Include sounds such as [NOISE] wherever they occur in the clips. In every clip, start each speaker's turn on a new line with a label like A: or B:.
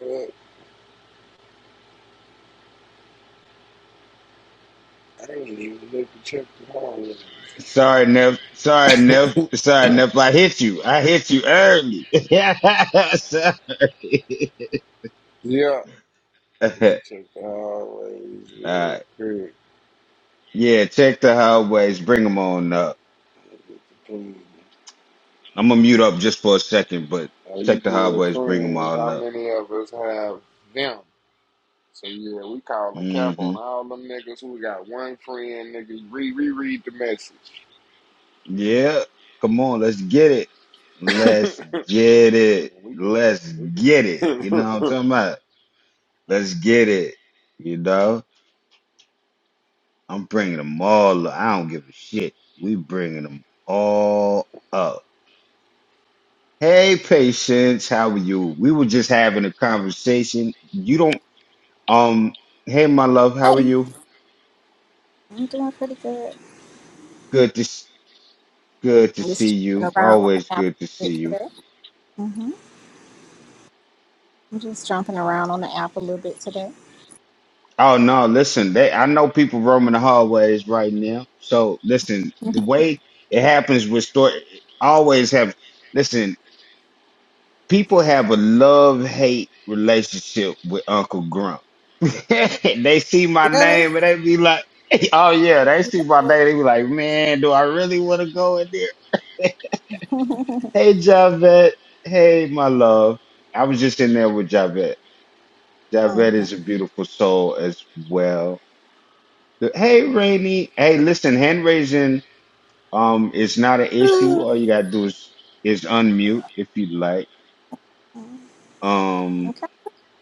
A: I ain't even look to check the hallway. Yeah, let me check the hallways real quick. Look at the ping. Are you good friends? How many of us have them? So yeah, we calling cap on all them niggas who got one friend, Niggas, Re re the message. [LAUGHS] and we can, we can. [LAUGHS]
B: Hey, I'm doing pretty good. I'm just jumping around on the app a little bit today. hmm I'm just jumping around on the app a little bit today. Mhm. Really? [LAUGHS] mm-hmm. Okay.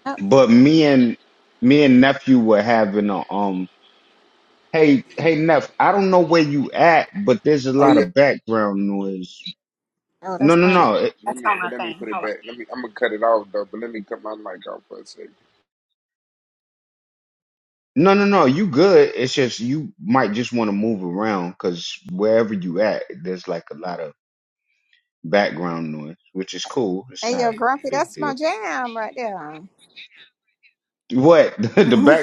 B: Yep.
A: oh yeah,
B: Oh, that's on my
A: too. Let
B: that's
A: me,
B: on
A: but
B: my
A: let me
B: thing.
A: put it
B: Hold on.
A: back. Let me. I'm gonna cut it off though, but let me cut my mic off for a second.
B: Hey, yo, Grumpy, that's my jam right there. [LAUGHS] no,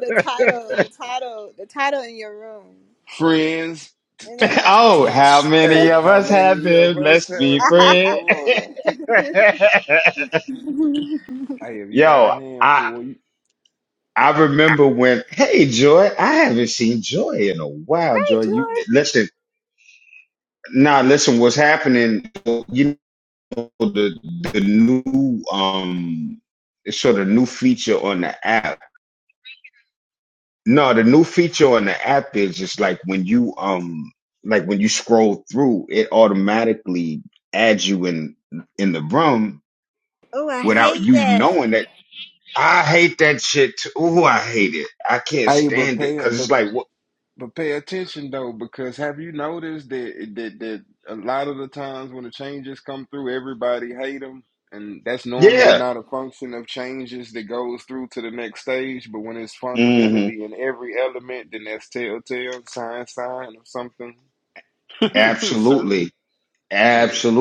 B: the title, the title, the title in your room.
A: Friends.
B: And that's my jam. [LAUGHS]
A: Hey, how many of us have the corona? Hey, if you got a handful, you,
B: hey, George. Oh, I hate that.
A: hey, but pay but but pay attention though, because have you noticed that that that a lot of the times when the changes come through, everybody hate them, and that's normally not a function of changes that goes through to the next stage. But when it's fundamentally in every element, then that's telltale sign sign of something [LAUGHS] certain.
B: Mhm.
A: Yeah.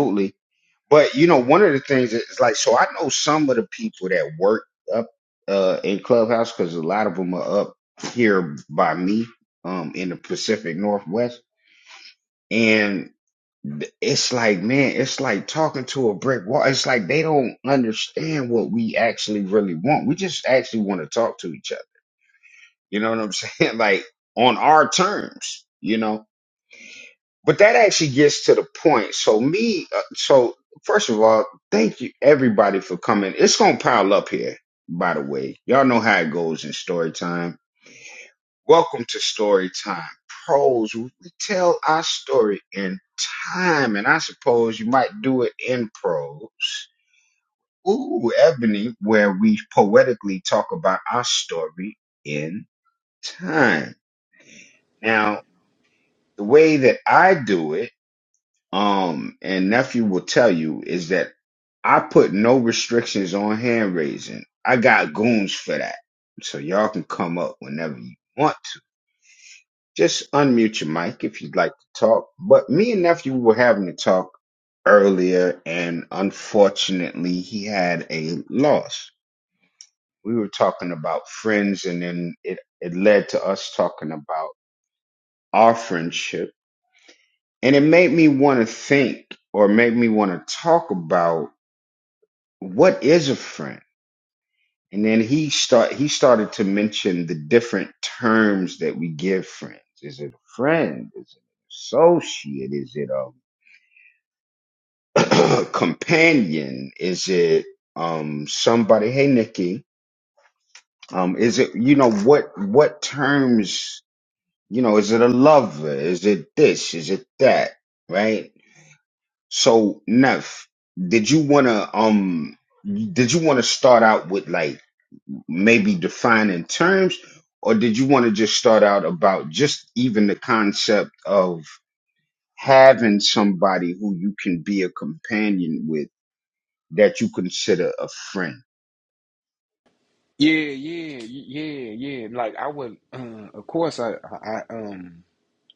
A: Yeah, yeah, yeah, yeah. Like I would, uh, of course, I, I, I, um,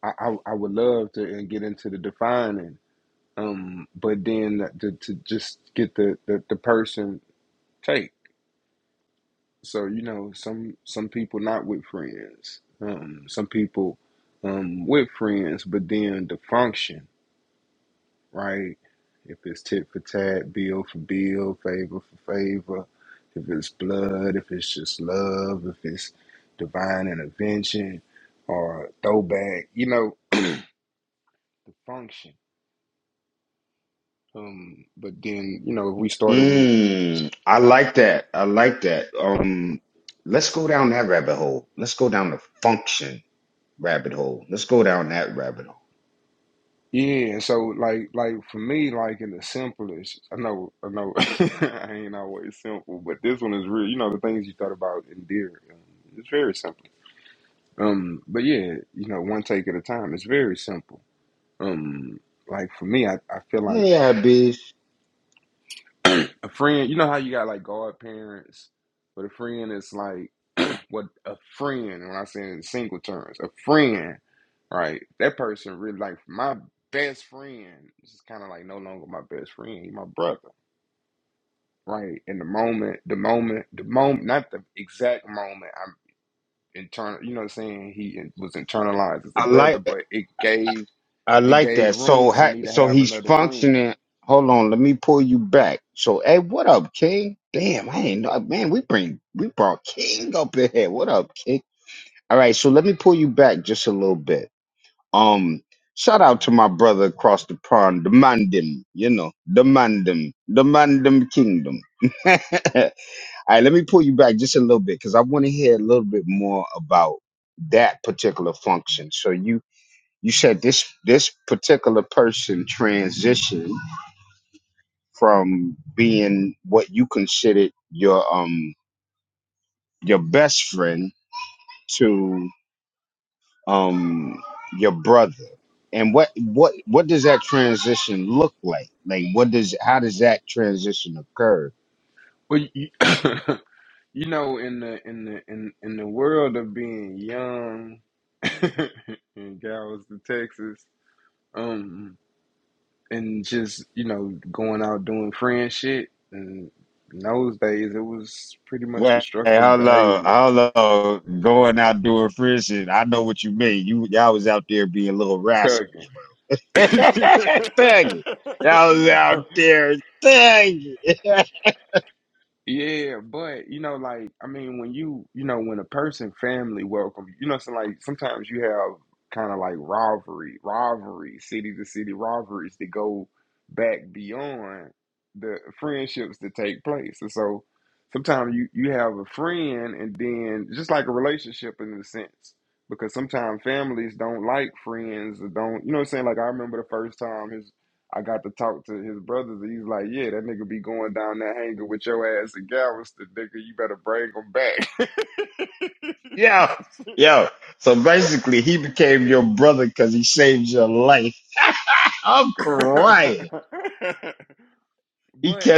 A: I, I I would love to uh, get into the defining, um, but then to, to just get the, the the person take. So you know, some some people not with friends, um, some people um with friends, but then the function. right? If it's tit for tat, bill for bill, favor for favor, if it's blood, if it's just love, if it's divine intervention or throwback, you know, the function. Um, but then, you know, we started with yeah, so like like for me, like in the simplest I know I know [LAUGHS] I ain't always simple, but this one is real you know, the things you thought about in deer. Um, it's very simple. Um, but yeah, you know, one take at a time. It's very simple Um, like for me, I, I feel like [CLEARS THROAT] a friend, you know how you got like godparents, but a friend is like [CLEARS THROAT] what a friend, when I say in single terms, a friend, right? That person really like my best friend is kind of like no longer my best friend, He's my brother, right? In the moment, the moment, the moment, not the exact moment I'm internal, you know what I'm saying? He in- was internalized as a brother, but it gave it gave room for me to have another friend. Well, you, [COUGHS] You know, in the in the in in the world of being young [LAUGHS] in Galveston, Texas, um, and just you know going out doing friend shit, and in those days it was pretty much destructive behavior, thugging. [LAUGHS] Yeah, but you know, like I mean, when you you know when a person family welcome you, you know, so like sometimes you have kind of like rivalry, rivalry, city to city rivalries that go back beyond the friendships that take place, and so sometimes you you have a friend, and then just like a relationship in a sense, because sometimes families don't like friends or don't, you know, what I'm saying like I remember the first time his I got to talk to his brothers, and he's like, "Yeah, that nigga be going down that hangar with your ass in Galveston, nigga. You better bring him back." [LAUGHS] but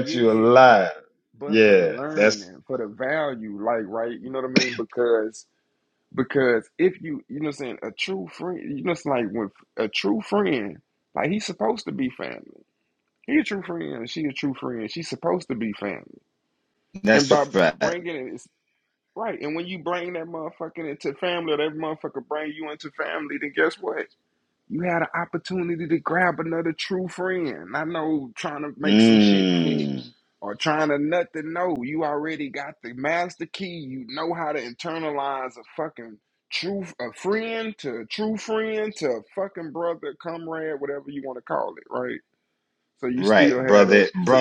A: yeah, but for the learning, for the value, like right, you know what I mean? Because because if you you know what I'm saying a true friend, you know it's like with a true friend, like he's supposed to be family. He a true friend, she a true friend. She's supposed to be family. And by bringing it, Right. And when you bring that motherfucker into family, or that motherfucker bring you into family, then guess what? You had an opportunity to grab another true friend. I know trying to make some shit fit or trying to nothing. No, you already got the master key. You know how to internalize a fucking true a friend to a true friend to a fucking brother, comrade, whatever you want to call it, right? So you still had that. So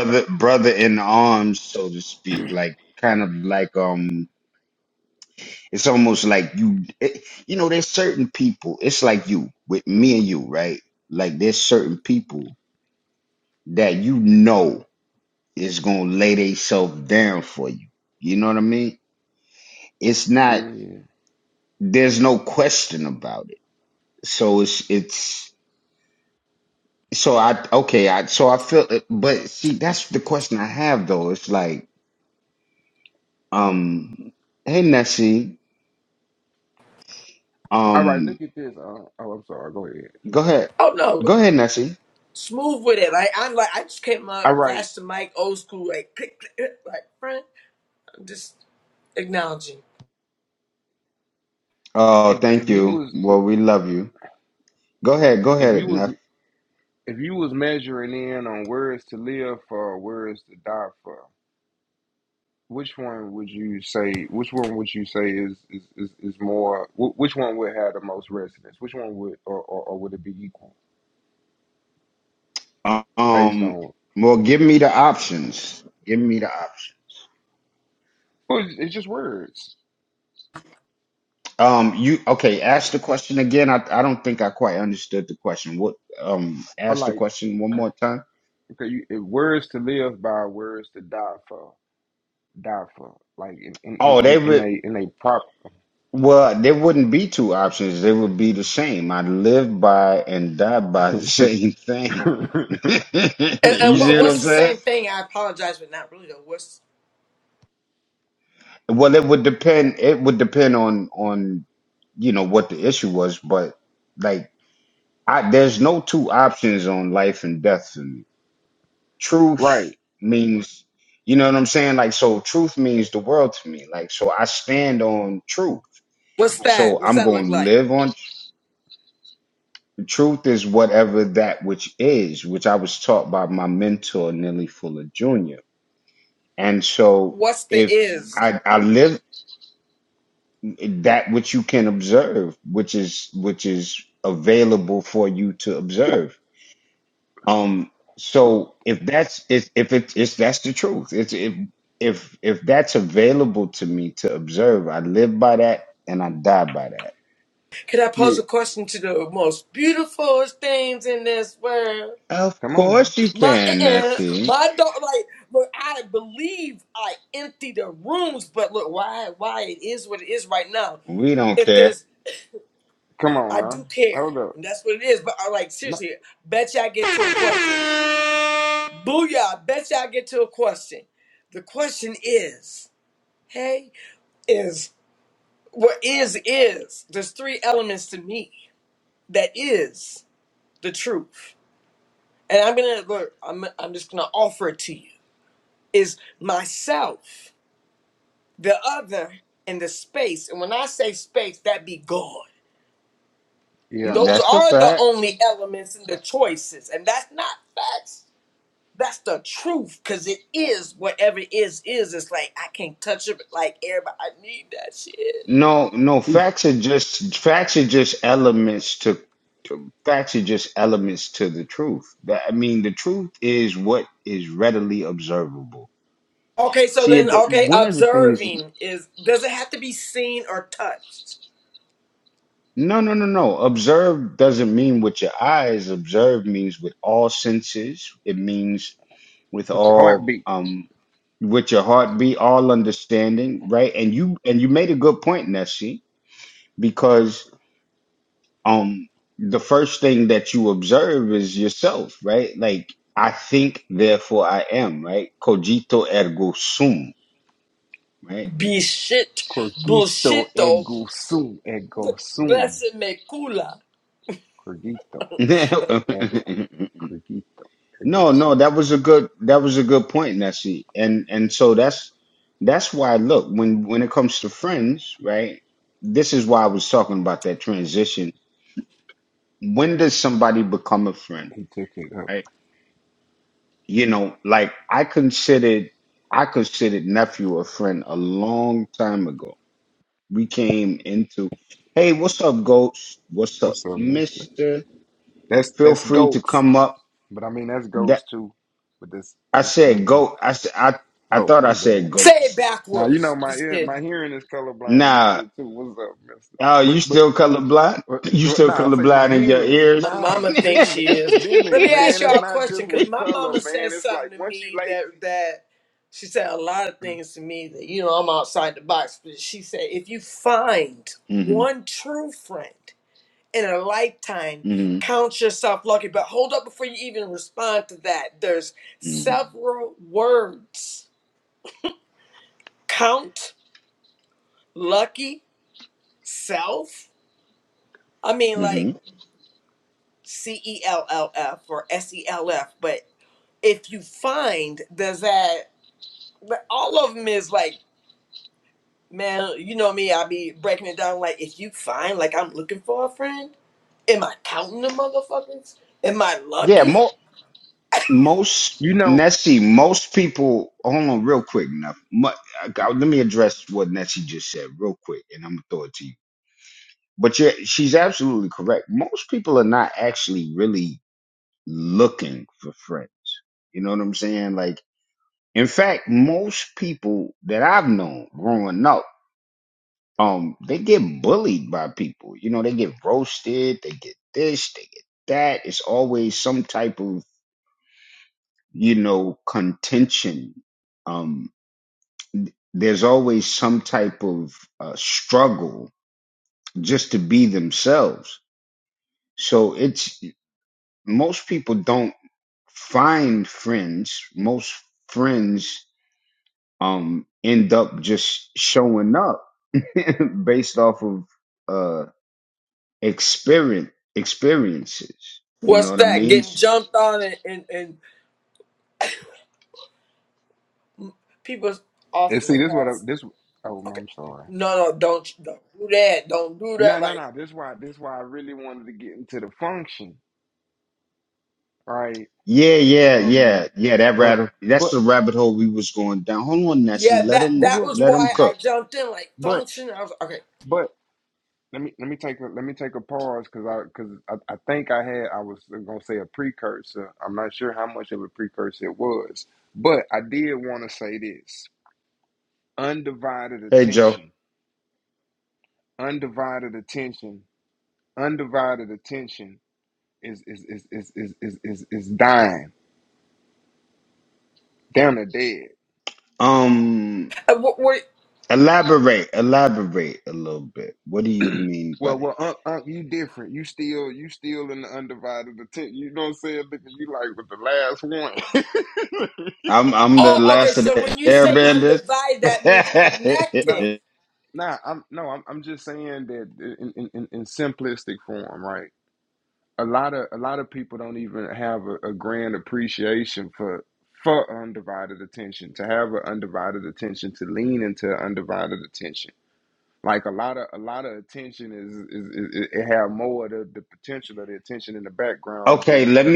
A: yeah. All right, look at this. Uh, oh, I'm sorry. Go ahead.
C: Oh no, smooth with it. Like I'm like I just came
A: All
C: up,
A: right
C: flashed the mic, old school, like click, click, click, like friend. I'm just acknowledging.
A: if if you was If you was if you was measuring in on words to live for or words to die for, which one would you say? Which one would you say is is is, is more? wh- Which one would have the most resonance? Which one would or, or, or would it be equal based on? Well, it's, it's just words. Or like okay, you, it, words to live by, words to die for, die for. Like in in in in, in a in a proper. [LAUGHS]
C: And, and what, what's the same thing? I apologize, but not really though. What's
A: right.
C: what's that? What's that look like? What's the is?
A: True.
C: Can I
A: Yeah.
C: pose a question to the most beautiful things in this world?
A: Come on now.
C: My uh-uh, my dog, like look, I believe I empty the rooms, but look, why why it is what it is right now if there's
A: Come on
C: I do
A: now.
C: care.
A: Hold up.
C: And that's what it is. But I like
A: No.
C: seriously, bet you I get to a question. Booyah, bet you I get to a question. The question is, hey, is what is is. There's three elements to me that is the truth. And I'm gonna look, I'm I'm just gonna offer it to you. Is myself, the other, and the space. And when I say space, that be God.
A: Yeah.
C: Those are the only elements and the choices. And that's not facts. That's the truth, cause it is whatever it is is. It's like I can't touch it, but like everybody I need that shit.
A: See,
C: Okay, so then okay, observing is does it have to be seen or touched?
A: what's your heartbeat?
C: Be shit,
A: Corguito
C: bullshito,
A: ego sum. Ego sum.
C: blessed me kula.
A: Corguito. Ego. Corguito. Ego sum. He took it up. What's up, mister? That's that's goats. But I mean that's goats too. But that's that's mm. Oh, my bad.
C: Say it
A: Now you know
C: backwards.
A: my
C: Just
A: ear
C: kidding.
A: my hearing is colorblind a little bit too. What's up, mister? But but Uh, uh, Nah, I say my hearing.
C: My
A: Nah,
C: mama
A: this
C: thinks
A: is an
C: she is. Let
A: epidemic,
C: me ask
A: man. It's
C: y'all a
A: not
C: question,
A: just
C: because
A: with
C: my
A: color,
C: mama said
A: man. It's
C: something
A: like
C: to
A: once you
C: me that
A: lazy,
C: that she said a lot of
A: Mhm.
C: things to me that you know I'm outside the box. But she said if you find one true friend in a lifetime, count yourself lucky. But hold up before you even respond to that. There's several words: count, lucky, self. I mean, like C E L L F or S E L F, but if you find does that but all of them is like man you know me i be breaking it down like if you find like i'm looking for a friend am i counting the motherfuckers am i lucky
A: you know. Yeah.
C: what's that getting jumped on and and, and people
A: And see,
C: often
A: this what I,
C: has
A: this. Oh,
C: Okay.
A: I'm sorry.
C: No, no, don't don't do that. Don't do
A: No,
C: that.
A: no,
C: Like,
A: no. This why this why I really wanted to get into the function, right? Um, uh, but
C: yeah, that
A: we
C: that
A: was
C: was
A: going.
C: why
A: Oh,
C: I jumped in. Like,
A: but
C: function. I was okay.
A: but Let me let me take a let me take a pause because I because I, I think I had I was gonna say a precursor. I'm not sure how much of a precursor it was, but I did want to say this: undivided attention, undivided attention, undivided attention is is is is is is is, is dying down to dead.
C: And what were?
A: [CLEARS THROAT] Well, well, uh, uh, you different. You still, you still in the undivided attention. You know what I'm saying? Nigga, you like with the last one. [LAUGHS]
C: Oh, okay. So when you say undivided, that means
A: No.
C: connected.
A: Nah, I'm no, I'm I'm just saying that in, in, in in simplistic form, right? A lot of a lot of people don't even have a, a grand appreciation for for undivided attention, to have an undivided attention, to lean into undivided attention. Like a lot of a lot of attention is is, is it it have more of the, the potential of the attention in the background than the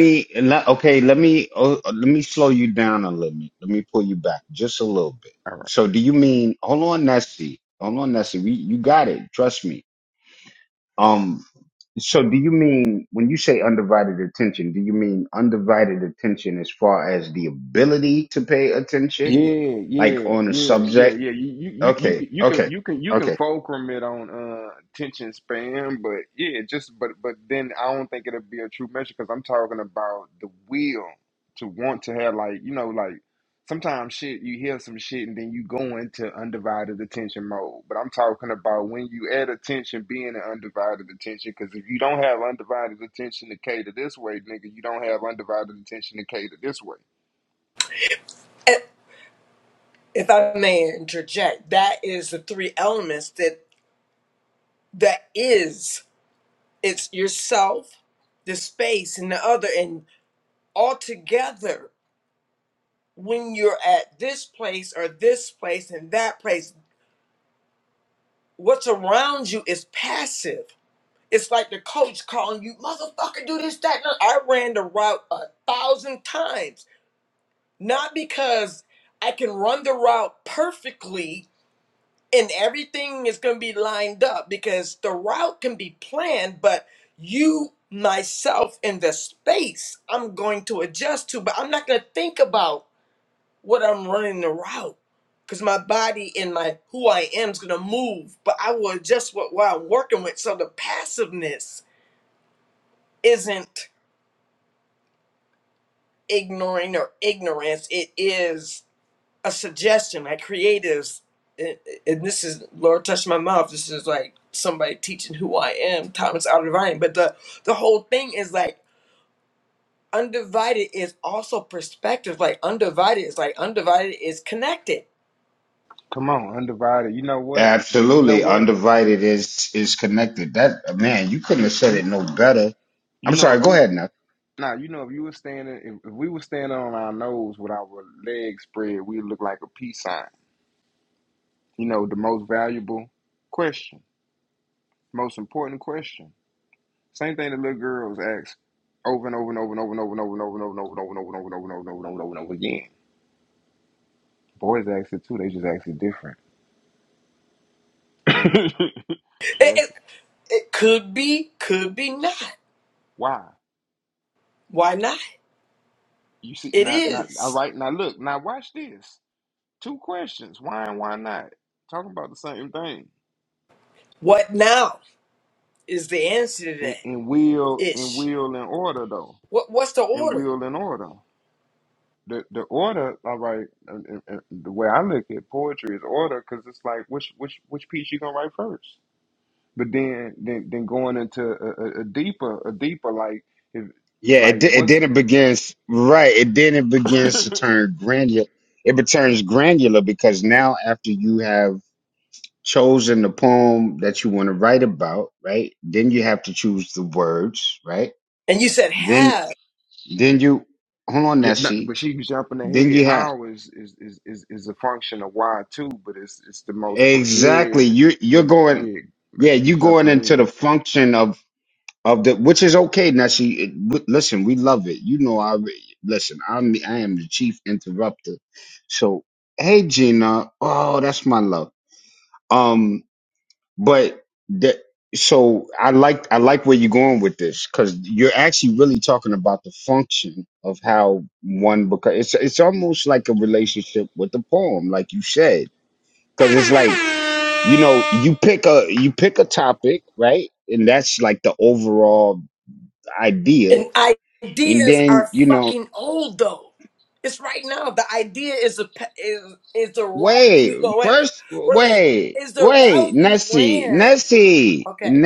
A: all right. Yeah, yeah, yeah, yeah, yeah. You you you you can you can you can you can fulcrum it on uh attention span, but yeah, just but but then I don't think it'll be a true measure because I'm talking about the will to want to have like you know like sometimes shit you hear some shit and then you go into undivided attention mode. But I'm talking about when you add attention being an undivided attention because if you don't have undivided attention to cater this way, nigga, you don't have undivided attention to cater this way.
C: And if I may interject, that is the three elements that that is. It's yourself, the space, and the other, and all together. When you're at this place or this place and that place, what's around you is passive It's like the coach calling you, motherfucker, do this, that. No, I ran the route a thousand times, not because I can run the route perfectly and everything is going to be lined up, because the route can be planned, but you, myself, and the space I'm going to adjust to, but I'm not going to think about what I'm running the route. Because my body and my who I am is gonna move, but I will adjust what, what I'm working with. So the passiveness isn't ignoring or ignorance. It is a suggestion that creatives, and and this is Lord touch my mouth. This is like somebody teaching who I am, Thomas Alva Edison. But the the whole thing is like undivided is also perspective. Like undivided is like undivided is connected.
A: Come on, undivided. You know what? You you know what? You you you know if you now you know if you were standing if, if we were standing on our nose with our legs spread, we look like a peace sign. You know the most valuable question, most important question. Same thing the little girls ask over and over and over and over and over and over and over and over and over and over and over and over and over and over and over and over again. Boys ask it too. They just ask it different. [LAUGHS]
C: It,
A: Yes.
C: it, it could be, could be not.
A: Why?
C: Why not?
A: You see,
C: It
A: now, now, all
C: is.
A: right, now look, now watch this. Two questions. Why and why not? Talking about the same thing.
C: What now is the answer to
A: In,
C: that?
A: in will, in
C: Ish.
A: will, in order though.
C: What what's the
A: In
C: order?
A: will in order. The the order. All right. uh, uh, uh, The way I look at poetry is order because it's like which which which piece you gonna write first. But then then, then going into a, a, a deeper a deeper like if like what's
C: And you said have.
A: yeah, not, but she was jumping ahead. How is is, is is is a function of why too, but it's it's the most pro- yeah. But yeah, but she jumping ahead.
C: And ideas are fucking old though. It's right now. The idea is the pa- is is the route you no wait wait wait wait is the route you ran. Okay.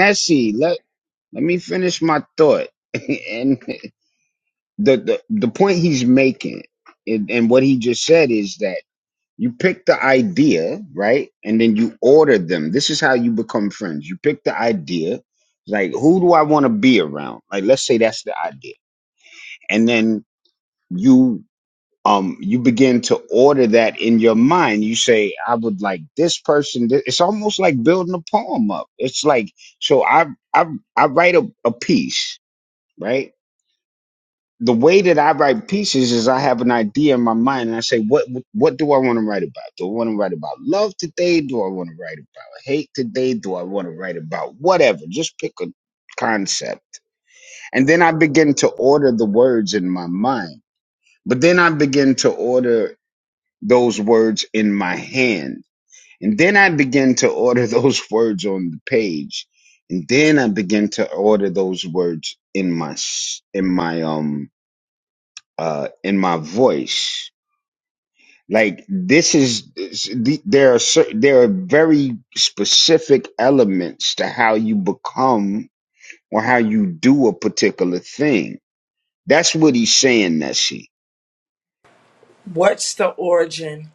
C: What's the origin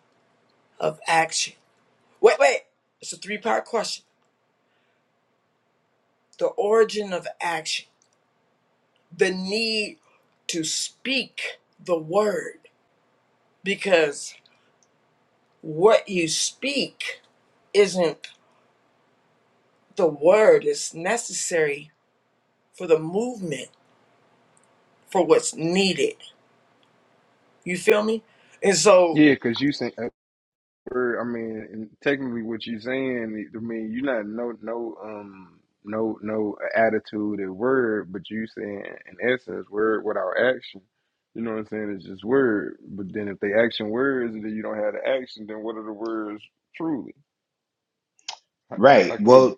C: of action? Wait wait. It's a three part question. The origin of action. The need to speak the word because what you speak isn't the word it's necessary for the movement for what's needed you feel me and so
A: Yeah, because you saying uh, er, I mean, and technically, what you're saying, I mean, you're not no no um no no attitude and word, but you saying in essence word without action. You know what I'm saying? It's just word. But then if they action words, and then you don't have the action, then what are the words truly? I, I could be.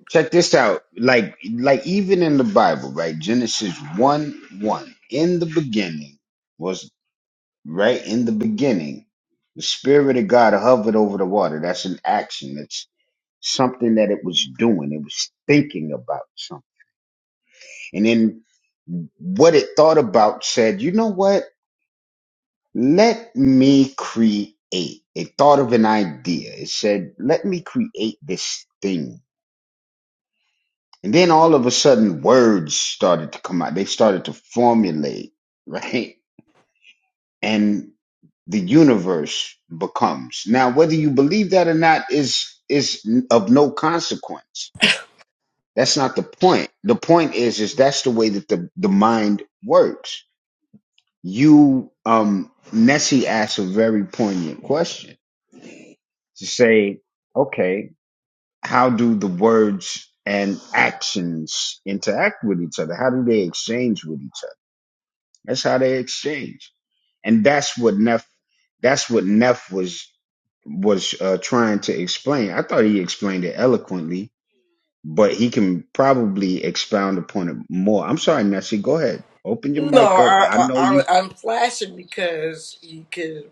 C: no I, I, I i'm flashing because you could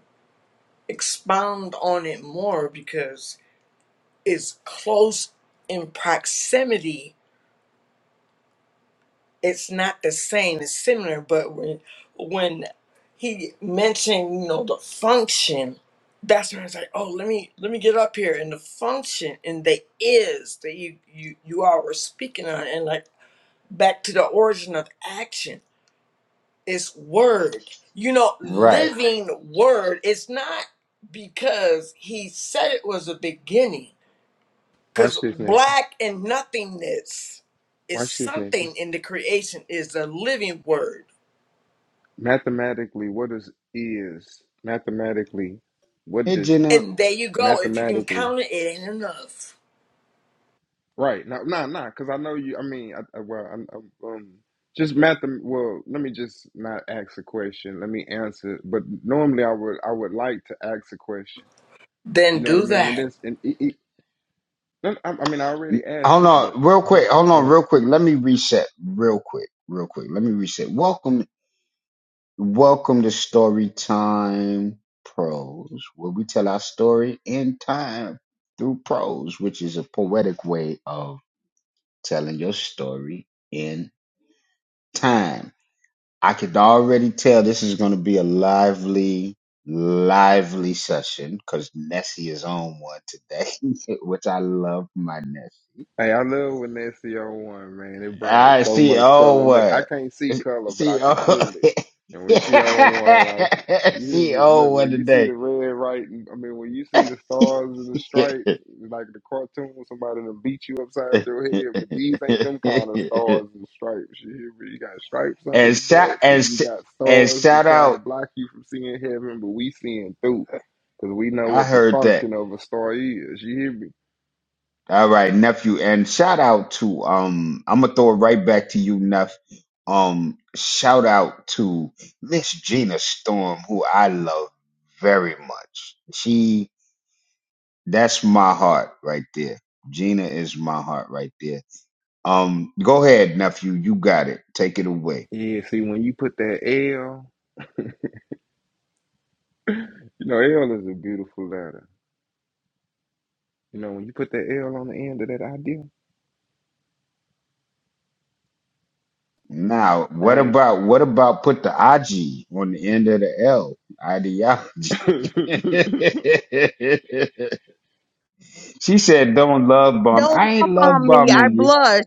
C: expound on it more because it's close in proximity it's not the same it's similar but when when he mentioned you know the function that's when I was like oh let me let me get up here and the function and the is that you you you all were speaking on and like back to the origin of action is word you know living word it's not because he said it was a beginning because
A: Watch this, Nancy.
C: black and nothingness is
A: Watch this, Nancy.
C: something in the creation is a living word
A: Mathematically, what does is mathematically? What does
C: And there you go. If you can
A: mathematically?
C: count it, it ain't enough.
A: Right. No, nah, nah, because I know you. I mean, I, I- well, I, I, um, just math. Well, let me just not ask a question. Let me answer. But normally, I would, I would like to ask a question.
C: Then
A: You know what I
C: do
A: mean? And
C: that.
A: this, and it, it, no, I, I mean, I already asked it, but uh-huh. Hey, I love when that's CO1, man. It brings so much color. Look, I can't see color, but I can feel it. And when she on one, I was, you hear me? Look, when you see the red, right? I mean, when you see the stars and the stripes, like the cartoon, somebody to beat you upside your head. But these ain't them kind of stars and stripes. You hear me? You got stripes under the belt, so you got stars to try to block you from seeing heaven, but we seeing through. Because we know what the function of a star is. You hear me? Yeah, see, when you put that L, you know, L is a beautiful letter. You know, when you put that L on the end of that idea, right? [LAUGHS]
D: Don't love on me. I blush.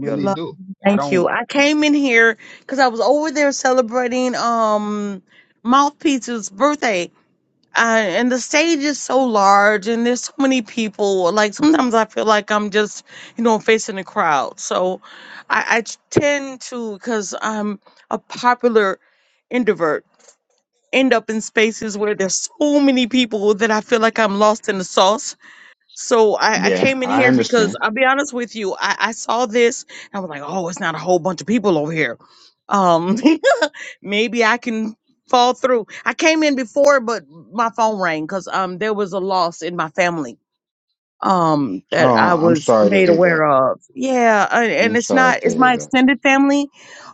D: Your love. Thank you. I came in here because I was over there celebrating um Mouthpiece's birthday. Uh, and the stage is so large and there's so many people. Like sometimes I feel like I'm just, you know, facing a crowd. So I, I tend to, because I'm a popular introvert, end up in spaces where there's so many people that I feel like I'm lost in the sauce So I, I came in here because I'll be honest with you, I, I saw this and I was like, oh, it's not a whole bunch of people over here. Um, [LAUGHS] maybe I can fall through. I came in before, but my phone rang because um there was a loss in my family um that I was made aware of. Yeah, I, and it's not it's my extended family.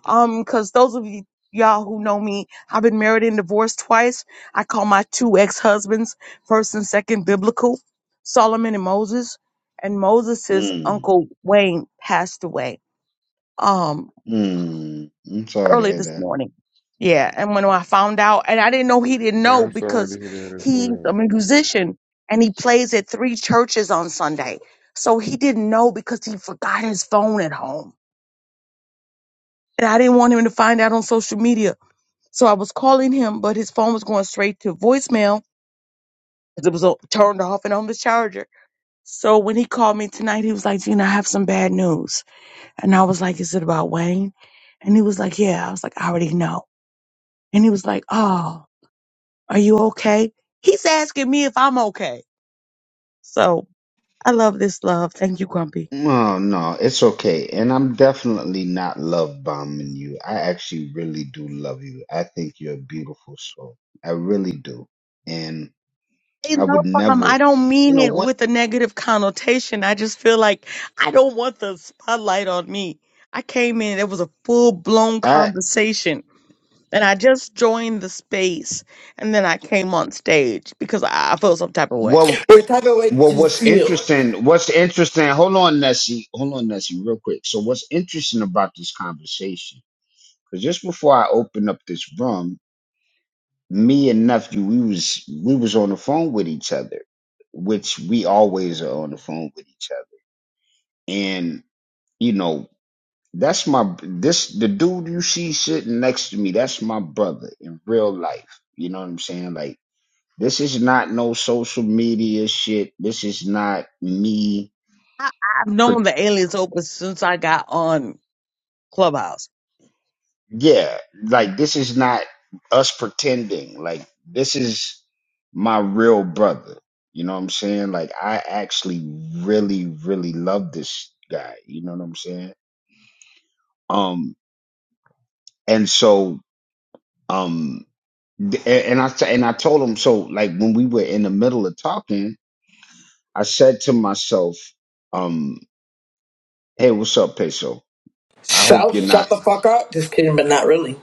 D: Um cuz those of you y'all who know me, I've been married and divorced twice. I call my two ex-husbands first and second biblical, Solomon and Moses. And Moses's uncle Wayne passed away. Um, early this morning. Yeah, and when I found out, and I didn't know he didn't
A: yeah,
D: know
A: I'm sorry
D: because
A: to hear that as
D: he's
A: well.
D: a musician and he plays at three churches on Sunday. So he didn't know because he forgot his phone at home. And I didn't want him to find out on social media. So I was calling him, but his phone was going straight to voicemail because it was uh, turned off and on the charger. So when he called me tonight, he was like, Gina, I have some bad news. And I was like, Is it about Wayne? And he was like, Yeah. I was like, I already know. And he was like, Oh. Are you okay? He's asking me if I'm okay. So I love this love. Thank you, Grumpy. Hey, no problem. I don't mean it with a negative connotation. I just feel like I don't want the spotlight on me. I came in, it was a full blown conversation. And I just joined the space and then I came on stage because I, I felt some type of way.
C: We're talking about to feel.
D: I, I've known the aliens open since I got on Clubhouse.
C: Shout, shut the fuck up. Just kidding, but not really.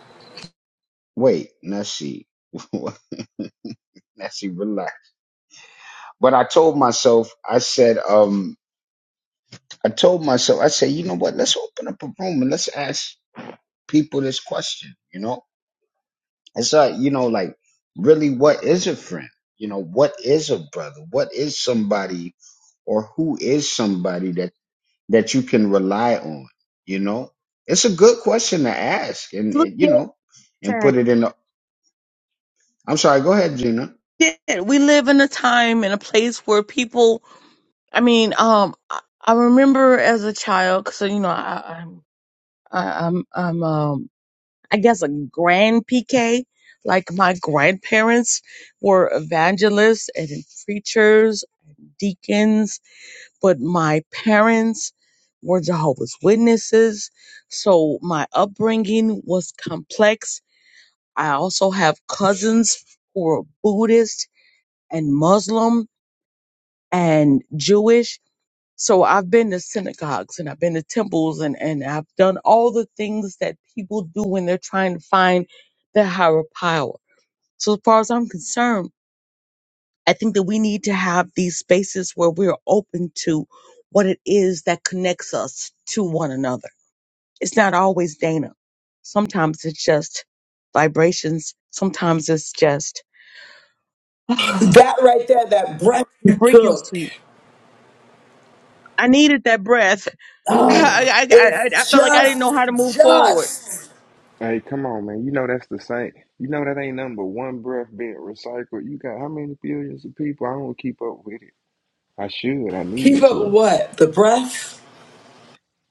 D: Look at that. Yeah, we live in a time and a place where people I mean, um, I I remember as a child, so you know, I, I'm, I, I'm, I'm, um, I guess a grand PK. Like my grandparents were evangelists and preachers, deacons, but my parents were Jehovah's Witnesses. So my upbringing was complex. I also have cousins who are Buddhist and Muslim and Jewish So I've been to synagogues and I've been to temples and, and I've done all the things that people do when they're trying to find their higher power. So as far as I'm concerned, I think that we need to have these spaces where we're open to what it is that connects us to one another. It's not always Dana. Sometimes it's just vibrations. Sometimes it's just [SIGHS] the
C: That right there, that breath you
D: freaking
C: took,
D: sweet. I needed that breath. [LAUGHS] I, I, I, I
C: it's
D: felt like I didn't
C: just,
D: know how to move forward
C: just
A: Hey, come on, man. You know that's the same. You know that ain't number one breath being recycled. You got how many billions of people? I don't keep up with it. I should. I
C: keep
A: need
C: it
A: to.
C: what? The breath?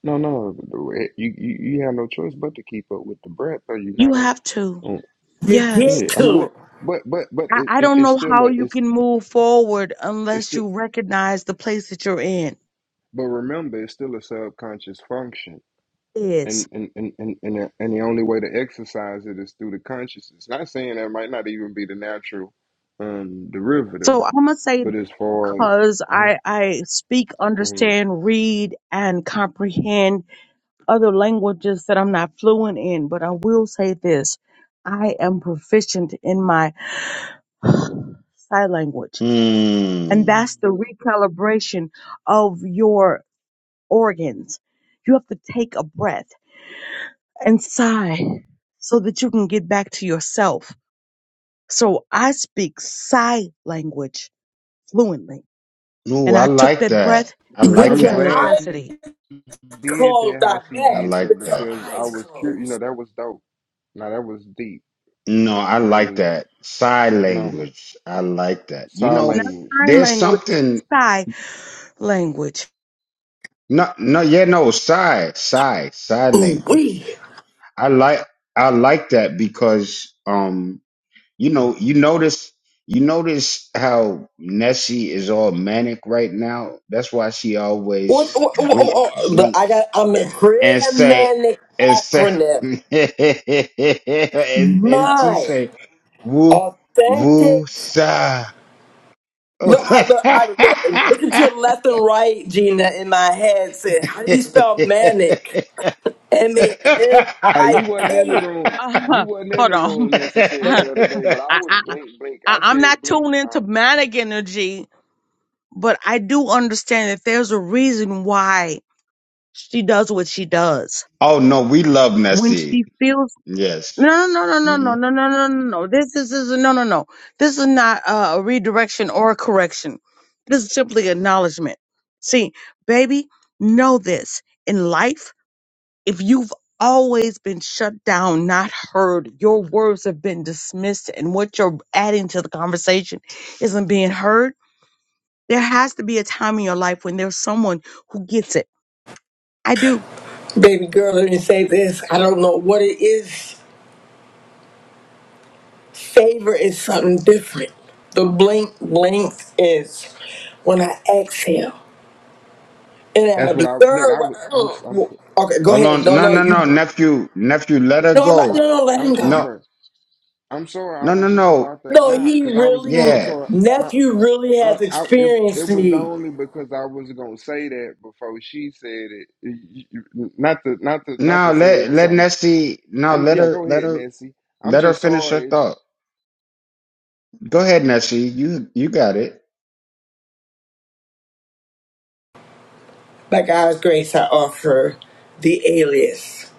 A: No, no. the- You you, you have no choice but to keep up with the breath, or you're
D: You
A: not on.
D: have to.
A: on
C: You
D: Yes.
C: get
A: yeah, I mean,
C: to.
A: well, but but but
D: I,
A: it,
D: I
A: it,
D: don't
A: it's
D: know
A: still
D: how
A: a
D: you
A: it's.
D: can move forward
A: it's
D: unless
A: still.
D: you recognize the place that you're in
A: But remember, it's still a subconscious function.
D: is.
A: And and, and, and, and, the, and the only way to exercise it is through the consciousness. Not saying that might not even be the natural um, derivative,
D: So I'm gonna say
A: but as far as
D: because
A: uh
D: I I speak,
A: go ahead.
D: understand, read, and comprehend other languages that I'm not fluent in, but I will say this. I am proficient in my [SIGHS] sign language. And that's the recalibration of your organs. You have to take a breath and sigh so that you can get back to yourself. So I speak sigh language fluently. And I took that breath because it
C: With
A: I'm
D: was
C: your
D: a
A: glad
C: eyes
A: she
D: necessity.
A: did that
C: closed,
A: how
C: I
A: she did
C: bet.
A: that
C: With your
A: because I
C: eyes
A: was curious. You
C: closed.
A: know, that was dope. Now that was deep. Or that was phenomenal. Sign
D: Not
A: language.
D: sign language, sigh language.
C: Ooh, wee. What, what, what, what, what- but I got, I'm a create manic acronym. My. Authentic. Look, I, look, I, look, looking to the left and right, Gina, in my head, said, "How do you spell manic? M A N
A: Hey,
C: I
A: you wasn't in the
C: K."
A: room. You
D: uh
A: wasn't
D: [LAUGHS]
A: in
D: Hold
A: the
D: on.
A: room
D: [LAUGHS]
A: necessarily
D: I,
A: the other day, but I
D: I,
A: was
D: I,
A: blink blink. I
D: I'm
A: said
D: not
A: blink.
D: tuned
A: uh,
D: into manic energy, but I do understand that there's a reason why she does what she does. When she feels No, no, no, no, no, no, no, no, no, no. This is, is no, no, no. This is not uh, a redirection or a correction. This is simply acknowledgement. See, baby, know this in life. If you've always been shut down, not heard, your words have been dismissed, and what you're adding to the conversation isn't being heard. There has to be a time in your life when there's someone who gets it. I do.
C: Baby girl, let me say this. I don't know what it is. Favor is something different. The blink, blink is when I exhale and I
A: That's what
C: observe.
A: I look. I was- I'm
C: Mm.
A: I'm
C: Okay, go ahead. No, no, you. No, let-
A: I,
C: no, no, let
A: I'm
C: him go.
A: sorry. I'm sorry. I was just about to
C: No,
A: nah,
C: he
A: cause I was.
C: really,
A: I'm sorry. Not.
C: nephew really
A: Uh,
C: has
A: I it
C: experienced
A: it was
C: me.
A: only because I was gonna say that before she said it. You- you- Not to not to not to say it was something. I'm yeah. Go ahead, Nancy. I'm just sorry.
C: By God's grace, I offer the alias.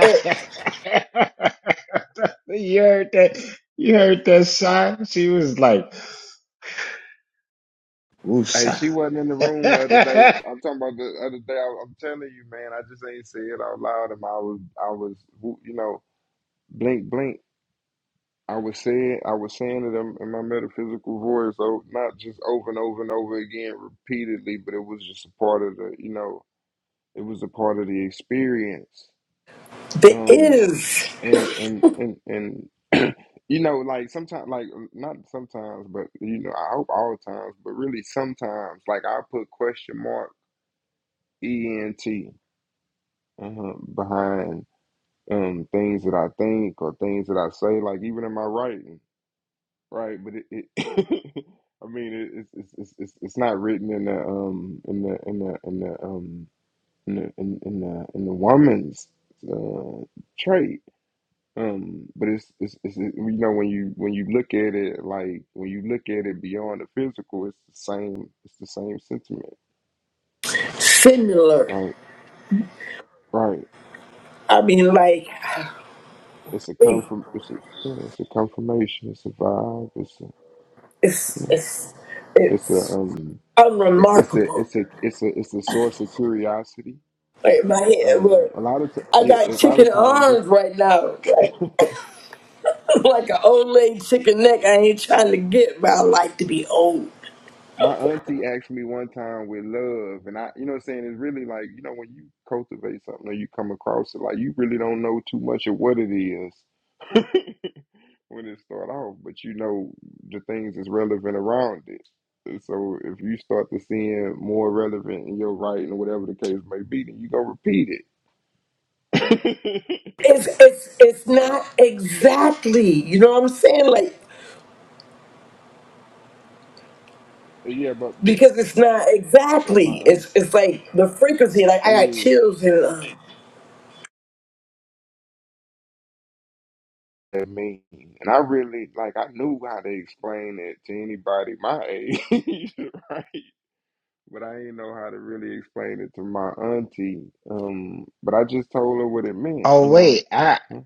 C: It,
A: Hey, she wasn't in the room the other day. I'm talking about the other day. I, I'm telling you, man. I just ain't say it out loud, and I was I was you know blink blink. I was saying, I was saying it in, in my metaphysical voice, so not just over and over and over again repeatedly, but it was just a part of the, you know, it was a part of the experience.
C: the
A: Um,
C: is
A: and and and and [CLEARS THROAT] you know, like sometimes, like not sometimes, but you know, I hope all times, but really sometimes, like I put question mark ENT uh, behind um things that I think or things that I say, like even in my writing. Right, but it, it [LAUGHS] I mean, it, it's it's it's it's it's not written in the um in the in the in the um in the in, in the in the woman's uh trait. Um, but it's, it's it's it- you know when you when you look at it like when you look at it beyond the physical, it's the same it's the same sentiment.
C: similar.
A: Right, right.
C: I mean, like,
A: It's a confirm. It's a yeah, it's a confirmation. It's a vibe. It's a
C: it's,
A: you know,
C: it's,
A: it's a
C: it's
A: um. it- It's a
C: unremarkable.
A: it's a it's a it's a source of curiosity
C: Like, my head,
A: Um, a
C: look,
A: lot of t-
C: I
A: yeah,
C: got
A: a lot of
C: chicken
A: times, it's
C: arms right now. Like, [LAUGHS] like an old lady chicken neck I ain't trying to get, but I like to be old.
A: my auntie asked me one time with love, and I, you know, what I'm saying it's really like you know when you cultivate something or you come across it, like you really don't know too much of what it is when it start off, but you know the things that's relevant around it. And so if you start to seeing more relevant in your writing or whatever the case may be, then you gonna repeat it,
C: It's, it's,
A: [LAUGHS]
C: it's
A: right?
C: not exactly, you know what I'm saying? Like,
A: Yeah, but but
C: because it's not
A: and my
C: exactly.
A: aunt,
C: It's it's like the frequency. Like I got
A: yeah.
C: chills and uh,
A: that mean? And I really like I knew how to explain it to anybody my age, [LAUGHS] right? But I ain't know how to really explain it to my auntie. Um, but I just told her what it meant, you know. Huh?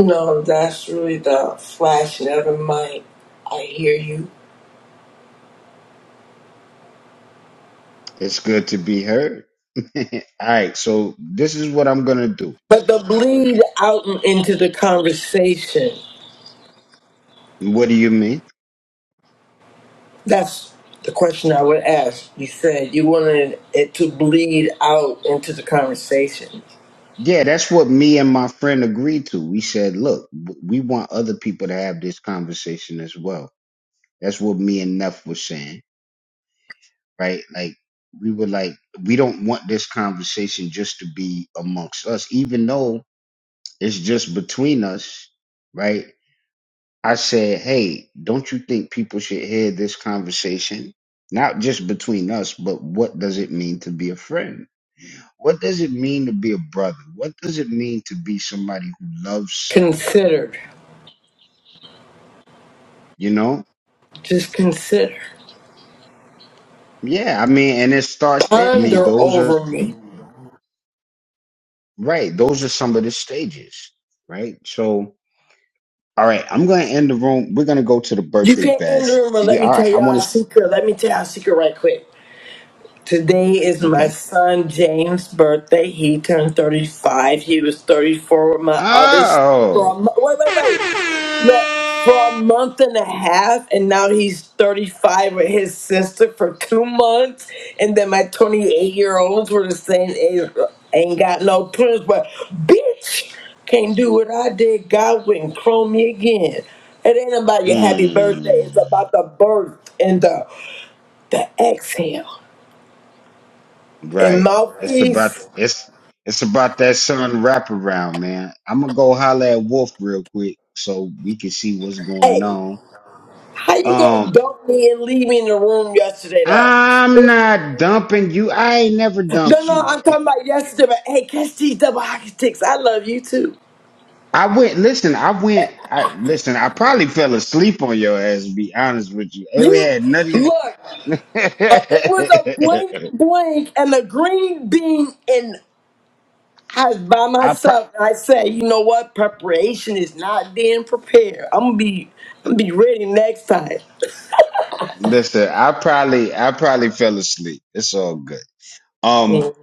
C: no, that's really the flash. Never mind. I hear you. But the bleed out and into the conversation. That's the question I would ask. You said you wanted it to bleed out into the conversation. Considered. Just consider. Ponder over me. You can't end the room and let me tell y'all a secret. Let me tell y'all a secret right quick. Today is my son James' birthday. He turned 35. He was 34 with my other son for a mo- wait, wait, wait. Look, for a month and a half, and now he's 35 with his sister for two months. And then my 28 year olds were the same age. Ain't got no twins, but bitch can't do what I did. God wouldn't clone me again. It ain't about your happy birthday. It's about the birth and the the exhale and mouthpiece. Hey, how you gonna dump me and leave me in the room yesterday though? No, no, I'm talking about yesterday. But hey, catch these double hockey sticks. I love you too. You look. Uh, it was a blink, blink, and a green bean, and I was by myself. And I said, you know what? Preparation is not being prepared. I'm gonna be, I'm gonna be ready next time. Mm.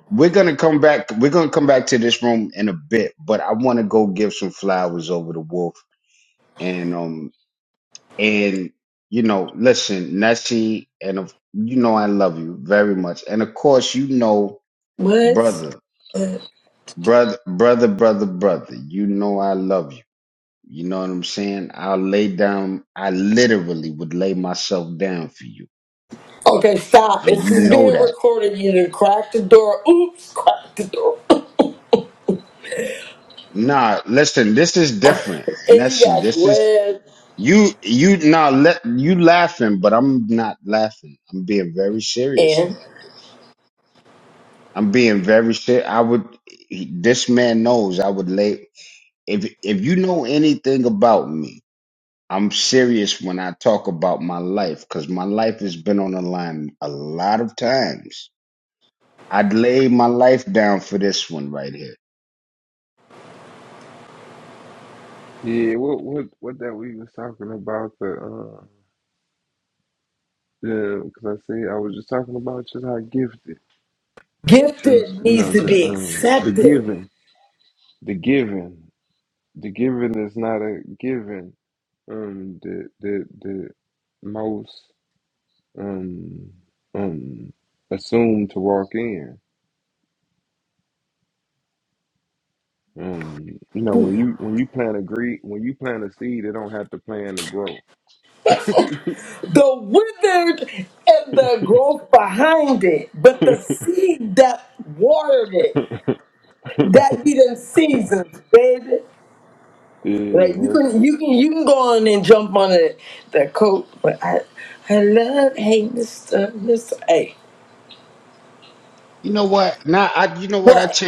C: What? Okay, stop. This is being recorded. You done crack the door. Oops, crack the door. And you got red and
A: Yeah, what what what that we was talking about the uh the because I said I was just talking about just how gifted and
C: gifted
A: you
C: needs
A: know
C: to
A: the
C: be
A: um the
C: accepted.
A: giving the giving the giving is not a given um the the the most. um, um, assumed to walk in. Um, you know, when
C: The
A: you when you plant a gre when you plant a seed, it don't have to plan to grow. [LAUGHS]
C: withered and the growth behind it, but the seed that watered it, that be them seasons, baby.
A: yeah,
C: Like you
A: that's,
C: can you can you can go on and jump on it the coat, but I I love hey Mr. Mr. a What?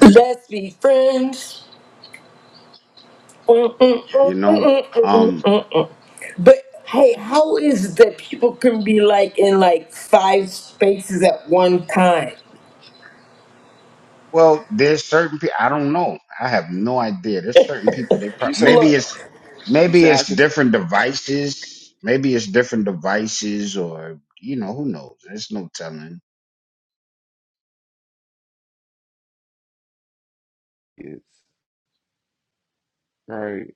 C: Let's be friends. But hey, how is it that people can be like in like five spaces at one time?
A: you say
C: Look,
A: you say I could see it's right.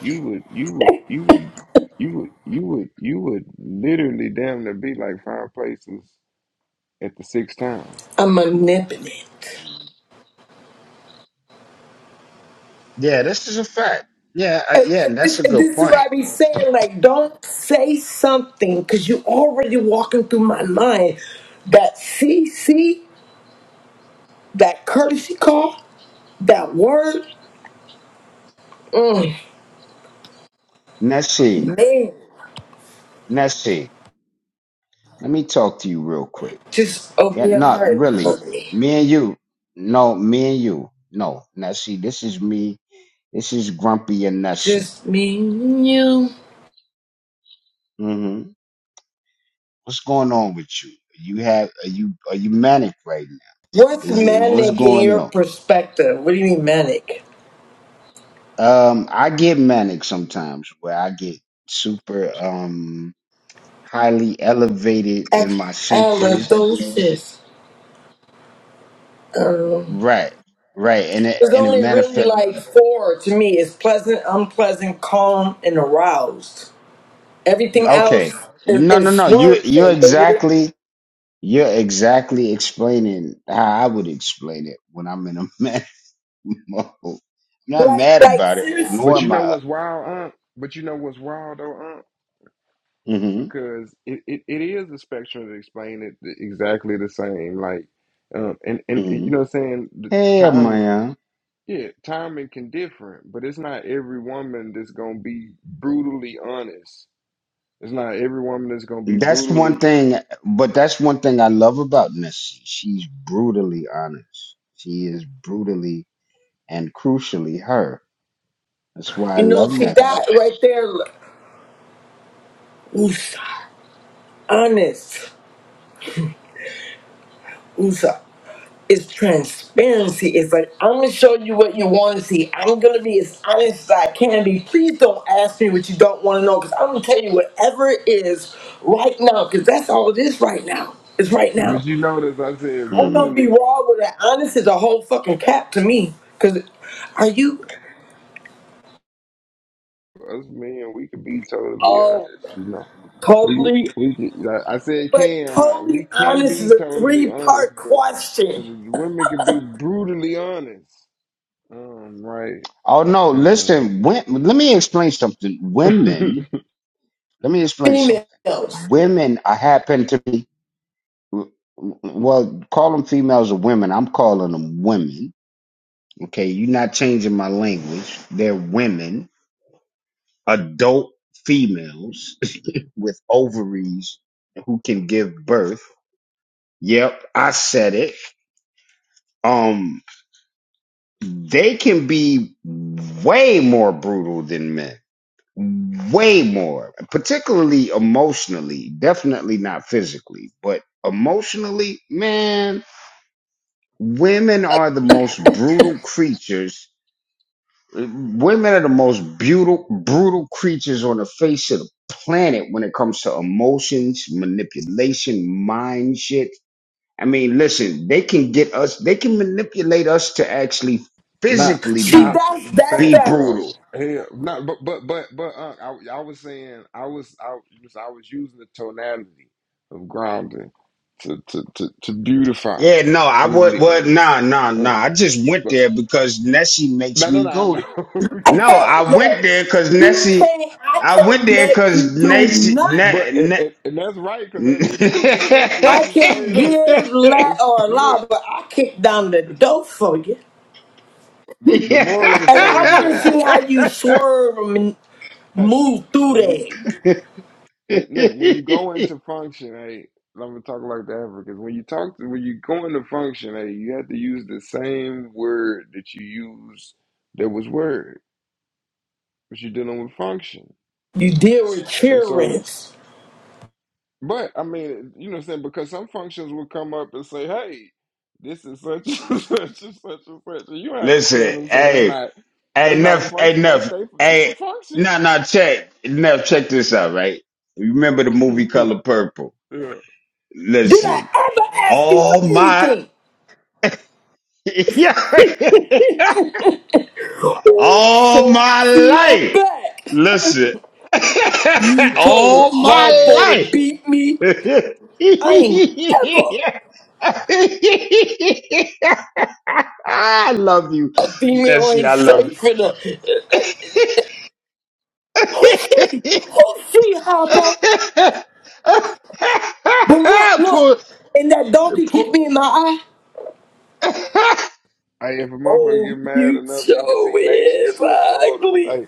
A: You would you would you would you would you would you would literally damn near be like five places at the sixth time.
C: I'm omnipotent. And, and this, and this is what I be saying. Like, don't say something because you already walking through my mind. That CC, that courtesy call, that word, mm, man, just open your heart and hug me. Just me and you. What's manic in your perspective? What do you mean manic? ex- allodosis. Um, there's only really like four to me. It's pleasant, unpleasant, calm, and aroused. Everything else is, is swerving, baby. Like, like seriously,
A: But you know what's wild, Unc? But you know what's wild though, Unc? because it, it, it is a spectrum to explain it th- exactly the same. Like, um, and and you know, what I'm saying the time, yeah, timing can differ. but it's not every woman that's gonna be brutally honest. It's not every woman that's gonna be brutally.
C: you know, see that right there. Oof, honest. Usa. It's transparency. It's like I'm gonna show you what you want to see. I'm gonna be as honest as I can be. Please don't ask me what you don't want to know, because I'm gonna tell you whatever it is right now, because that's all it is right now. It's right now.
A: But you notice I said
C: I'm gonna be
A: brutally.
C: raw with it. Honest is a whole fucking cap to me. Cause are you
A: Us men, we can be totally
C: all
A: honest. You know, we
C: totally,
A: we can, like I said
C: but
A: can not we
C: totally
A: can
C: honest is
A: be
C: a
A: totally
C: three
A: honest,
C: part
A: but 'cause
C: question.
A: women can be brutally honest. Um, right. And, um, [LAUGHS]
C: Females.
A: not,
C: See,
A: not
C: that's that's
A: facts.
C: that.
A: Uh, hell, not. But, but, but, but. Uh, I, I was saying, I was, I was, I was using the tonality of grounding to, to, to, to beautify. Brutally honest. Uh, but no, no, no, I know.
C: I can't look. You can't. I can't make you do
A: [LAUGHS]
C: nothing.
A: but and, and, and that's right because that was true potential. It's
C: I
A: the
C: can't
A: same. thing. It's,
C: give, let,
A: it's
C: or
A: look.
C: allow, but I kick down the
A: It's,
C: door for you.
A: the, the moral of the
C: And
A: story
C: I
A: is
C: want to
A: look.
C: see how you swerve and
A: Hey,
C: move through
A: when we
C: that.
A: When, look, when you go into function, hey, I'm gonna talk like the Africans. When you talk to, when you go into function, hey, you have to use the same word that you use that was word, but you're dealing with function.
C: You deal with
A: And so,
C: childrens.
A: but I mean, you know what I'm saying? Because some functions will come up and say, hey, this is such [LAUGHS] and such and such and such. And you don't have to shit on them and say, that's not, that's not a function. That's they, that's the function. [LAUGHS] yeah.
C: Did I ever ask you for anything? Oh, Sophia back. You
A: Hey,
C: told
A: stop playing.
C: Harpo to beat me. I ain't ever. A female ain't safe in a. Who she? Who she, Hoppo? But look, look. And that donkey kicked me in my eye.
A: Hey, if a motherfucker
C: Oh,
A: get mad
C: you
A: enough, you can see
C: so
A: nature
C: is
A: shift before the.
C: ugly.
A: Hey,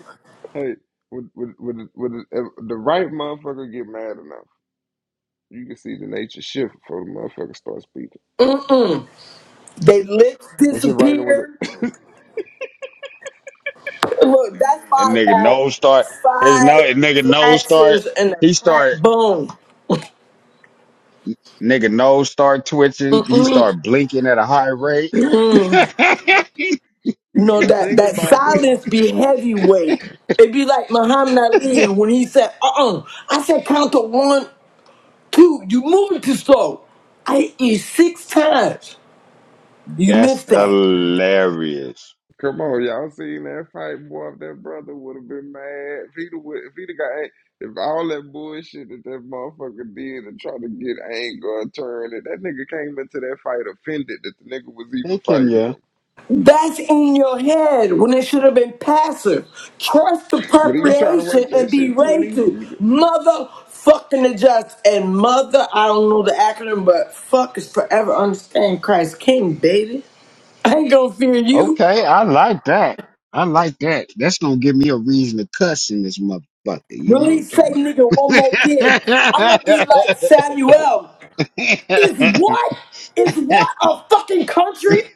A: hey, with with with, the- with the, if the right motherfucker get mad enough, you can see the nature shift before the motherfucker starts speaking.
C: Mm-mm. They lips
A: That shit right in with
C: disappear.
A: it.
C: Look, that's why I got five fractures and a cracked bone. Mm. You
A: [COUGHS]
C: know,
A: but
C: that,
A: think
C: that
A: about that.
C: silence be heavyweight. It be like Muhammad Ali when he said, uh-uh. I said count to one Dude, you moving too slow. I hit you six times. You missed that.
A: Come on, y'all seen that fight, boy? If that brother would have been mad, if he'd would, if he'd got, ang- if all that bullshit that that motherfucker did and tried to get anger and turn it, that nigga came into that fight offended that the nigga was even fighting him.
C: That's in your head when it should have been passive. Trust the
A: But he was trying to
C: preparation
A: work that
C: and be
A: shit too, and
C: ready
A: he's
C: to
A: he,
C: motherfucking adjust. And mother, I don't know the acronym, but fuck is forever understand Christ King, baby. I ain't gonna fear you. Release say nigga one more again. I'm gonna be like Samuel. Is what? Is what a fucking country?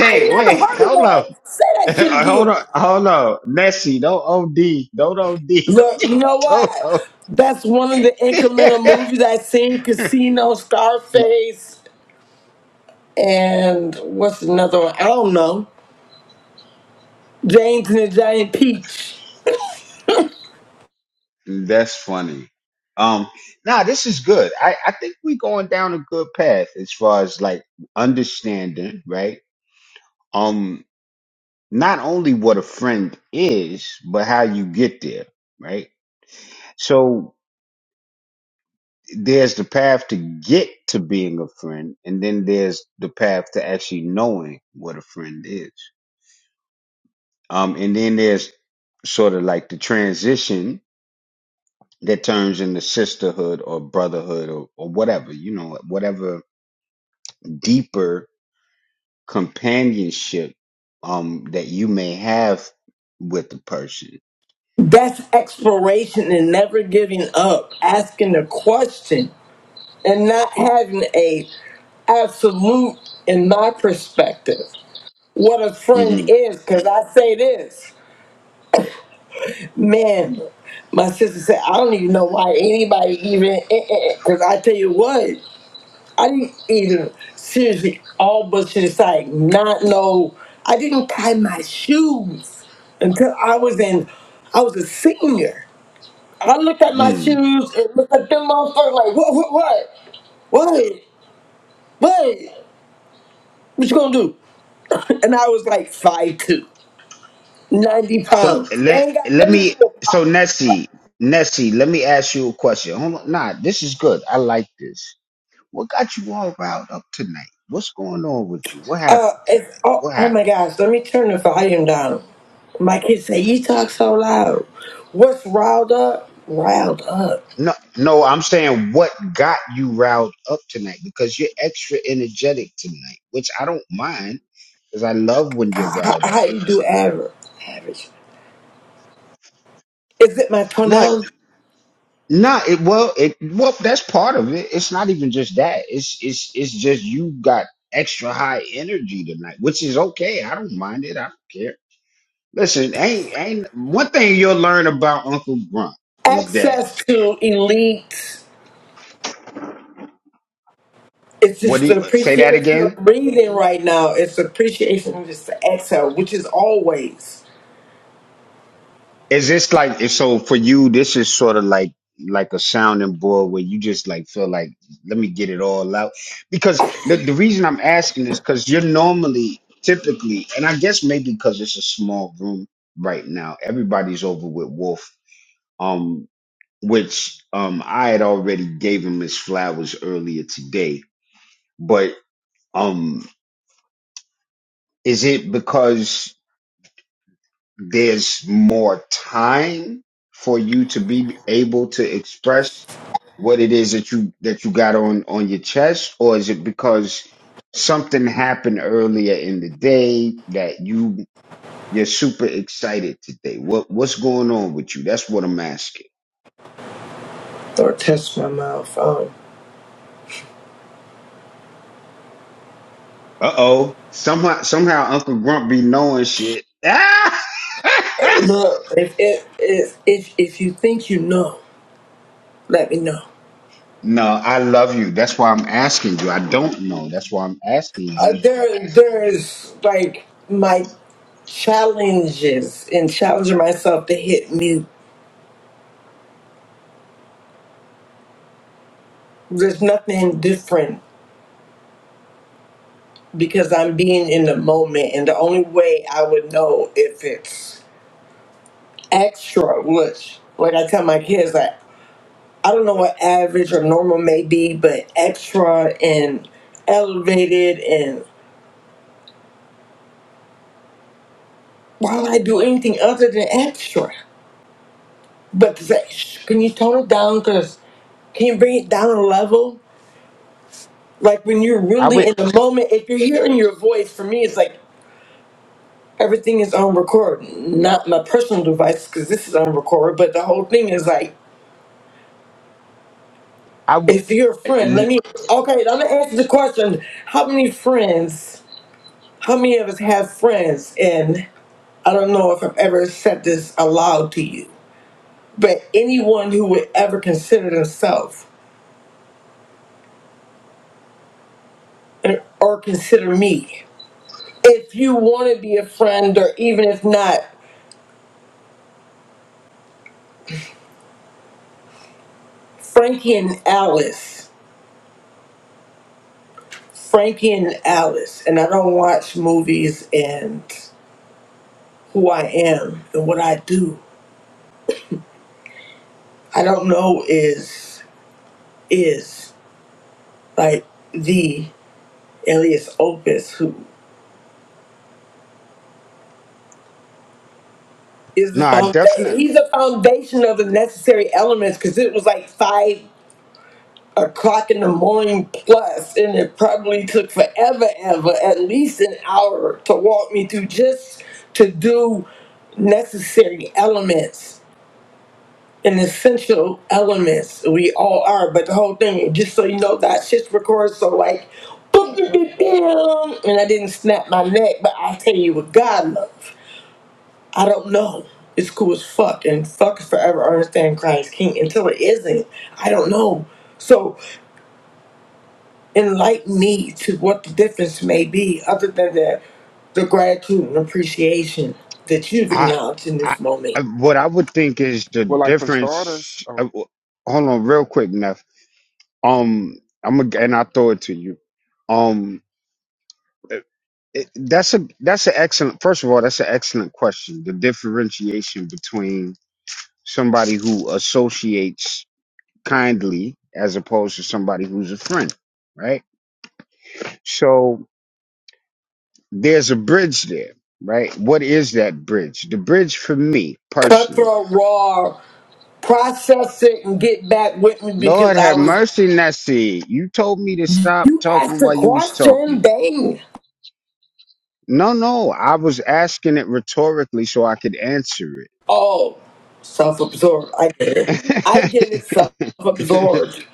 C: I never heard of one. Say that shit again. Look, you know what? That's one of the incremental movies I seen. Casino, Scarface, and what's another one? I don't know. James and the Giant Peach. That's exploration and never giving up, asking a question and not having a absolute in my perspective. What a friend is, because I say this. Man, my sister said, I don't even know why anybody even, because I tell you what, I didn't even seriously all but to the side not know. I didn't tie my shoes until I was in, I was a senior. I looked at my shoes and looked at them motherfuckers like, what, what, what? What? What? What you gonna do? [LAUGHS] And I was like five two, ninety pounds. They ain't got nothing to do with pockets. Uh, it's, oh, oh my gosh, let me turn the volume down. My kids say, you talk so loud. What's riled up? Riled up. How, how you do average? Average. Is it my pronoun? Access to elite. It's just the appreciation of breathing right now. It's the appreciation of just the exhale, which is always. Don't touch my mouth. Um, look, if, if, if, if, if you think you know, let me know. uh, there there's like my challenges and challenging myself to hit me there's nothing different because i'm being in the moment and the only way i would know if it's extra which like i tell my kids like i don't know what average or normal may be but extra and elevated and why would i do anything other than extra but to say, "Shh, can you tone it down because can you bring it down a level like when you're really in the moment, if you're hearing your voice, for me, it's like everything is on record, not my personal device because this is on record. But the whole thing is like, if you're a friend, let me. Okay, I'm gonna answer the question: How many friends? How many of us have friends? And I don't know if I've ever said this aloud to you, but anyone who would ever consider themselves or or consider me, if you want to be a friend, or even if not, Frankie and Alice. Frankie and Alice, and I don't watch movies and who I am and what I do. I don't know is is like the alias opus who is the found he's the foundation of the necessary elements because it was like five o'clock in the morning plus and it probably took forever ever at least an hour to walk me through just to do necessary elements an essential elements. We all are, but the whole thing, just so you know, that shit's recorded. So like, boom, boom, boom, boom, and I didn't snap my neck, but I'll tell you what God loves. I don't know. It's cool as fuck, and fuck is forever understand Christ King until it isn't. I don't know. So enlighten me to what the difference may be, other than the the gratitude and appreciation that you've acknowledged in this moment.
A: well, like for starters, um,
C: Cutthroat raw process it and get back with me because I was. You asked a question, bang. Oh, self absorbed. I get it. I get it, self absorbed.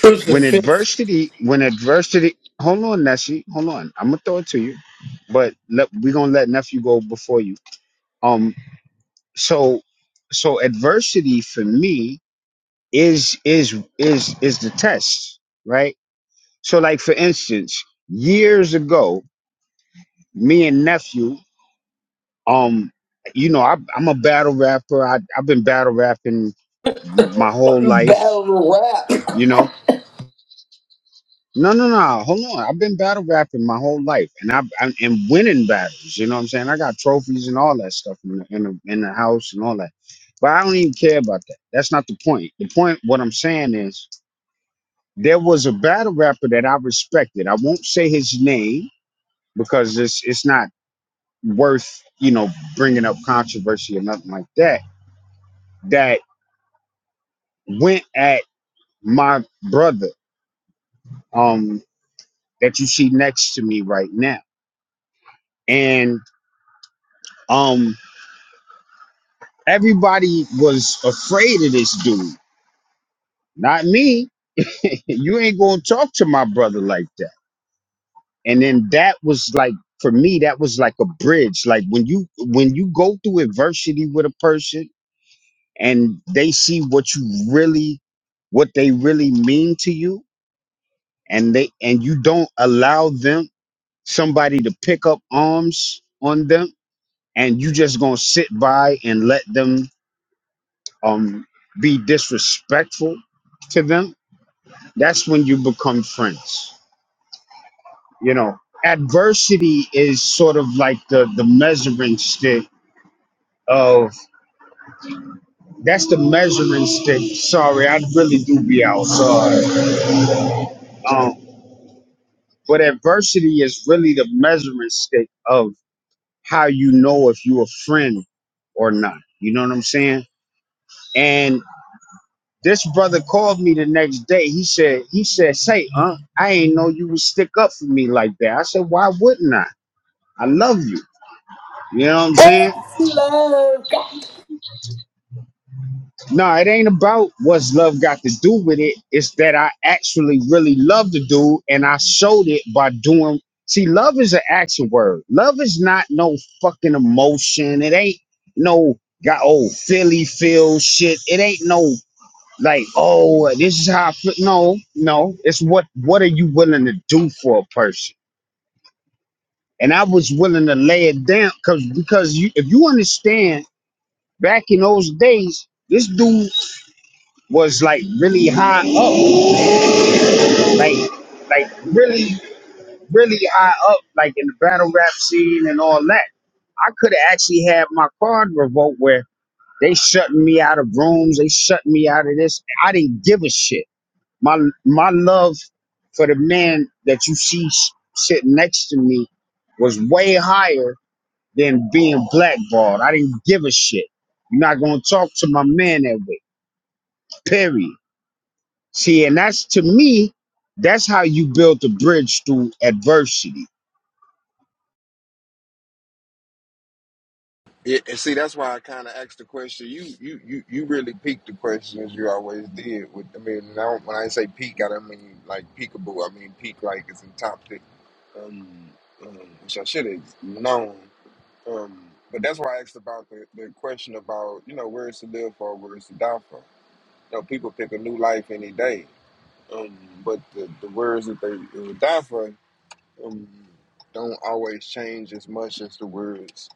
C: Crucifix. Battle rap. What's love? got?
A: it, and see that's why I kind of asked the question. You you you you really peaked the questions you always did. With I mean, now when I say peak, I don't mean like peakable. I mean peak like it's in top pick, um, um, which I should have known. Um, but that's why I asked about the, the question about you know where it's to live for, where it's to die for. You know, people pick a new life any day, um, but the, the words that they would die for um, don't always change as much as the words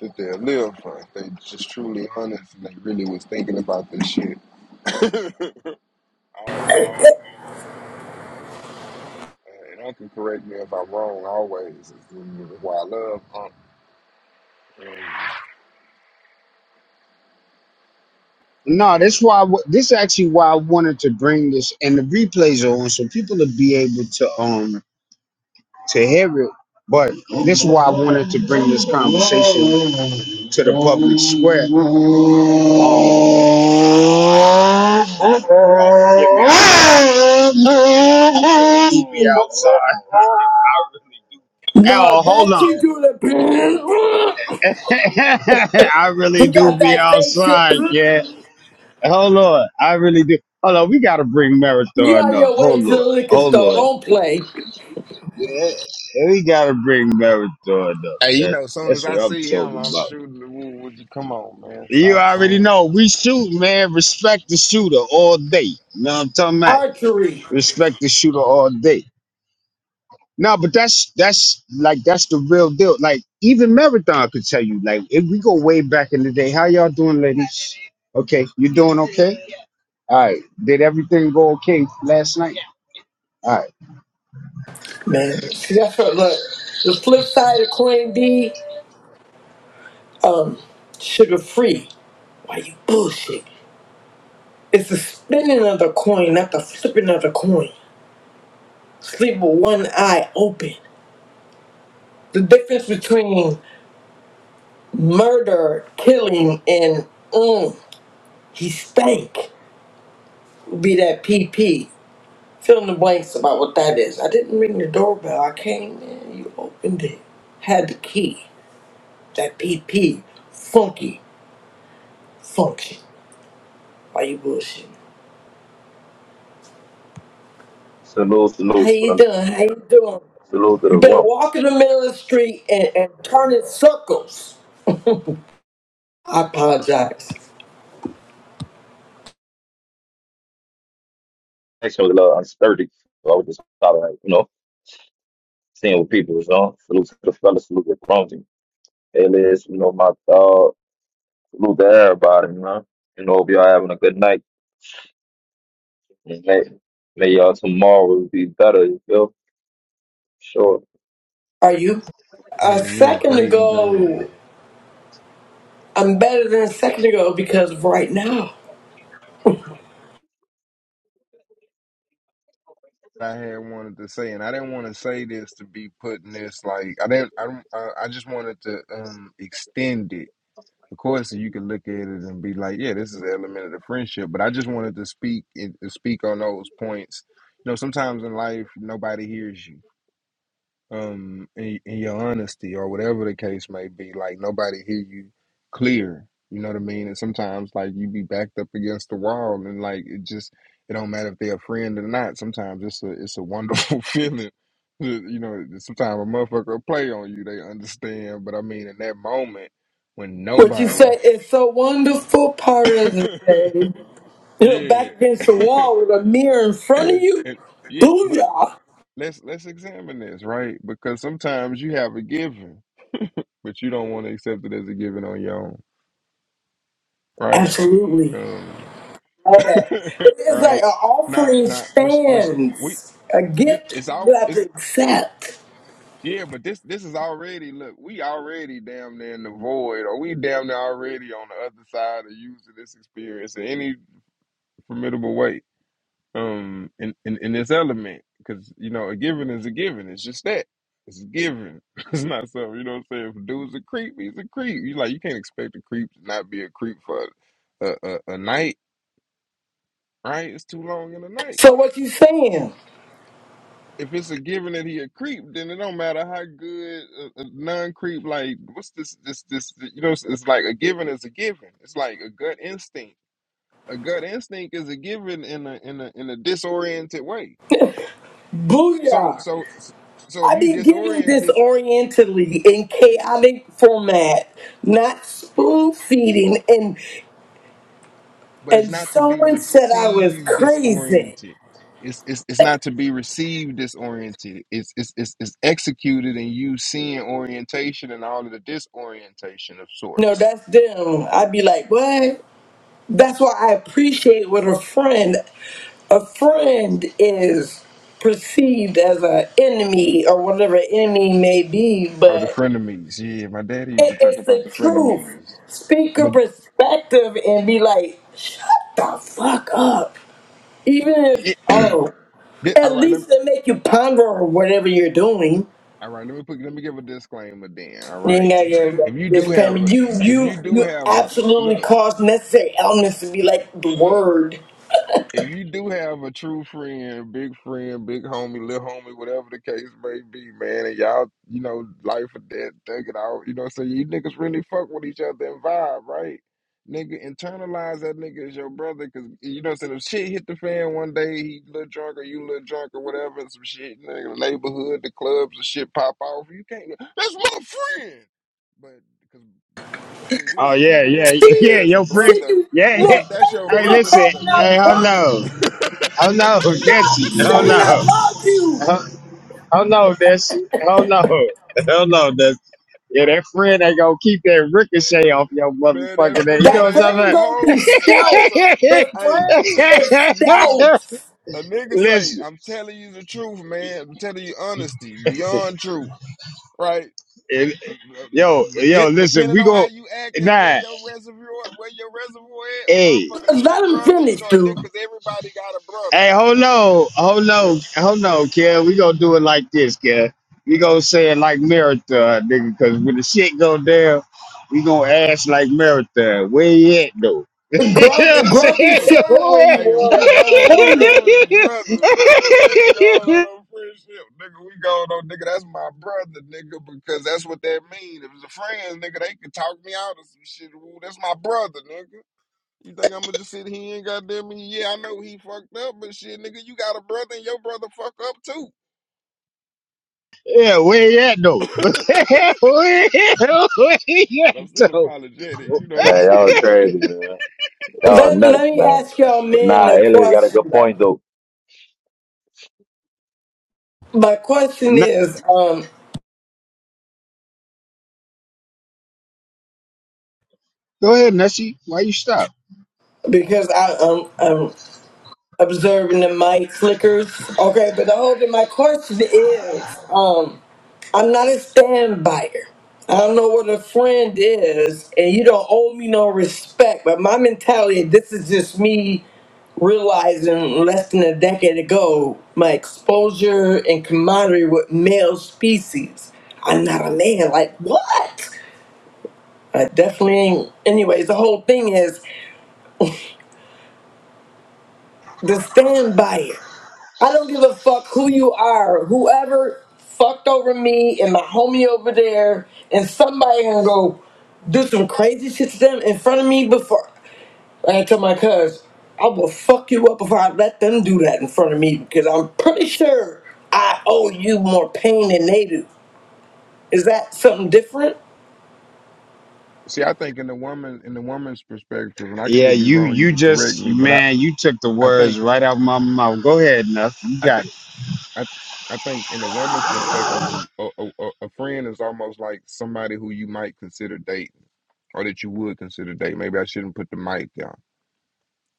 A: that they live for. They just truly honest and they really was thinking about this shit [LAUGHS] all along. Uh, and uncle, correct me if I'm wrong always. Why I love uncle. yeah.
C: No, that you do the. He got that fake shit. You're on your way to the liquor store. Don't play.
A: Hey, you know, soon as I see him, I'm shooting the woo. Would you come on, man? Stop playing.
C: Archery. Man, see, that's what, look. The flip side of Queen D. um, Sugar free. Why you bullshit? It's the spinning of the coin, not the flipping of the coin. Sleep with one eye open. The difference between murder, killing, and mm, he stank would be that PP. Fill in the blanks about what that is. I didn't ring the doorbell. I came in. You opened it. Had the key. That PP. Funky function. Why you bullshitting?
E: Salute,
C: How
E: salute,
C: you
E: brother.
C: doing? How you doing?
E: Salute to the
C: You better
E: room.
C: walk in the middle of the street and, and turn in circles. I apologize.
E: Next one a little unsturdy. So I was just thought like, you know, seeing what people was on. Salute to the fellas, salute to Crumbsy. Alias, you know, my dog. Salute to everybody, you know. You know, hope y'all having a good night. And May, may y'all tomorrow be better, you feel? Sure.
C: Are you? A
A: Hell yeah,
C: second
A: great and green.
C: ago, I'm better than a second ago because of right now.
A: I had wanted to say, and I didn't want to say this to be putting this like I didn't. I I, I just wanted to um extend it Of course, you can look at it and be like, "Yeah, this is an element of the friendship." But I just wanted to speak and speak on those points. You know, sometimes in life, nobody hears you, um, in, in your honesty or whatever the case may be. Like nobody hear you clear. You know what I mean? And sometimes, like you be backed up against the wall, and like it just it don't matter if they're a friend or not. Sometimes it's a it's a wonderful [LAUGHS] feeling. You know, sometimes a motherfucker will play on you. They understand, but I mean, in that moment when
C: What you
A: nobody
C: said is so wonderful part of the day.
A: [LAUGHS]
C: You know,
A: yeah.
C: back against the wall
A: [COUGHS]
C: with a mirror in front of you.
A: and yeah, but
C: Booyah!
A: let's let's examine this, right? Because sometimes you have a given, but you don't want to accept it as a given on your own, right?
C: Absolutely.
A: Um
C: All
A: [LAUGHS]
C: that. It- It's like
A: right.
C: an
A: Not
C: offering
A: not which which we
C: stands, a
A: this
C: gift
A: it's all
C: you have to
A: it's
C: accept.
A: yeah, but this this is already look, we already damn near in the void, or we damn near already on the other side of using this experience in any formidable way um in in, in this element because you know a given is a given it's just that it's a given [LAUGHS] it's not something you know what i'm saying if a dude's a creep he's a creep you like you can't expect a creep to not be a creep for a, a, a night right it's too long in the night
C: So what you saying?
A: if it's a given that he a creep then it don't matter how good a, a non-creep like what's this this this you know it's, it's like a given is a given it's like a gut instinct a gut instinct is a given in a in a in a disoriented way So
C: Booyah!
A: so so if
C: I
A: you
C: be given
A: disoriented,
C: disorientedly in chaotic format, not
A: but
C: spoon feeding, and
A: but it's
C: and
A: not to be
C: someone said I was
A: received
C: crazy.
A: disoriented. It's it's it's not to be received disoriented. It's it's it's, it's executed and you seeing orientation and all of the disorientation of
C: No,
A: sorts.
C: that's them. I'd be like, what? That's why I appreciate what a friend. A friend is perceived as an enemy or whatever enemy may be,
A: Oh, the
C: but
A: frenemies. Yeah, my daddy used
C: it,
A: to talk
C: it's
A: about
C: the
A: the
C: truth.
A: frenemies.
C: Speak your
A: But
C: perspective and be like, shut the fuck up. Even if,
A: it,
C: oh,
A: it,
C: at
A: all right, let
C: least
A: me,
C: they make you ponder whatever you're doing.
A: all right, let me put let me give a disclaimer then. All
C: You ain't
A: right,
C: got your
A: if you
C: this
A: do have
C: family.
A: a
C: You
A: if
C: you
A: you do
C: you
A: have a
C: absolutely
A: look
C: cause necessary elements to be like the
A: look.
C: word.
A: if you do have a true friend, big friend, big homie, little homie, whatever the case may be, man, and y'all, you know, life or death, take it out, you know what I'm saying? You niggas really fuck with each other and vibe, right? Nigga, internalize that nigga as your brother, cause you know what I'm saying? If shit hit the fan one day, he a little drunk or you a little drunk or whatever, and some shit, nigga, the neighborhood, the clubs, and shit pop off, you can't, that's my friend! But, cause, you know what I'm saying, we as the people, we don't understand that
C: See,
A: as a
C: see
A: brother,
C: you
A: Nigga,
C: look.
A: if that's
C: Thank
A: your
C: you for
A: brother, s- the
C: calling out
A: niggas, hey,
C: Grumpy. Stop saying I love you.
A: Man, that friend
C: That
A: ain't
C: friend
A: gonna
C: gonna be
A: hold you, nigga. So,
C: stealth. The
A: hey,
C: friend
A: [LAUGHS]
C: is
A: you hear me?
C: stealth.
A: A nigga say, I'm telling you the truth, man. I'm telling you honesty, beyond truth, right? Uh, uh, But de- depending on how you act and where your reservoir, where your reservoir at, motherfucker, that's his
C: Let him
A: brother. You
C: finish,
A: know, a
C: dude.
A: nigga, 'cause everybody got a brother, damn near. Yeah.
C: Grumpy,
A: Hey,
C: Grumpy
A: hey,
C: said where he
A: hey, if we
C: was. He
A: gone, we
C: pointed.
A: gone as brothers, nigga. We ain't going on no friendship, nigga. We going on, nigga, that's my brother, nigga, because that's what that mean. If it's a friend, nigga, they can talk me out of some shit. Ooh, that's my brother, nigga. You think I'm gonna just sit here and goddamn me? Yeah, I know he fucked up, but shit, nigga, you got a brother and your brother fuck up too. [LAUGHS] but I'm still apologetic, you know.
E: Man, y'all are
A: Sometimes you can't.
E: crazy,
A: [LAUGHS]
E: man. Y'all are
C: Let, let
E: nuts,
C: me
E: man.
C: ask y'all
E: But
C: men
E: nah,
C: a
E: Alias got a
C: question
E: good
C: though.
E: point though.
C: My question is, um, because I um, um, observing the mic flickers. Okay, but the whole thing, my question is, um, I'm not a stand buyer. I don't know what a friend is, and you don't owe me no respect. But my mentality, this is just me realizing less than a decade ago, my exposure and camaraderie with male species. I'm not a man. Like what? I definitely ain't. Anyways, the whole thing is. to stand by it. I don't give a fuck who you are. Whoever fucked over me and my homie over there, and somebody gonna go do some crazy shit to them in front of me before. I tell my cuz, I will fuck you up before I let them do that in front of me because I'm pretty sure I owe you more pain than they do. Is that something different?
A: See, I think in the woman in the woman's perspective, and I could be wrong. You could correct me, but I I think I think. I I think in a woman's perspective, a, a, a, a friend is almost like somebody who you might consider dating, or that you would consider dating. Maybe I shouldn't put the mic down.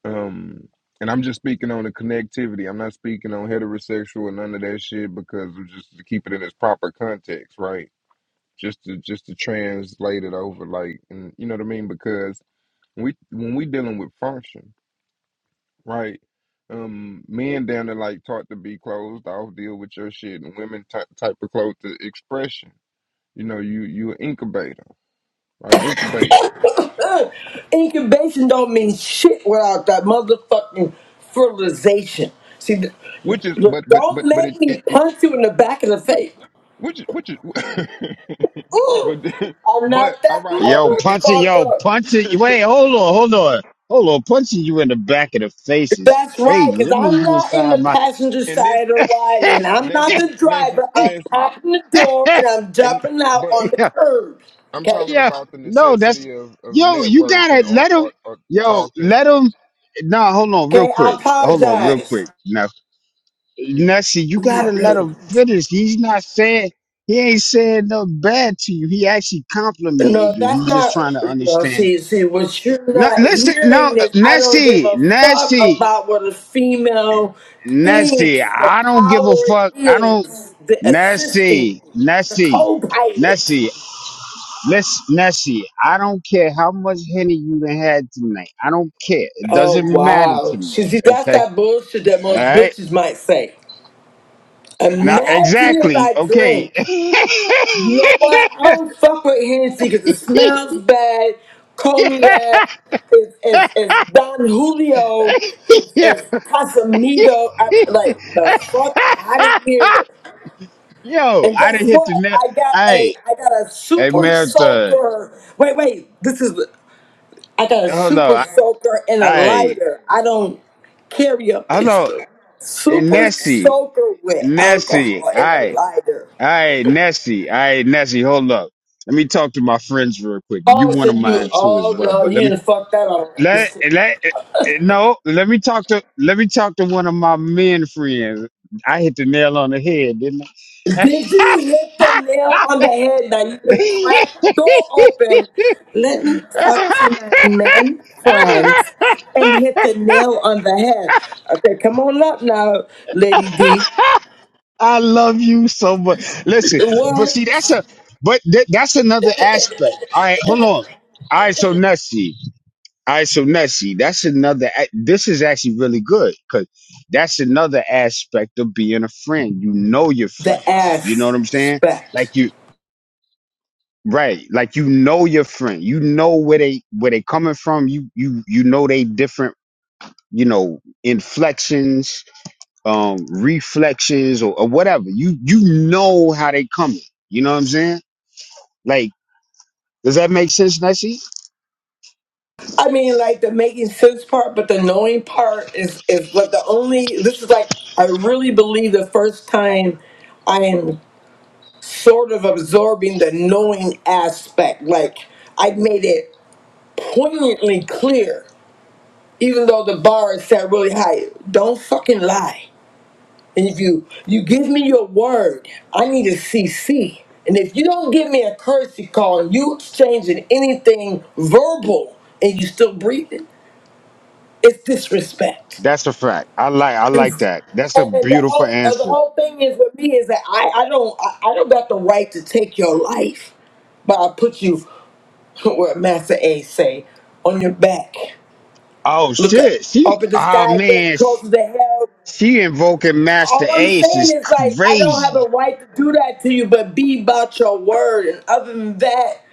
A: Um, and I'm just speaking on the connectivity. I'm not speaking on heterosexual and none of that shit because I'm just to keep it in its proper context, right? Just to just to translate it over, like, and you know what I mean? Because we when we dealing with function right? Um, men down there like taught to be closed off, deal with your shit, and women ty type of closed to expression. You know, you you an incubator, right? Incubate,
C: [LAUGHS] Incubation don't mean shit without that motherfucking fertilization. See, th-
A: which is,
C: look,
A: but but
C: don't
A: but but it
C: make
A: it,
C: me
A: it
C: punch you in the back of the
A: which
C: face.
A: which which is, [LAUGHS]
C: Ooh,
A: but
C: I'm not
A: but all
C: that
A: right, and but and and,
C: motherfucker.
A: [LAUGHS]
C: That's right, because I'm not in the passenger
A: and this
C: side of the ride, and
A: and
C: I'm
A: this
C: not
A: is
C: the
A: this is-
C: driver. I'm
A: this is-
C: popping the door and I'm
A: and
C: jumping out
A: but
C: on the curb.
A: I'm
C: Okay?
A: talking about the necessity of of networking or or, or talking,
C: Okay, I apologize.
A: yeah. so.
C: Not really. No, that's not. No, see, see, what you're not hearing is I don't give a fuck about what a female thinks. The power is the assisting, the co pilot. Oh, wow. See, see, that's that bullshit that most bitches might say. Imagine if I drink. You know what? I don't fuck with Hennessy because it smells bad. Cognac is is is Don Julio is is Casamigo. I, like the fuck out of here. And guess what? I got a I got a super soaker. Wait, wait. This is I got a super soaker and a lighter. I don't carry a pistol. Super soaker with alcohol and a lighter. Oh, so you, oh no, you didn't fuck that up. Did you hit the nail on the head? Now you done cracked the door open. Let me talk to my men friends and hit the nail on the head. Okay, come on up now, Lady D. What? The aspect. I mean, like the making sense part, but the knowing part is is what the only. This is like I really believe the first time I am. sort of absorbing the knowing aspect. Like I made it poignantly clear, even though the bar is set really high. Don't fucking lie. And if you you give me your word, I need a CC. And if you don't give me a courtesy call and you exchanging anything verbal and you still breathing, it's disrespect. It's- and, and the whole uh, the whole thing is with me is that I, I don't I, I don't got the right to take your life, but I put you. [LAUGHS] what Master A say, on your back. Look up, up at the sky, getting closer to hell. All I'm saying is like I don't have a right to do that to you, but be about your word. And other than that,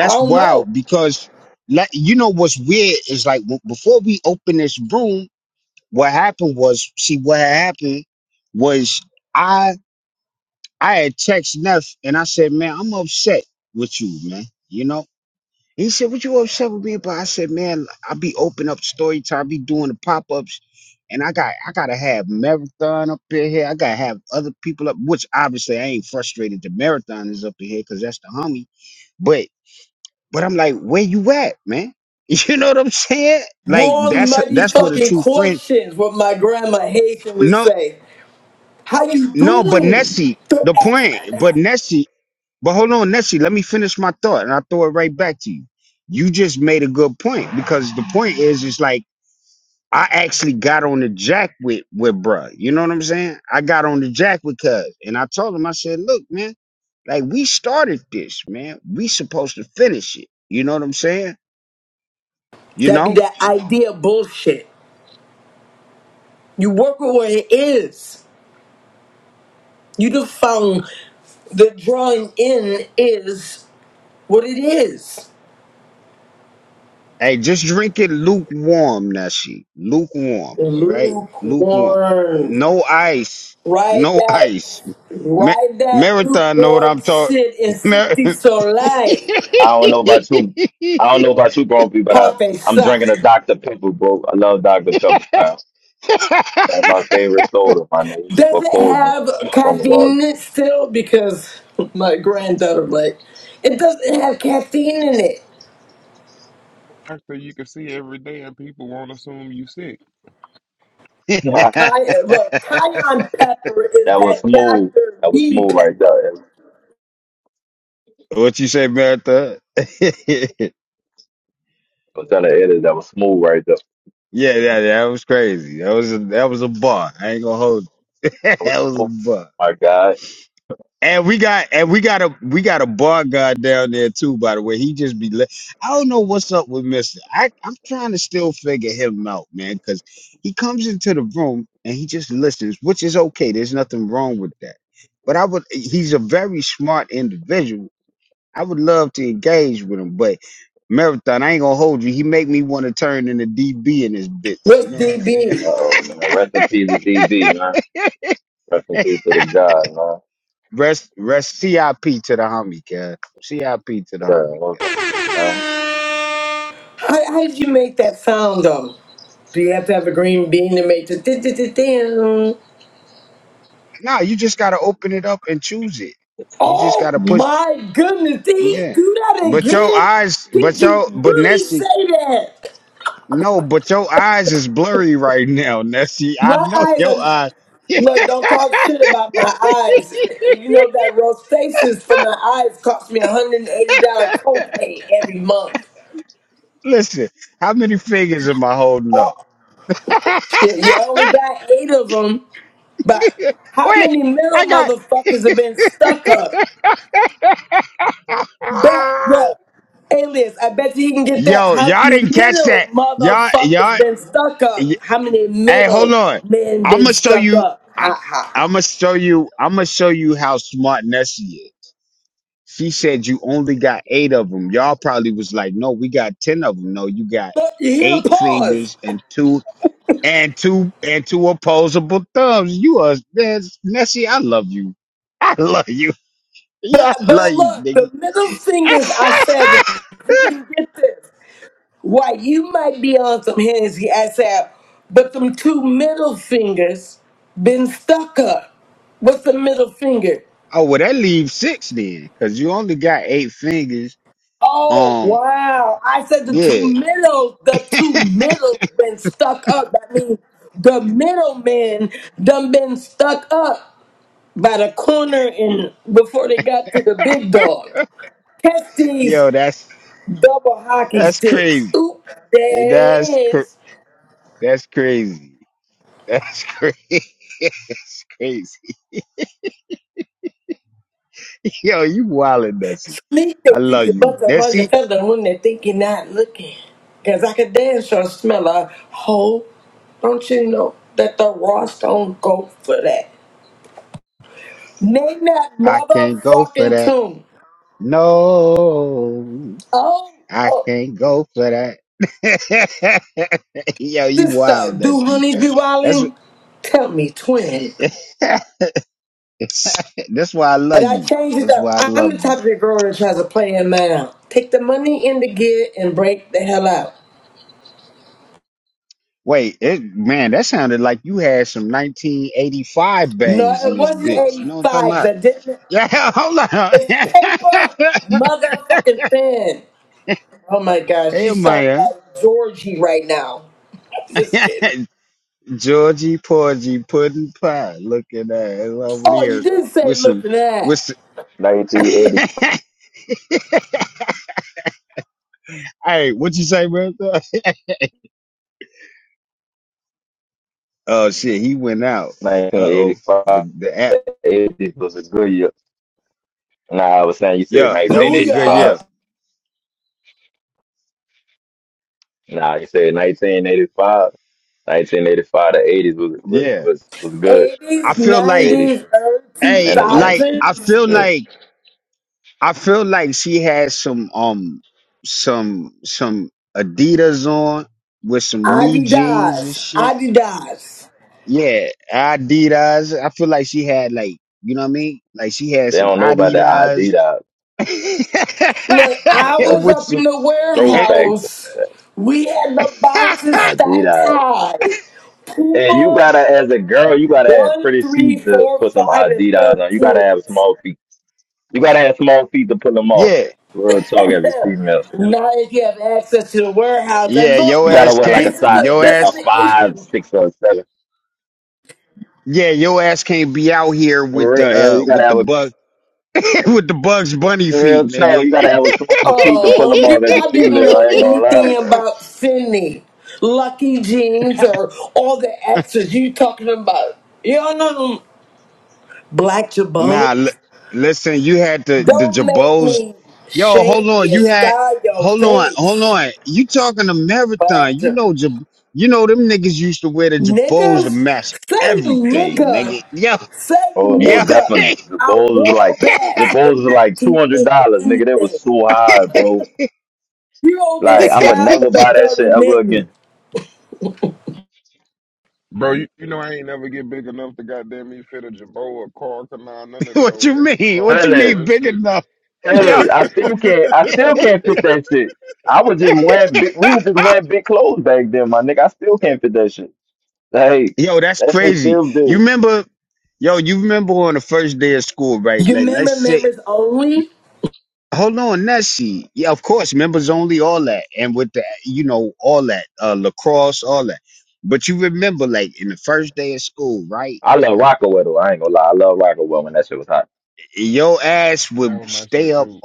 C: I don't know. Wrong muddy fucking questions, what my grandma Haitian would say. How you doing? that be that idea bullshit. You work with what it is. You just found the drawing in is what it is. Lukewarm. Right that right that lukewarm shit is 60 so light.
E: I don't know about you. I don't know about you, Grumpy, but I,
C: Popping
E: I'm
C: sock.
E: drinking a Dr. Pepper, bro. I love Dr. Pepper, man. That's my favorite soda, my name is for
C: Does it
E: Coleman
C: have
E: from the wall.
C: caffeine in it still? Because my granddaughter like, it doesn't have caffeine in it.
A: doctor you can see every day and people won't assume you sick.
E: [LAUGHS] that
C: Ki- look, cayenne pepper is
E: was
C: that
E: smooth.
C: Dr.
E: That was
C: V
E: smooth right
C: pepper.
E: there. I was telling the edit. That was smooth right there. That was smooth. My God.
C: What's DB?
E: Uh-oh, man. Rest in peace to DB, man. Rest in peace to the God, man. Yeah, what's up, man?
C: How, how did you make that sound though? Do you have to have a green bean to make the? Oh my goodness, did he do that again? Did you really say that? My eyes are look, don't talk shit about my eyes. You know that rostasis from my eyes cost me a hundred and eighty dollar copay every month. Oh shit, you only got eight of them, but how many middle motherfuckers have been stuck up? Bet, look, alias, I bet you he can get that. How many middle motherfuckers been stuck up? How many middle men been stuck up? Ha ha ha. Look, you hear the pause. But, but look, the middle fingers, I said, if you didn't get this, why, you might be on some Hennessy, I said, but them two middle fingers been stuck up. What's the middle finger? Oh wow! I said the two middles, the two middles been stuck up. That means the middlemen done been stuck up by the corner and before they got to the big dog. Catch these double hockey sticks. Oop! There it is. Sneak they think your butt that runs and feather when they think you're not looking. Cause I could damn sure smell a hole. Don't you know that the Ross don't go for that? Name that motherfucking tune. Oh, oh sister, do honey be wildin'? Tell me, twin. And I changed it up. I'm the type of girl that tries to play him out. Take the money in the gear and break the hell out. No, it wasn't 85 'cause I didn't. It's paper motherfucking thin. Oh my gosh, she sounds like Georgie right now. [LAUGHS] Just kidding. Oh, you didn't say looking at.
E: 1980, 1985. The 80s was a good year. Nah, I was saying you said
C: Booyah.
E: 1985. Nah, you said 1985. 1985 The 80s was was was was good.
C: 80s,
E: 80s.
C: 90s, early
E: and the nineties, for
C: 2000s.
E: sure.
C: Adidas, Adidas.
E: They don't know about the Adidas.
C: Look, I was
E: That's
C: up in the
E: throwback.
C: warehouse. We had the boxes stacked
E: Adidas.
C: high.
E: And you
C: Puma
E: gotta, as a girl, you gotta have
C: one,
E: pretty
C: 3,
E: feet to
C: 4,
E: put some
C: 5,
E: Adidas on. You gotta
C: and
E: have small feet. You gotta have small feet to put them off. Real talk, as a female,
C: 13. Now if you have access to the warehouse. And look,
E: you gotta wear
C: look,
E: like a
C: this is
E: size
C: the
E: set
C: this is
E: of
C: the
E: five,
C: issue.
E: six, or seven. For real, yeah, you gotta have a real talk. You gotta have a small feet to pull
C: Oh,
E: them off as a
C: y'all didn't
E: female. I
C: know
E: ain't gonna
C: anything
E: lie.
C: about Sydney, Lucky Jeans, or all the exes you talking about. Y'all know them black jabos. Don't make me shake and scar your face, black jabos. Niggas, say nigga, say
E: Oh, most
C: nigga.
E: definitely. The
C: I
E: bowls is
C: wore
E: like the
C: bats
E: bowls
C: in
E: is like two hundred
C: 1980
E: dollars, nigga. That was
C: anything.
E: so high, bro.
C: You all get
E: Like I would
C: slapped
E: never
C: with
E: buy
C: a
E: that shit
C: dirty
E: ever
C: mitten.
E: again.
A: Bro, you, you know I ain't never get big enough to goddamn me fit a jabot or car canal, none of that old extra large
E: Ellis,
A: ass shit.
E: Ellis, I still
A: [LAUGHS]
E: can't. I still can't fit that shit. I was just wearing big. We were just wearing big clothes back then, my nigga. I still can't fit that shit. Like that shit still big.
C: You remember members only?
E: I love Rockaway though. I ain't gonna lie. I love Rockaway when that shit was hot.
A: that was my shit too.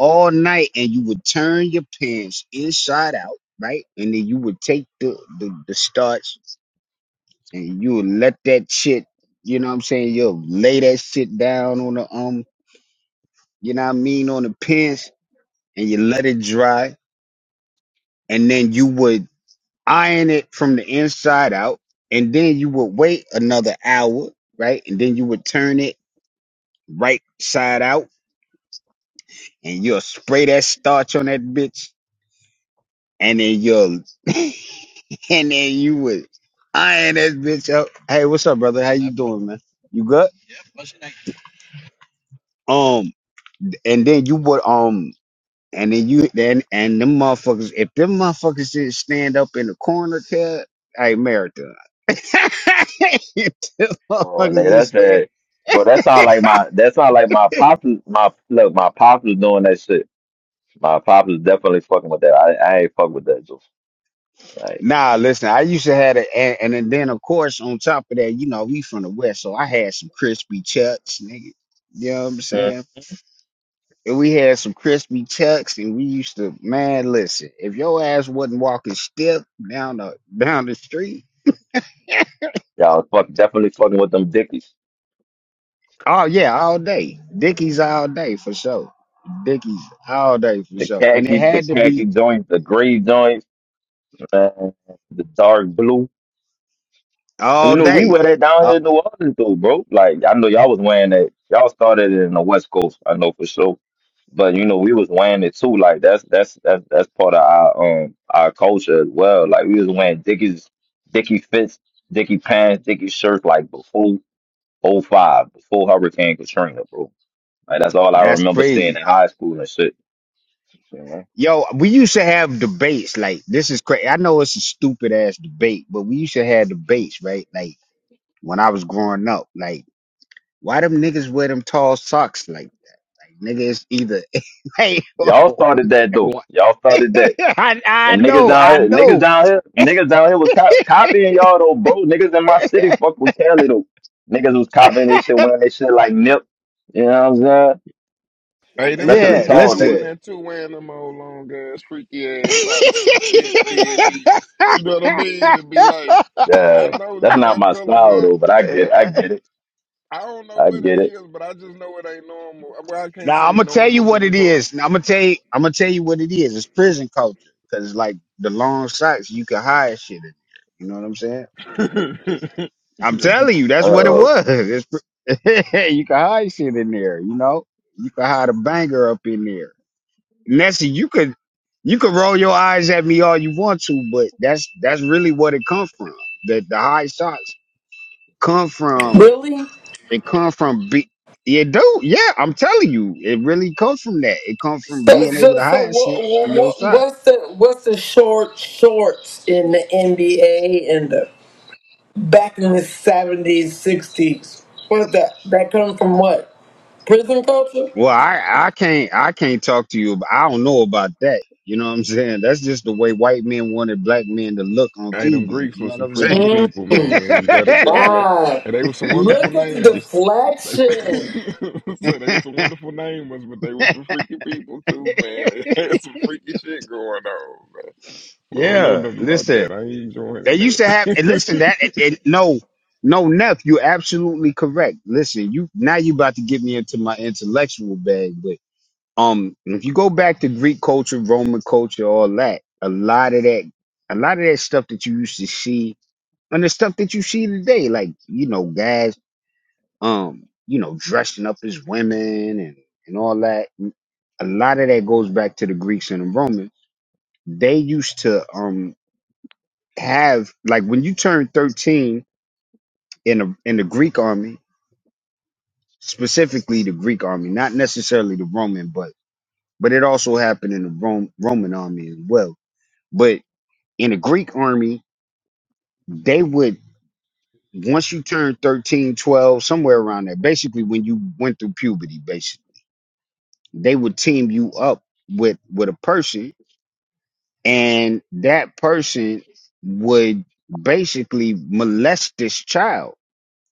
F: About it.
E: Oh, nigga, that's that. Bro, that sound like my. That sound like my pops. My look, my pops was doing that shit. My pops was definitely fucking with that. I, I ain't fuck with that, Juice. Like Mm. y'all was fuck definitely fucking with them dickies. The khaki, the khaki joints, the gray joints, man, the dark blue. You know, we wear that down here in New Orleans though, bro. Like I know y'all was wearing that. Y'all started it in the West Coast, I know for sure. But you know, we was wearing it too. Like that's that's that's that's part of our um our culture as well. Like we was wearing dickies, dicky fits, dicky pants, dicky shirts like before. oh 05, before Hurricane Katrina, bro. Like that's all I remember seeing in high school and shit. You know? Y'all started that though. Y'all started that. And niggas down here, niggas down here, niggas down here was co- copying y'all though, bro. Niggas in my city fuck with Cali though. Niggas was copying this shit, wearing this shit like nip. You know what I'm saying?
A: Hey, them
E: Especially
A: women be
E: tall
A: doing
E: niggas.
A: that too, wearing them old long ass freaky ass socks and shit, and then be, you know what I mean? And be like, I
E: Yeah,
A: know,
E: that's
A: look,
E: not
A: I'm
E: my style
A: colorblind.
E: though, but I get, I get it,
A: I don't know
E: I
A: what it
E: get it.
A: is, but I just know it ain't normal. Well, I can't say normal because we talk. [LAUGHS] You know,
E: Uh oh,
A: um,
C: Really? So, so, so what, what, what's the what's the short shorts in the NBA and the back in the seventies, sixties? What's that? That come from what? Prison culture?
A: Hey, them Greeks were some freaky
C: Mm,
A: people, man. You got to give them that.
C: wow!
A: And they were some wonderful
C: Look at the
A: namers. They, [LAUGHS]
C: deflection.
A: so they were some wonderful namers, but they were some freaky people too, man. They [LAUGHS] had some freaky shit going on, man. I don't know nothing about that. I ain't joining that.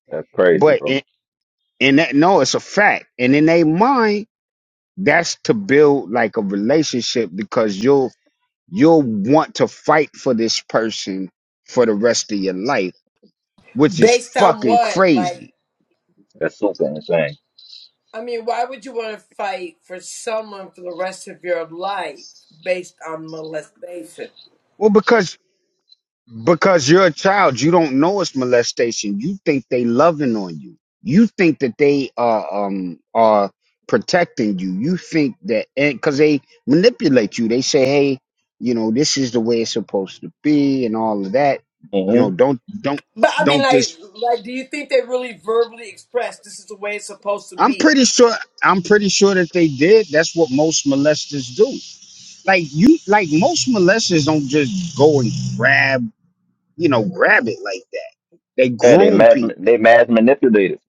E: that's crazy, bro.
C: Based on what? Like,
E: That's super insane.
C: I mean, why would you want to fight for someone for the rest of your life based on molestation?
E: hmm
C: But I mean, like, like, do you think they really verbally express this is the way it's supposed to be?
E: Yeah, they mass, they mass manipulators.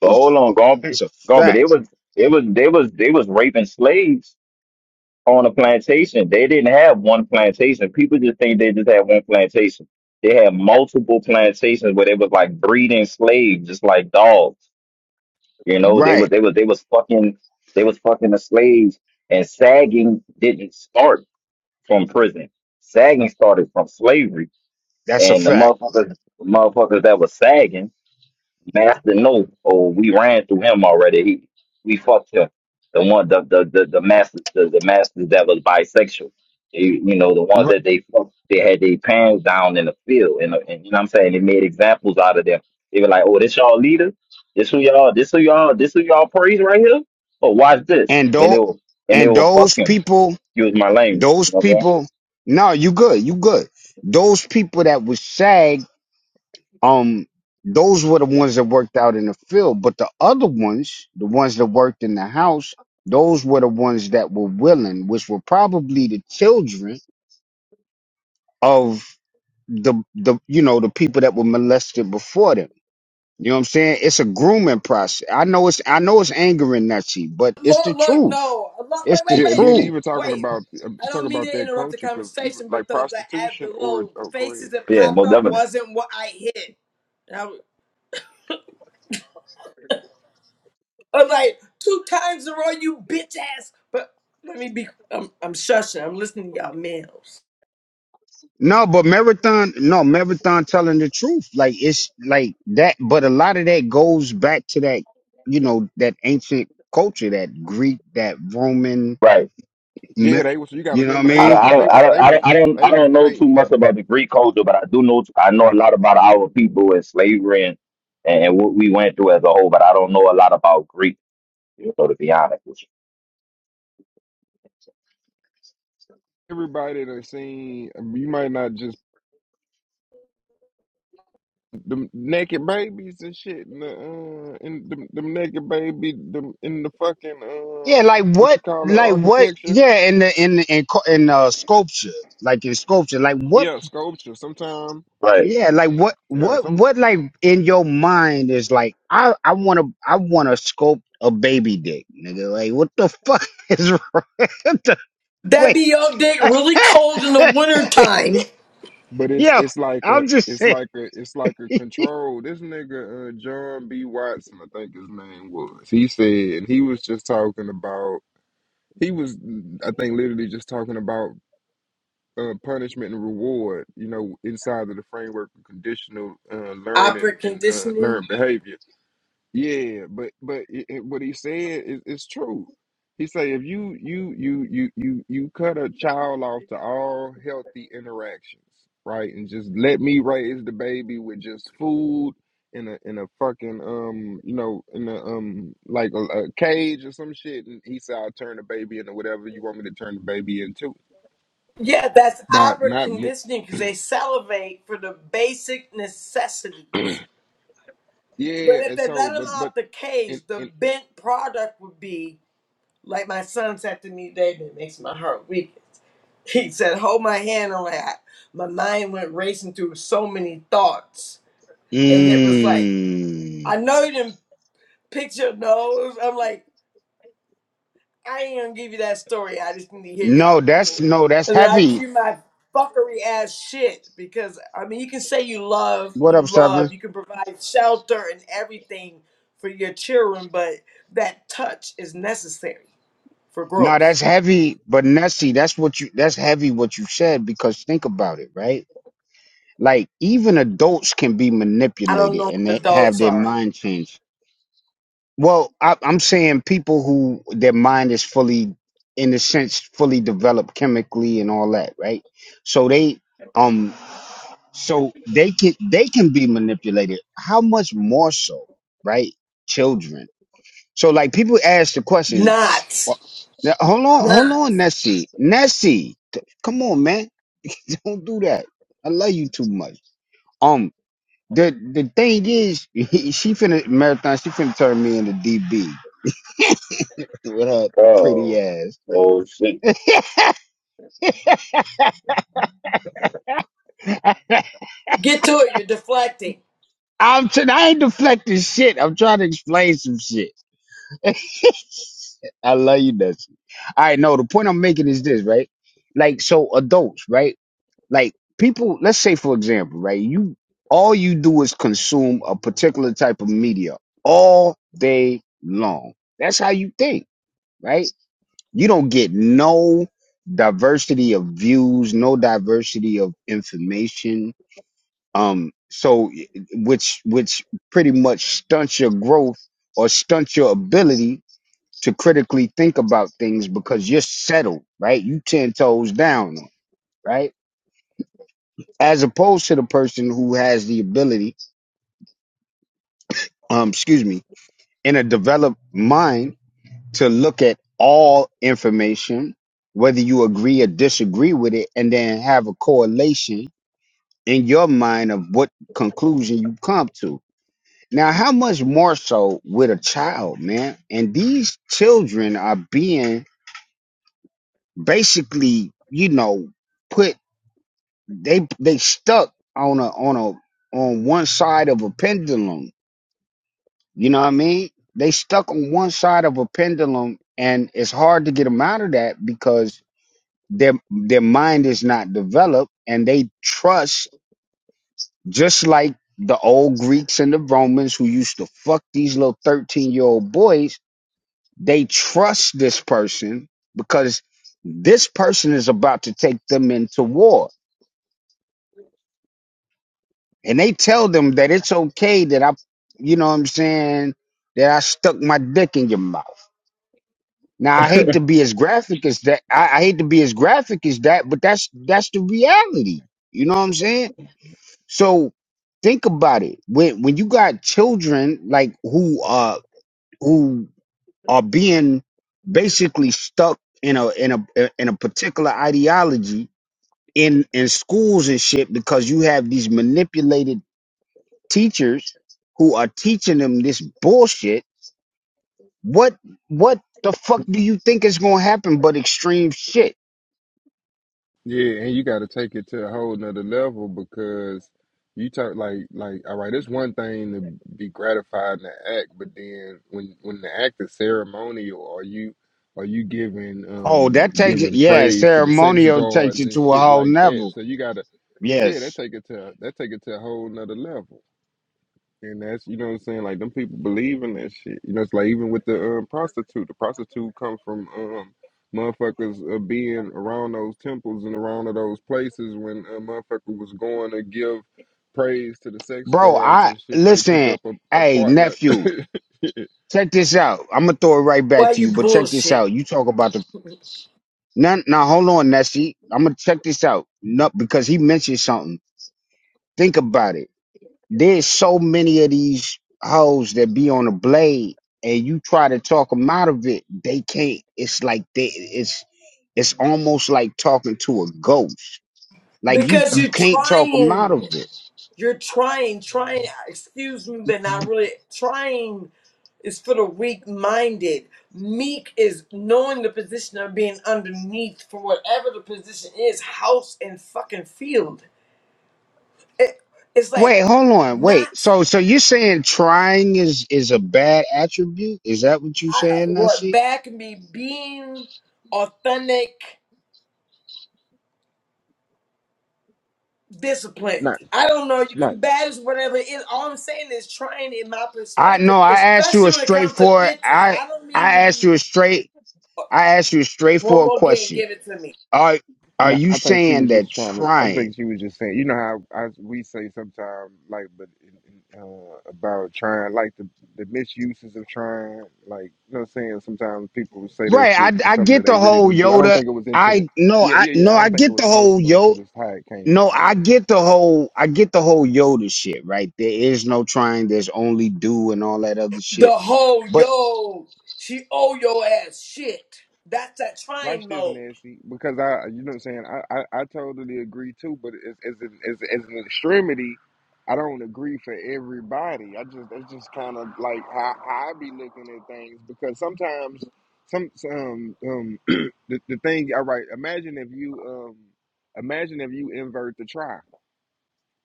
E: But hold on, Garbage. Garbage. They was it was they was they was raping slaves on a plantation. They didn't have one plantation. People just think they just had one plantation. They had multiple plantations where they was like breeding slaves, just like dogs. You know, they was they was they was fucking they was fucking the slaves. And sagging didn't start from prison. Sagging started from slavery. And the motherfuckers, motherfuckers that was sagging Master No, oh, we ran through him already. He, we fucked him. The one, the the the, the master, the, the master that was bisexual. They, you know, the one that they fucked, they had their pants down in the field, and, and you know what I'm saying. They made examples out of them. They were like, "Oh, this y'all leader. This who y'all. This who y'all. This who y'all praise right here." Oh, watch this. And they will, and they will fuck him. Use my language. You know what I'm saying?
C: Look, look, no, look, wait,
A: [LAUGHS]
C: wait,
A: yeah, and
C: wait,
A: then even talking
C: wait.
A: about uh,
C: I
A: talk
C: don't mean
A: about
C: to
A: that
C: interrupt the
A: culture, because even
C: conversation, but
A: like
C: the the ad, the
A: prostitution or
C: little
A: oh, go ahead.
C: faces that
E: Yeah,
C: popped
E: most
C: up
E: definitely.
C: wasn't what I hit. And I was I was like two times in a row, you bitch ass. But let me be. I'm I'm shushing. I'm listening to y'all males.
E: Right.
A: Yeah, they was. You got to remember they
E: I don't,
A: was
E: I
A: they
E: don't, I
A: was
E: don't,
A: they
E: I
A: was
E: don't, I don't, I
A: they was
E: don't know too
A: painting
E: much about the Greek culture, but I do know, I know a lot about our people and slavery and, and what we went through as a whole. But I don't know a lot about Greek, you know, to be honest with you.
A: everybody that seen. You might not just them naked babies and shit in the uh in them, them naked baby them in the fucking um what you call it architecture yeah sculpture sometime
E: But
A: yeah some
C: That be your dick really cold in the wintertime.
A: but it's it's like a it's like a it's like a control this nigga uh John B Watson I think his name was he said he was just talking about he was I think literally just talking about uh, punishment and reward, you know, inside of the framework of conditional uh, learning
C: Opera
A: and uh,
C: conditioning.
A: learned behavior Yeah, but but it, it- what he said is it's true. He say if you you you you you you cut a child off to all healthy interactions, right, and just let me raise the baby with just food in a in a fucking um you know in a um like a, a cage or some shit, and he said I'll turn the baby into whatever you want me to turn the baby into,
C: Yeah, that's
A: but
C: Albert
A: not me.
C: conditioning because they salivate for the basic necessities.
A: [CLEARS THROAT]
C: But
A: Yeah,
C: if
A: and
C: they
A: so
C: let them
A: but but
C: out the
A: in
C: cage, the
A: in
C: bent product would be like my son said to me, David, it makes my heart weak. [LAUGHS] He said, Hold my hand. I'm like, I- my mind went racing through so many thoughts. And it was like, I know you didn't picture, no. It was- I'm like, I ain't gonna give you that story. I just need to hear y'all. Mm. And then I give you my fuckery ass shit because I mean, you can say you love, you love, you can provide shelter and everything for your children, but that touch is necessary for growth. I don't know what adults are. Not, not.
E: oh, oh shit,
C: Get to it. You're deflecting.
A: Yeah, and you got to take it to a whole nother level because you talk like like all right, it's one thing to be gratified in the act, but then when when the act is ceremonial, are you are you giving um giving praise to the sex gods and shit like that? So you gotta yeah, that take it to that take it to a whole nother level. And that's you know what I'm saying. Like them people believe in that shit. You know, it's like even with the um, prostitute. The prostitute come from um, motherfuckers uh, being around those temples and around of those places when a motherfucker was going to give praise to the sex gods and shit. They pick up a, a partner. [LAUGHS]
C: Why you bullshit? Because you're trying. You're trying, trying, excuse me, but not really. Trying is for the weak minded. Meek is knowing the position of being underneath for whatever the position is house and fucking field. It, it's like not I, what bad can be being authentic, disciplined.
A: not
C: I don't know. You can
A: not
C: bad is whatever it is. All I'm saying is trying in my perspective, especially when it comes to bitches. I don't mean to be one more game, give it to me.
A: No, I think she was just trying to. I think she was just saying, you know how I, we say sometimes, like, but in, in, uh, about trying, like the the misuses of trying, like, you know, what I'm saying sometimes people say that shit for something that they really didn't do. I don't think it was into the. Yeah, yeah, yeah. I don't think it was personal until this how it came. Oh yeah.
C: The whole yo, she owe your ass shit. That's that
A: Watch
C: trying
A: this,
C: mode.
A: Nancy, because I, you know what I'm saying. I, I, I totally agree too, but as as an, as, as an extremity, I don't agree for everybody. I just that's just kind of like how, how I be looking at things because sometimes some some um [CLEARS THROAT] the, the thing. All right, imagine if you um imagine if you invert the try,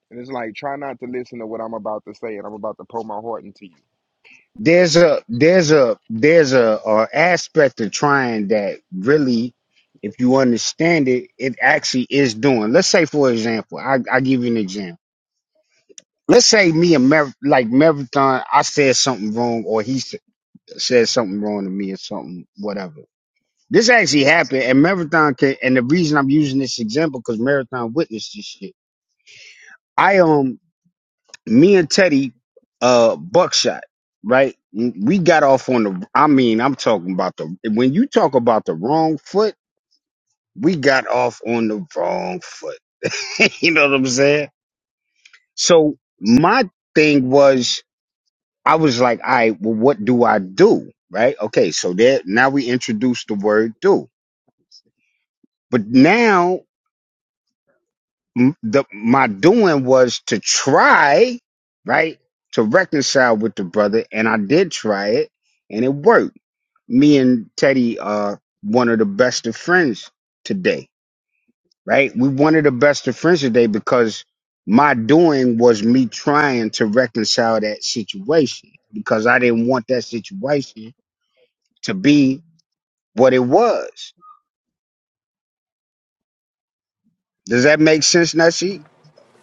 A: and it's like try not to listen to what I'm about to say, and I'm about to pour my heart into you.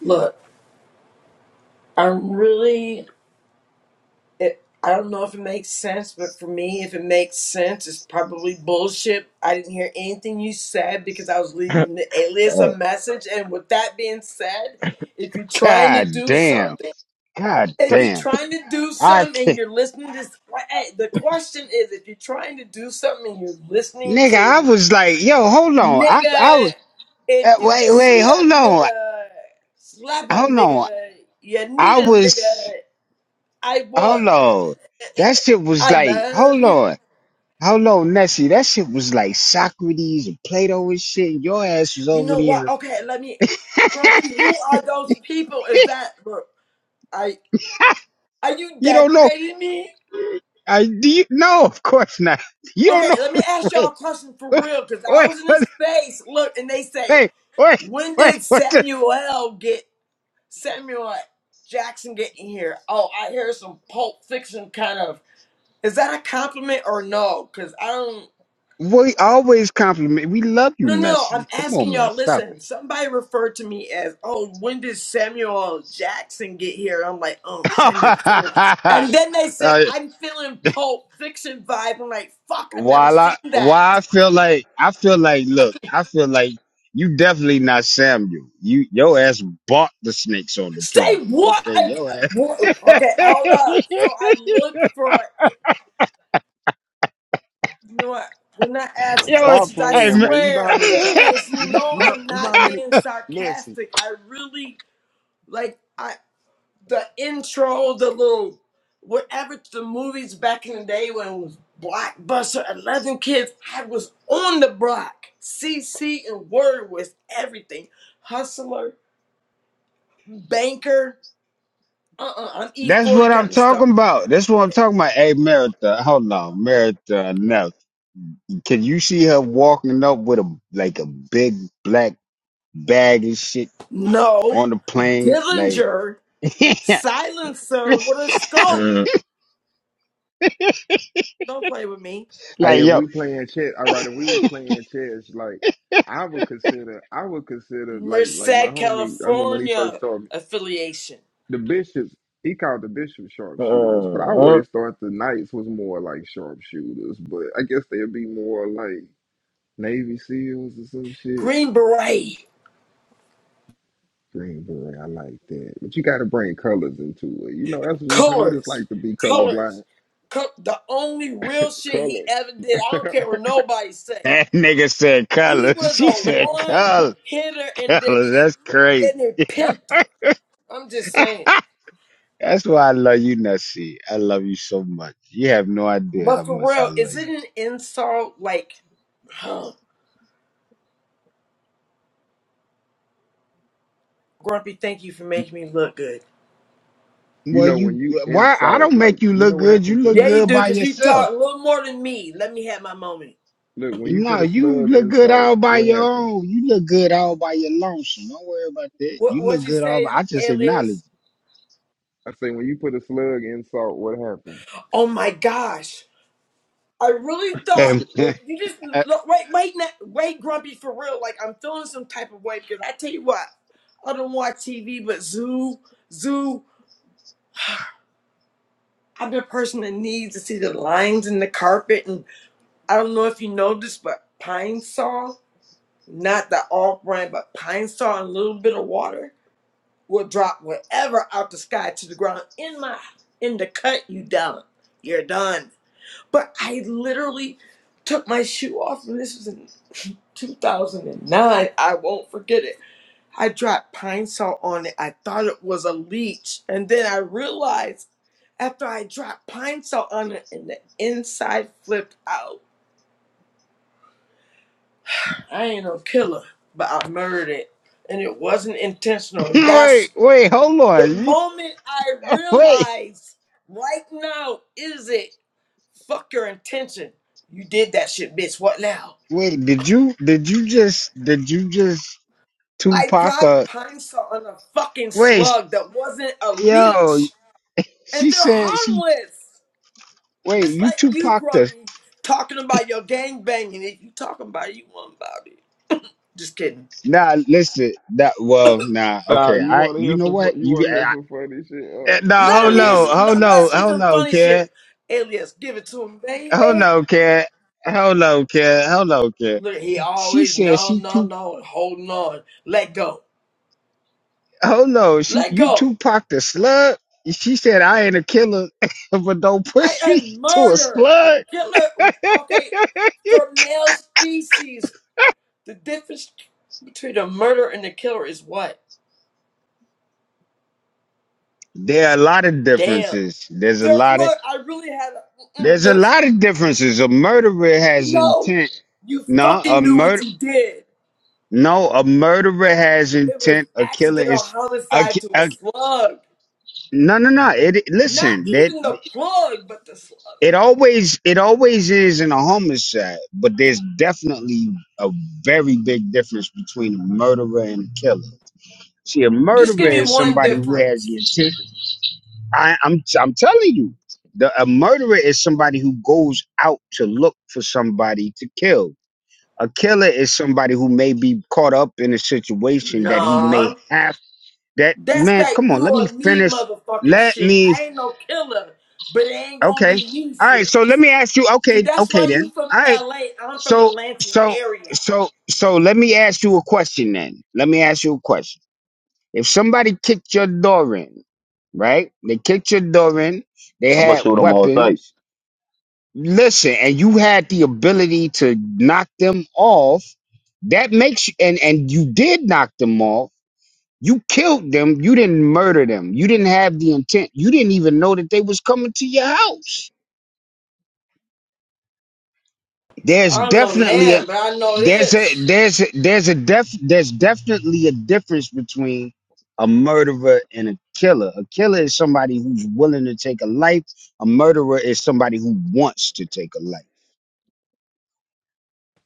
C: Look, I'm really. It, I don't know if it makes sense, but for me, if it makes sense, it's probably bullshit. I didn't hear anything you said because I was leaving the alias a
E: man.
C: message. And with that being said, if you're trying to do something, if you're trying to do something and you're listening to, hey, the question is, if you're trying to do something and you're listening to Nigga, if you see a nigga, slap a nigga, you need a nigga. I would. I love you. You know what? Okay, let me. Grumpy, who are those people? Is that. Look, I, are you degrading me? Okay, let me ask y'all a question for real, because I was in this space. Look, and they say, when did Samuel get Samuel Jackson get in here? Oh, I hear some Pulp Fiction kind of. Is that a compliment or no? Because I don't. No, no, I'm asking y'all. Listen, somebody referred to me as, "Oh, when did Samuel Jackson get here?" I'm like, "Oh, Samuel, Samuel," and then they said, "I'm feeling Pulp Fiction vibe." I'm like, "Fuck, I've never seen that." Say what? ag- what? Okay, hold on. So I looked for. You know what? When I ask
A: Stop
C: questions, I
A: playing, man. You know
C: swear,
A: how many times
C: alias. You
A: you know
C: know
A: you know
C: I'm
A: you know how
C: not
A: many.
C: being
A: Nancy.
C: sarcastic. I really like. I. the intro, the little whatever the movies back in the day when it was blockbuster, eleven kids, I was on the block. CC and Word was everything. Hustler, banker, uh-uh, I'm E40 kind of stuff. No. Dillinger, silencer, with a scope.
E: Mm,
C: Don't play with me.
A: Hey, if we playing chess, all right. If we was playing chess, like I would consider, I would consider, like,
C: Merced,
A: like my homie. I remember when he
C: California
A: first told me
C: affiliation.
A: the bishops. He called the bishops sharpshooters, but I
E: mm, mm.
A: always thought the knights was more like sharpshooters. But I guess they'd be more like Navy SEALs or some shit.
C: Green Beret.
A: Green beret, I like that. But you got to bring colors into it. You know, that's just what it's
C: colors,
A: like to be
C: colors.
A: colorblind.
C: Co- The only real shit he
A: Colors.
C: ever did, I don't care what nobody say. He was a
A: [LAUGHS]
C: one hitter and then he then he pinter. I'm just saying. But for real, is it an insult? Like, huh, Grumpy, thank you for making me look good.
A: you know when you insult, like you know what happened to
C: Yeah, you do,
A: us.
C: cause you talk a little more than me. Let me have my moment.
A: Look, when you put a slug in salt, what happened?
C: What what you say, alias?
A: I say when you put a slug in salt, what happened?
C: Oh my gosh. I really thought look, you just look wait wait na- wait grumpy for real. Like I'm feeling some type of way because I tell you what, I don't watch TV, but Zoo Zoo. I'm the person that needs to see the lines in the carpet, and I don't know if you know this, but Pine Sol, not the off brand, but Pine Sol and a little bit of water will drop whatever out the sky to the ground in my in the cut. You done. You're done. But I literally took my shoe off, and this was in [LAUGHS] 2009. I won't forget it. I dropped pine salt on it. I thought it was a leech. And then I realized after I dropped pine salt on it and the inside flipped out. I ain't no killer, but I murdered it. And it wasn't intentional. And that's the moment I realized right now is it? Fuck your intention. You did that shit, bitch. What now? I dropped pine saw on a fucking slug that wasn't a leech, and they're harmless. It's like you, Grumpy, talking about your gang banging. If you talking about it, you want about it. Just kidding.
A: Nah, you want to hear some? fu- You want to hear some funny shit?
C: Let
A: Uh,
C: him hear. s-
A: agree.
C: Let's hear some funny shit. Alias, give it to him, baby. Look, he always no, no, no, holding on. Let go. Let go. I am murder, a killer. Okay, for male species. The difference between a murderer and a killer is what? Damn. There, look, I really had a. Mm-mm, there's no. You fucking knew what you did. It was accidental homicide to a slug. Not even the plug, but the slug. Just give me one difference. Nah. That's that you or me motherfucking shit. I ain't no killer, but it ain't gonna be me shit. See, that's why you from LA. I'm from the Lansing area.
E: I'm gonna shoot them all sight.
C: I don't know Nam, but I know this.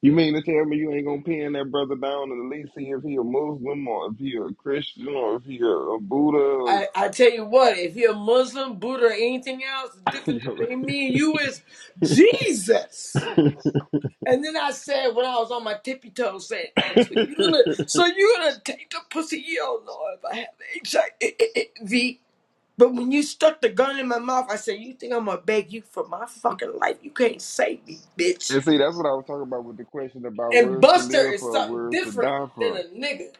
A: You mean to tell me you ain't gonna pin that brother down and at least see if he a Muslim or if he a Christian or if he a, a Buddha? Or,
C: I, I tell you what, if you're Muslim, Buddha, or anything else, the
A: [LAUGHS] you
C: difference
A: know?
C: between me and you is Jesus. And then I said, when I was on my tippy toes, saying, "Oh, so you're gonna, so you're gonna take the pussy, yo, Lord, if I have H I V. But when you stuck the gun in my mouth, I said, "You think I'm gonna beg you for my fucking life? You can't save me, bitch."
A: and see, that's what I was talking about with the question about
C: And
A: words to
C: Buster
A: live
C: is
A: for,
C: something
A: words to
C: different
A: die
C: than a
A: for.
C: nigga.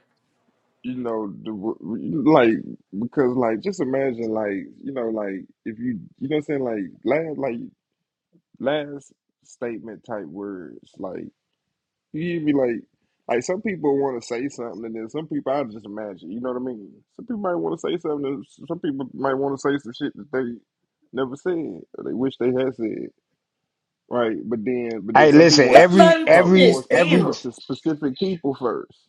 A: You know, the, wo- like because like just imagine like you know like if you you know what I'm saying like last like last statement type words. Like you be like, like some people want to say something, and then some people I just imagine. You know what I mean? Some people might want to say something. and Some people might want to say some shit that they never said or they wish they had said. Right? But then, but then some people want
C: Let
A: to
C: let him
A: talk
C: finish.
A: more
C: Damn.
A: specific to specific people first.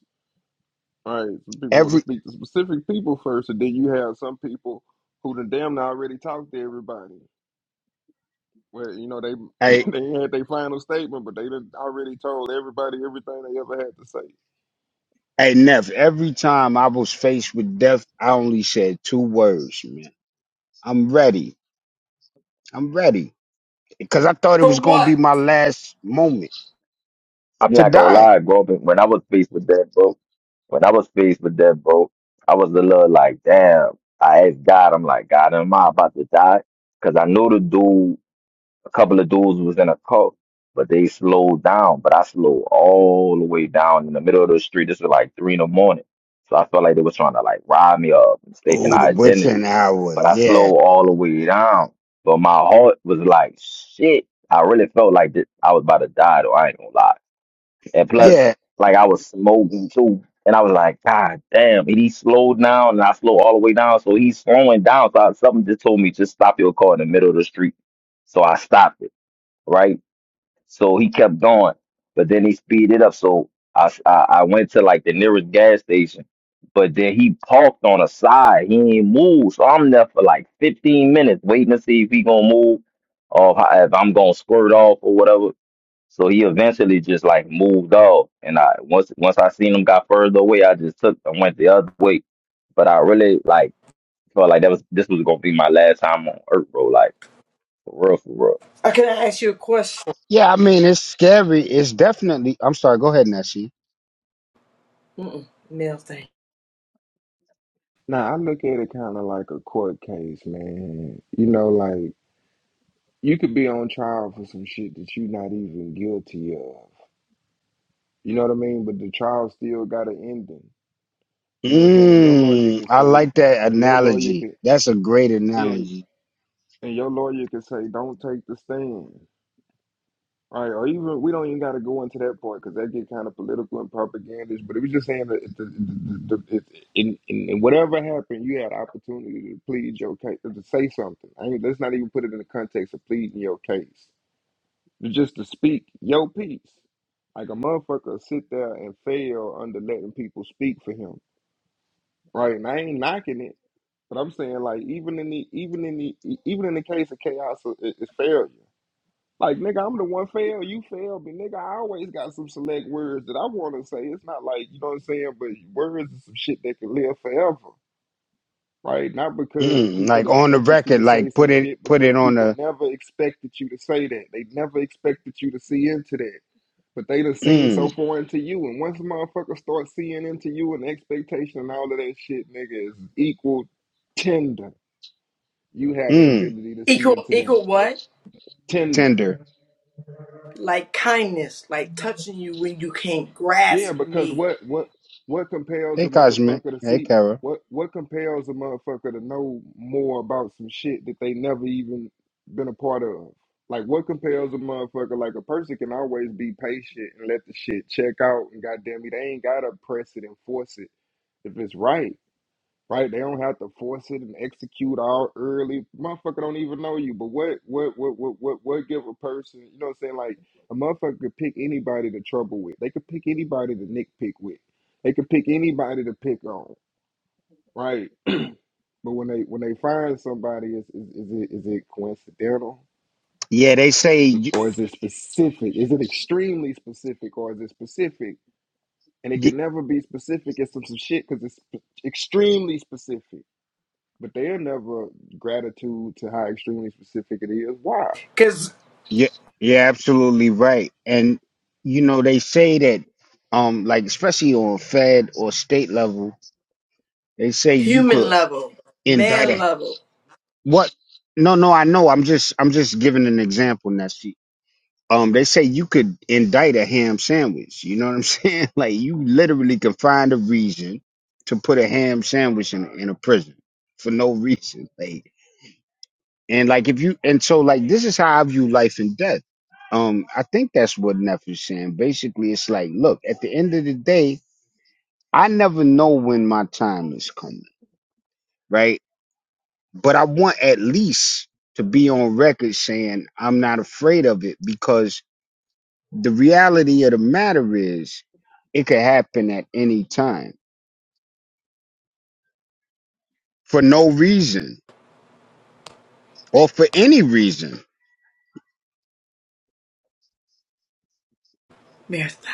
A: Right? Some people want to speak to specific people first, and then you have some people who done damn near already talked to everybody. Well, you know they [LAUGHS] they, they had their final statement, but they done already told everybody everything they ever had to say.
C: For what?
E: I'm not gonna lie, bro. But when I was faced with that, bro, when I was faced with that, bro, I was a little like, damn. I asked God, I'm like, God, am I about to die? Because I know the dude. A couple of dudes was in a cult, but they slowed down. But I slowed all the way down in the middle of the street. This was like three in the morning. So I felt like they was trying to like rob me of mistaken identity. But I slowed all the way down. But my heart was like, shit. I really felt like this, I was about to die though. I ain't gonna lie. And plus, like I was smoking too. And I was like, God damn, and he slowed down and I slowed all the way down. So he's slowing down. So I, something just told me, just stop your car in the middle of the street. So I stopped it right? So he kept going, but then he speeded up. So I, s- I I went to like the nearest gas station, but then he parked on a side. He ain't moved, so I'm there for like 15 minutes waiting to see if he gonna move or how- if I'm gonna squirt off or whatever. So he eventually just like moved off, and I once once I seen him got further away, I just took I went the other way. But I really like felt like that was this was gonna be my last time on Earth, bro. Like for real, for real.
C: Uh, Can I ask you a question? Mm-mm, male thing.
A: Now I look at it kind of like a court case, man. You know, like you could be on trial for some shit that you're not even guilty of. You know what I mean? But the trial still got an ending. You know what I'm saying? And your lawyer could say, and your lawyer could yeah, and your lawyer could say, don't take the stand. All right, or even we don't even got to go into that part because that get kind of political and propagandist. But it was just saying that the, the, the, it, in, in in whatever happened, you had opportunity to plead your case, to say something. I mean, let's not even put it in the context of pleading your case, but just to speak your piece. Like a motherfucker sit there and fail under letting people speak for him, right? And I ain't knocking it, but I'm saying like even in the even in the e, even in the case of chaos, it- it's failure. Like, nigga, I'm the one fail, you failed me. Nigga, I always got some select words that I want to say. It's not like, you know what I'm saying, but words is some shit that can live forever, right? Not because people expected you to say some shit, because people never expected you to say that. They never expected you to see into that. But they done seen so far into you. And once a motherfucker starts seeing into you and the expectation and all of that shit, nigga, is equal tender. You had the ability to see
C: Equal,
A: into them.
C: equal what?
A: Tender.
C: Like kindness, like touching you when you can't
A: Yeah,
C: grasp
A: because
C: me.
A: what what what compels a motherfucker to see what what compels a motherfucker to know more about some shit that they never even been a part of? Like what compels a motherfucker like a person can always be patient and let the shit check out and goddamn it, they ain't gotta press it and force it if it's right right? They don't have to force it and execute all early. Motherfucker don't even know you. But what what what what what what give a person, you know what I'm saying? Like a motherfucker could pick anybody to trouble with. They could pick anybody to nitpick with. They could pick anybody to pick on, right? But when they when they find somebody, is is, is it is it coincidental or is it specific? Is it extremely specific or is it specific? And it can never be specific. It's some, some shit because it's sp- extremely specific. but they'll never gratitude to how extremely specific it is. Why?
C: Cause human level, man level, marathon.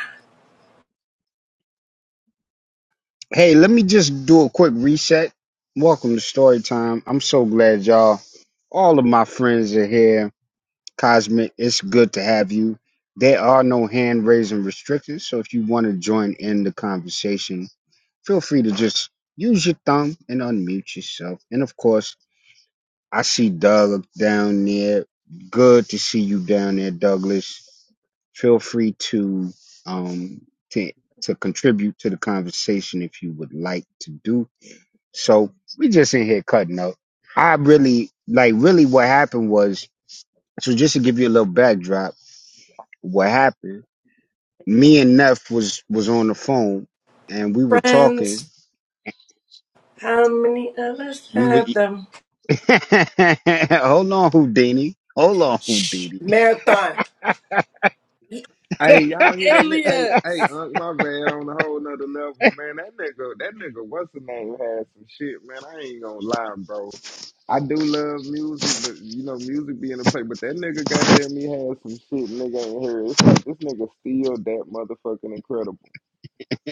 C: Friends, how many others have them? Shh, marathon. The
A: Hey, y'all hear that? Ni- Hey, hey,
C: alias,
A: Unc, my bad on a whole nother level, man. That nigga, that nigga, what's the name? Had some shit, man. I ain't gonna lie, bro. I do love music, but you know, music be in the play. But that nigga, goddamn, he had some shit. Nigga ain't heard. It's like this nigga still that motherfucking incredible.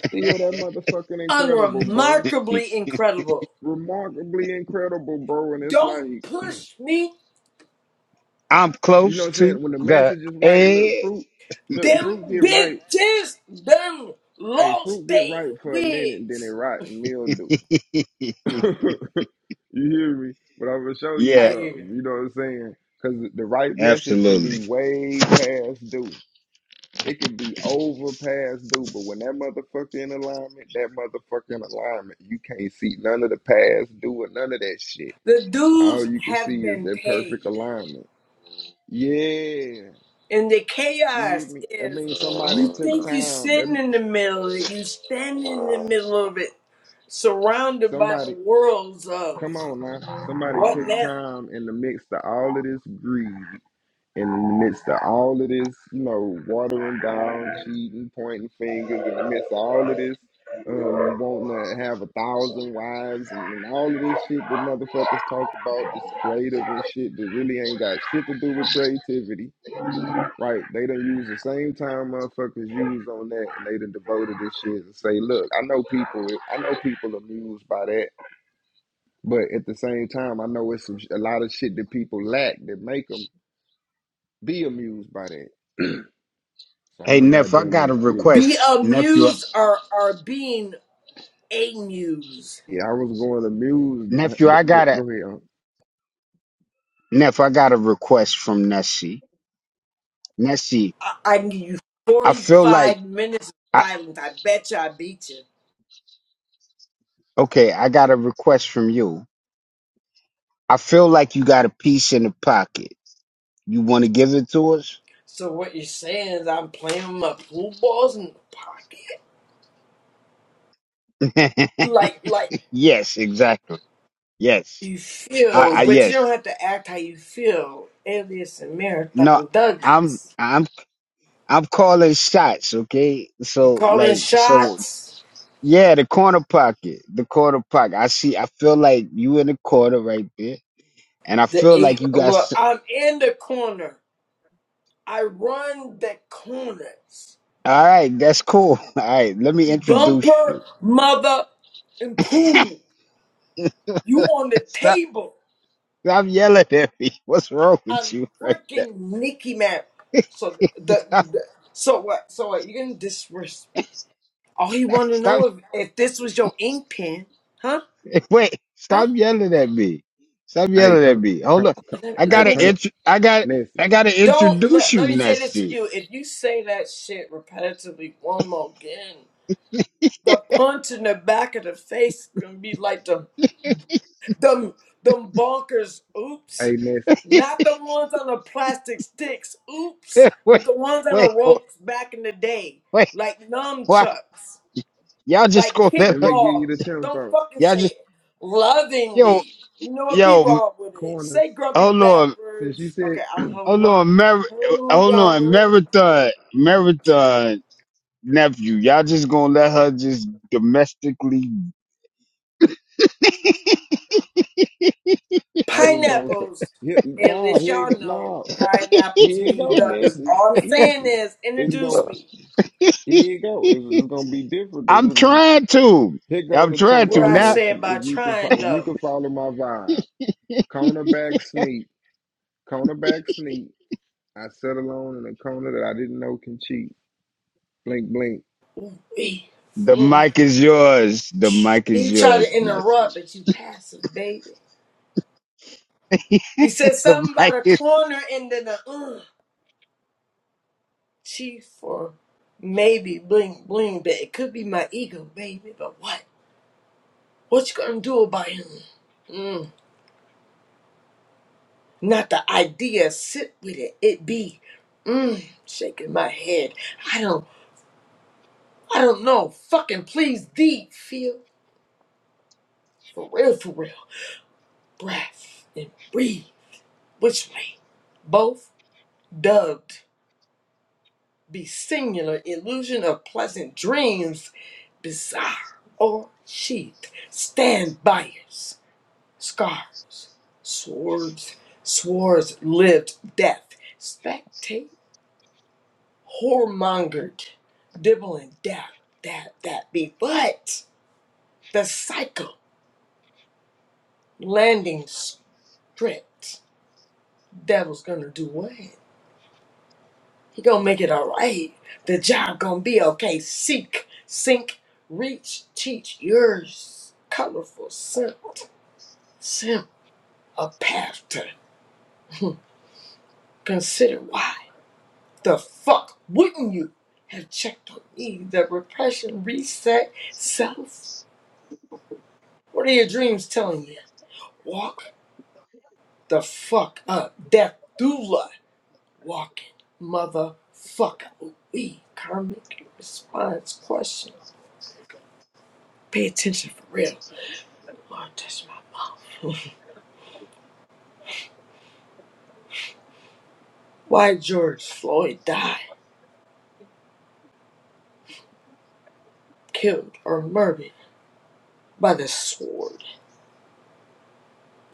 A: Still that motherfucking incredible, bro.
C: unremarkably incredible.
A: Remarkably incredible, bro. And it's
C: Don't
A: like.
C: push me.
A: You know what I'm saying? When the message is right, look, fruit, look,
C: Them
A: fruit get right.
C: bitches, them
A: Hey,
C: lost
A: fruit get
C: they
A: right for a minute, then it
C: wigs.
A: rot and mildew. [LAUGHS] you hear me? But I'm gonna show you
C: I hear
A: something.
C: you.
A: You know what I'm saying? Because the right message can be way past due. It can be over past due. But when that motherfucker in alignment, that motherfucker in alignment, you can't see none of the past due or none of that shit.
C: The
A: All
C: dues
A: you can
C: have
A: see is
C: been
A: that perfect
C: paid.
A: alignment. Yeah.
C: And the
A: You hear
C: chaos
A: me? I
C: is
A: mean, somebody
C: you
A: took
C: think you're
A: time.
C: sitting
A: That
C: in the middle of it, you stand in the middle of it, surrounded by the
A: somebody,
C: worlds of
A: come on now. Somebody
C: what
A: took
C: now?
A: time in the midst of all of this greed, in the midst of all of this, you know, watering down, cheating, pointing fingers, in the midst of all of this, um, wanting to have a thousand wives and, and all of this shit that motherfuckers talk about, this creative and shit that really ain't got shit to do with creativity Right, they done use the same time motherfuckers use on that, and they done devoted this shit and say, "Look, I know people, I know people amused by that, but at the same time, I know it's some, sh- a lot of shit that people lack that make them be amused by that." So I'm a goddamn mute. yeah,
C: Be amused or, or being amused.
A: yeah. I was going amused. Go, go, go ahead, um.
C: I, I can give you 45 minutes of silence. I bet you I beat you. So what you're saying is I'm playing with my pool balls in the pocket? Like, like. you feel, but you don't have to act how you feel. Alias and Marathon Douglas. You calling shots? The eight. Look, I'm in the corner. I run the corners. Bumper, mother, and pool. You on the table. I'm freaking Nicky man. So the, the so what? So what? You gonna disrespect? All he want to know if if this was your ink pen, huh? Huh?
A: hey, come, come, come,
C: Let, me let
A: hey,
C: me.
A: come, Nessie,
C: Don't let, let me say this to you. If you say that shit repetitively one more again, the punch in the back of the face is gonna be like them them them bonkers
A: hey,
C: oops.
A: Nessie.
C: Not the ones on the plastic sticks, oops, but the ones on the ropes back in the day. Like nunchucks, like
A: Let me give you
C: kickball.
A: the
C: Don't
A: tempo
C: fucking say it lovingly. You know what? Be wrong with it.
A: corners.
C: Say grumpy
A: Since you
C: backwards.
A: said
C: Okay, I'm holding on. Hold on.
A: I was gonna say,
C: Pineapples.
A: here,
C: And
A: nah,
C: as
A: here you
C: y'all
A: go,
C: know,
A: nah. Here
C: pineapples
A: you
C: mean
A: go,
C: Douglas.
A: Nancy.
C: All I'm saying
A: Nancy.
C: is,
A: It's going
C: introduce me.
A: here you go. It's, it's gonna be different. It's gonna be- Here go the
C: Where
A: tempo,
C: I
A: Nancy.
C: said by
A: If you can fo-
C: trying
A: if you
C: though.
A: can follow my vibe. Cornerback sneak. Cornerback sneak. I sat alone in a corner that I didn't know can cheat. Blink blink.
C: He mm. He tried to interrupt, but you passive, baby. He said something about a corner and then a uh, chief or maybe bling bling, but it could be my ego, baby. But what? What you gonna do about him? Mm. Not the idea. Sit with it. It be. Mm. Shaking my head. I don't. I don't know. Fucking please deep feel for real for real. Breath and breathe. Which way? Both dubbed be singular illusion of pleasant dreams, bizarre or sheathed. Stand buyers, scars, swords, swords lived death. Spectate whoremongered, dibbling that that that be but the cycle landing stripped. devil's gonna do what? He gonna make it all right. The job gonna be okay. Seek, sink, reach, teach yours. Colorful scent, scent a path to [LAUGHS] Consider why the fuck wouldn't you have checked on me? The repression, reset, self. What are your dreams telling you? Walk the fuck up. Death doula walking. Motherfucker. We karmic response question. Pay attention for real. Lord, touch my mouth. [LAUGHS] Why George Floyd died, killed, or murdered by the sword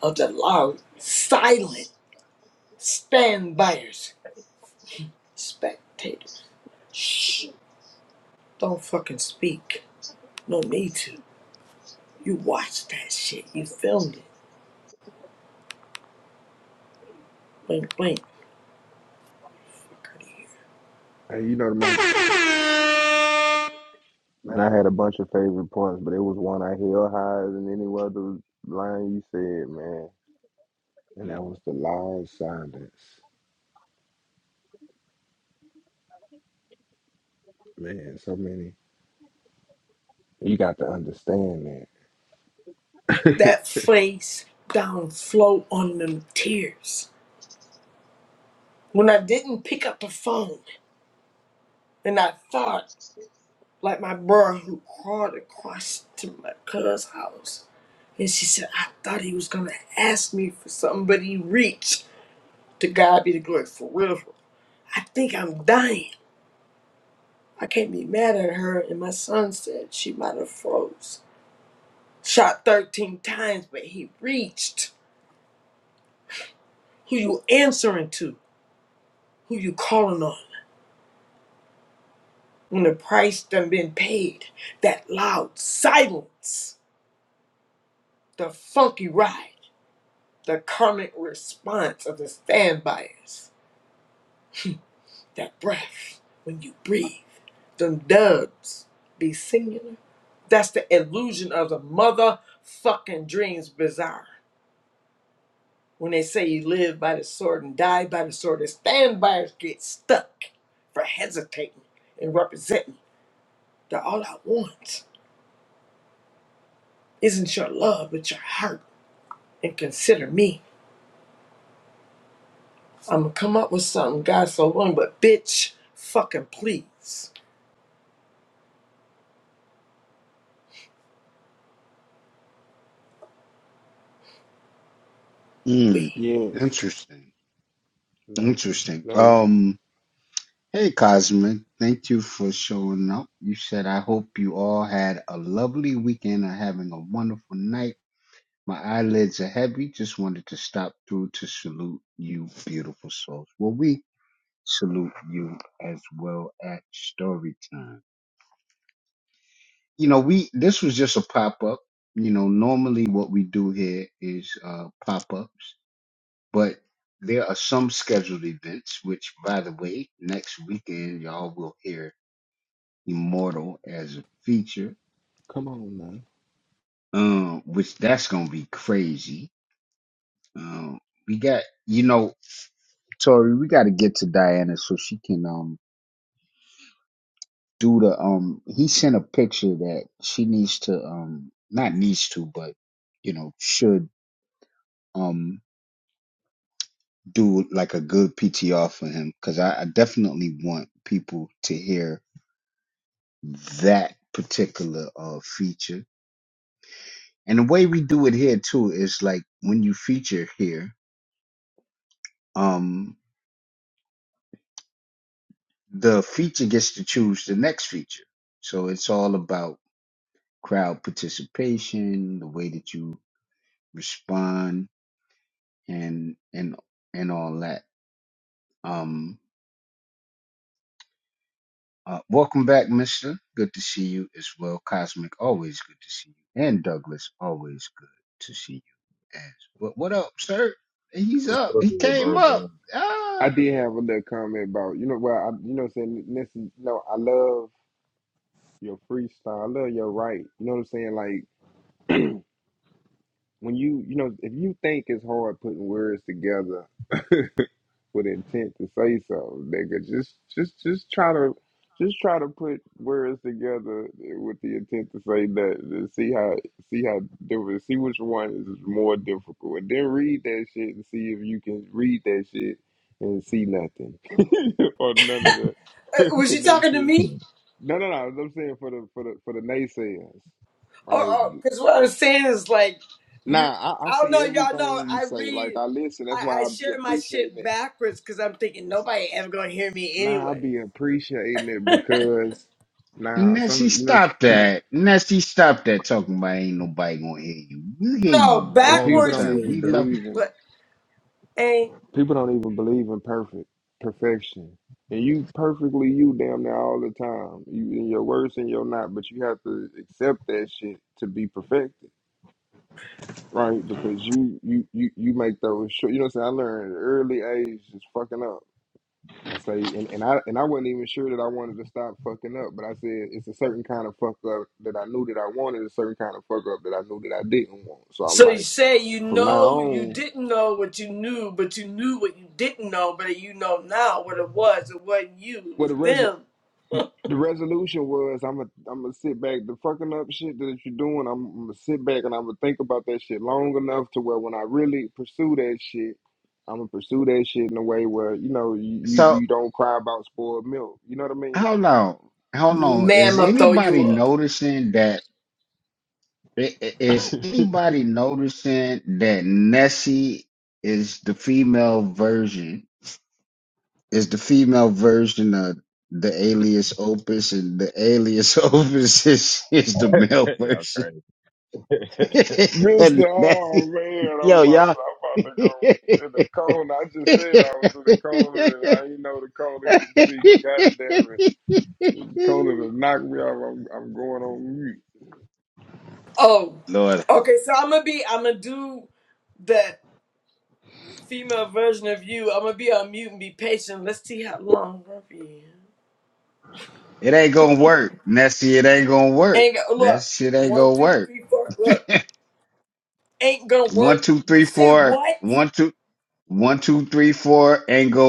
C: of the loud, silent stand-byers, spectators. Shh, don't fucking speak. No need to. You watched that shit. You filmed it. Blink, blink. Fuck outta here.
A: Hey, you know the most Man, I had a bunch of favorite points, but it was one I held higher than any other line you said, man. And that was the long silence. Man, so many. You got to understand that.
C: That face down flow on them tears. When I didn't pick up the phone and I thought Like my bro who crawled across to my cousin's house. And she said, I thought he was gonna ask me for something, but he reached. To God be the glory for real. for real. I think I'm dying. I can't be mad at her. And my son said she might have froze. Shot 13 times, but he reached. Who you answering to? Who you calling on? When the price done been paid, that loud silence, the funky ride. the karmic response of the stand bias. That breath when you breathe, them dubs be singular. That's the illusion of the motherfucking dreams bizarre. When they say you live by the sword and die by the sword, the stand buyers get stuck for hesitating and representing that all I want isn't your love, but your heart. And consider me. I'ma come up with something, God so willing, but bitch, fucking please. we.
A: Yes, lovely, lovely. Come on now.
G: What's up here, bro, bro?
A: I did have a little comment about you know well I, you know what I'm saying listen you know I love your freestyle I love your right you know what I'm saying like when you you know if you think it's hard putting words together with intent to say something, nigga. Just just just try to just try to put words together with the intent to say that and see how see how different see which one is more difficult. And then read that shit and see if you can read that shit and see nothing. [LAUGHS] or none of the
C: [LAUGHS]
A: [LAUGHS]
C: Was you talking to
A: connectivity.
C: me?
A: No, no, no. I'm saying for the for the for the naysayers. Right.
C: Or because what I'm saying is like you.
A: Nah, I, I
C: I don't
A: see
C: know, y'all know.
A: everything you
C: I
A: say. Like
C: read.
A: I listen. That's
C: I, I
A: why I be
C: share my
A: appreciating
C: shit backwards because I'm thinking nobody ever gonna hear me
A: Nah, I will
C: anyway.
A: be appreciating it because now some you know,
C: No,
A: hey, people
C: backwards
A: don't
C: you
A: even
C: he-
A: believe in
C: what ain't.
A: people don't even believe in perfect perfection. And you perfectly you damn near all the time. You in your worst and you're not, but you have to accept that shit to be perfected, right? Because you you you you make those short. You know what I'm saying? I learned at an early age just fucking up. I say, and, and I and I wasn't even sure that I wanted to stop fucking up, but I said it's a certain kind of fuck up that I knew that I wanted, a certain kind of fuck up that I knew that I didn't want. So I'm
C: So you
A: like,
C: say you
A: from now
C: know you
A: on,
C: didn't know what you knew, but you knew what you didn't know, but you know now what it was. It wasn't you, it
A: well,
C: was
A: the res
C: them.
A: the resolution was I'm gonna I'm gonna sit back. The fucking up shit that you're doing, I'm, I'm gonna sit back and I'm gonna think about that shit long enough to where when I really pursue that shit, I'm gonna pursue that shit in a way where you know you you, you don't cry about spoiled milk. You know what I
C: Man, I'ma throw you up.
A: mean? [LAUGHS]
G: [LAUGHS] Y'all crazy. [LAUGHS]
A: Mr. Oh man, I'm about I'm about to go in the corner. I just said I was in the corner and I didn't know the corner could see. God damn it. The corner to knock me off. I'm, I'm going on mute.
C: Oh, okay. So I'm gonna be. I'm gonna do that. female version of you. I'm gonna be on mute and be patient. Let's see how long Ruffy. Ain't go- look one, two, three, four. Look, ain't gonna work. Did you say what?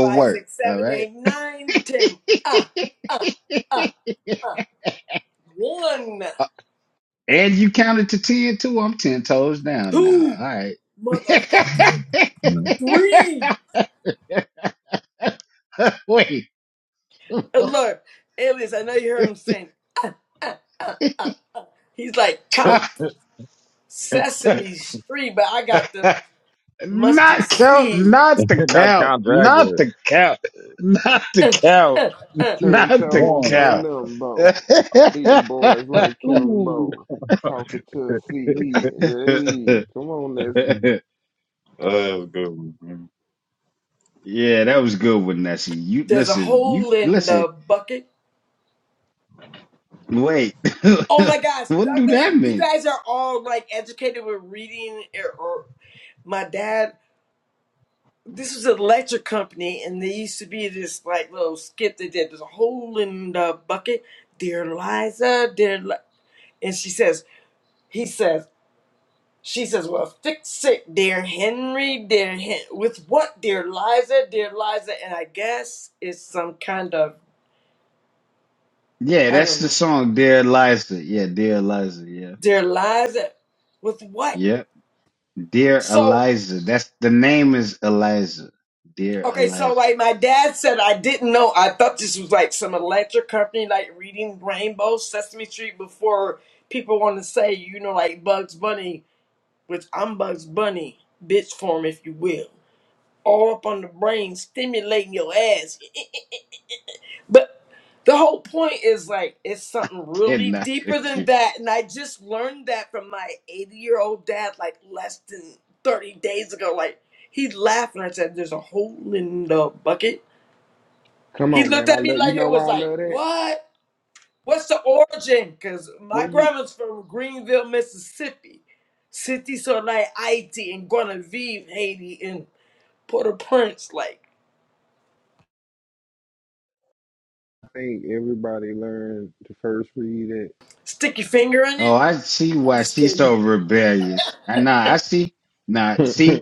C: Five, six, seven, eight, nine, ten. Ah, ah, ah. One, two, motherfucker.
G: No.
C: Three. And look, Alias. I know you heard him saying. He's like count
G: [LAUGHS]
C: Sesame Street, but I got them mustard seed.
G: Not Count Dracula.
C: Uh, uh, uh.
A: Ten toes,
G: One.
A: no limbo. Beating boys like
G: Ooh.
A: Kimbo.
G: [LAUGHS] That's
A: Talking to C he. Hey, come on, Nessie.
G: a good one. man.
C: There's a hole in the bucket. Oh my gosh, Douglas, you guys are all like educated with reading or, or my dad this was an electric company and there used to be this like little skit they did there's a hole in the bucket dear liza dear Li-. and she says he says she says well fix it dear henry dear Hen- with what dear liza dear liza and i guess it's some kind of i don't know dear liza with what so Okay, so like my dad said, I didn't know. I thought this was like some electric company, like reading Rainbow Sesame Street before people want to say, you know, like Bugs Bunny, which I'm Bugs Bunny, bitch form, if you will. All up on the brain, stimulating your ass. But the whole point is like, it's something really deeper than that. And I just learned that from my 80 year old dad, like less than 30 days ago. Like, he laughed and I said, there's a hole in the bucket
A: Come
C: He
A: on,
C: looked
A: man. I
C: at me
A: love you
C: like
A: know
C: it
A: why
C: was
A: I
C: like,
A: love that?
C: what? What's the origin? Because my
A: What you
C: grandma's from Greenville, Mississippi. Cities are like Haiti and Guinevere, Haiti, and Port-au-Prince. Like,
A: I think everybody learned to first read
C: stick your finger in it? I'm just kidding.
A: it?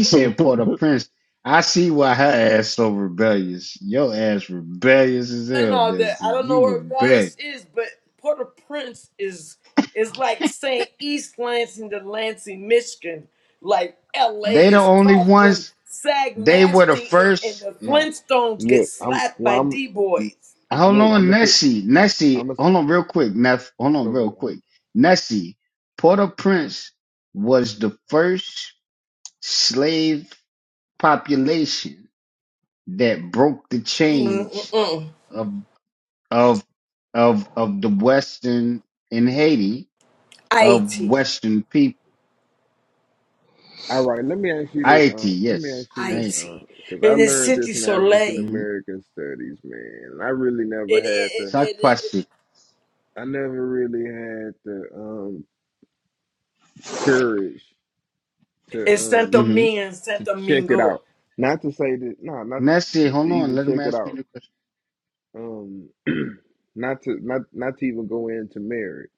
A: [LAUGHS]
C: No, no, that I don't know where Valleys is, but Port-au-Prince is is like saying East Lansing to Lansing, Michigan. Like LA is tough when Sag Nasty and, and the
A: no.
C: Flintstones get
A: Look, I'm
C: slapped by
A: well.
C: D-boys.
A: Look, I'm gonna t- I'm gonna go ahead. Aunt.
C: Mm-mm. Haiti,
A: All right, let me ask you this. Uh, let me ask you this. Uh,
C: Haiti,
A: because I
C: in the
A: learned this
C: city
A: in African
C: Soleil,
A: American studies, man. and I really never
C: in,
A: had
C: in,
A: the.
C: in,
A: I never really had the um courage to
C: in Saint
A: um
C: Domingue and Saint
A: to check it
C: Domingo.
A: out. Not to say that. No, not to, to even check it out. Um, [CLEARS THROAT] not to not not to even go into marriage,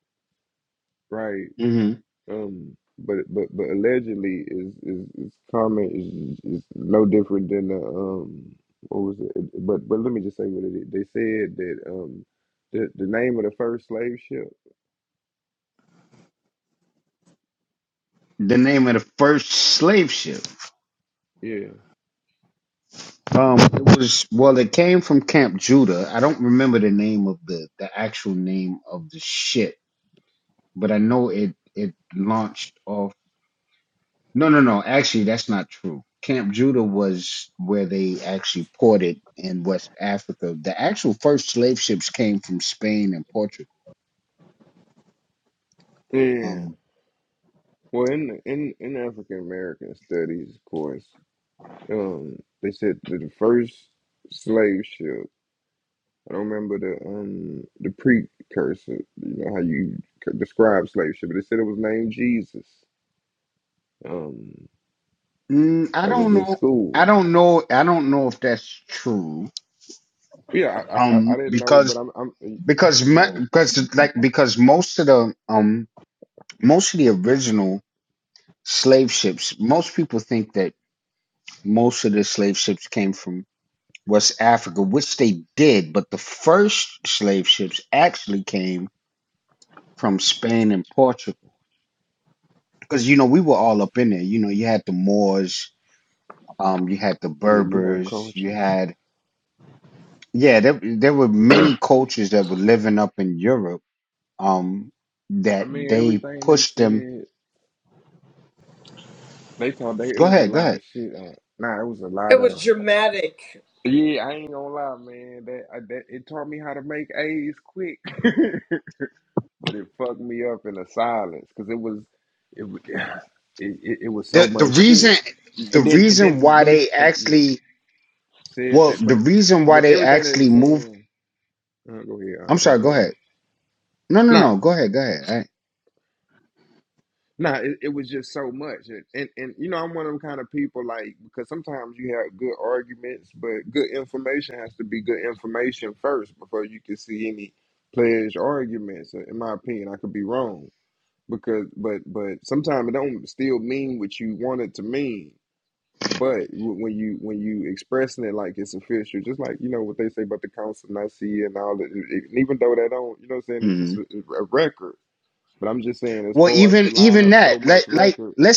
A: right? Um, but but but allegedly is is, is comment is is no different than the um what was it? But but let me just say what it is. They said that um the the name of the first slave ship. Yeah, yeah. Well, in the- in in African American studies, of course, um, they said that the first slave ship. I don't remember the um the precursor. You know how you c- describe slave ship, but they said it was named Jesus. Um, that was in school. Yeah, I I, I I didn't know, but I'm I'm
G: Move.
A: yeah, you had coaches. I mean, everything they said, they told they it was a lot of shit. On, nah, it was a lot
C: It
A: of
C: was dramatic.
A: yeah. I ain't gonna lie, man. That I, that it taught me how to make A's quick, [LAUGHS] but it fucked me up in the silence because it was it, w- [SIGHS] it it it was so much shit. And then and then let me s- uh, yeah said that, but but everything that it was saying. Uh, go ahead. I- I'm sorry. Nah, Nah, it, it was just so much, and, and and you know I'm one of them kind of people like because sometimes you have good arguments, but good information has to be good information first before you can see any pledged arguments. In my opinion, I could be wrong because but but sometimes it don't still mean what you want it to mean. But w- when you when you expressing it like it's official, just like you know what they say about the council and I see and all that, and even though that don't you know what I'm saying it's just a, a record but I'm just saying, as far as to line up so much records,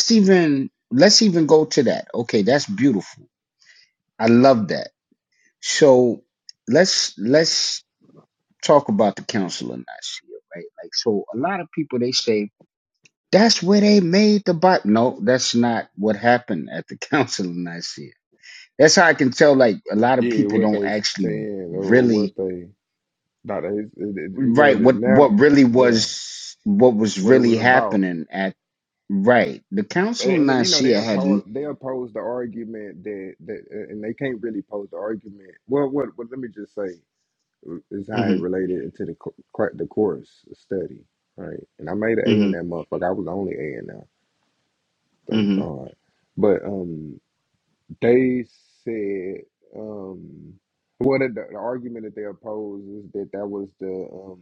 A: yeah, what they saying or, or what they not it, it, it- you know, the- now, yeah, what it was about. And, and you know, they oppose they oppose the argument that that, and they can't really oppose the argument. Well, what, what let me just say uh, is how it related to the co- cor- the course study, right? And I made an A in that motherfucker. I was the only A in that. Thank God. But um. They said, um, well, the, the argument that they oppose is that that was the um,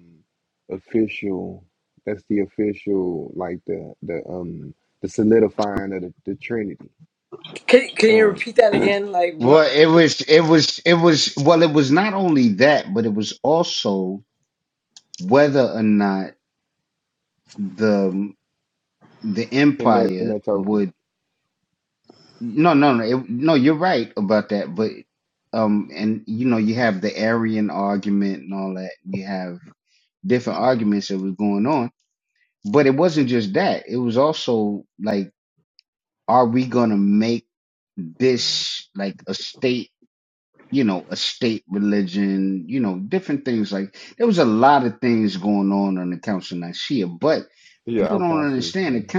A: official. That's the official, like the the um the solidifying of the, the Trinity.
C: Can, can you
A: Um,
C: repeat that again? Like what?
A: in that in that token, yeah. Okay, I see what you're saying.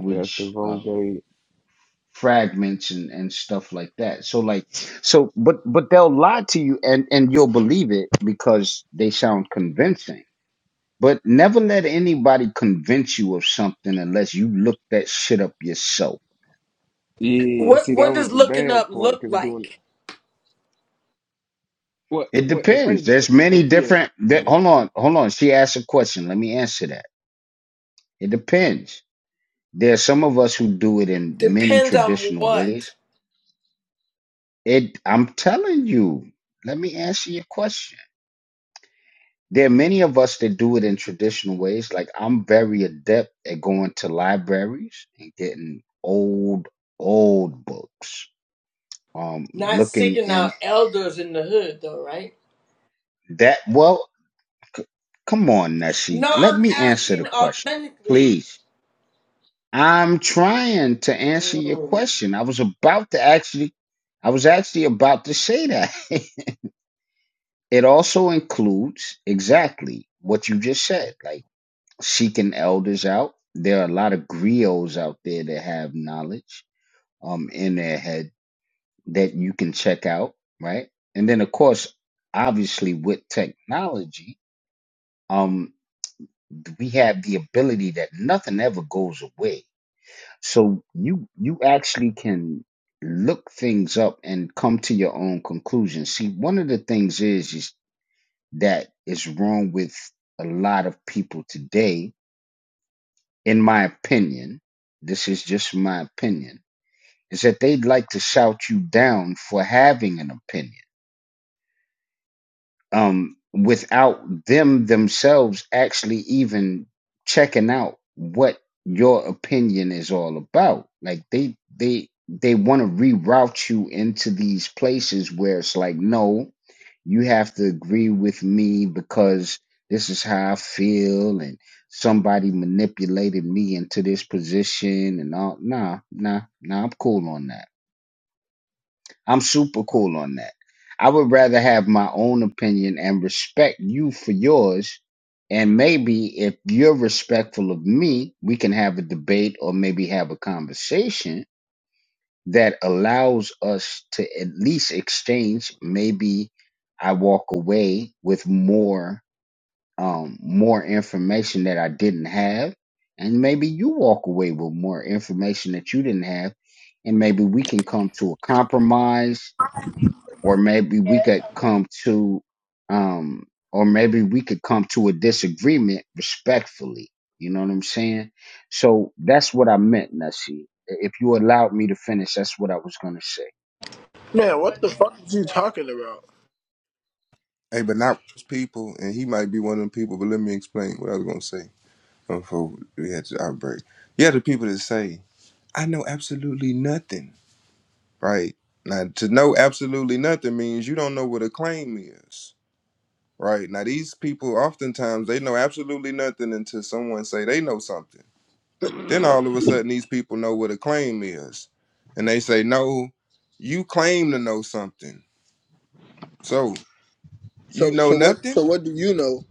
A: Yeah, that's the Vulgate. Yeah, and
C: What?
A: see, that
C: What
A: was
C: does
A: the
C: looking up
A: bad part
C: look
A: because doing
C: like?
A: well, it, well, at first, it, it, yeah,
C: Depends on what. Not seeking out elders in the hood, though, right? No, I'm asking authentically. Mm.
H: Man, what the fuck is you talking about?
A: Hey, but not most people, and he might be one of them people. But let me explain what I was gonna say. before we had the outbreak. You have the people that say, I know absolutely nothing, right? Now, to know absolutely nothing means you don't know what a claim is, right? Now, these people oftentimes they know absolutely nothing until someone say they know something. Then all of a sudden, these people know what a claim is, and they say, "No, you claim to know something, so you
H: So
A: know
H: so what so
A: nothing."
H: what do you know?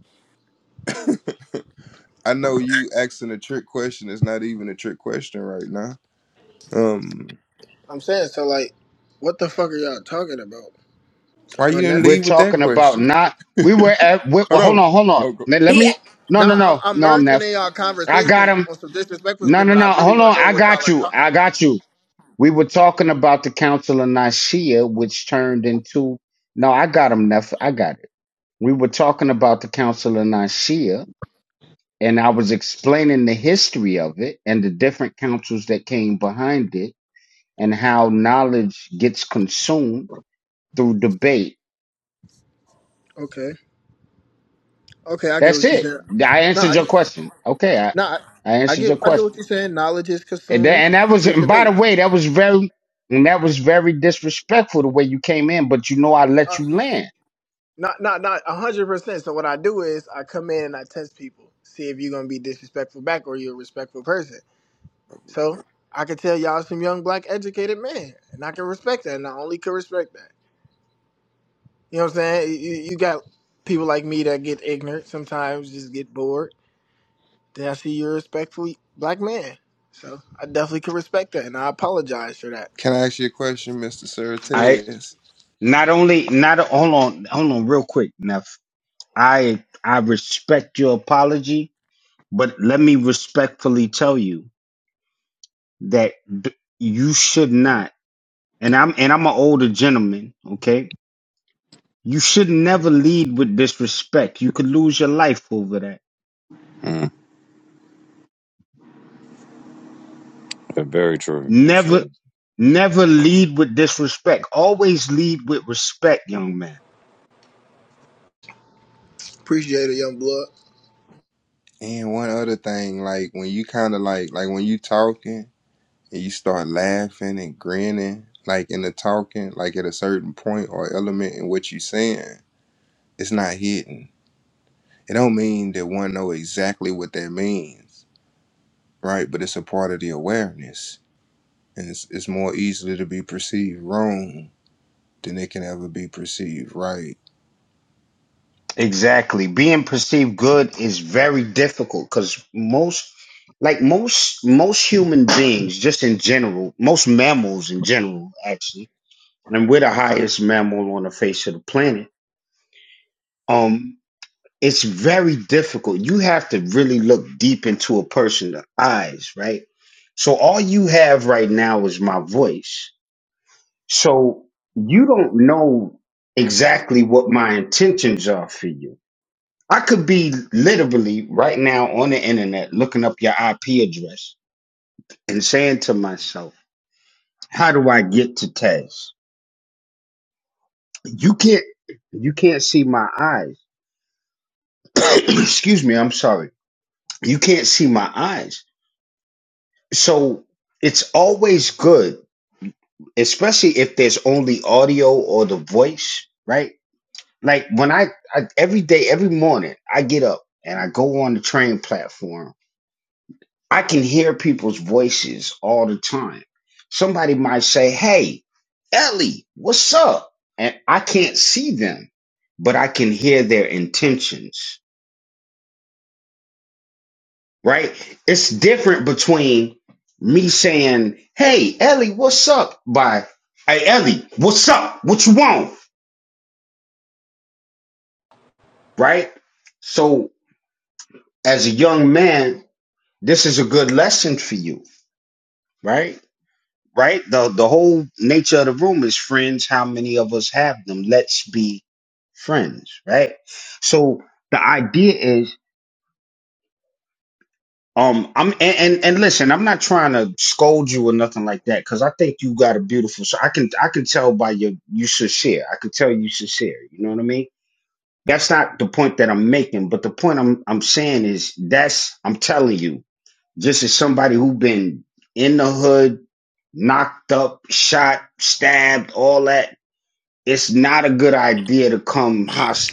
A: I know you asking a trick question is not even a trick question right now. Um,
H: I'm saying so like, what the fuck are y'all talking about? So
A: why you didn't
H: unnecessary.
A: leave with that question? Hold on. Oh, go.
C: He,
H: Nah, I'm I'm merging in y'all conversation on some disrespectful shit, but I really want to know what y'all are talking about. Okay, okay, I get what you're saying. Nah, I, get- nah, I I get I get what you're saying. Knowledge is consumed through debate. Uh, not, not, not a hundred percent. So what I do is I come in and I test people, see if you're gonna be disrespectful back or you're a respectful person. So I can tell y'all some young black educated men, and I can respect that, and I only could respect that. You know what I'm saying? You, you got people like me that get ignorant sometimes, just get bored. Then I see you're a respectful black man, so I definitely could respect that, and I apologize for that.
A: Can I ask you a question, Mister Certez?
G: Mm, that's very true. That's true.
H: Appreciate it, young blood.
A: And one other thing, like when you kind of like, like when you talking and you start laughing and grinning, like in the talking, like at a certain point or element in what you saying, it's not hidden. It don't mean that one know exactly what that means, right? But it's a part of the awareness, and it's it's more easily to be perceived wrong than it can ever be perceived right.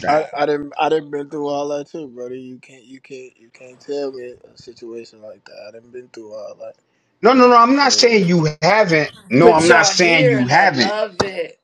H: I, I didn't I didn't been through all that too, brother. You can't you can't you can't tell me a situation like that. I didn't been through all that. So.
C: but y'all here, and I love it.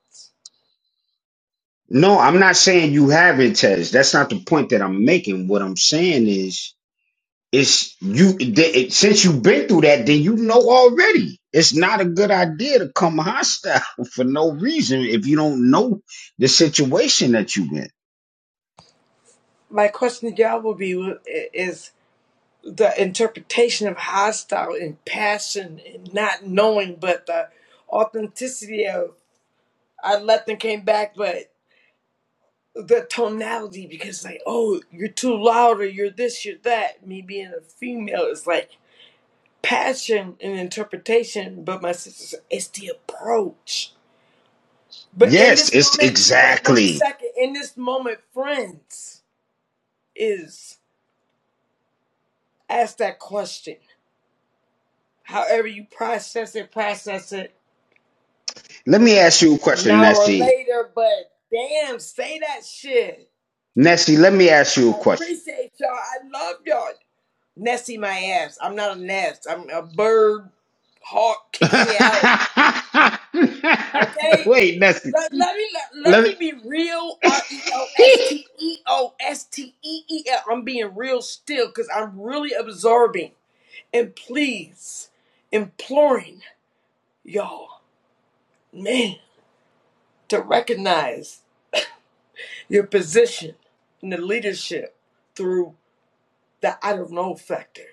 C: My question to y'all will be is the interpretation of hostile and passion and not knowing, but the authenticity of I left and came back, but the tonality because like, oh, you're too loud or you're this, you're that. Me being a female is like passion and interpretation, but my sister said it's the approach. But in this moment, right, one second, in this moment, friends is ask that question however you process it, process it now or later. But damn, say that shit. I appreciate y'all. I love y'all. Nessie my ass. I'm not a nest. I'm a bird hawk kicking you out. Okay? Let, let me let, let me be real. R E O S T E O S T E E L. I'm being real still because I'm really absorbing and please imploring y'all, man, to recognize your position in the leadership through the I don't know factor.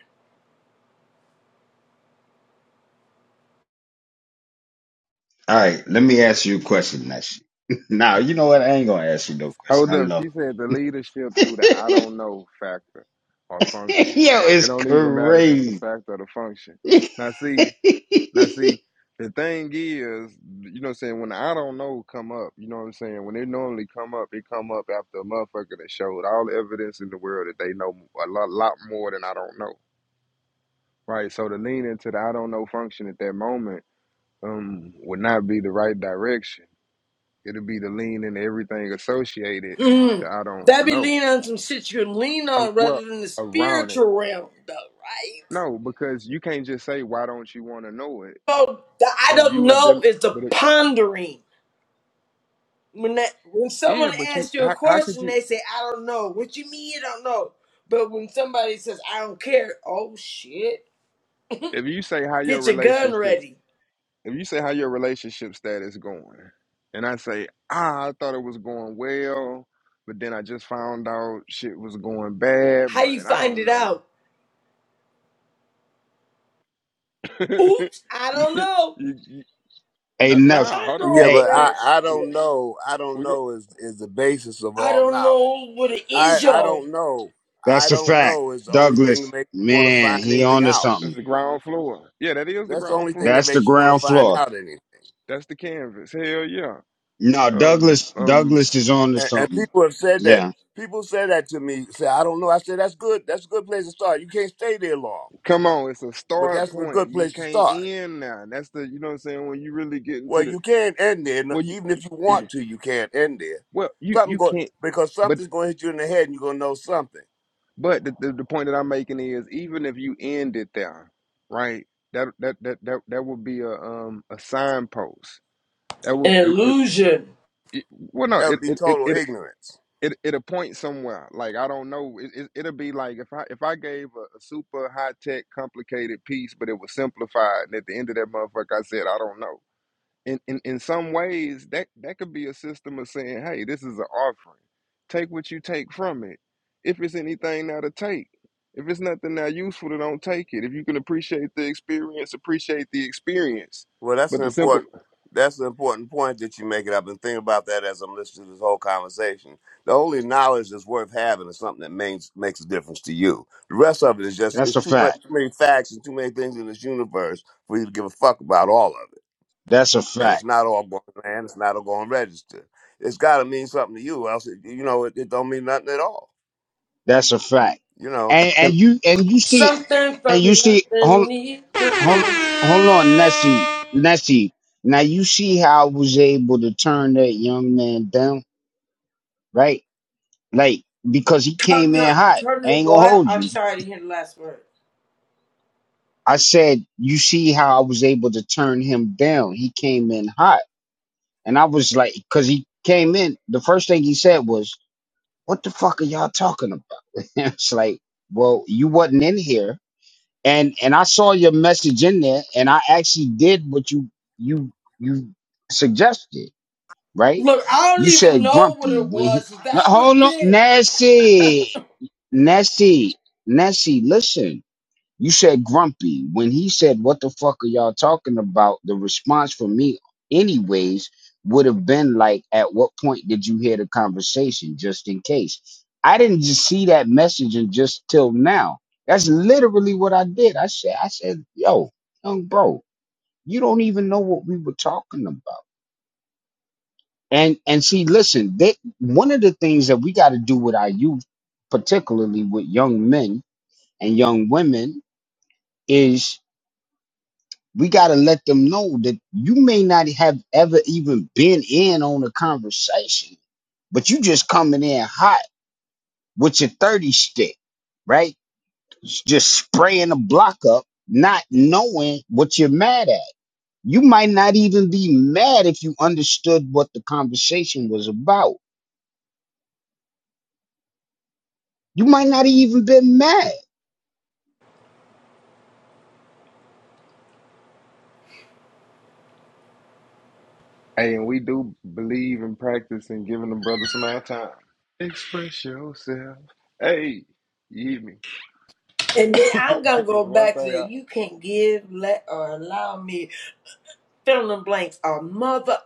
A: Hold up. She said the leadership through the I don't know factor or function. It don't even matter if it's the fact or the function. Now see, now see, the thing is, you know what I'm saying, when the I don't know come up, you know what I'm saying, when they normally come up, it come up after a motherfucker that showed all the evidence in the world that they know a lot, lot more than I don't know. Right. So to lean into the I don't know function at that moment um would not be the right direction. It'll be to lean into everything associated to
C: Mm.
A: I don't
C: That be
A: know.
C: leaning on some shit you can lean
A: a-
C: on
A: well
C: rather than the
A: around it.
C: spiritual realm, though, right?
A: No, because you can't just say why don't you want to know it.
C: So the I
A: But if
C: don't
A: you was
C: know
A: del-
C: is the
A: but if,
C: pondering. When that when someone
A: yeah, but you
C: asks you a
A: how how could
C: question,
A: you
C: they say I don't know. What you mean you don't know? But when somebody says I don't care, oh shit,
A: if you say how your
C: get your gun
A: relationships
C: ready.
A: if you say how your relationship status going, and I say ah I thought it was going well, but then I just found out shit was going bad,
C: How
A: but
C: you
A: I
C: find
A: don't
C: it
A: know.
C: out?
A: [LAUGHS]
C: Oops, I don't
A: you,
C: know.
A: you, you, no, nah, hold
C: Ponder
I: Yeah,
A: on,
C: over
I: but
A: let's go.
I: I,
C: that
I: I
C: shit.
I: don't know. I don't
A: We go.
I: know is is the basis of
C: I
I: all
C: don't know
I: knowledge.
C: what it
I: I
C: is,
I: I
C: y'all.
I: don't know. I don't know is the only thing that makes you want to find anything out.
A: It's the ground floor. Yeah, that is the
I: That's the
A: ground
I: only thing that
A: floor.
I: makes you want to find out anything.
A: That's the canvas. Hell yeah. Um, um,
I: And, and people have said that. People said that to me. Say I don't know. I said that's good. That's a good place to start. You can't stay there long,
A: come on, it's a
I: but
A: start
I: that's a
A: point.
I: good
A: You
I: place to
A: can't
I: start.
A: end now. That's the you know what I'm saying. When you really get into
I: Well,
A: the
I: you can't end there. No-
A: well, you
I: Even if you want to, you can't end there.
A: well you
I: Something
A: you
I: go
A: can't.
I: because
A: But
I: something's going to hit you in the head, and you're going to know something.
A: but the, the, the point that I'm making is even if you end it there, right? That that that that that would be a um a signpost. That would
C: An
A: it, it,
C: illusion.
A: it well no
I: That
A: it
I: would be
A: it it.
I: total
A: it
I: ignorance.
A: it, it'll point somewhere. Like I don't know. It, it, it'll be like if I if I gave a, a super high tech complicated piece, but it was simplified, and at the end of that motherfucker, I said I don't know in, in, in some ways that that could be a system of saying hey this is an offering take what you take from it if it's anything now to take if it's nothing now useful then don't take it if you can appreciate the experience appreciate the experience
I: Well, that's
A: but
I: an
A: the simple
I: important that's an important point that you make, and I've been thinking about that as I'm listening to this whole conversation. The only knowledge that's worth having is something that makes makes a difference to you. The rest of it is just it's too much, too many facts and too many things in this universe for you to give a fuck about all of it. And it's not all going to land. It's not all going to register. It's got to mean something to you, else it, you know it, it don't mean nothing at all. You know.
A: can,
C: Something from nothing. need nothing. Turn the, turn the what? I'm sorry to hear the last word. Look, I don't even know what it was. 'cause That was then.
A: hey and we do believe and practice in giving the brothers some of our time express yourself hey you hear me
C: And then
A: [LAUGHS]
C: I'm gonna
A: because
C: go
A: one
C: back to
A: thing
C: that.
A: i
C: You can't give, let, or allow me fill in the blanks. A mother,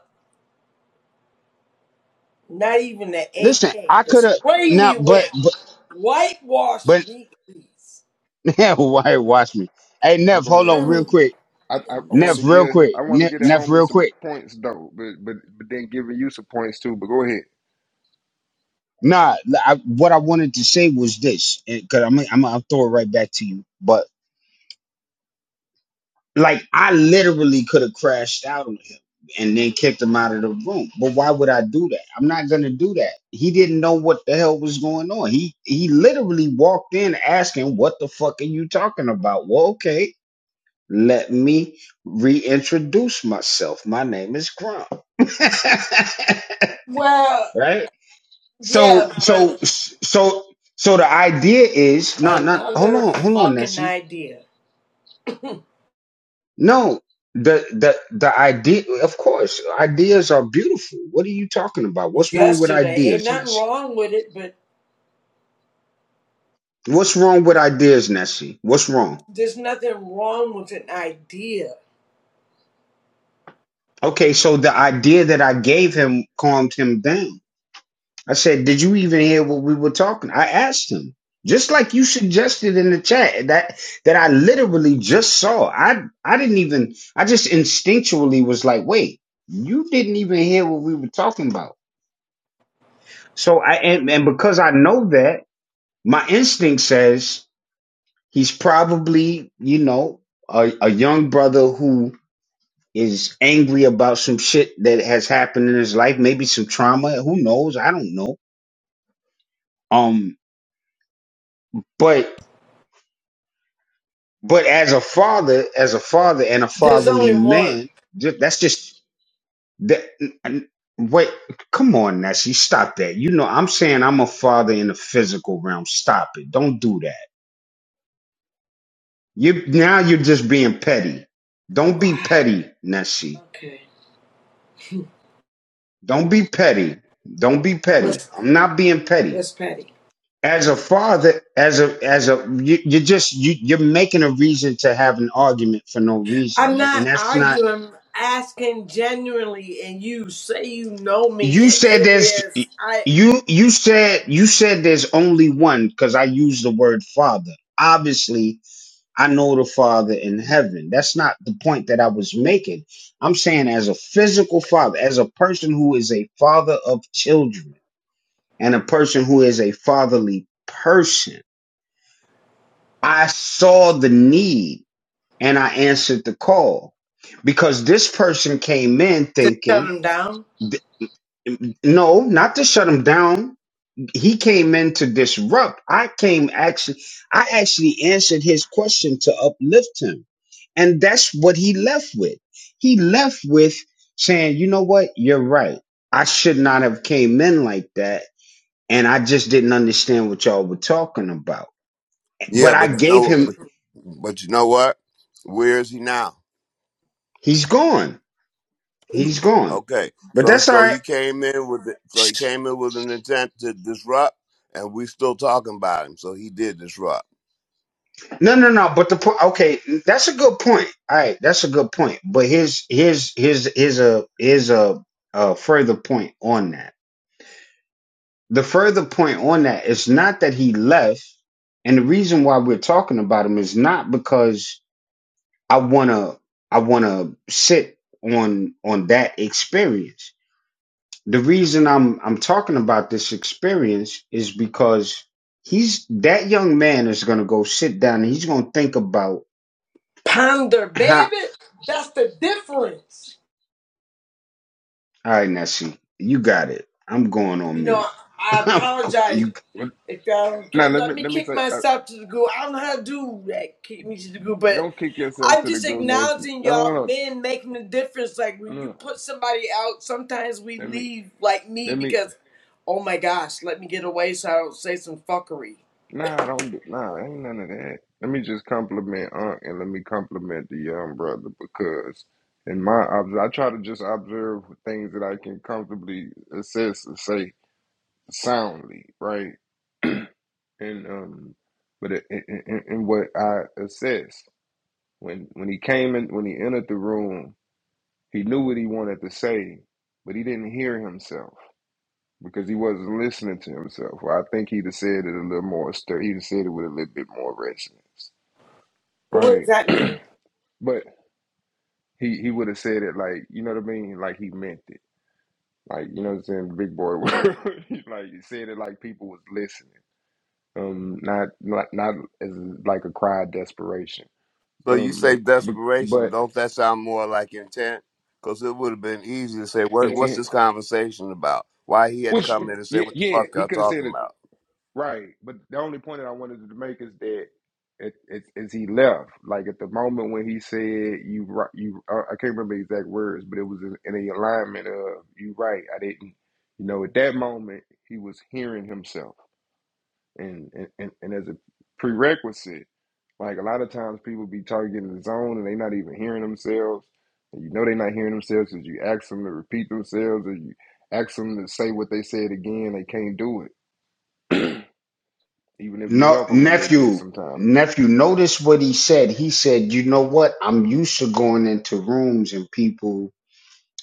C: not even the AK, to spray me with, whitewash me, please.
A: oh, go ahead uh.
C: Mm,
A: I, I
C: in
A: I wanted
C: this
A: to
C: way.
A: give him, I wanted to get at homie some points though, but but but then giving you some points too. But go ahead.
C: Well, yeah, but Another fucking idea. Yesterday, ain't nothing wrong with it, but there's nothing wrong with an idea. There's only one. Wow. Okay. What's what's Patty? I'm not arguing. I'm asking genuinely, and you say you know me, and alias I to shut him down.
I: Yeah, but you know, but, but you know what? Where is he now? Okay, so so he came in with the, so he came in with an intent to disrupt, and we still talking about him. So he did disrupt.
C: Ponder, baby. That's the difference. You know, I apologize
A: Well,
C: if y'all don't
A: Now let
C: let
A: me
C: me
A: let me
C: kick
A: say, uh,
C: myself to the goo. I don't know how to do that, kick me to the goo, but
A: don't kick yourself
C: I'm
A: to the
C: just
A: goo, nasty.
C: acknowledging
A: No
C: y'all
A: no
C: men making a difference. Like
A: no
C: when you
A: no.
C: put somebody out, sometimes we
A: Let me
C: leave like me
A: let me.
C: because, oh my gosh, let me get away so I don't say some fuckery.
A: Nah, don't do. Nah, ain't none of that. Let me just compliment Unc and let me compliment the young brother because in my obs, I try to just observe things that I can comfortably assess and say soundly, right? [CLEARS THROAT] and um, but it, it, it, and what I assessed when when he came in when he entered the room, he knew what he wanted to say, but he didn't hear himself because he wasn't listening to himself. Well, I think he'd have said it a little more stir. He'd have said it with a little bit more resonance,
C: What does
A: right?
C: that
A: [CLEARS THROAT]
C: mean?
A: But he he would have said it like you know what I mean, like he meant it, like you know what I'm saying, big boy. [LAUGHS] he, like he said it like people was listening, um, not not not as like a cry of desperation
I: So you say
A: Um, but,
I: desperation?
A: but
I: Don't that sound more like intent? Because it would have been easy to say, what what's
A: intent,
I: this conversation about? Why he had to
A: which
I: come in and say
A: yeah,
I: what the
A: yeah
I: fuck
A: he
I: y'all
A: could have said
I: talking
A: it
I: about?
A: right. But the only point that I wanted to make is that it, it, as he left, like at the moment when he said you right, you I I can't remember the exact words, but it was in, in the alignment of you right. I didn't, you know, at that moment he was hearing himself, and and and, and as a prerequisite. Like a lot of times people be targeting the zone and they not even hearing themselves. And you know they not hearing themselves because you ask them to repeat themselves or you ask them to say what they said again. They can't do it. Even if you help them a little bit sometimes.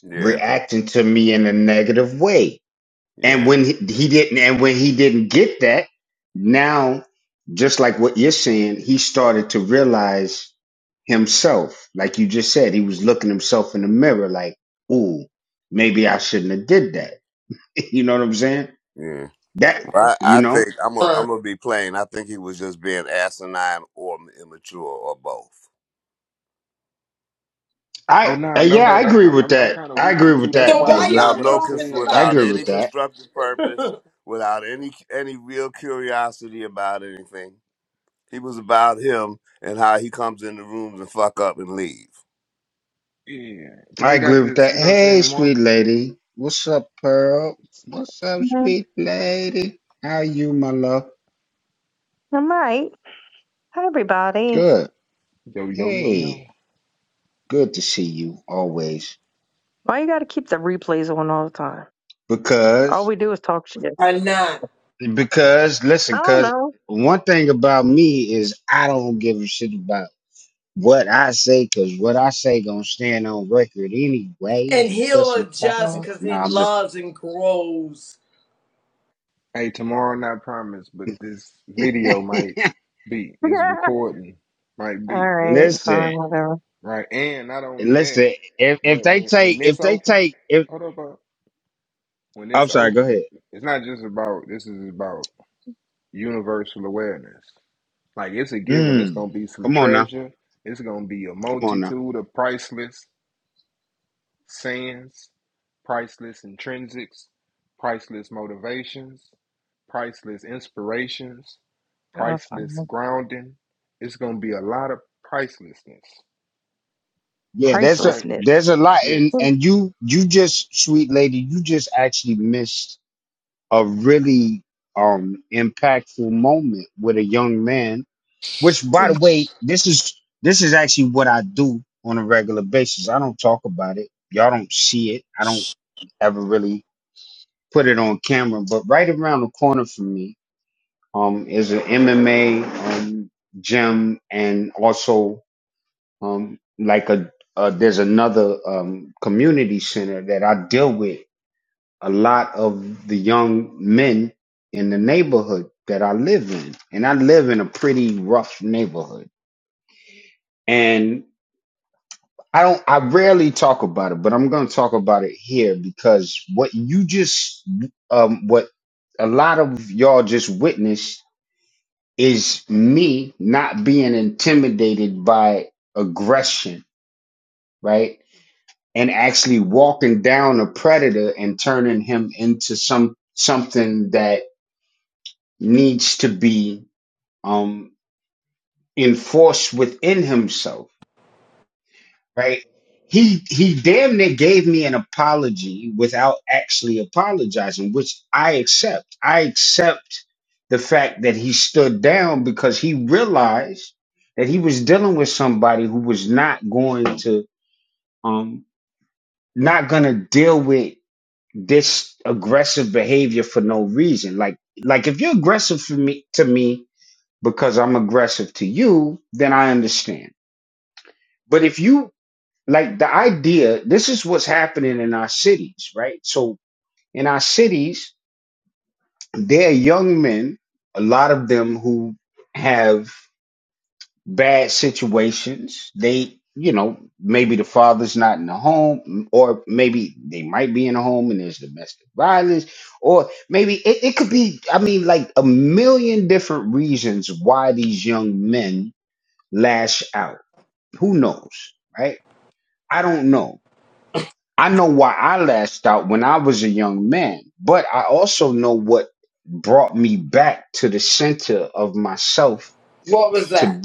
I: Yeah, yeah, yeah. Well, I, I think I'm a,
C: Uh,
I: I'm gonna be plain. I think he was just being asinine or immature or both,
A: Oh, nah, no doubt. I'm, I'm, I'm kind of with you too. That's
C: so
A: why I
C: why
A: said
I: without
C: y'all
A: what I
I: no cons-
C: talking
A: said.
I: without
C: about
I: any
C: me
I: constructive
C: [LAUGHS]
I: purpose,
C: or
I: without any any real curiosity about anything. He was about him and how he comes in the rooms and fuck up and leave.
A: Yeah. Because they got this, you know what I'm saying, marketing.
J: Mhm. I'm right. Hi, everybody.
A: Yo, yo, yo, yo.
J: Why you got to keep the replays on all the time? All we do is talk shit.
C: not?
J: I don't know.
C: And he'll adjust
J: Well,
C: because he loves and grows.
A: Hey, tomorrow not promised, but this video might be. This
J: [LAUGHS]
A: recording might be.
J: all right, fine, whatever.
A: Right. And not only that. But when when this open, hold up, bro. When it's open, it's not just about this is about universal awareness. Like it's a given. It's gonna be some treasure. It's gonna be a multitude of priceless sayings, priceless intrinsics, priceless motivations, priceless inspirations,
J: Oh,
A: priceless
J: fine.
A: grounding. It's gonna be a lot of pricelessness, right?
J: Pricelessness.
A: Yes.
J: I
C: What was that?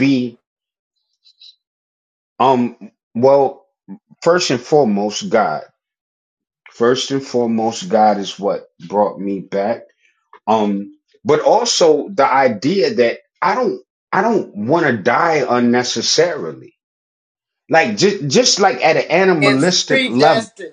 C: It's predestined.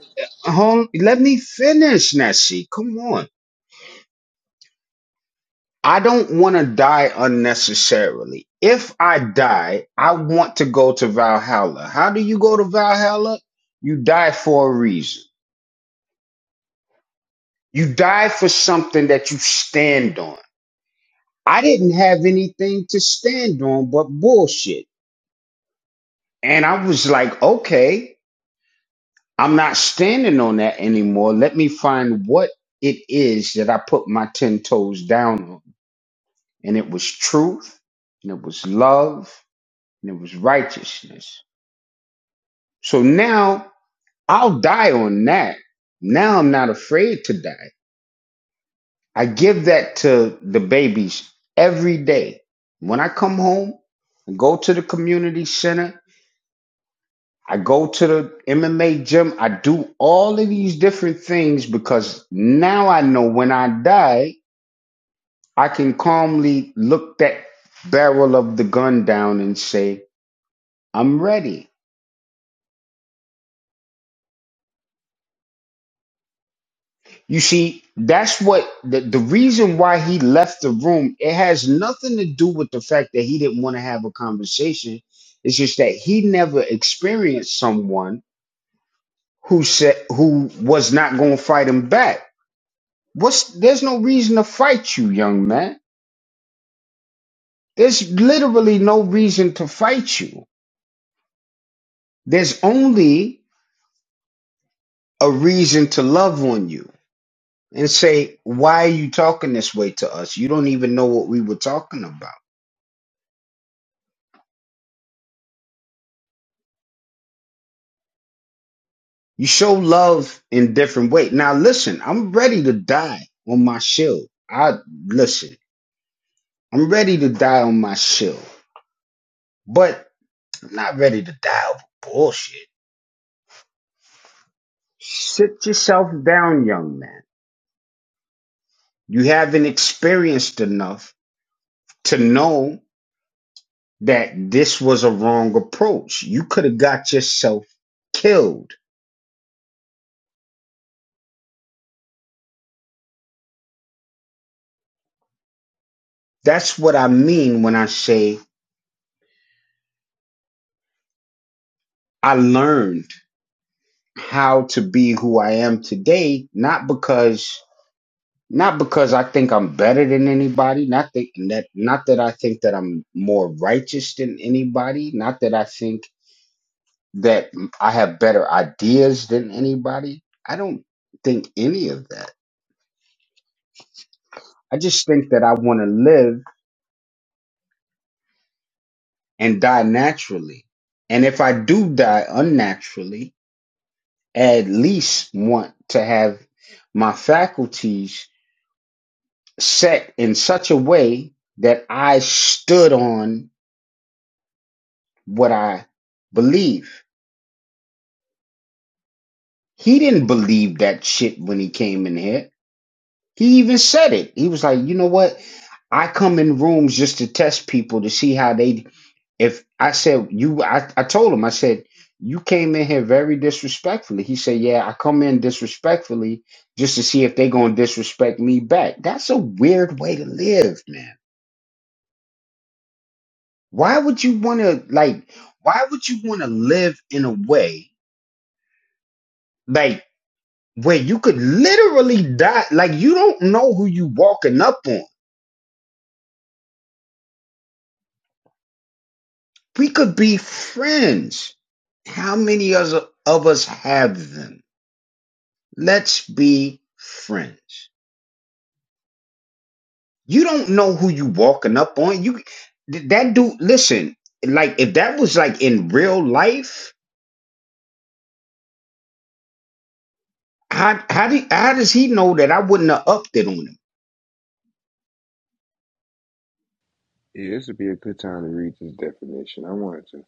A: Yeah, this would be a good time to read this definition. I wanted to.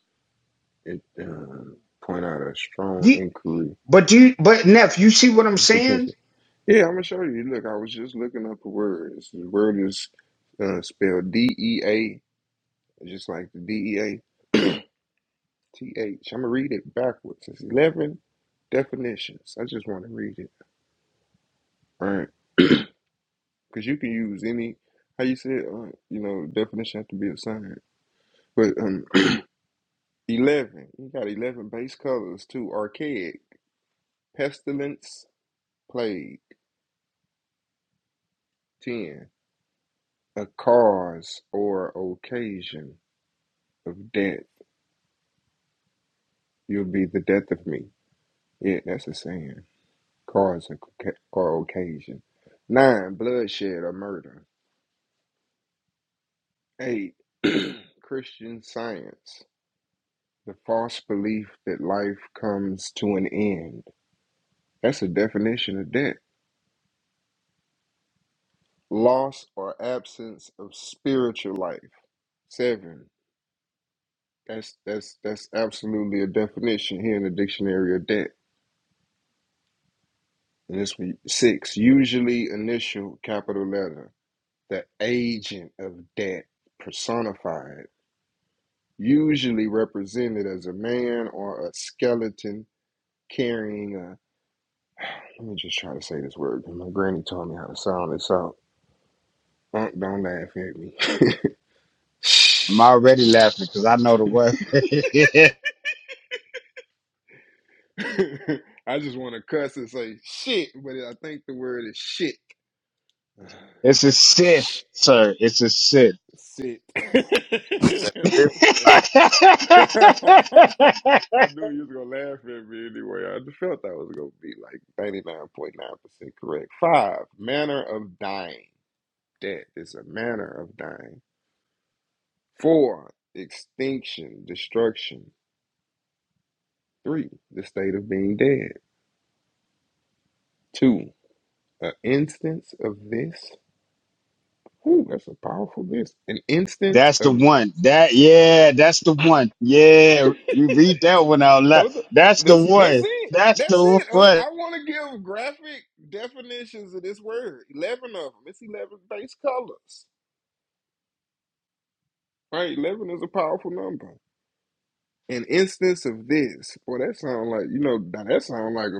A: it uh, point out a strong inquiry of potential. Yeah, I'm gonna show you. Look, I was just looking up the words. The word is uh, spelled D E A, just like the D E A T H. I'm gonna read it backwards. It's eleven definitions. I just want to read it, right? Because you can use any. How you said, uh, you know, definition have to be assigned. But um, [CLEARS THROAT] eleven. You got eleven base colors too. Archaic, pestilence, plague. Ten. a cause or occasion of death. You'll be the death of me. Yeah, that's a saying. Cause or or occasion. Nine, bloodshed or murder. Eight, [CLEARS THROAT] Christian science. The false belief that life comes to an end. That's a definition of death. Loss or absence of spiritual life. Seven. That's that's that's absolutely a definition here in the dictionary of death. And this one, six, usually initial capital letter, the agent of debt personified, usually represented as a man or a skeleton carrying a. Let me just try to say this word. My granny taught me how to sound this out. Don't, don't laugh at me. [LAUGHS] I just want to cuss and say shit, but I think the word is shit. [SIGHS] Shit. [LAUGHS]
I: It's
A: okay.
I: Right?
A: [LAUGHS] I knew you was gonna laugh at me anyway. I just felt that was gonna be like 99.9% correct. Five, manner of dying. Death is a manner of dying. Four, extinction, destruction. Three, the state of being dead. Two, an instance of this. Ooh, that's a powerful this. An instance of. [LAUGHS] Hold up. This that's it. That's it. Huh? I want to give graphic definitions of this word. Eleven of them. It's eleven base colors. Right. Eleven is a powerful number. An instance of this. Boy, that sound like you know. Now that sound like a.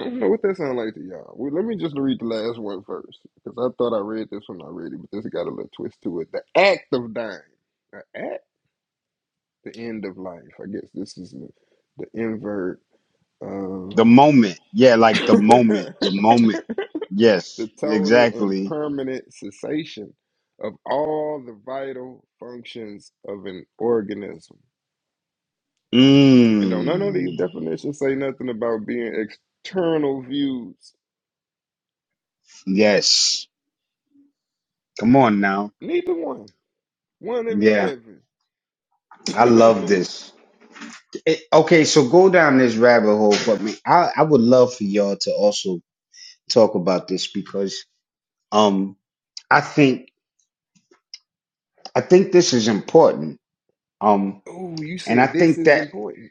A: I don't know what that sound like to y'all. Well, let me just read the last one first because I thought I read this one already, but this got a little twist to it. The act of dying. The act. The end of life. I guess this is the, the invert of. [LAUGHS] the total and permanent cessation of all the vital functions of an organism. And don't none of these definitions say nothing about being external views. Neither one. One of 11. [LAUGHS] oh, you said this is important.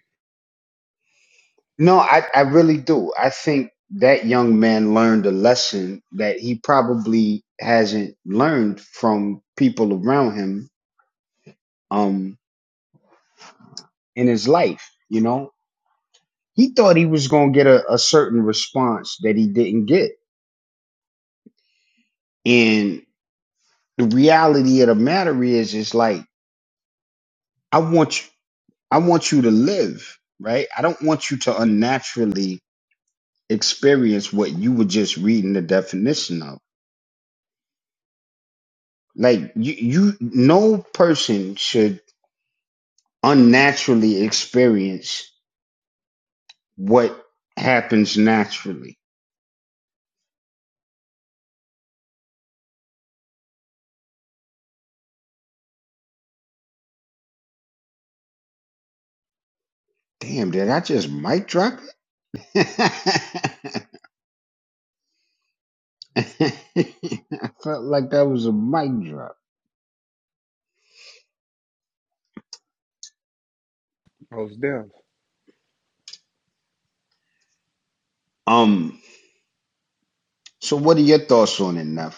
A: Most deaf.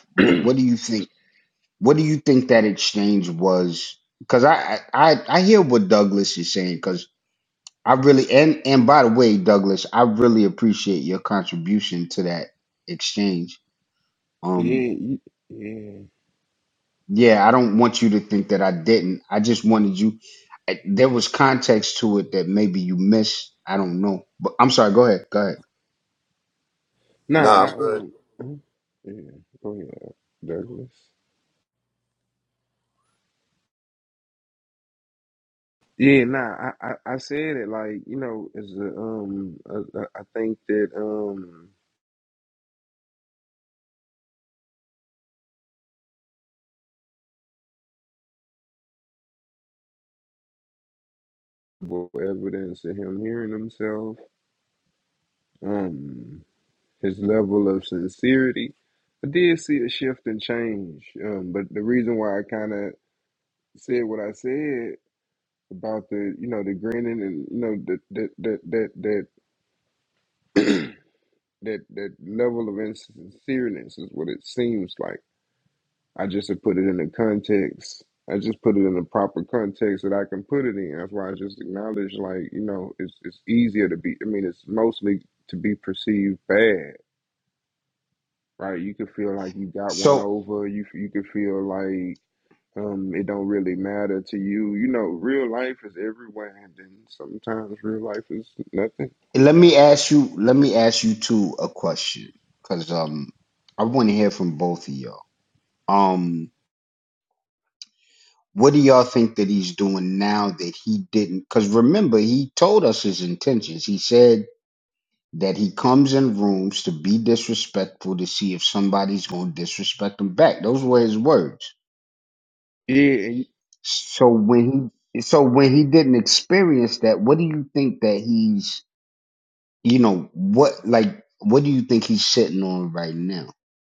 A: [CLEARS THROAT] yeah, you, yeah.
I: No,
A: Nah,
I: I'm
A: I,
I: good.
A: um, mm, yeah. Go ahead, Douglas. Yeah, nah, I, I, I said it like, you know, as a, um, I, I I think that, um, well, evidence of him hearing himself, um, his level of sincerity. I did see a shift and change. Um, but the reason why I kind of said what I said about the, you know, the grinning and, you know, that, that, that, that, that, [CLEARS THROAT] that, that level of insincereness is what it seems like. I just have put it in the context. I just put it in the proper context that I can put it in. That's why I just acknowledge, like you know, it's it's easier to be. I mean, it's mostly to be perceived bad, right? You can feel like you got one over. You you can feel like um it don't really matter to you. You know, real life is everywhere, and then sometimes real life is nothing. Yeah, and you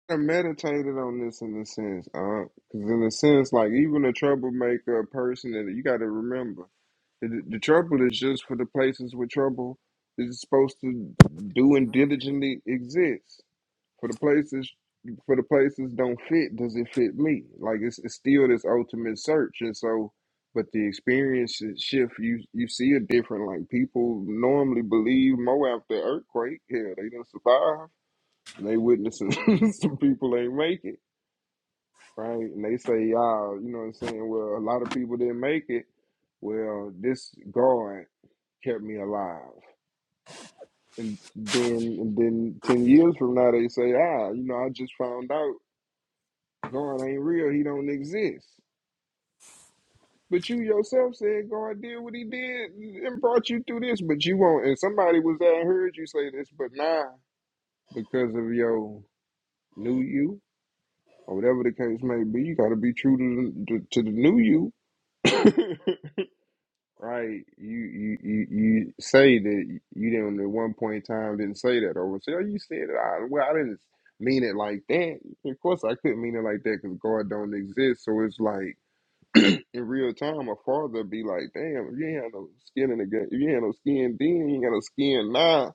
A: I meditated on this in a sense, uh, because in a sense, like even a troublemaker, person that you got to remember. The, the trouble is just for the places where trouble is supposed to do and diligently exist. For the places, for the places don't fit. Does it fit me? Like it's, it's still this ultimate search, and so, but the experience is shift. You you see it different. Like people normally believe more after earthquake. Yeah, they didn't survive. And they witnessing [LAUGHS] some people ain't make it, right? And they say, y'all, you know what I'm saying? Well, a lot of people didn't make it. Well, this God kept me alive. And then and then ten years from now they say, ah, you know, I just found out God ain't real, he don't exist. But you yourself said God did what he did and brought you through this, but you won't and somebody was there and heard you say this, but now because of your new you or whatever the case may be, you gotta be true to the to the new you. [LAUGHS] right? You you you you say that you didn't at one point in time didn't say that, or say, "Oh, you said it." I, well, I didn't mean it like that. Of course, I couldn't mean it like that because God don't exist. So it's like in real time, a father be like, "Damn, if you ain't have no skin in the game, if you ain't have no skin then, you ain't got no skin now."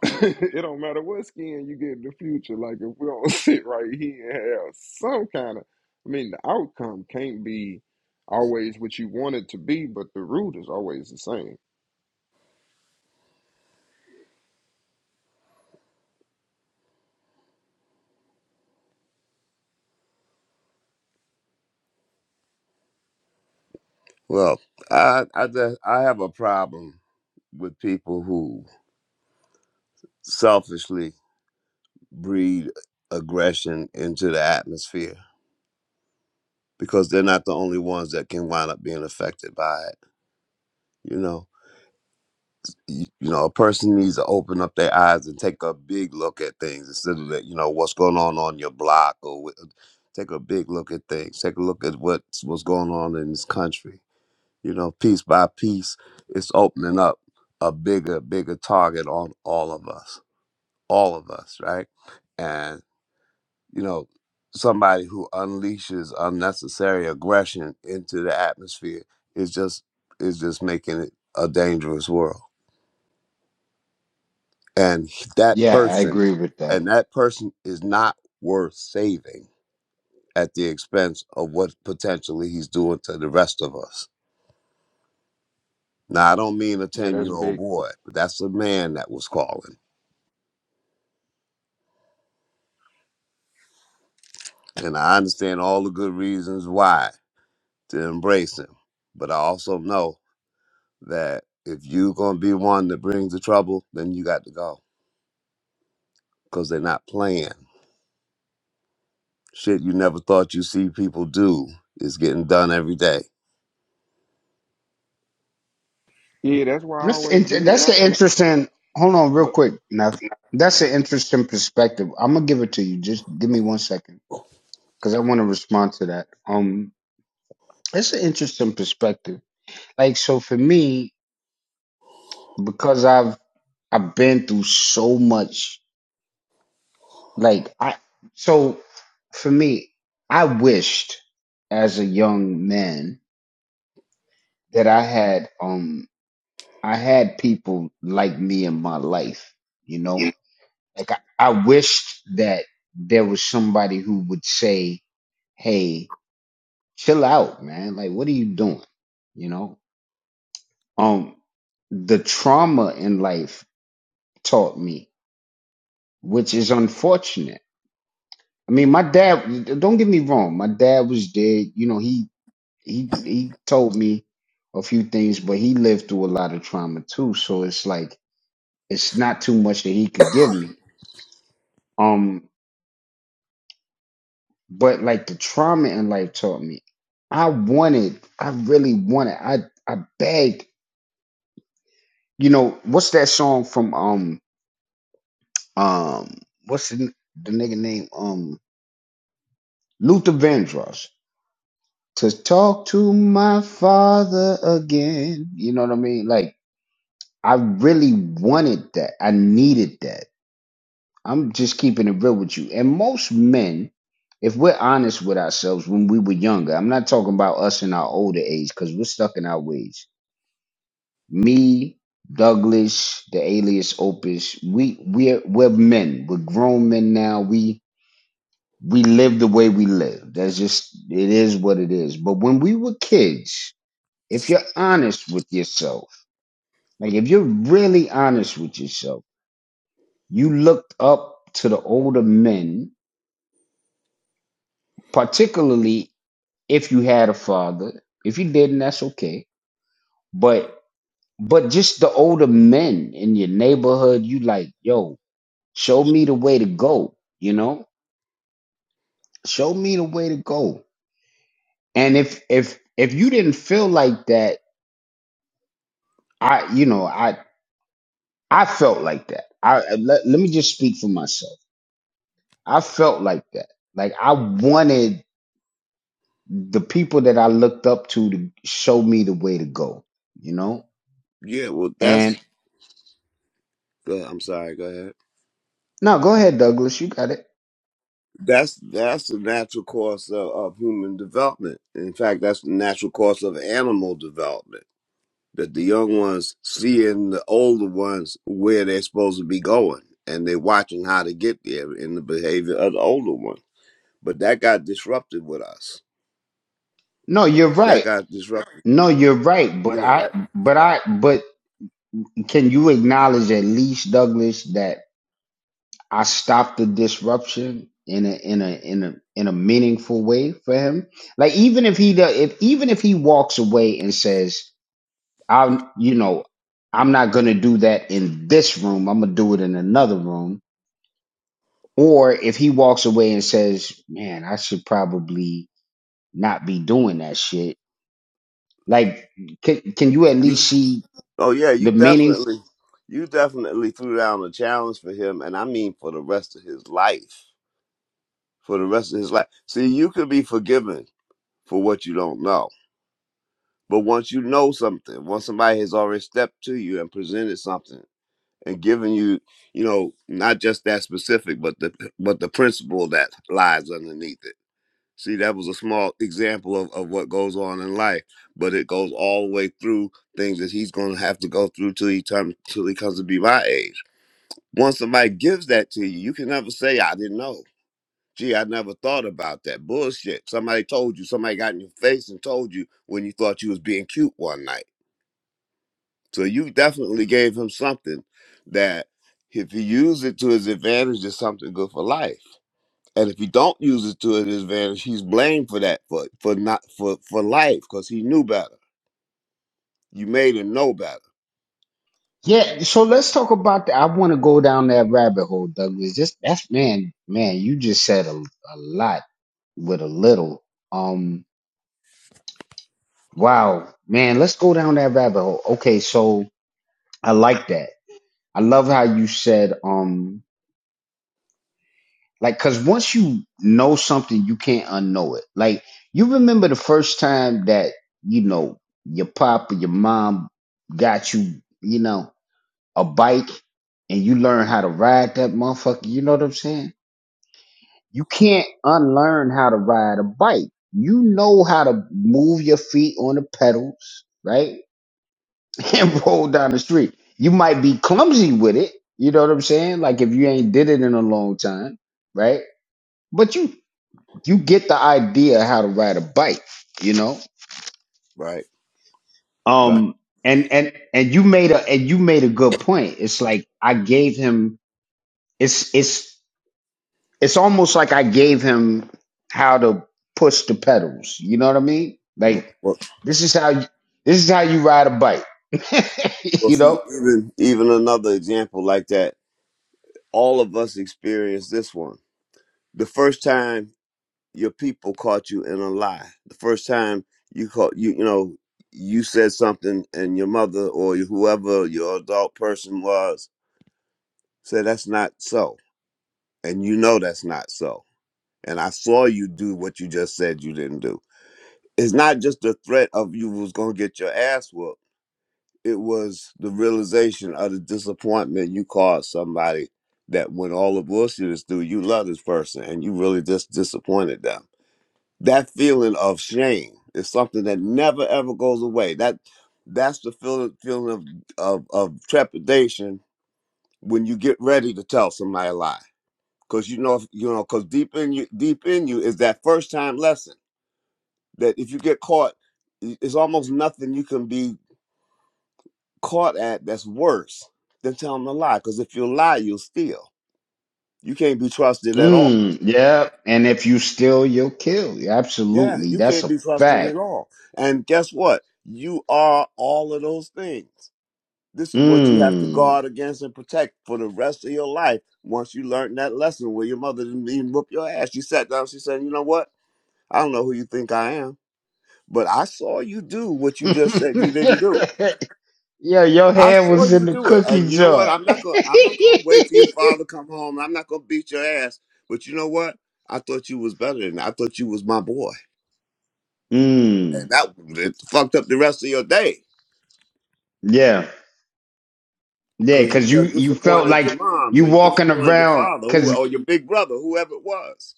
A: [LAUGHS] it don't matter what skin you get in the future. Like if we don't [LAUGHS] sit right here and have some kind of, I mean, the outcome can't be always what you want it to be, but the root is always the same.
I: Well, I I just, I have a problem with people who selfishly breed aggression into the atmosphere because they're not the only ones that can wind up being affected by it. You know, you, you know, a person needs to open up their eyes and take a big look at things instead of that. You know, what's going on on your block, or wh- take a big look at things. Take a look at what's what's going on in this country. You know, piece by piece, it's opening up a bigger, bigger target on all of us, all of us, right? And. you know, somebody who unleashes unnecessary aggression into the atmosphere is just is just making it a dangerous world. And he- that person and that person is not worth saving at the expense of what potentially he's doing to the rest of us. Now I don't mean a
A: Yeah, that's
I: 10-year-old
A: big.
I: boy, but that's a man that was calling. And I understand all the good reasons why to embrace him. But I also know that if you gonna be one that brings the trouble, then you got to go because they're not playing. Shit, you never thought you see people do is getting done every day.
A: Yeah, that's why I always believe. And I, and I but
I: Yeah, well, that's. Uh, I'm sorry. Go ahead. That's that's the natural course of, of human development. In fact, that's the natural course of animal development. That the young ones seeing the older ones where they're supposed to be going, and they're watching how to get there in the behavior of the older one. But that got disrupted with us that got disrupted. You know that. You, oh yeah, you definitely, you definitely threw down a challenge for him, and I mean for the rest of his life. For the rest of his life. See, you can be forgiven for what you don't know, but once you know something, once somebody has already stepped to you and presented something and given you, you know, not just that specific, but the but the principle that lies underneath it See, that was a small example of, of what goes on in life, but it goes all the way through things that he's going to have to go through till he, turn, till he comes to be my age. Once somebody gives that to you, you can never say, I didn't know. Gee, I never thought about that. Bullshit. Somebody told you, somebody got in your face and told you when you thought you was being cute one night. So you definitely gave him something that if he used it to his advantage is something good for life. And if he don't use it to his advantage, he's blamed for that for for not for for life because he knew better. You made him know better. Right, right, right. Well, well, well, see, even even another example like that. All of us experienced this one. The first time your people caught you in a lie. The first time you caught you you know you said something and your mother or whoever your adult person was said that's not so, and you know that's not so and I saw you do what you just said you didn't do. It's not just the threat of you was gonna get your ass whooped. It was the realization of the disappointment you caused somebody that when all the bullshit is through, you love this person and you really just disappointed them. That feeling of shame is something that never ever goes away. That that's the feeling feeling of, of, of trepidation when you get ready to tell somebody a lie. Cause you know you know, cause deep in you deep in you is that first time lesson that if you get caught, it's almost nothing you can be caught at that's worse than telling a lie. Because if you lie, you'll steal. You can't be trusted at all. Yeah, you can't be trusted at all. And guess what? You are all of those things. This is what you have to guard against and protect for the rest of your life. Once you learn that lesson where your mother didn't even whoop your ass, she sat down, she said, You know what? I don't know who you think I am, but I saw you do what you just said you didn't do. I saw you do it, and you know what? I'm not gonna. I'm not gonna wait till your father come home. I'm not gonna beat your ass. But you know what? I thought you was better than. That. I thought you was my boy, and that it fucked up the rest of your day because you just disappointed your moms or you disappointed your father, who or your big brother, whoever it was.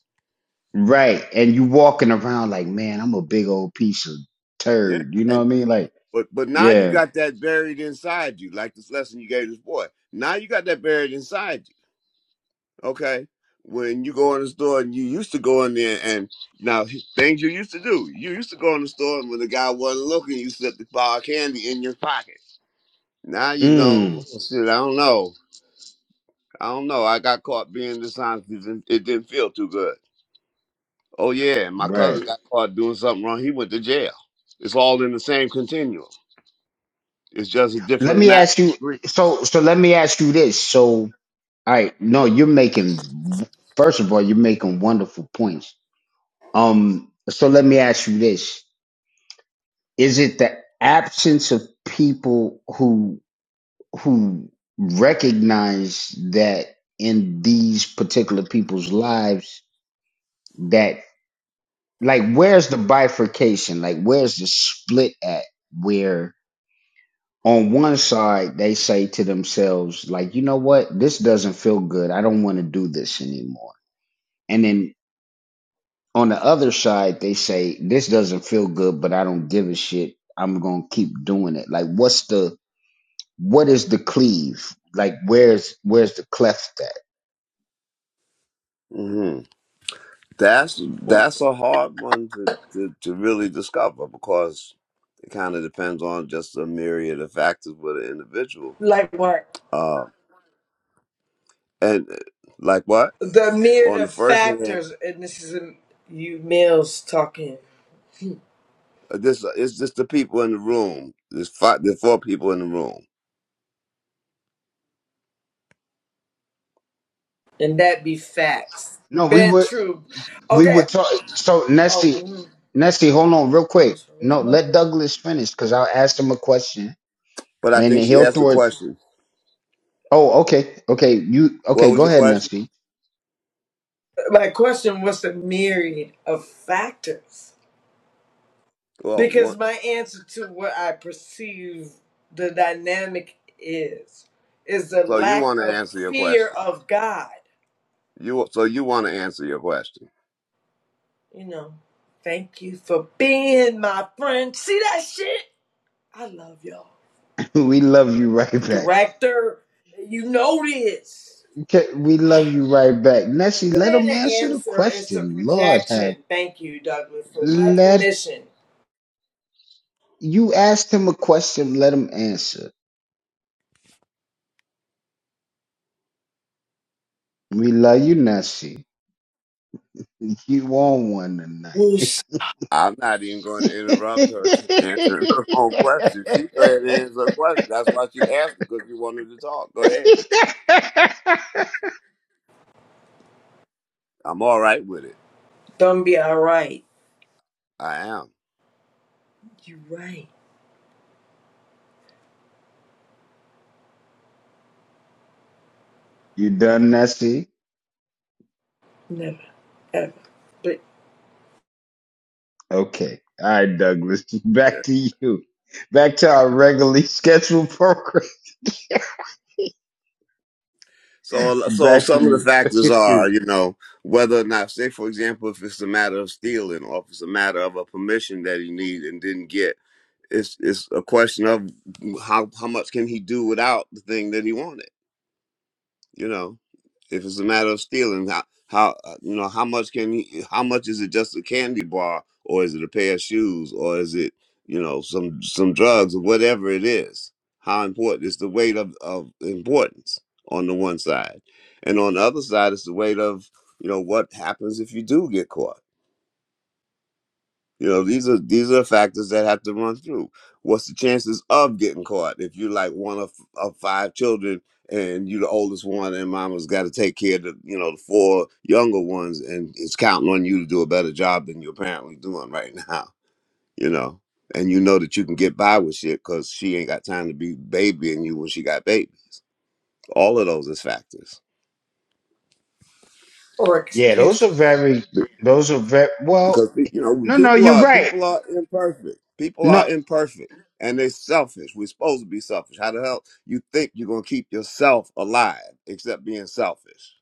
I: Yeah, and but but now you got that buried inside you, like this lesson you gave this boy. Now you got that buried inside you. okay when you go in the store and you used to go in there and now h- things you used to do you used to go in the store and when the guy wasn't looking you slipped the bar of candy in your pocket now you know oh, shit i don't know i don't know i got caught being dishonest it didn't, it didn't feel too good oh yeah and my cousin got caught doing something wrong he went to jail it's all in the same continuum it's just a different matter of degree hmm that's
C: [LAUGHS]
I: that's a hard one to, to, to really discover because It kind of depends on just a myriad of factors with an individual.
C: Like what?
I: Uh, and uh, like what?
C: The myriad
I: On the
C: of
I: first hand,
C: factors, and this is um, you males talking,
I: uh, this uh, it's just the people in the room. There's five, there's four people in the room.
C: and that be facts. Bent true. Okay. Oh, mm, I wish I remembered.
I: But I think she asked a question. What was your question?
C: my question was the myriad of factors.
I: Well,
C: Because
I: one,
C: my answer to what I perceive the dynamic is, is the
I: so you
C: lack
I: want to
C: of
I: answer your
C: fear
I: question.
C: of God.
I: You so you want to answer your question.
C: You know, thank you for being my friend. See that shit? I love y'all. Director, you know this. It ain't an answer, it's a projection. Thank you, Douglas, for recognition. Who's
I: I'm not even going to interrupt her to [LAUGHS] answer her own question. She go ahead and answer her question. That's why she asked because she wanted to talk. Go ahead. I'm all right with it.
C: gonna be alright?
I: I am.
C: You right. Never ever. But
I: So, so some of the factors are, you know, whether or not, say, for example, if it's a matter of stealing or if it's a matter of a permission that he need and didn't get, it's it's a question of how how much can he do without the thing that he wanted, you know. If it's a matter of stealing, how how uh, you know how much can he, how much is it just a candy bar or is it a pair of shoes or is it you know some some drugs or whatever it is? How important is the weight of of importance on the one side, and on the other side it's the weight of you know what happens if you do get caught you know, these are these are factors that have to run through. What's the chances of getting caught if you are like one of, of five children and you are the oldest one and mama's got to take care of the you know the four younger ones and it's counting on you to do a better job than you're apparently doing right [LAUGHS] now. You know, and you know that you can get by with shit because she ain't got time to be babying you when she got babies. All of those is factors.
C: or excuse.
I: because you know people are people are imperfect. People are imperfect, and they're selfish. We're supposed to be selfish. How the hell you think you're gonna keep yourself alive except being selfish?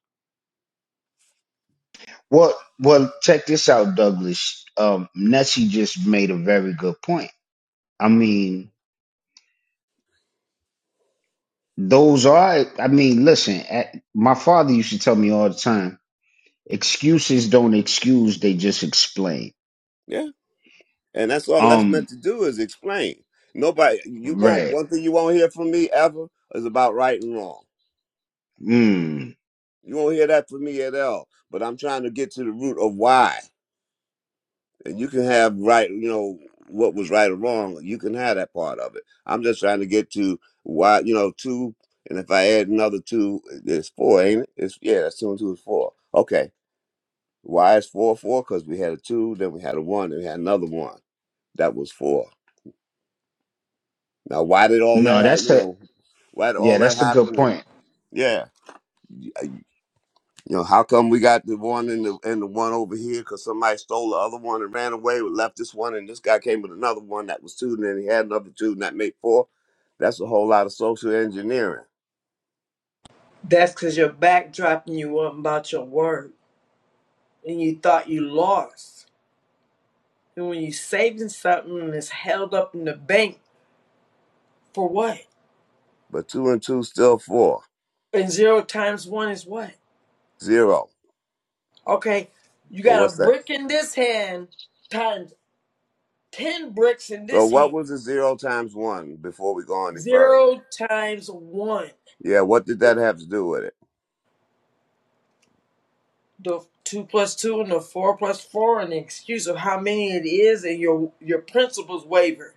I: Yeah, and that's all that's meant to do is explain. Nobody, you won't. One thing you won't hear from me ever is about right and wrong. You won't hear that from me at all. But I'm trying to get to the root of why. and you can have right you know what was right or wrong you can have that part of it i'm just trying to get to why you know two and if i add another two it's four ain't it it's yeah that's two and two is four okay why is four four because we had a two then we had a one then we had another one that was four now why did all that happen you know why did all that happen yeah You know, how come we got the one and the and the one over here? Because somebody stole the other one and ran away, We left this one, and this guy came with another one that was two, and then he had another two, and that made four. That's a whole lot of social engineering.
C: That's cause your backdrop and you wasn't about your word. And you thought you lost. And when you saving something and it's held up in the bank, for what?
I: But two and two still four,
C: And zero times one is what?
I: zero.
C: Okay, you
I: So
C: got a
I: what's that?
C: brick in this hand times 10 bricks in
I: So
C: this
I: what
C: hand.
I: was the zero times one before we go any further?
C: 0 times 1.
I: Yeah, what did that have to do with it?
C: The 2 plus 2 and the 4 plus 4 and the excuse of how many it is and your your principles waver.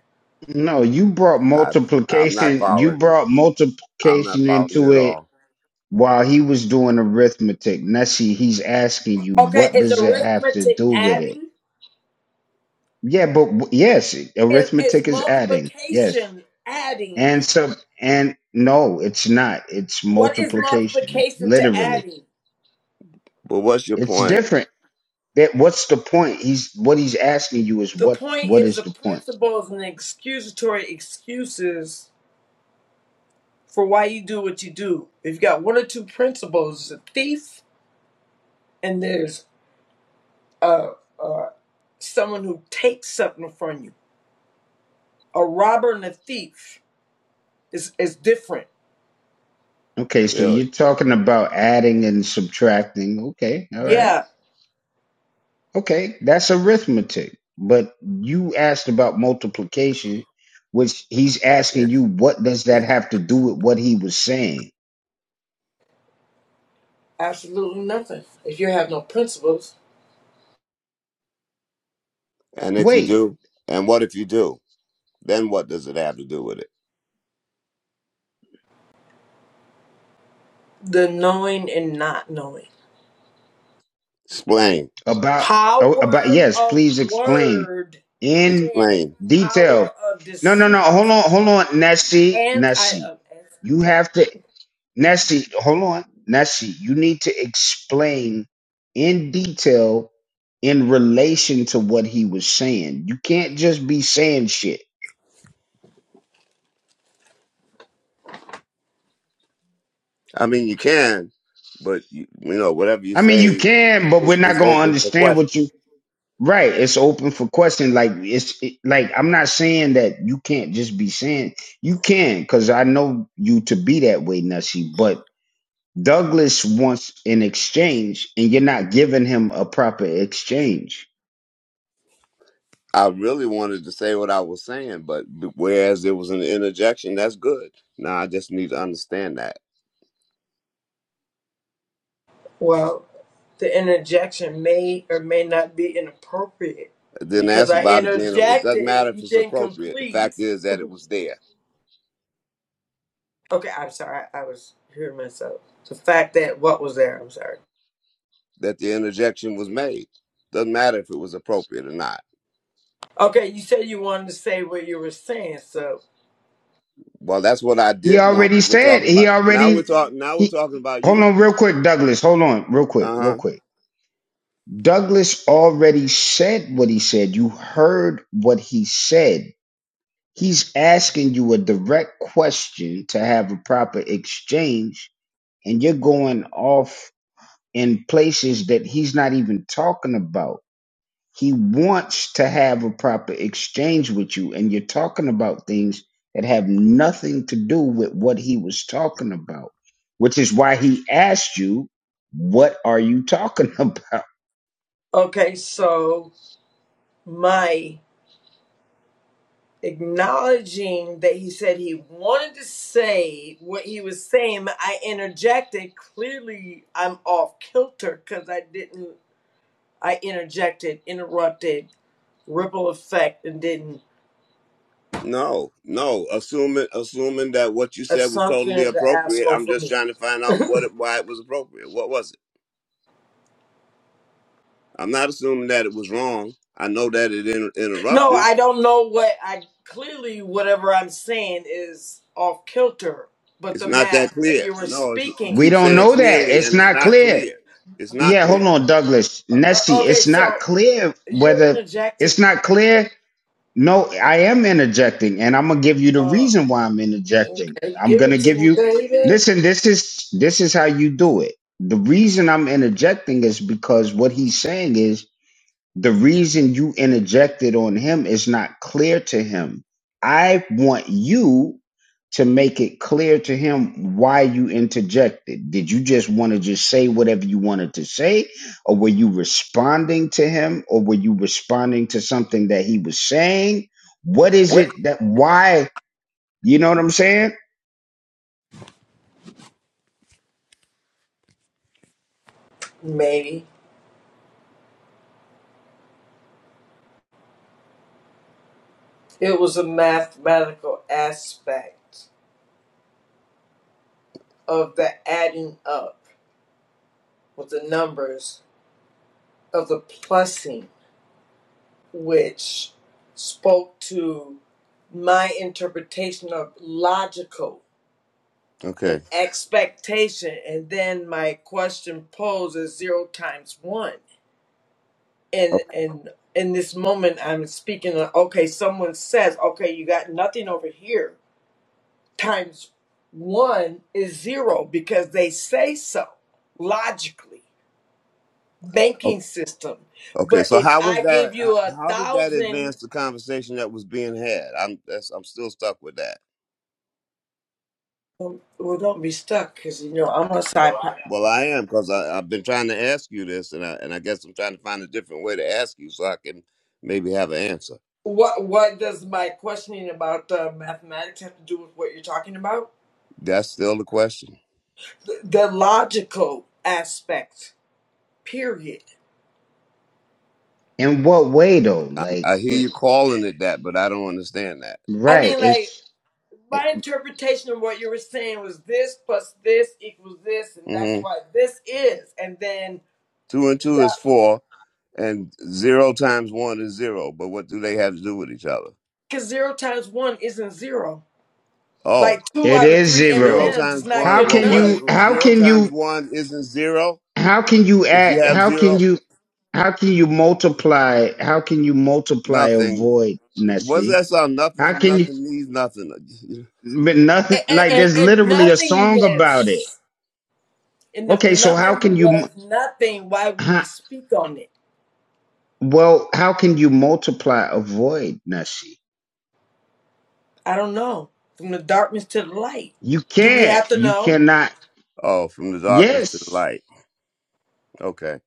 I: I I'm not following you. I'm not following you at all.
C: Okay, is arithmetic adding? Is, is multiplication adding? What is multiplication to adding?
I: But what's your point,
C: The point is the principles and the excusatory excuses for why you do what you do. If you have got one or two principles, it's a thief, and there's uh, uh, someone who takes something from you. A robber and a thief is, is different.
I: really?
C: Yeah,
I: Yeah. yeah.
C: absolutely nothing. If you have no principles,
I: And if you do, and what if you do? Then what does it have to do with it?
C: the knowing and not knowing.
I: Explain.
C: Power of word and
I: Explain.
C: power of deceit. And I, uh,
I: I mean, you can, but you, you know, whatever you say is, is open for question. I really wanted to say what I was saying, but b- whereas there was an interjection, that's good. Now I just need to understand that.
C: well, the interjection may or may not be inappropriate
I: Then
C: because
I: ask
C: I
I: about it being. It
C: interjected
I: doesn't
C: and
I: matter if
C: you
I: it's
C: didn't
I: appropriate. The
C: complete.
I: fact is that it was there.
C: Okay, I'm sorry. I I was hearing myself. The fact that what was there? I'm sorry.
I: That the interjection was made. Doesn't matter if it was appropriate or not.
C: Okay, you said you wanted to say what you were saying. So,
I: Well, that's what I did want, but we're talking about now. We're talking now. We're talking about you. Uh huh.
C: okay, so my acknowledging that he said he wanted to say what he was saying, but I interjected. Clearly, I'm off kilter because I didn't. I interjected, interrupted, ripple effect, and didn't.
I: No, no. Assuming assuming that what you said was
C: Assumption
I: totally
C: is an
I: appropriate,
C: asshole
I: I'm
C: for
I: just
C: me.
I: trying to find
C: [LAUGHS]
I: out what it, why it was appropriate. What was it? I'm not assuming that it was wrong. I know that it inter-
C: No,
I: interrupted.
C: I don't know what I clearly whatever I'm saying is off kilter, but
I: It's
C: the
I: not
C: math
I: that
C: that
I: clear.
C: you were
I: No, it's, you
C: speaking.
I: keep saying clearly, and it's not clear. It's not clear.
C: Uh, okay, so you're interjecting. Uh, okay, give it to me, David.
I: What?
C: Maybe it was a mathematical aspect of the adding up with the numbers of the plusing, which spoke to my interpretation of logical an
I: Okay.
C: expectation and then my question posed is zero times one and
I: O-
C: and in this moment i'm speaking of, okay someone says okay you got nothing over here times one is zero because they say so logically
I: o-
C: banking system but
I: Okay. So
C: if
I: how was
C: i give
I: that?
C: you
I: h-
C: a
I: How did that
C: thousand
I: advance the conversation that was being had? I'm that's, I'm still stuck with that.
C: well don't be stuck because you know i'm a side
I: Well, I am because I've been trying to ask you this, and I and I guess I'm trying to find a different way to ask you so I can maybe have an answer.
C: what what does my questioning about uh, mathematics have to do with what you're talking about
I: That's still the question.
C: the, the logical aspect, period.
I: I, I hear you calling it that, but I don't understand that.
C: I mean, like, my interpretation of what you were saying was this plus this equals this, and that's
I: hmm
C: what this is. And then
I: Two and two is
C: that,
I: four, and zero times one is zero. But what do they have to do with each other?
C: because zero times one isn't zero.
I: Oh,
C: Like, two out of three
I: zero
C: M&Ms is
I: times
C: not
I: one.
C: good
I: Well, what is
C: enough.
I: well, zero times one? Isn't zero? If you have zero, nothing. What's that song? Nothing from nothing needs nothing. [LAUGHS]
C: And, and, and nothingness. And if nothing was nothing, why would we speak on it? I don't know. From the darkness to the light. Do we have to know?
I: Oh, from the darkness to the light. Okay.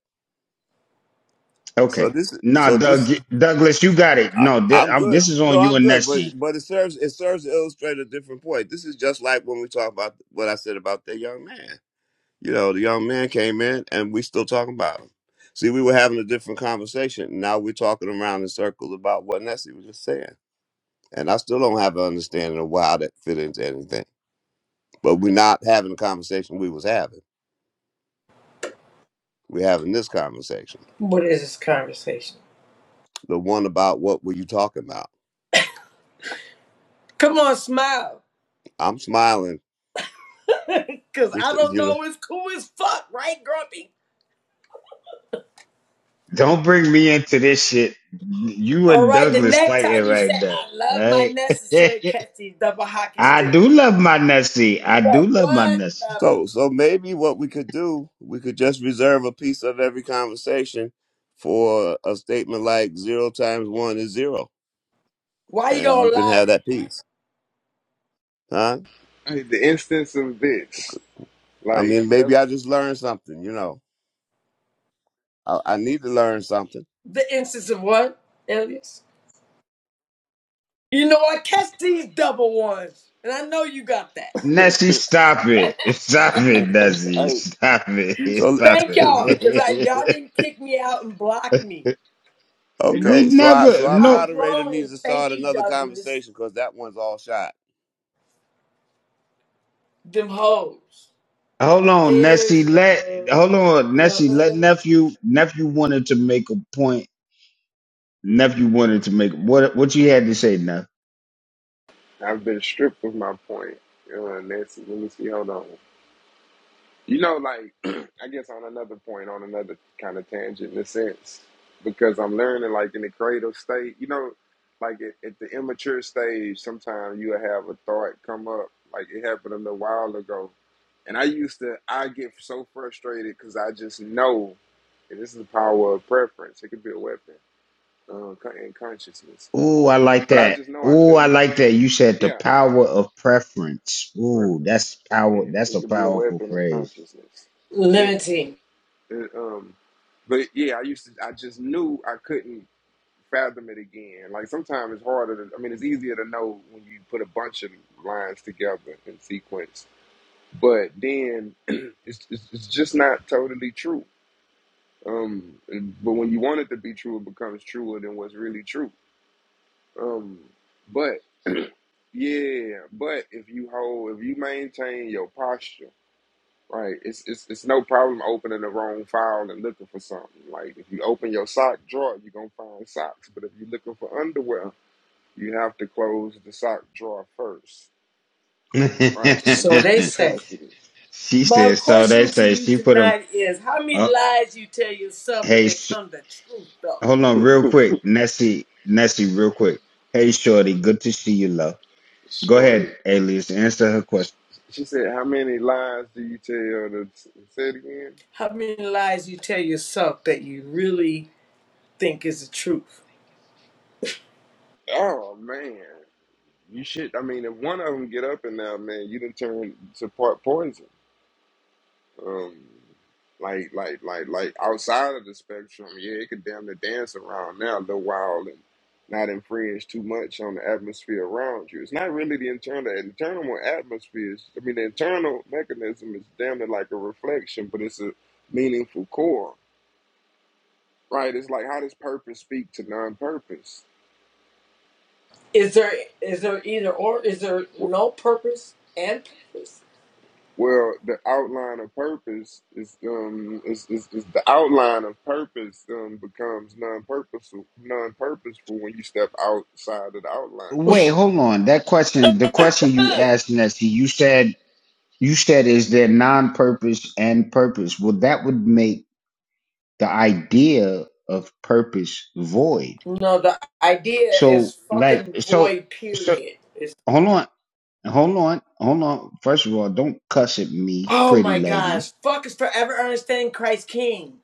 I: So this, so this, I, I'm good. No, I'm good. But but it serves it serves to illustrate a different point. This is just like when we talk about what I said about that young man. You know, the young man came in, and we still talking about him. See, we were having a different conversation. Now we're talking around in circles about what Nessie was just saying, and I still don't have an understanding of why that fit into anything. But we're not having the conversation we was having. We're having this conversation,
C: What is this conversation?
I: the one about what were you talking about?
C: Come on, smile.
I: I'm smiling.
C: [LAUGHS] Cause
I: This,
C: I don't
I: you know.
C: know, it's cool as fuck, right, Grumpy? All right, the next time you say I love my necessary catch these double hockey sticks. But what the
I: So, so maybe what we could do, we could just reserve a piece of every conversation for a statement like zero times one is zero,
C: why you
I: and
C: gonna
I: you can have
C: lie?
I: that piece, huh?
A: hey, the instance of this,
I: I
A: like
I: mean,
A: that's,
I: maybe I just learned something. You know, I, I need to learn something.
C: The instance of what, Elias? You know I catch these double ones. And I know you got that.
A: [LAUGHS]
I: Mhm.
A: hey, you
I: So,
C: Thank
I: [LAUGHS]
C: y'all, cause y'all didn't kick me out and block me.
A: you know,
I: okay, so I, so our
C: I'm
I: moderator needs
C: growing.
I: to
C: Thank
I: start
C: you,
I: another
C: Douglas.
I: conversation because that one's all shot.
C: Them hoes. Stereo. The, uh,
A: I've been stripped of my point. Uh, Nancy, let me see. Hold on. You know, like [CLEARS THROAT] I guess on another point, on another kind of tangent in a sense, because I'm learning like in the cradle state, you know, like at, at the immature stage, sometimes you'll have a thought come up, like it happened a little while ago. And I used to, I get so frustrated because I just know, and this is the power of preference. It could be a weapon uh, con- in consciousness. But I just know I couldn't, yeah, preference. Yeah, it could be a weapon in consciousness. yeah,
C: limiting.
A: And, um, but yeah, I used to. I just knew I couldn't fathom it again. Like sometimes it's harder. To, I mean, it's easier to know when you put a bunch of lines together in sequence, but then [CLEARS THROAT] it's, it's it's just not totally true. Um, and, but when you want it to be true, it becomes truer than what's really true. Um, but yeah, but if you hold, if you maintain your posture Right. It's it's it's no problem opening the wrong file and looking for something. Like if you open your sock drawer, you're gonna find socks. But if you're looking for underwear, you have to close the sock drawer first. Right, in the
C: So
A: mental
C: they say.
A: capacity.
C: My question to you tonight is how many lies you tell yourself to become the truth though?
A: Sure. she said, How many lies do you tell to say it again?
C: How many lies you tell yourself that you really think is the truth?
A: Oh man. You should I mean if one of them get up in there, man, you done turn to part poison. Um, like, like, like, like outside of the spectrum, yeah, it could damn near dance around now the wild and not infringe too much on the atmosphere around you. It's not really the internal. internal atmosphere is, I mean, the internal mechanism is damn near like a reflection, but it's a meaningful core, right? It's like how does purpose speak to non-purpose?
C: Is there is there either or is there no purpose and purpose?
A: Well, the outline of purpose is um is, is, is the outline of purpose um becomes non-purposeful non-purposeful when you step outside of the outline.
C: [LAUGHS] No, the idea is fucking void period. It's oh my gosh, fuck is forever understanding Christ King.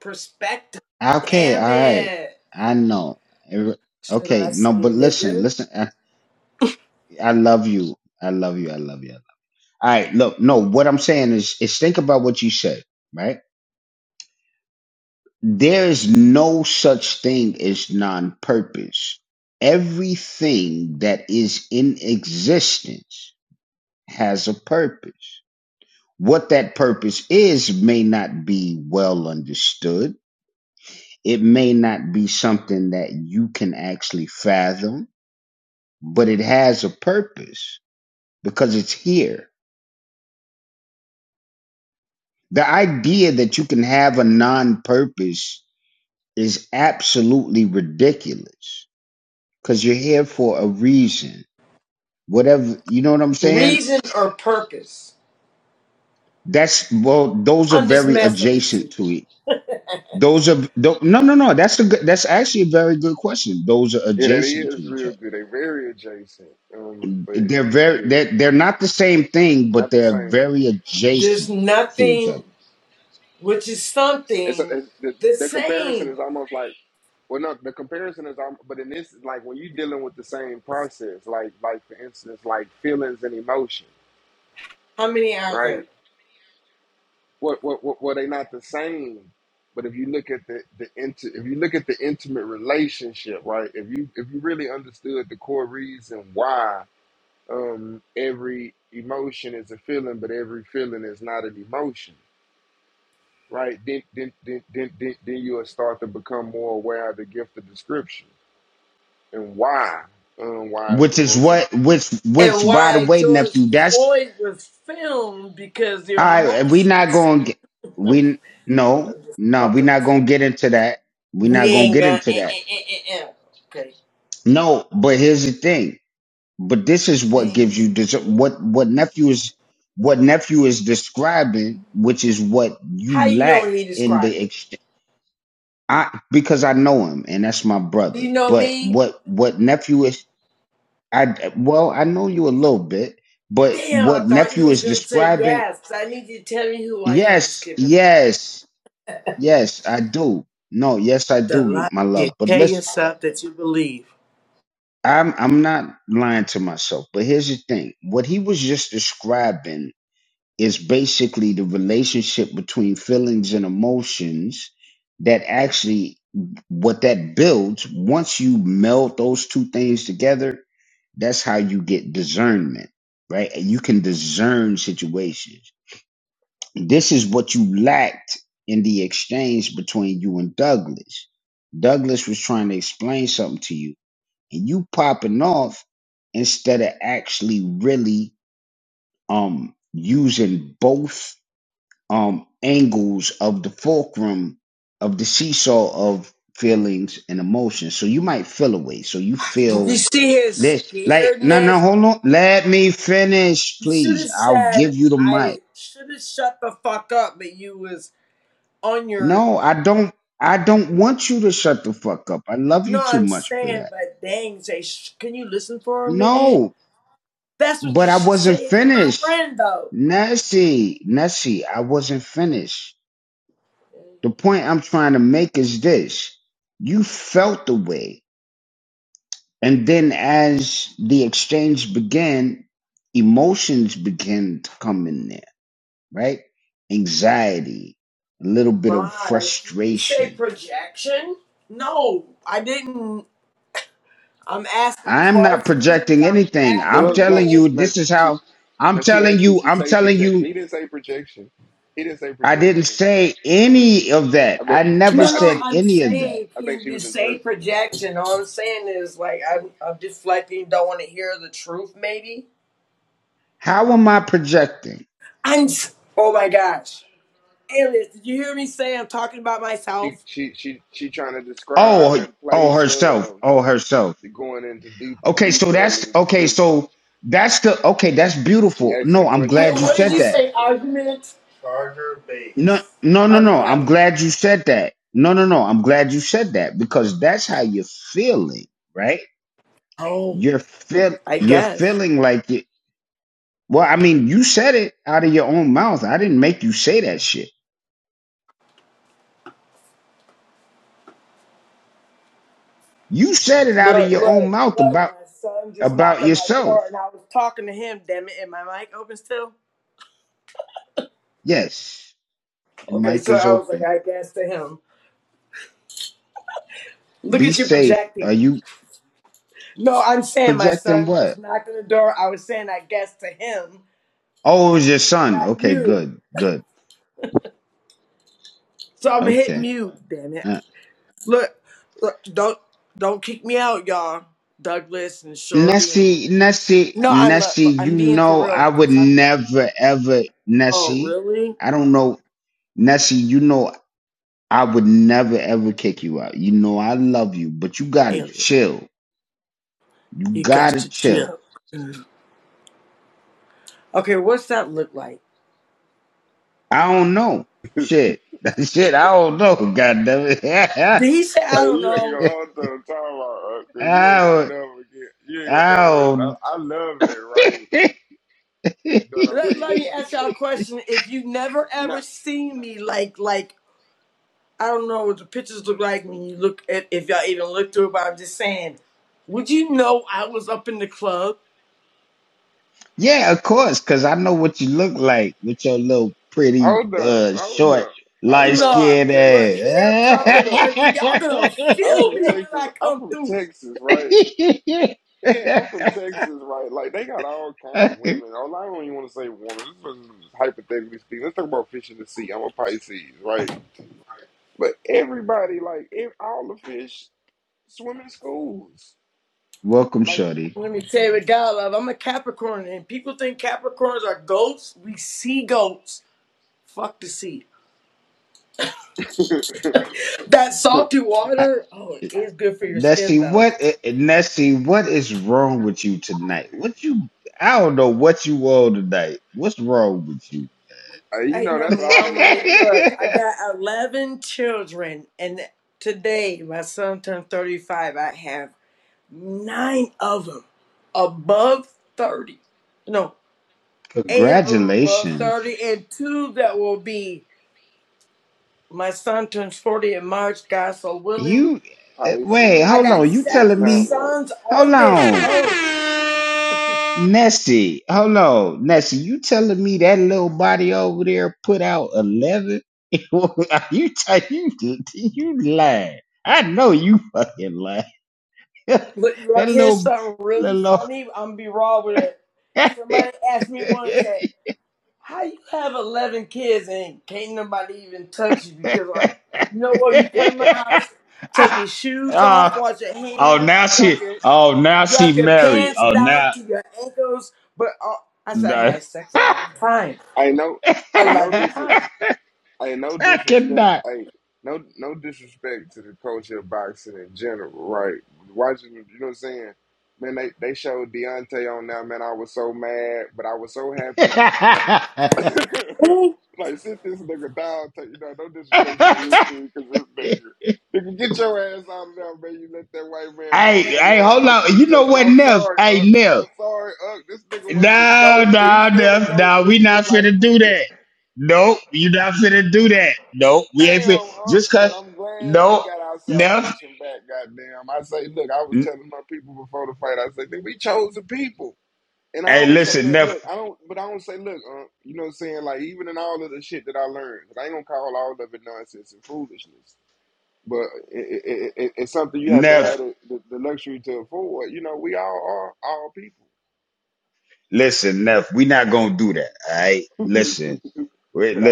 C: Perspective. Damn it. Should I say nigga? reason or purpose. I'm just messing with you.
A: Yeah, that is real good. They very adjacent, um, but yeah, not the same.
C: There's nothing which is
A: It's,
C: something
A: it's the,
C: the
A: the comparison
C: same.
A: is almost like well, no, the comparison is almost, but in this like when you're dealing with the same process, like like for instance, like feelings and emotion,
C: How many are
A: right?
C: there?
A: What what what were they not the same? But if you look at the the inti- if you look at the intimate relationship, right? If you if you really understood the core reason why um, every emotion is a feeling, but every feeling is not an emotion, right? Then then then then then, then you'll start to become more aware of the gift of description and why um, why is the most. Im-
C: And why George Floyd was filmed because their emotions. I'm just fucking with you. We ain't gonna. Eh, eh, eh, eh, eh. eh. Okay. Damn. How you know me? Describe it. Do you know me? Damn, I thought you was gonna say yes. I need you to tell me who I am. Just kidding. The lie can tear us that you believe. Did you see his scaredness? You should have said, I should have shut the fuck up, but you was on your. No, I'm saying, but dang, say, sh- can you listen for a minute? That's what you should say if you're my friend, though. My, can you say projection? No, I didn't. I'm asking questions. I'm
A: no, no, no,
C: passionate.
A: she, no, she, now she asked, "Did you say projection?" He didn't say projection. He didn't say projection. But but
C: No,
A: I
C: no,
A: think
C: I'm saying,
A: I think
C: can
A: she
C: you
A: was in
C: say
A: Turkey.
C: projection? All I'm saying is, like, I'm,
A: Oh,
C: I'm deflecting, don't want to hear the truth, maybe. I'm, s- oh my gosh. Alias, did you hear me say I'm talking about
A: she
C: myself?
A: she she she trying to describe and place of going into deeper detail in the description. She asking the
C: Hey,
A: question, "Am I
C: What did you
A: trying to?"
C: say,
A: Uh,
C: argument? Charger base. I don't have one. Oh, I guess. Look, look, look, my son just knocked on my door and I was talking to him, damn it, and my mic open still? Okay, so I was like, I guess to him. Look at you projecting. No, I'm saying my son just knocked on the door. I was saying, I guess to him, not you. So I'm hit mute. Damn it! Look, look, don't don't kick me out, y'all. Douglas and Shorty and no, I'm not, look, I'm being for real because I'm like, oh really? Alien, you got to chill. Okay, what's that look like? Did he say I
A: Hey,
C: don't
A: you ain't
C: know?
A: gonna hold to the time out because you ain't gonna never get. You ain't gonna never. I, I love it, right? You know what I
C: Let, let
A: mean?
C: me ask y'all a question. If you've never
A: Nah,
C: ever seen me like like I don't know what the pictures look like when you look at if y'all even look through it, but I'm just saying, would you know I was up in the club?
A: hold up, hold up, hold up. I'm
C: Nah,
A: from
C: look,
A: Texas.
C: hair covered
A: Hold
C: and
A: up,
C: everything. Y'all gonna
A: I'm
C: feel
A: from
C: me when
A: Texas.
C: I
A: I'm
C: come
A: from
C: through.
A: Texas, right? Yeah, I'm from Texas, right? Like they got all kind of women. Or I don't even want to say woman. This is hypothetically speaking. Let's talk about fish in the sea. I'm a Pisces, right? But everybody, like ev all the fish, swim in schools. Like
C: Let me tell you what God love. I'm a Capricorn, and people think Capricorns are goats. We see goats. Fuck the sea.
A: [LAUGHS] uh,
C: That salty water, oh, it is good for your skin though.
A: you
C: Ain't
A: know, that's
C: nothing
A: all
C: wrong
A: they
C: with
A: talk.
C: me. Look, I got 11 children, and today my son turned 35. I have Nine of them above 30. No, eight of them above 30, and two that will be. My son turns 40 in March, God so willing.
A: Pisces
C: I got
A: season
C: seven
A: time. Out.
C: sons on this earth. Look, you want to hear something really funny? I'm going to be raw with it. Somebody asked me once that. How you have eleven kids and can't nobody even touch you because like you know what? When you come in my house, take your shoes off, wash your hands, drop your drop your pants down to your ankles. But uh, I said I had sex eleven times.
A: I know. I know.
C: Eleven
A: this.
C: times.
A: Hey, no disrespect. Hey, no no disrespect to the culture of boxing in general, right? Watching, you know what I'm saying? Man, they, they showed Deontay on now, man. I was so mad, but I was so happy. [COUGHS] [LAUGHS] like, sit this nigga down. Take, you know, no disrespect to the history, because this nigga. Nigga, get your ass out of there, man. You let that white man pounce on your ass three times. I'm sorry, Unc. I'm sorry, Unc. This nigga was the GOAT, and he's still a GOAT, but it's just like, nigga. Unc. Damn, uh, but I'm glad we got our salvation back. Goddamn, I say, look, I was telling my people before the fight. I said, we chose the people, and I don't say that. Look, I don't, but I don't say, look, uh, you know what I'm saying? Like even in all of the shit that I learned, I ain't gonna call all of it nonsense and foolishness, but it, it, it, it's something you have to have the, the, the luxury to afford. You know, we all are all people. [LAUGHS] but I,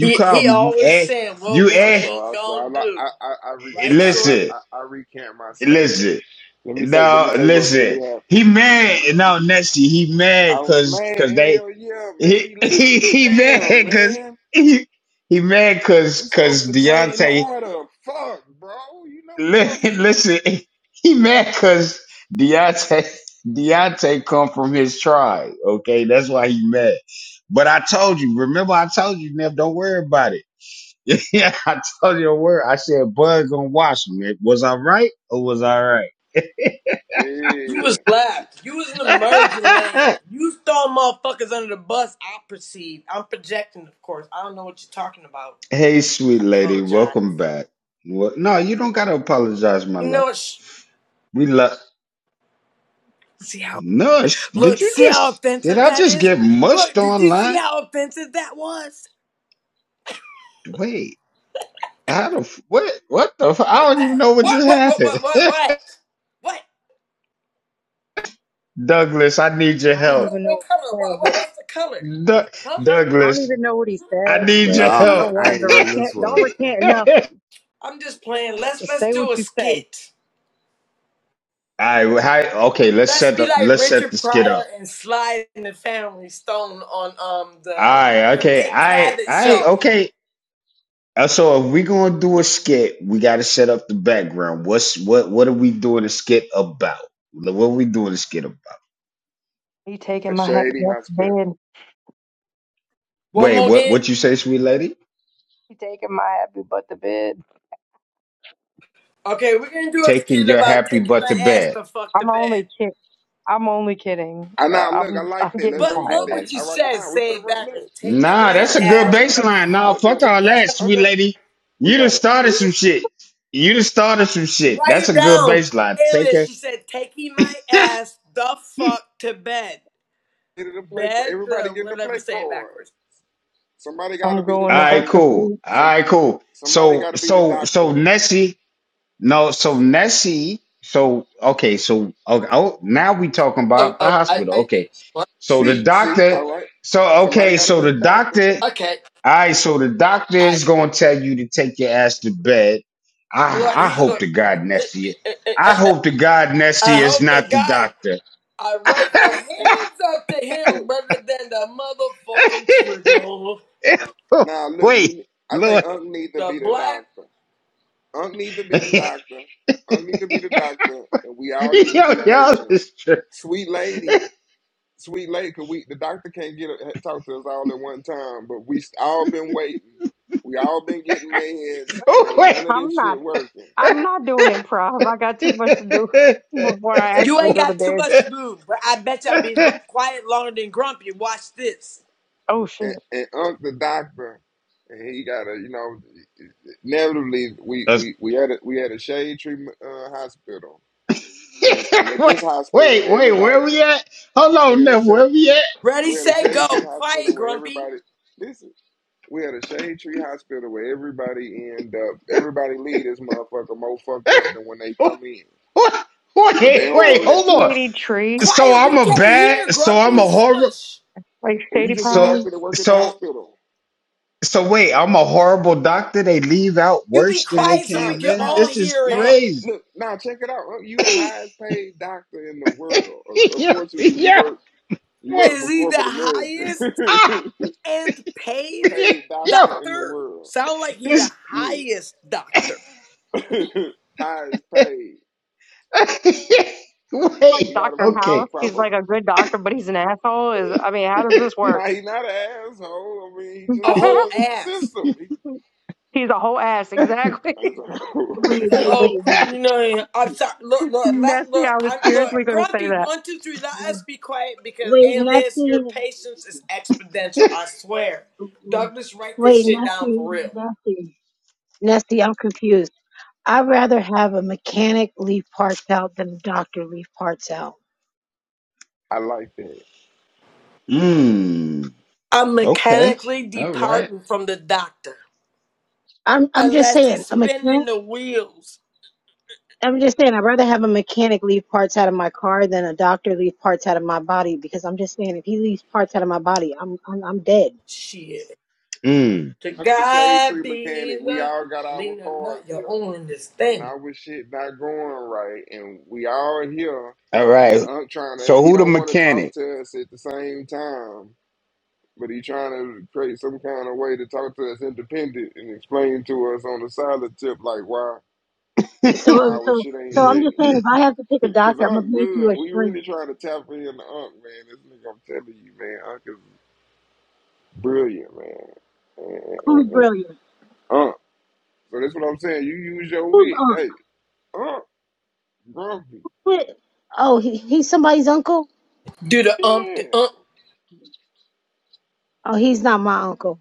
C: He he always saying "Well, we
A: I
C: ain't
A: saw. I saw.
C: gonna
A: I
C: do,
A: I I I, re-
C: right,
A: I, I,
C: Shorty?
A: I I recant my statement. Let me say. Let me say what really happened. I was mad. Hell yeah, man. He let me. Damn, man. We supposed to train harder. Fuck, bro. You know we supposed to.
C: You
A: Yeah.
C: was left. You was in the merging lane. You throw motherfuckers under the bus. I perceive. I'm projecting, of course. I don't know what you're talking about. apologize. You know, sh- see how look, see how offensive that is. Look, did you see how offensive that was? What? What? What? What? What? What? What? What,
J: don't
C: what,
J: even
C: what
J: know
C: color?
J: what he
C: What,
J: said,
C: what?
J: but
C: What's the color? Huh?
J: I don't even know what he said, but
I: No,
J: I don't
I: man,
J: want
I: I
J: him
I: ain't
J: to
I: in this
J: recant.
I: one.
J: Don't recant nothing.
C: I'm just playing. Let's
J: Just
C: let's
J: say
C: do
J: what
C: a
J: you say.
C: skit. Let's be like Richard Pryor and slide in the Family Stone on um the the Dick Cavett show.
J: He taking
A: A
J: my happy
A: shady
J: butt to bed.
A: hospital.
C: One more game.
J: He taking my happy butt to bed.
C: Okay, we're gonna do a skit about taking my ass to fuck the
J: I'm only
C: bed.
J: kidding. I'm only kidding.
A: I
J: Uh,
A: now look. I
J: I'm [LAUGHS]
A: like
J: I'm
A: that. Let's
J: getting
C: But
A: run with
C: look
J: tired. I-
A: that.
C: what you
A: All right.
C: said,
A: Now we
C: say
A: put a
C: it
A: run.
C: backwards.
A: Look.
C: Taking
A: Check it
C: my
A: out.
C: ass
A: Hold up.
C: the
A: Hold
C: fuck
A: up.
C: to bed.
A: Hold up. We got it.
C: Write it down. Alias, she said, taking my ass the fuck to bed.
A: Get it a play card.
C: Bed,
A: Everybody
C: uh,
A: getting a
C: whatever,
A: play
C: say it
A: card.
C: backwards.
A: Somebody got to
J: I'm
A: be the
J: going to fuck
A: doctor.
J: to sleep.
A: Somebody got to be the doctor.
C: Oh, oh, I, I, I- what?
A: See, see, all right. Somebody got to be the doctor.
C: okay. I, look, he, look, I hope the guy, I raise my
A: Look, If,
C: hands up to him
A: look,
C: rather than the motherfucking trigger.
A: now look, we. I think Unc need to
C: The
A: be the
C: black
A: doctor. Unc need to be the doctor. Unc need to be the doctor, and we all need to be patients. Sweet lady, sweet lady, cause we the doctor can't get talk to us all at one time, but we all been waiting. We all been getting meds, and ain't none of
J: I'm
A: this shit
J: not.
A: working.
J: I'm not doing improv. I got too much to do [LAUGHS] before I
C: You
J: actually
C: ain't
J: go to
C: got too
J: bed.
C: much to move, but I bet y'all be lo- quiet longer than Grumpy. Watch this.
J: Oh shit!
A: And, and Unc the doctor, and he gotta, you know. Narratively, we we we had a, we had a shade tree uh, hospital, and and at this hospital, everybody we had a shade
C: Ready,
A: we had a
C: set,
A: shade tree
C: go. Quiet,
A: hospital where
C: Grumpy.
A: everybody listen. We had a shade tree hospital where everybody end up everybody leave this motherfucker more fucked up than when they come in,
J: [LAUGHS] Is
A: but
J: this
A: they don't
J: like
A: know that shit.
J: shady tree?
C: Quiet. We can't hear Grumpy. Shush.
J: Like
A: Well, you
J: shady
A: just a doctor
J: pines?
A: that work at the hospital.
C: You be
A: Now,
C: quiet so
A: now,
C: we can all
A: now,
C: hear
A: now,
C: it.
A: look, now check it out. Huh? You the highest paid doctor in the world. Un- Unfortunately, you work You work
C: Is
A: for
C: he the
A: corporate America,
C: highest
A: [LAUGHS]
C: and paid
A: paid doctor in the
C: doctor?
A: world.
C: Sound like he the
A: Yeah,
C: highest doctor.
A: [LAUGHS] highest paid.
J: like
A: We got to
J: Dr.
A: put you in the
J: House. He's
A: proper.
J: like a good doctor, but he's an asshole. Is I mean, how does this work?
A: Nah, he not an asshole. I mean, he
C: A
A: just
C: whole
A: working with the
C: ass.
A: system. He,
J: [LAUGHS] he's a whole ass, exactly. [LAUGHS]
A: it's
C: He's
K: Wait,
A: a- [LAUGHS]
C: a
K: wait,
C: hoe.
K: wait, wait.
C: You know, I'm sorry. Look, look,
J: That's
C: let, look,
J: yeah, I was
C: I'm, look.
J: seriously going to say
C: Grumpy,
J: that.
C: one, two, three. Let us be quiet because,
K: Wait,
C: alias, your
K: Nessie.
C: patience is exponential. I swear. Douglas, write this
K: Wait,
C: shit down for
K: Nessie,
C: real.
K: Nessie. Nessie, I'm confused. I'd rather have a mechanic leave parts out than a doctor leave parts out.
A: I like that.
C: I'm mechanically departing from the doctor
K: I'm I'm just
C: unless
K: saying,
C: he's
K: a mechanic
C: spinning the wheels.
K: I'm just saying I'd rather have a mechanic leave parts out of my car than a doctor leave parts out of my body because I'm just saying if he leaves parts out of my body, I'm I'm, I'm dead.
C: Shit. To
A: Dr. Shade
C: God
A: Tree
C: be
A: Mechanic, we
C: the
A: all got our
C: Lena,
A: cars
C: not your
A: here,
C: own
A: and
C: understanding.
A: our shit not going right, and we all here, and Unc trying to. He don't want to talk to us at the same time. but he trying to create some kind of way to talk to us independent and explain to us on a solid tip like why
K: So
A: why our
K: so
A: shit
K: so
A: ain't
K: I'm just
A: ready.
K: saying if I have to pick a
A: [LAUGHS] Cause
K: doctor, I'm gonna
A: Unc
K: make you
A: good.
K: a
A: We
K: shrink.
A: really trying to tap in to Unc, man. This nigga, I'm telling you, man, Unc is brilliant, man. And- and-
K: Who's
A: and- and
K: brilliant?
A: Unc. So that's what I'm saying. You use your
K: Who's
A: wit.
K: on?
A: Hey, Unc, grumpy.
K: Wait, Oh, he, he's somebody's uncle?
C: Do the ump,
A: Yeah.
C: the ump,
K: Oh, he's not my uncle.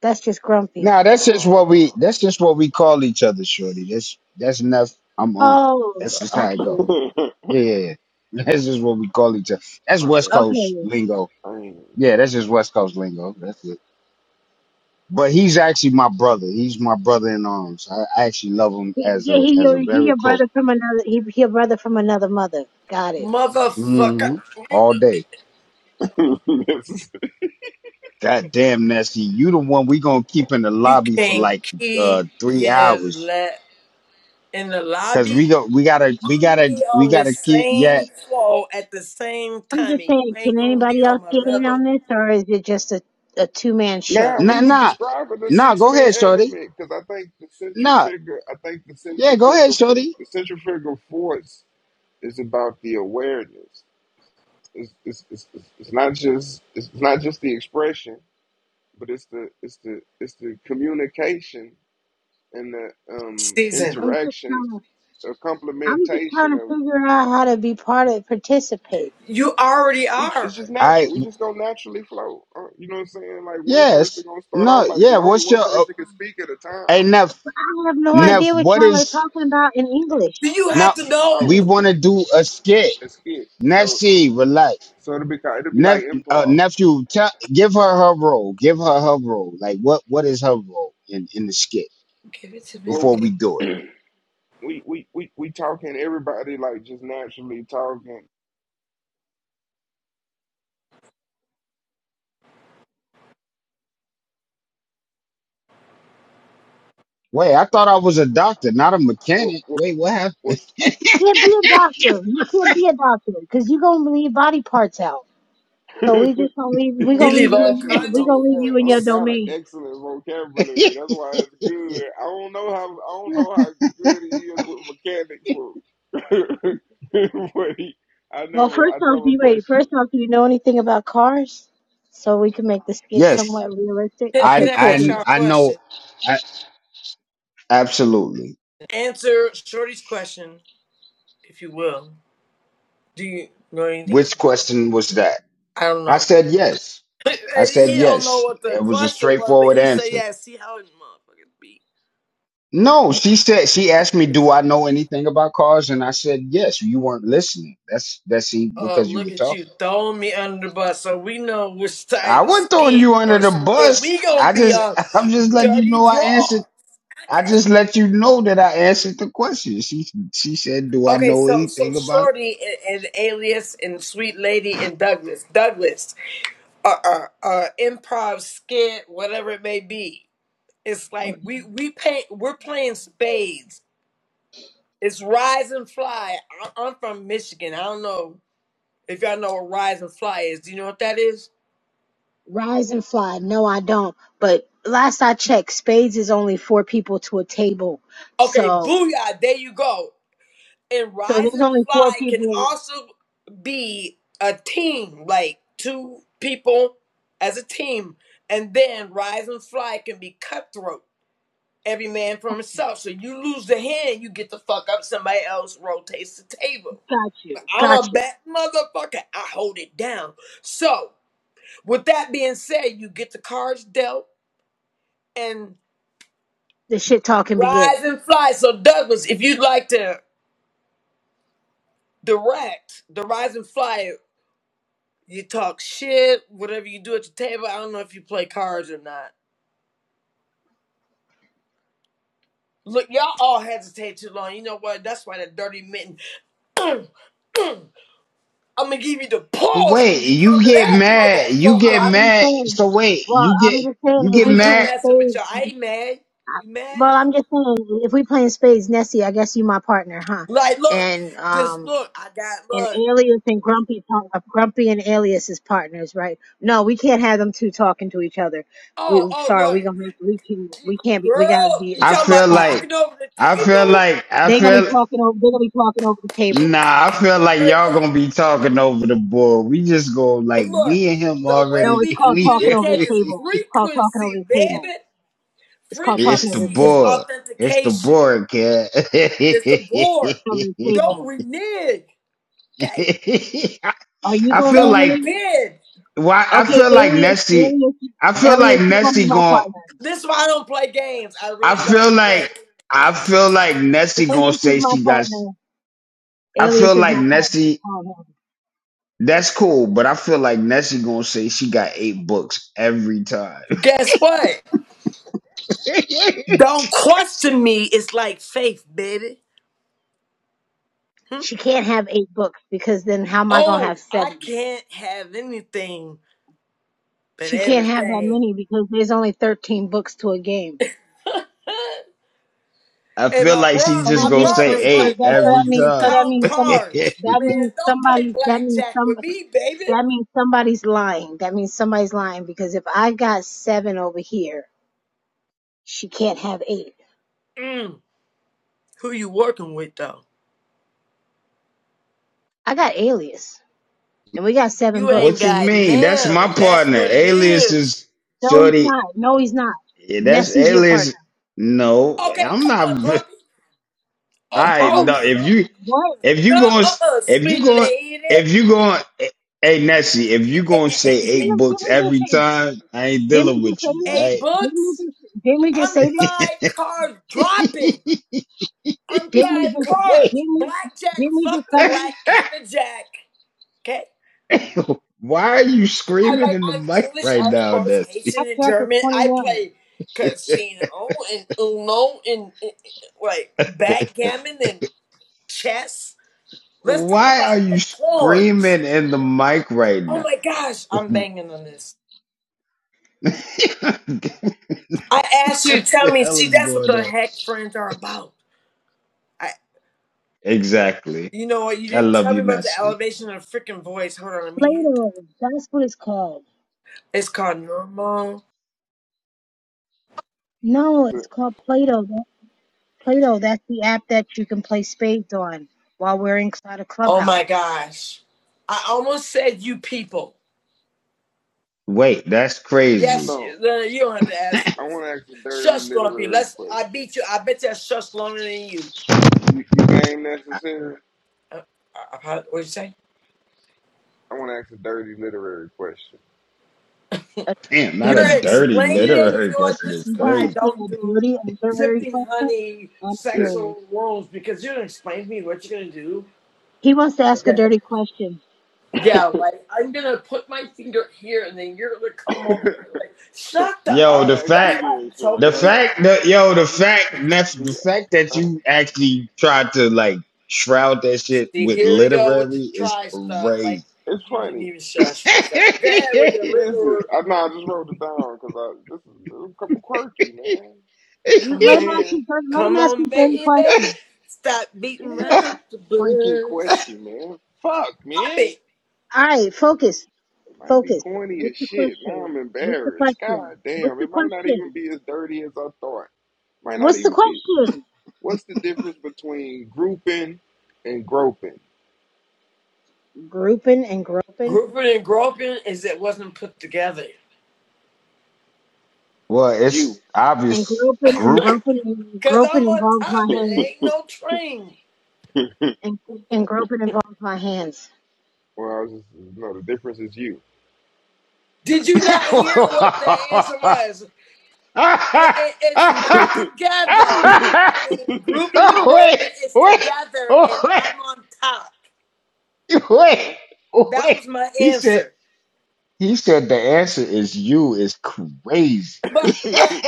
K: That's just Grumpy.
A: Uh,
K: Oh, okay,
A: [LAUGHS] my bad.
K: okay.
A: I ain't.
K: He- Yeah, he your he your brother from another he he your brother from another mother. Got it.
C: motherfucker.
A: Come on. [LAUGHS]
C: You can't keep give less. in the lobby, I'm gonna be on the same floor at the same
K: I'm
C: time,
K: just
C: and you
K: saying, can
C: ain't gonna
K: anybody
C: be on
K: else
C: my
K: get in on
C: level.
K: this, or is it just a a two man
A: Now
K: show?
A: we was describing the six man element because I think the central figure, I think the central figure, fo- the central figure force is about the awareness. It's, it's, it's, it's it's not just it's not just the expression, but it's the it's the it's the communication and the um,
C: Season,
K: I'm just
A: interaction,
K: trying.
A: a
K: I'm just
A: complementation
K: trying to
A: of
K: figure out how to be part of participate.
C: you already
A: we. It's
C: are.
A: just natural. We just gonna naturally flow. Uh, you know what I'm saying? Like one person gonna start off like, and only one person can speak at a time.
K: I have no
A: But it's
K: idea what y'all are talking about in English.
C: Do you have to
A: oh,
C: know?
A: what you a skit. So so it'll be kind. it'll be like improv.
C: Give it to me.
A: Well, [CLEARS THROAT] we we we we talking everybody like just naturally talking. What what was I,
K: Can't be a doctor. You can't be a doctor because you gonna leave body parts out. So we
A: [LAUGHS]
K: just gonna leave.
A: he
K: We
C: He
K: gonna leave
C: leave
A: really
K: you.
C: all
K: In, your-
A: actually
C: kinds
K: we
C: of
K: gonna
A: know?
K: leave you in your
A: Aunt
C: ports.
A: got an
K: domain.
A: excellent vocabulary. That's why it's good. I don't know how I don't know how good he is with mechanics. With, [LAUGHS] but he, I
K: Well,
A: never
K: first
A: I
K: off, do
A: never
K: you wait?
A: question.
K: First off, do you know anything about cars? So we can make the skit somewhat realistic.
C: Can, can
K: Okay,
C: I
K: cool.
C: ask y'all a
K: Then.
C: question? Answer Shorty's question, if you will. Do you know anything? about- I don't know. [LAUGHS] he don't know what the question was, but he said, "Yeah, see how it motherfuckers be." Oh, look at you throwing me under the bus. So we know which type of skit or skit we gonna be on. Dirty draws. Okay. Okay. So so Shorty and, and Alias and Sweet Lady and Douglas. Douglas. Uh, uh, uh, improv skit, whatever it may be. It's like
K: Okay.
C: we we pay, We're playing spades. It's rise and fly. I- I'm from Michigan. I don't know if y'all know what rise and fly is. Do you know what that is?
K: Rise and fly. No, I don't. But last I checked, spades is only four people to a table.
C: Okay,
K: So,
C: booyah! There you go. and
K: so
C: rise
K: there's
C: and
K: only four
C: fly can
K: people.
C: also be a team, like two people as a team, and then rise and fly can be cutthroat, every man for himself. So you lose the hand, you get the fuck up. Somebody else rotates the table.
K: Got you.
C: I'm a
K: Got you.
C: bad motherfucker. I hold it down. So with that being said, you get the cards dealt and
K: The shit
C: we
K: talking begins.
C: rise and fly. So Douglas, if you'd like to direct the rise and fly You talk shit, whatever you do at your table. I don't know if you play cards or not. Look, y'all all hesitate too long. You know what? That's why that dirty mitten. [CLEARS THROAT] I'm gonna give you the pause when you come to that motherfucker.
K: I'm just saying. Well, I'm just saying if
C: I'm
K: we play
C: just
K: a
C: messing
K: spade.
C: with y'all. I ain't mad. You mad?
K: Well, I'm just saying, if we playing spades, Nessie, I guess you my partner, huh?
C: Like, look,
K: And
C: just
K: um,
C: look. I got
K: and
C: look.
K: Alias and Grumpy, par- Grumpy and Alias is partners, right? No, we can't have them two talking to each other. We
C: Oh, oh,
K: sorry, we
C: look,
K: gonna have we can we can't be we gotta
C: girl.
K: be a
C: You talking
K: switch
C: about
K: partner.
C: talking over the table?
K: They gonna be talking over. They gonna be talking over the table.
C: Or look, look. The way
K: No, it's
C: we
K: called talking over the
C: communicate is
K: table. It's called talking over
C: frequency,
K: the table.
C: baby.
K: It's called talking over
C: Frequency
K: the
C: is
K: table.
C: authentication. It's the board.
K: Over the
C: Don't
K: table.
C: renege. Okay?
K: Are you gonna
C: Don't
K: rename?
C: bid.
K: Okay, Alias, Alias, Alias, you gonna be my partner.
C: This is why I don't play games. I really don't play.
K: Alias is my partner. Alias is my partner. Oh, no.
C: Guess what? Don't question me. It's like faith, baby. Hmm?
K: She can't have eight books because then how am I gonna
C: Oh,
K: have
C: I
K: seven?
C: can't have anything but
K: She can't have that
C: everything.
K: many because there's only thirteen books to a game.
C: [LAUGHS] And my bro,
K: So that
C: my
K: means so,
C: brother's
K: so
C: like,
K: that so
C: "Oh,
K: that
C: you
K: means
C: can
K: so that
C: count
K: means some
C: cards,
K: that means
C: man. Don't play
K: somebody that means
C: blackjack
K: some
C: with me, baby."
K: that means somebody's lying. That means somebody's lying because if I got seven over here, she can't have eight.
C: Mm, who you working with though?
K: I got Alias and we got seven
C: You ain't
K: books.
C: got nam, and that's what it is.
K: No, he's not. No, he's not. Nessie's your partner.
C: Okay, come on, Grumpy. Oh,
K: Oh,
C: oh, fuck.
K: what?
C: No, uh, uh sweet lady. Eh, eh, eh,
K: Okay,
C: eh,
K: Didn't, we just say? Didn't we just say
C: eh,
K: this?
C: Eight
K: Didn't we
C: books.
K: just? Didn't we just say
C: I'm
K: this?
C: five cards dropping. I'm
K: Didn't we
C: five
K: just?
C: cards.
K: Didn't we?
C: Blackjack.
K: Didn't we just
C: Fuck the
K: cover
C: black
K: this?
C: and the jack. Okay. I like. I'm English, Irish, Polish, Haitian,
K: Act
C: and
K: like it's
C: German. I
K: twenty-one.
C: play casino and Uno and, and, and like backgammon and chess. Let's talk about the pawns. Oh my gosh, I'm banging on this. I asked you to tell me. See, that's what the heck friends are about. I, you know what? You didn't tell me about the elevation of the freaking voice. Hold on, let me hit.
K: Plato. That's what it's called.
C: It's called normal.
K: No, it's called Plato. That- Plato. That's the app that you can play spades on while we're inside a
C: Oh
K: clubhouse.
C: my gosh, I almost said you people. Yes,
A: No,
C: you no, don't have to ask.
A: I
C: this.
A: want to ask a dirty
C: Shush, Grumpy.
A: literary
C: Let's. I
A: question.
C: beat you. I bet you I shush longer than you.
A: You you game necessary?
C: Uh, uh, what'd you say?
A: I want to ask a dirty literary question.
K: A
C: You're
K: dirty. Did
C: explaining
K: you
C: it.
K: just?
C: You know what? This is
K: Did
C: why
K: you
C: I
K: just say
C: don't
K: a
C: do
K: dirty observatory
C: dripping
K: question?
C: honey
K: I'm
A: Shit.
K: curious.
C: sexual worlds because you're gonna explain to me what you're gonna do.
K: He wants to ask a
C: Okay.
K: dirty question.
A: [LAUGHS] I
C: Yeah, like I'm gonna put my finger here and then you're gonna come over. there. Like, shut up.
A: asked
C: That's
A: you
C: why I'm
A: then, Shorty.
C: choking
A: Hold
C: you
A: on.
C: out.
A: The, uh,
C: See, here we go with the try stuff. Like,
A: it's
C: you didn't
A: funny.
C: even shush for a second. Go ahead with your
A: Listen,
C: little.
A: I know I just wrote it down because I this is a couple quirky, man.
C: Come
K: Let him
C: on,
K: ask his
A: And
K: dirty. Let him
C: come
K: ask
C: on,
K: his dirty
C: baby.
K: question.
C: Stop
A: yeah,
C: beating
A: let me ask the
C: around the
A: freaking
C: bush.
A: question, man. Fuck,
C: Pop it.
A: man.
K: All right, focus,
A: It might be
K: focus.
A: corny
K: What's
A: as
K: the
A: shit. Now
K: question?
A: I'm
K: What's the
A: embarrassed.
K: question?
A: God
K: What's
A: damn,
K: the
A: it might not even
K: question?
A: be as dirty as I thought. Might not
K: What's the
A: even be.
K: question?
A: What's the difference between grouping and groping?
K: Grouping and groping
C: Grouping and groping is it wasn't put together.
A: You.
K: and groping and groping and
C: Cause
K: groping
C: I'm on
K: involves
C: top
K: my
C: and it
K: hands
A: [LAUGHS]
C: ain't no train.
A: [LAUGHS] well, I
K: and and groping involves my hands.
A: was just no. The difference is you.
C: Did you not hear what the answer was? It, it, it's not together. I
A: [LAUGHS]
C: mean, grouping and groping is together, and I'm on top.
A: Huh?
C: That was my answer.
A: [LAUGHS]
C: But but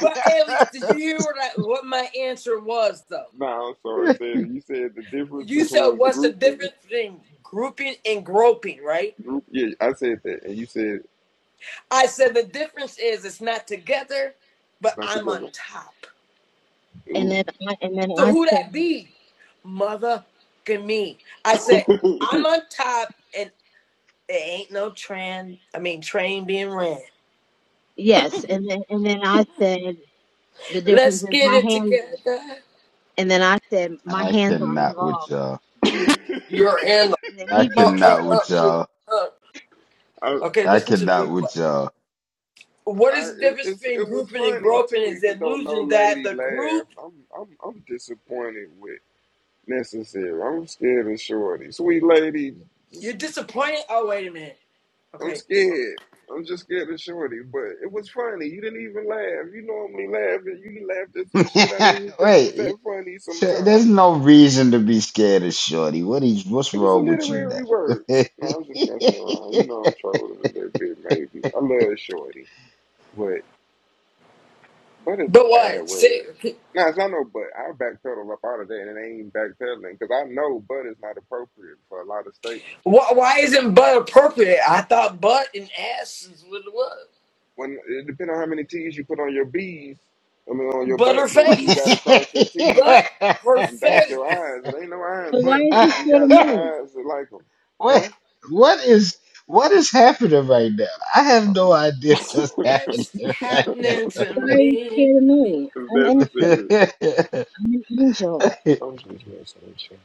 C: but, Alias, did you hear what I, what my answer was though?
A: nah, I'm sorry. Said you said the difference
C: You said
A: between
C: what's the
A: group and
C: difference between grouping and groping, right?
A: group. Yeah, I said that, and you said
C: I said the difference is it's not together, but
A: it's not
C: I'm on
A: together.
C: top.
K: And then
A: Ooh.
K: I, and then
C: So
K: I
C: who
K: said
C: that be? Mother me.
A: [LAUGHS]
C: I said,
A: I,
C: I'm on top and there ain't no train, I mean train being ran.
K: yes, and then and then I said the difference
C: Let's
K: is
C: get
K: my
C: it
K: hands.
C: together.
K: And then I said my hands are involved.
C: You're in
K: And then he just
C: uh,
K: said
C: uh, uh,
K: you.
C: uh. uh.
A: I,
C: Okay, listen to the replay. What is the
A: it,
C: difference
A: it's,
C: between
A: it was
C: grouping and
A: funny
C: groping
A: too,
C: is
A: even
C: the
A: though no
C: illusion that
A: lady
C: the group
A: laughed. I'm, I'm, I'm disappointed with necessary. I'm scared of shorty. Sweet lady, just
C: you're disappointed. Oh, wait a minute.
A: I'm
C: Okay.
A: scared. I'm just scared of Shorty, but it was funny. You didn't even laugh. You normally laugh, and you laughed at some shit I didn't think was that funny sometimes. It was a literary word. No, I'm just messing around. You know I'm trolling a little bit, maybe. I love Shorty, but but it's a
C: But
A: bad
C: what? Say,
A: word.
C: okay.
A: Now, it's not no but. I backpedal up out of that, and it ain't backpedaling, because I know but is not appropriate for a lot of statements.
C: Why, why isn't butt appropriate? I thought butt and ass is what it was.
A: When It depends on how many T's you put on your B's, I mean, on your
C: But her
A: butt, but you got to
C: face.
A: cross your T's
C: But her
A: and dot your
C: face.
A: eyes. It ain't no iron
K: But why
A: butt,
K: is
A: but
K: he
A: she
K: scared of
A: got some
K: me?
A: eyes that like them, huh? Um, [LAUGHS]
C: What's happening
A: it's
C: to
K: Why are you
C: me?
K: scared of me? I'm innocent.
A: necessary.
K: I'm an angel.
A: I'm just messing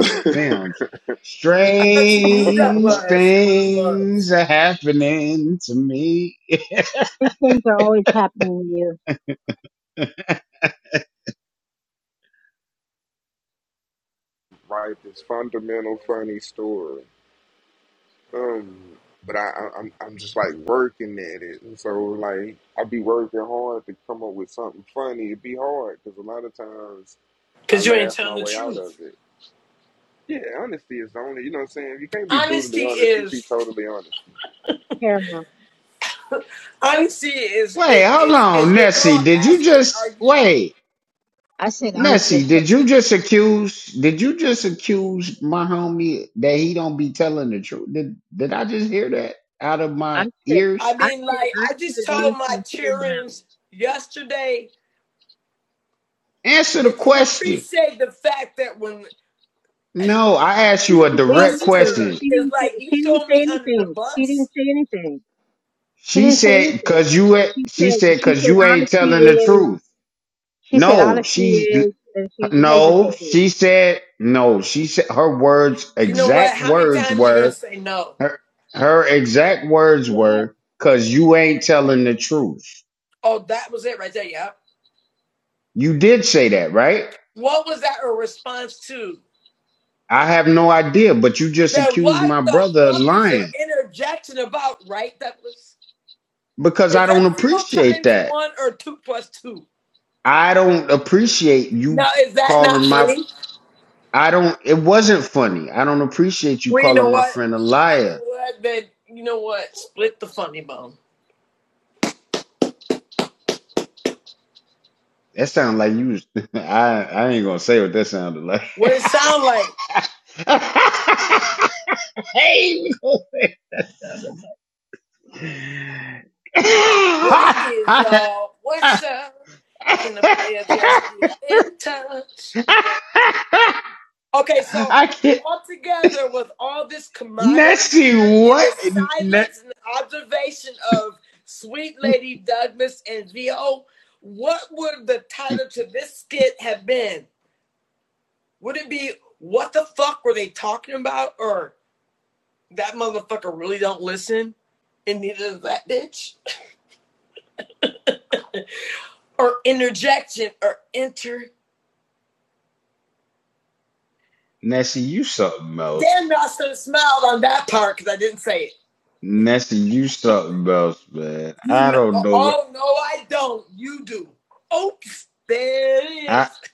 A: with
C: I thought you knew that
A: you. [LAUGHS]
C: was what it was.
K: These things are always happening to you.
A: Right, this fundamental funny story. Um, but I, I, I'm I'm just like working at it, and so like I be working hard to come up with something funny. It be hard because a lot of times I
C: Cause you ain't
A: laugh
C: telling
A: my
C: the
A: way out of
C: truth.
A: it. Yeah, honesty is the only. You know what I'm saying? You can't be brutally
C: Honesty
A: honest. Just be
C: is
A: totally honest.
K: Paramount.
C: honesty is is is, is your girl asking, are you
K: I said honesty is paramount. I said,
C: I
K: I said,
C: mean like
K: I
C: I just
K: said
C: told
K: honesty
C: my
K: is paramount.
C: cheerings yesterday they didn't appreciate the fact that when
K: She didn't say anything.
C: Buster
K: She
C: is
K: didn't. Say,
C: like, you
K: she didn't
C: throw
K: say
C: me under the
K: anything. She didn't
C: bus.
K: say anything. She didn't say anything. She said. She said honesty is. She said honesty is, and she hesitated.
C: You know what? How many times are you gonna say no?
K: What?
C: Oh, that was it right there. Yeah. What was that a response to? Then what the fuck is your interjection about, right, Douglas? Is that zero times one or two plus two? Now is that not funny? Well, you know what? You know what? Then you know what? Split the funny bone. What it sound like? What it is, y'all. What's up? Can the players just keep in touch? Okay, so all together with all this camaraderie here and the silence and observation of sweet lady Douglas and VO, what would the title to this skit have been? Would it be what the fuck were they talking about? Or that motherfucker really don't listen and neither does that bitch? Or interjection or inter Dan Nelson smiled on that part because I didn't say it. You, oh no, I don't. You do. Oops, there it is. [LAUGHS]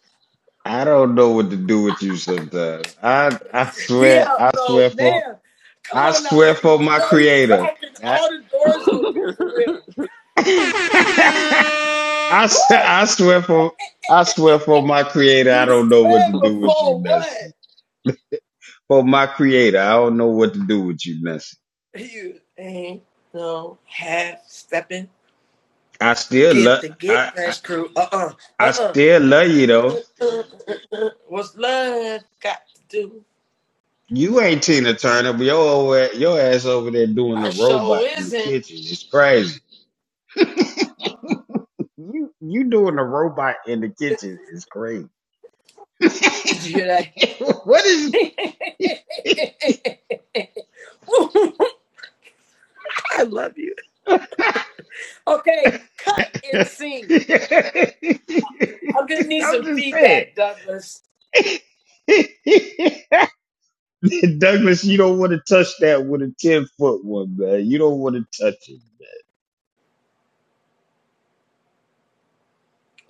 C: Yeah, no, man. Come on now. You know he's cracking all the doors
A: [LAUGHS]
C: open for real. Woo! You swear before what? You ain't no half stepping. Get the get fresh crew. Uh uh-uh, uh. Uh uh. What's love got to do? I show isn't. Did you hear that? [LAUGHS] I love you. Okay, cut and sing. I'm gonna need some feedback, Douglas.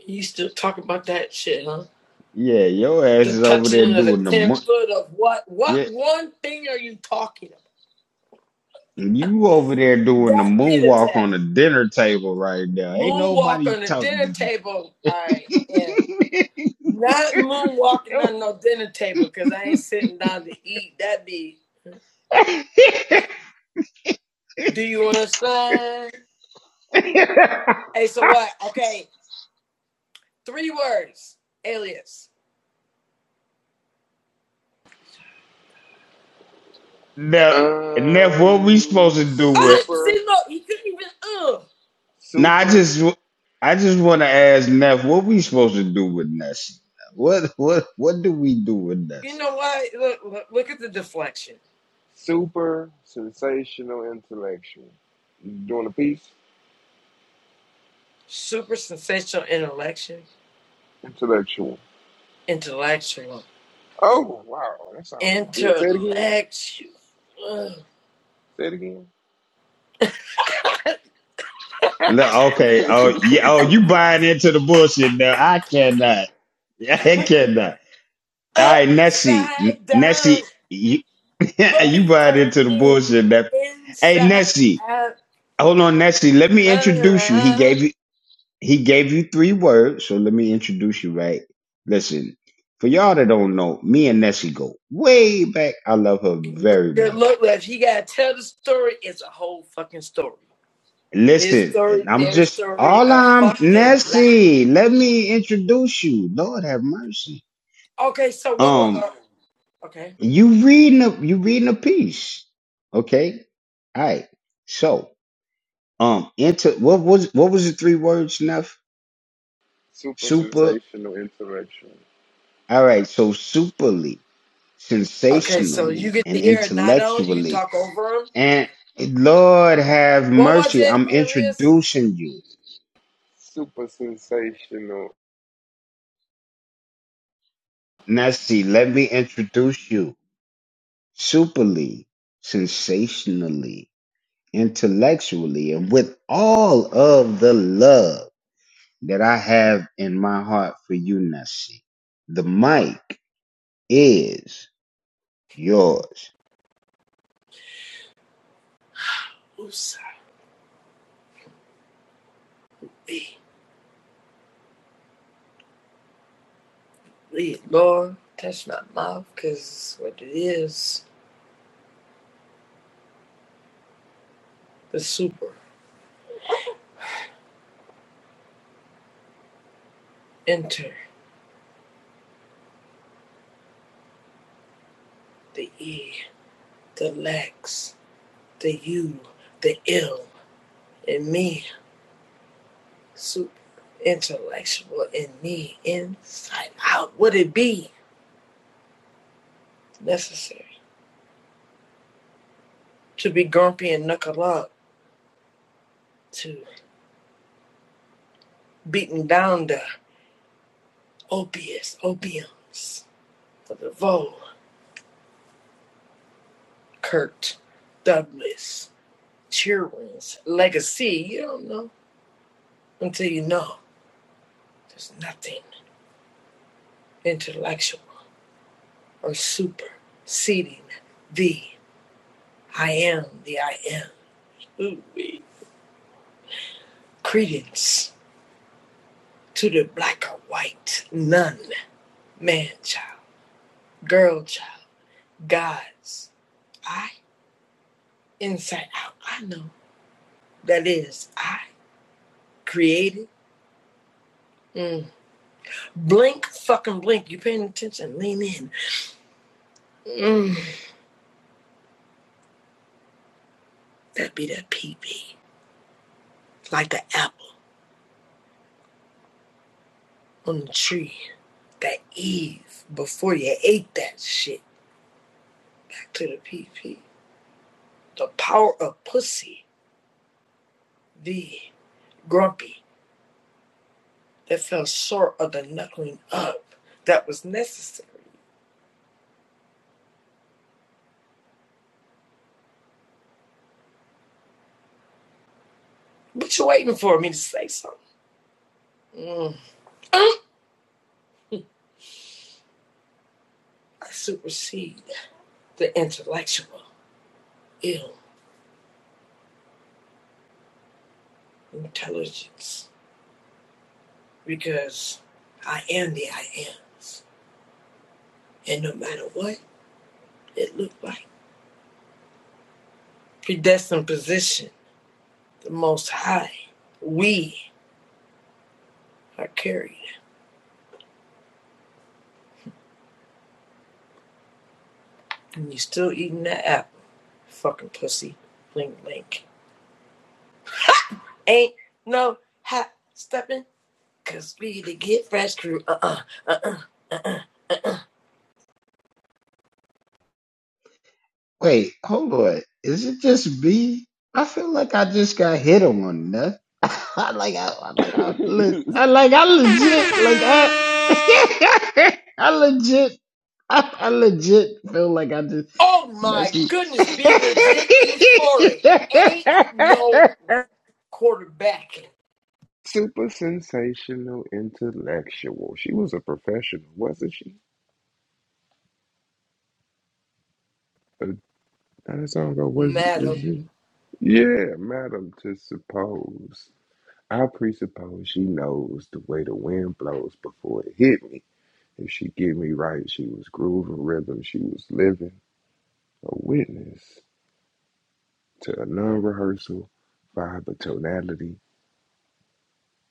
C: You still talk about that shit, huh? The touching of the ten foot of what? What one thing are you talking about? That be the tap. Moonwalk on the dinner table. I am not moonwalking on no dinner table because I ain't sitting down to eat. That be. Do you understand? Hey, so what? Okay, Three words. Alias.
A: um,
C: Oh, see,
A: super,
C: look, he couldn't even. Ugh.
A: super,
C: You know why? Look, look, look at the deflection.
A: super sensational intellectual. You doing a piece?
C: Super sensational intellection,
A: Intellectual.
C: intellectual,
A: Oh, wow. That sounded good. Say it
C: intellectual,
A: again. Say it again. [LAUGHS]
C: upside down. Boy, you turn me inside out, round around. Good look, left. He gotta tell the story. It's a whole fucking story. His story, their story, a fucking black. Okay, so what? Uh, Okay.
A: super sensational intellectual.
C: Okay, so you get to hear it, I don't. You talk over him. What was it, alias?
A: Super sensational.
C: Oops. Lord, touch my mouth, because what it is the super, enter, the E, the Lex, the U, the ill, in me, super, intellectual, in me, inside out. Would it be necessary to be grumpy and knuckle up, to beating down the opiates, opiums, for the vogue? Kurt Douglas, Cheerwings, Legacy. You don't know until you know. There's nothing intellectual or super seating the I am the I am. Ooh, wee. Credence to the black or white, none, man child, girl child, gods. I, inside out, I know. That is, I created. Mm. Blink, fucking blink. You paying attention? Lean in. Mm. That'd be that PB. Like the apple on the tree. That Eve before you ate that shit. Back to the PP. The power of pussy. The grumpy that fell short of the knuckling up that was necessary. What you waiting for me to say something? Mm. I supersede the intellectual, ill intelligence because I am the I am. And no matter what it looked like, predestined position the Most High. We are carried. And you still eating that apple. Fucking pussy. Link, link. Ain't no hot stepping. Cause we to get fresh crew. Uh-uh. Uh-uh.
A: [LAUGHS]
C: Oh my goodness. Be legit. Eat Foley. Ain't no quarterbacking.
A: Super sensational intellectual. She was a professional, wasn't she? Uh, Not that song ago, was is
C: Madam.
A: she? Yeah, madam to suppose. I presuppose she knows the way the wind blows before it hit me. If she get me right, she was grooving rhythm. She was living a witness to a non-rehearsal vibe of tonality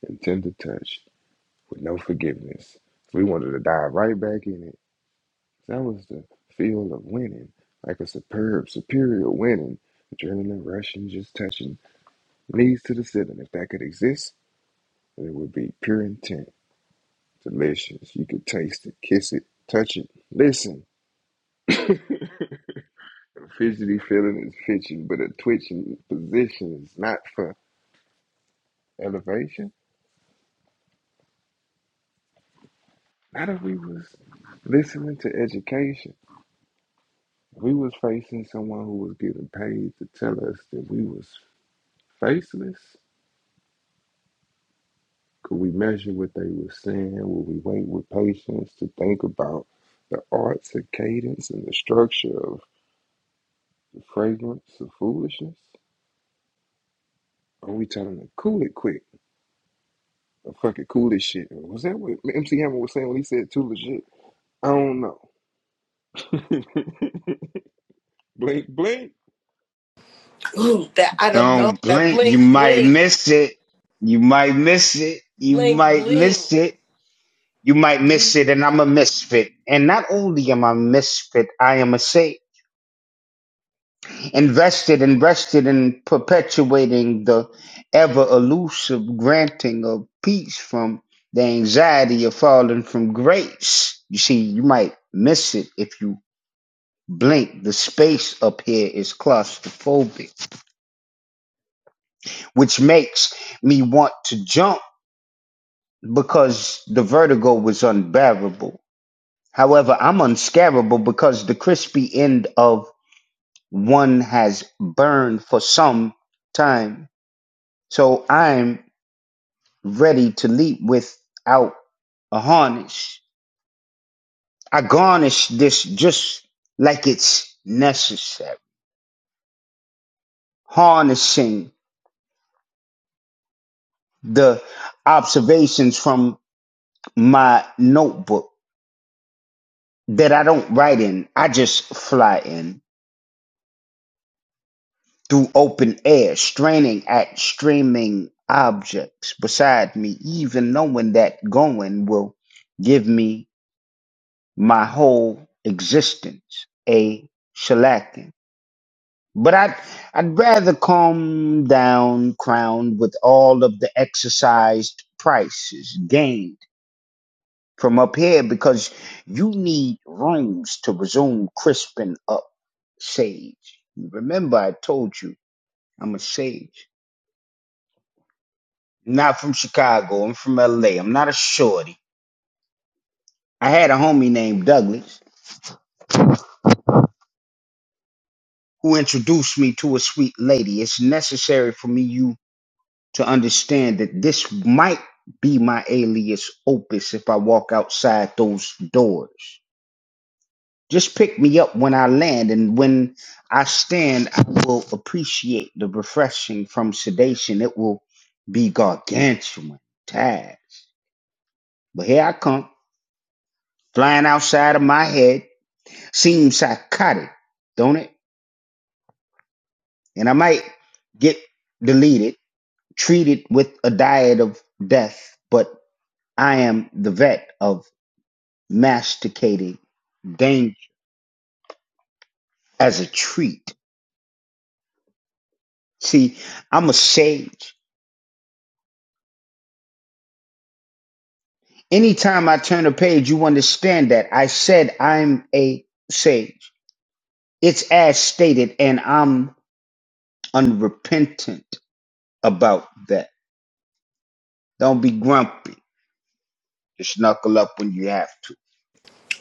A: and tender touch with no forgiveness. We wanted to dive right back in it That was the feel of winning, like a superb, superior winning. Adrenaline rushing, just touching, knees to the ceiling. If that could exist, it would be pure intent. Delicious. You could taste it, kiss it, touch it, listen. [LAUGHS] Fidgety feeling is fidgeting, but a twitching position is not for elevation. Not if we was listening to education. If we was facing someone who was getting paid to tell us that we was faceless, Could we measure what they were saying? Will we wait with patience to think about the arts of cadence and the structure of the fragrance of foolishness? Or we telling them, cool it quick, or fuck it, cool this shit? Was that what MC Hammer was saying when he said too legit? I don't know. [LAUGHS] blink, blink.
C: Ooh, that I don't know. That bling, bling. Bling, bling. Be-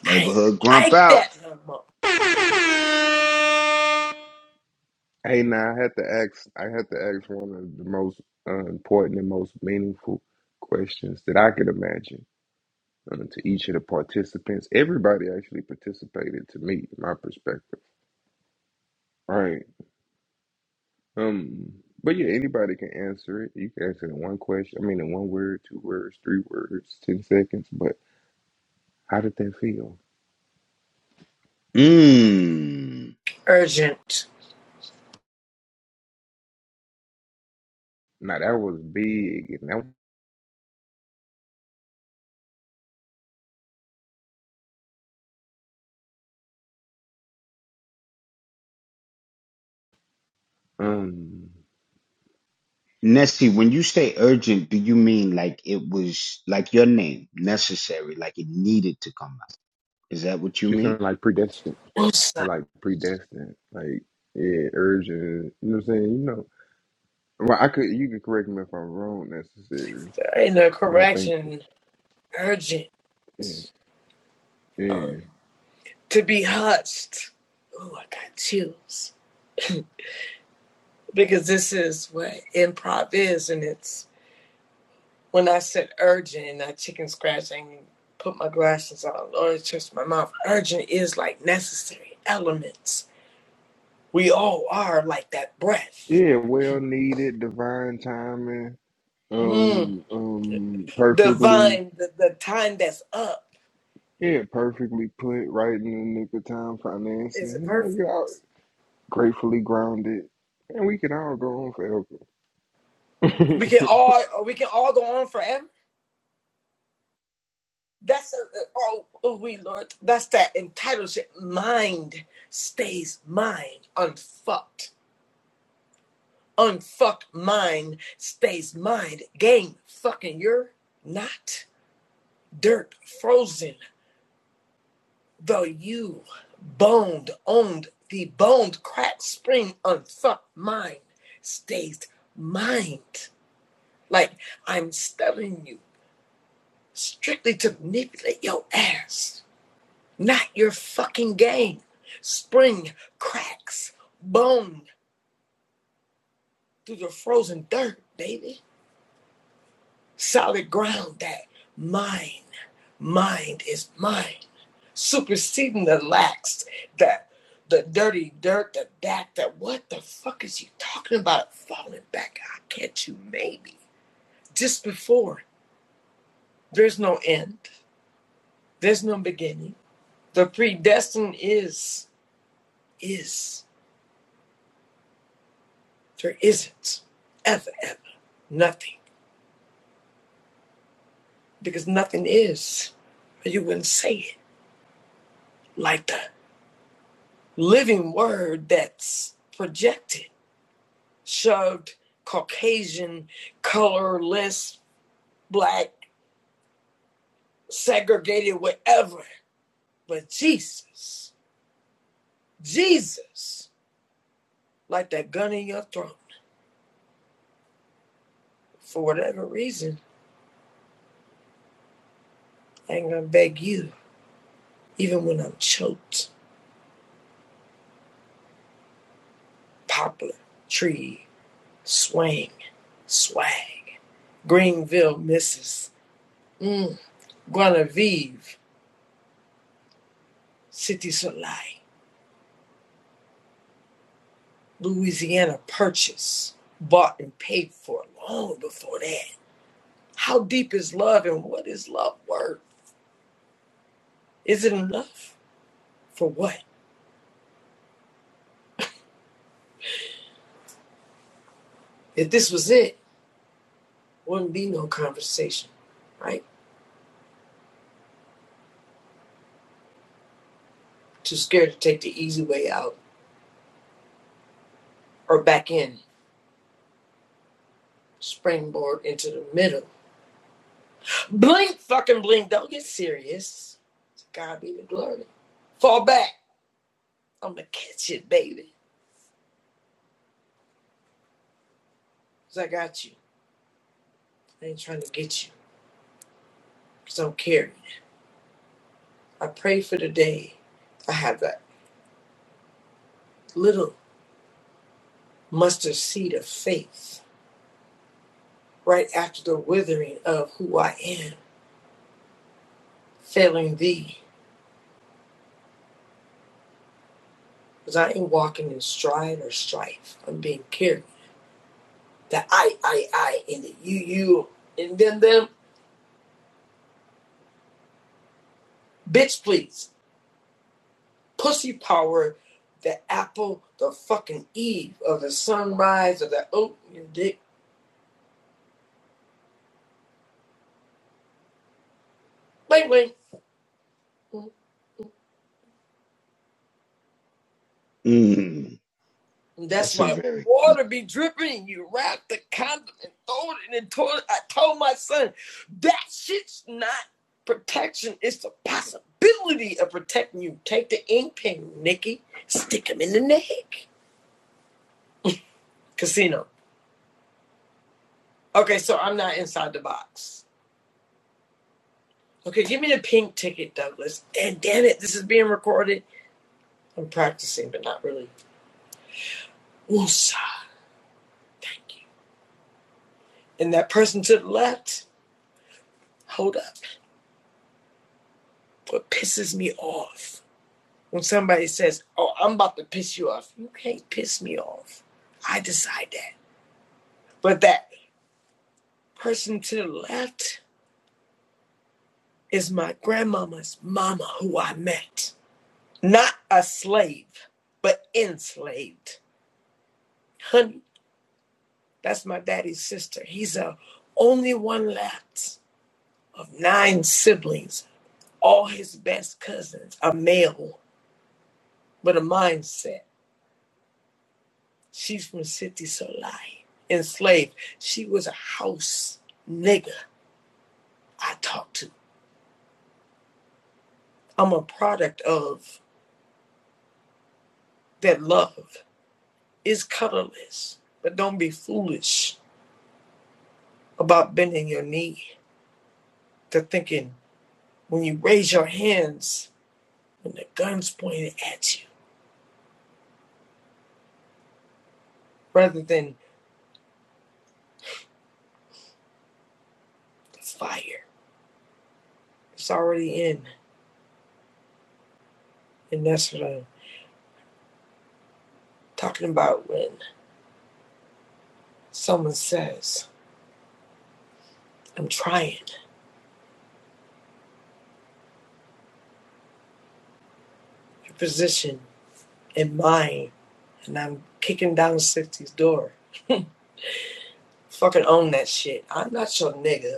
C: I ain't like that no more.
A: Hey, now I had to ask. I had to ask one of the most uh, important and most meaningful questions that I could imagine. um, to each of the participants. Everybody actually participated to me, my perspective. All right. Um, but yeah, anybody can answer it. You can answer it in one question. I mean, in one word, two words, three words, ten seconds. But how did that feel?
C: Urgent.
A: Now that was big, and that um, she sounded like predestined.
C: Oops.
A: You're like predestined, like yeah, urgent. You know what I'm saying? You know, well, I could. You could correct me if I'm wrong, necessarily.
C: ain't no
A: But I think,
C: correction urgent
A: yeah, yeah.
C: um, to be hushed. Oh, I got chills because this is what improv is, and it's when I said urgent, and I chicken scratched and put my glasses on, or it's just my mouth. Urgent is like necessary elements. We all are like that breath.
A: Yeah, well needed, divine timing,
C: Mm.
A: um, um, perfectly,
C: Divine, the, the time that's up
A: yeah, perfectly put right in the nick of time,
C: is
A: financing, like,
C: perfect.
A: you know, gratefully grounded, and we can all go on forever.
C: We
A: [LAUGHS]
C: can all we can all go on forever. That's a, all we learned. That's that entitlement. Mind stays mind. Unfucked. Unfucked mind stays mind. Game fucking you're not. Dirt frozen. Though you boned, owned the boned crack spring unfucked mind stays mind. Like I'm studying you strictly to manipulate your ass. Not your fucking game. Spring cracks bone through the frozen dirt, baby. Solid ground that mine, mind is mine. Superseding the lax, that the dirty dirt, the back, that what the fuck is he talking about? Falling back. I catch you maybe. Just before. There's no end. There's no beginning. The predestined is is. There isn't ever, ever nothing because nothing is. you wouldn't say it like the living word that's projected shoved Caucasian, colorless, black, segregated, whatever. But Jesus, Jesus, like that gun in your throat, for whatever reason, I ain't gonna beg you, even when I'm choked, poplar, tree, swing, swag. Greenville, Mrs. Mm. Guinevere, City Soleil, Louisiana Purchase, bought and paid for long before that. How deep is love and what is love worth? Is it enough? For what? If this was it, wouldn't be no conversation, right? Too scared to take the easy way out or back in, springboard into the middle. Blink, fucking blink. Don't get serious. To God be the glory. Fall back. I'm gonna catch it, baby. Because I got you. I ain't trying to get you. 'Cause I don't care. I pray for the day I have that little mustard seed of faith right after the withering of who I am, failing thee. 'Cause I ain't walking in stride or strife. I'm being carried. The I, I, I, and the you, you, and then them. Bitch, please. Pussy power. The apple, the fucking eve of the sunrise of the oat in your dick. Wait, wait. And that's why water be dripping and you wrap the condom and throw it in the toilet. I told my son, that shit's not protection. It's the possibility of protecting you. Take the ink pen, Nikki, stick him in the neck. Casino. Okay, so I'm not inside the box. Okay, give me the pink ticket, Douglas. And damn it, this is being recorded. I'm practicing, but not really. Woosah, thank you. And that person to the left, hold up. What pisses me off When somebody says, Oh, I'm about to piss you off, you can't piss me off. I decide that. But that person to the left is my grandmama's mama who I met. Not a slave, but enslaved. Honey, that's my daddy's sister. He's a only one left of nine siblings. All his best cousins are male, with a mindset. She's from City Solai. Enslaved. She was a house nigger. I talk to. I'm a product of that love. It's colorless, but don't be foolish about bending your knee to thinking when you raise your hands when the gun's pointed at you rather than the fire. It's already in. And that's what I'm talking about when someone says, I'm trying your position and mine, and I'm kicking down 60's door. [LAUGHS] Fucking own that shit. I'm not your nigga.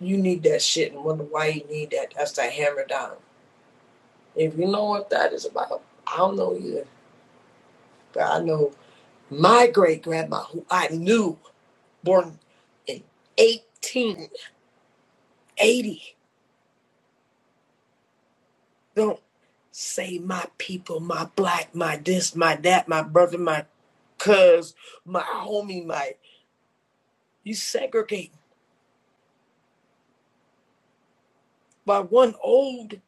C: You need that shit and wonder why you need that. That's that hammer down. If you know what that is about, I don't know either. But I know my great grandma, who I knew, born in 1880, don't say my people, my black, my this, my that, my brother, my cuz, my homie, my. You segregate by one old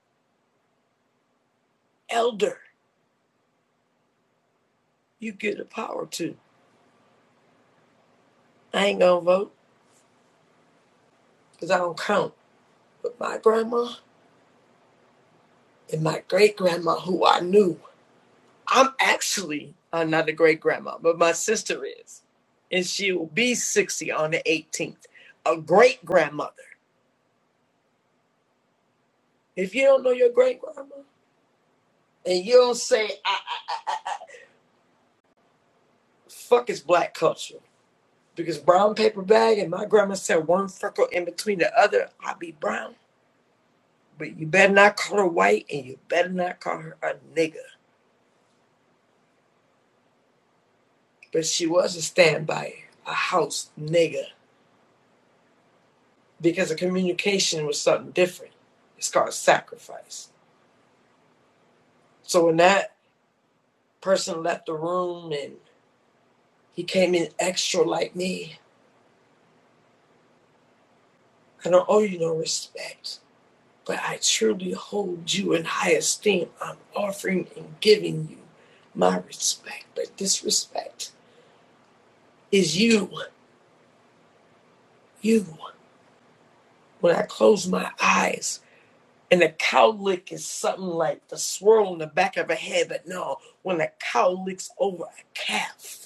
C: elder you give the power to. I ain't gonna vote because I don't count. But my grandma, and my great grandma, who I knew, I'm actually uh, not a great grandma, but my sister is. And she will be 60 on the 18th. A great grandmother. If you don't know your great grandma and you don't say, I, I, I, I, fuck is black culture. Because brown paper bag and my grandma said one freckle in between the other, I'll be brown. But you better not call her white and you better not call her a nigger. But she was a standby, a house nigger. because the communication was something different. It's called sacrifice. So when that person left the room and he came in extra like me, I don't owe you no respect, but I truly hold you in high esteem. I'm offering and giving you my respect, but this respect is you, you. When I close my eyes, and a cow lick is something like the swirl in the back of a head, but no, when a cow licks over a calf,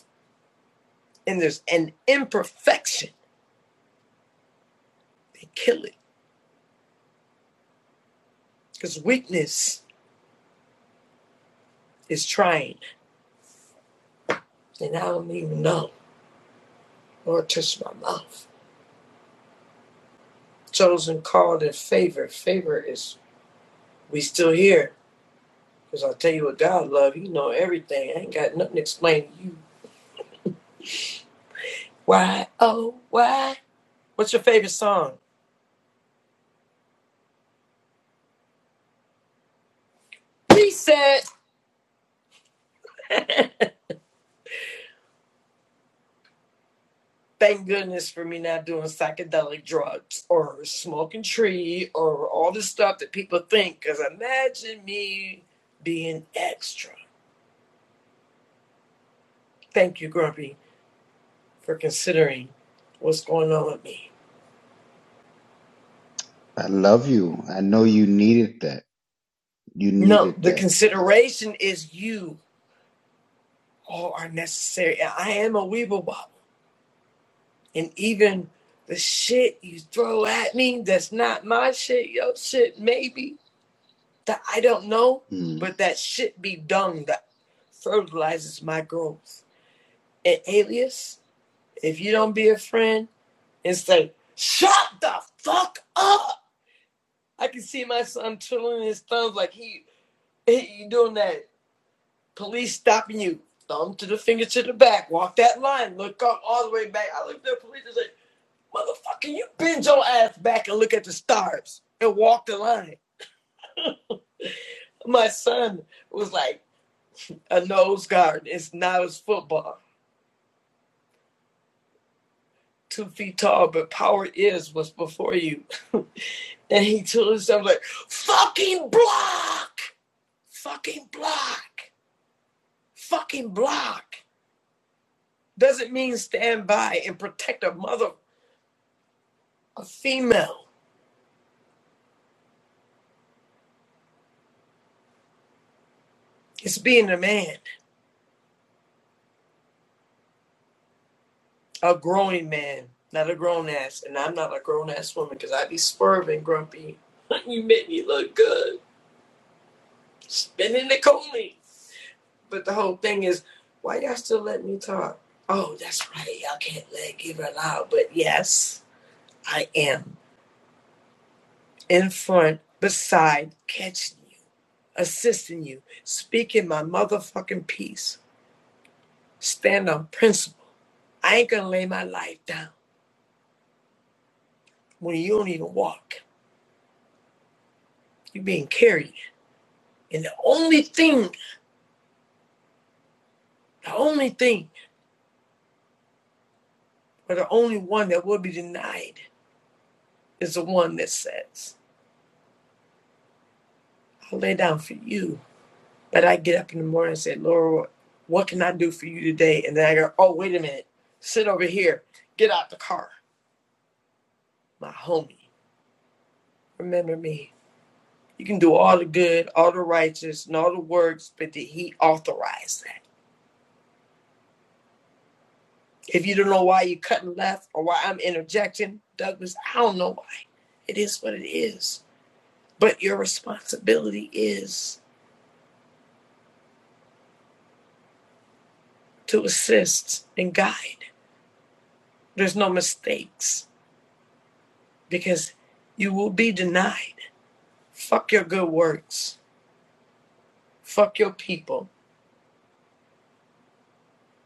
C: and there's an imperfection. They kill it because weakness is trying. And I don't even know. Lord, touch my mouth. Chosen, called, and favored. Favor is we still here because I I'll tell you what God love. You know everything. I ain't got nothing to explain to you. Why? Oh, why? What's your favorite song? Reset. [LAUGHS] Thank goodness for me not doing psychedelic drugs or smoking tree or all the stuff that people think. Because imagine me being extra. Thank you, Grumpy, for considering what's going on with me. No, the consideration is you all are necessary. And I am a weeble wobble. And even the shit you throw at me that's not my shit, your shit, maybe that I don't know, but that should be dung that fertilizes my growth. And alias, if you don't be a friend and say, shut the fuck up. I can see my son twiddling his thumbs like he, he doing that police stopping you. Thumb to the finger to the back. Walk that line. Look up all the way back. I looked at the police and said, motherfucker, you bend your ass back and look at the stars and walk the line. My son was like, A nose guard is not as football. Two feet tall, but power is what's before you. And he told himself like, fucking block, fucking block, fucking block. Doesn't mean stand by and protect a mother, a female. It's being a man, a growing man, not a grown ass. And I'm not a grown ass woman because I be swerving, grumpy. [LAUGHS] you make me look good, spinning the coney. But the whole thing is, why y'all still let me talk? Oh, that's right. Y'all can't let give her loud. But yes, I am in front, beside, catching you, assisting you, speaking my motherfucking piece. Stand on principle. I ain't gonna lay my life down when you don't even walk. You're being carried. And the only thing, the only thing, or the only one that will be denied is the one that says, I'll lay down for you But I get up in the morning and say, Lord, what can I do for you today? And then I go, oh, wait a minute. Sit over here. Get out the car. My homie, remember me. You can do all the good, all the righteous, and all the works, but did he authorize that? If you don't know why you're cutting left or why I'm interjecting, Douglas, I don't know why. It is what it is. But your responsibility is to assist and guide. There's no mistakes because you will be denied. Fuck your good works. Fuck your people.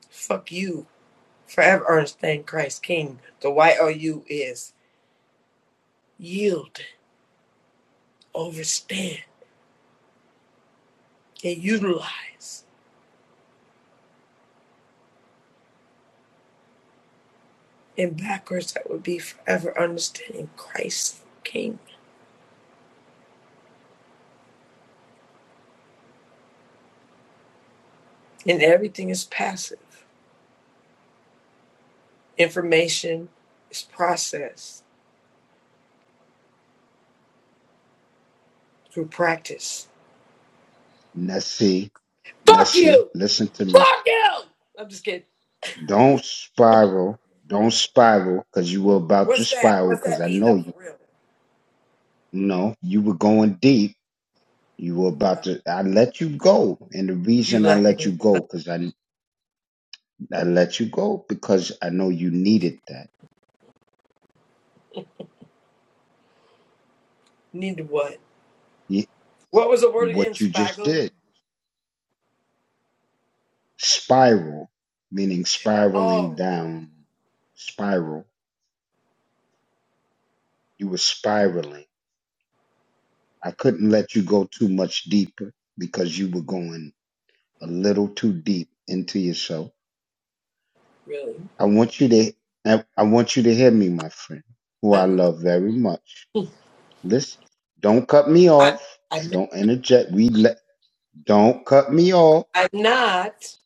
C: Fuck you. Forever Ernestine Christ King. The YOU is yield, overstand, and utilize. And backwards, that would be forever understanding Christ King. And everything is passive. Information is processed through practice. Fuck you! Fuck you! I'm just kidding. What's that? What's that mean, though, for real? Uh, You let me. Need to what? What was the word again, Spaggle? all, really. I'm, I, I'm, I'm not.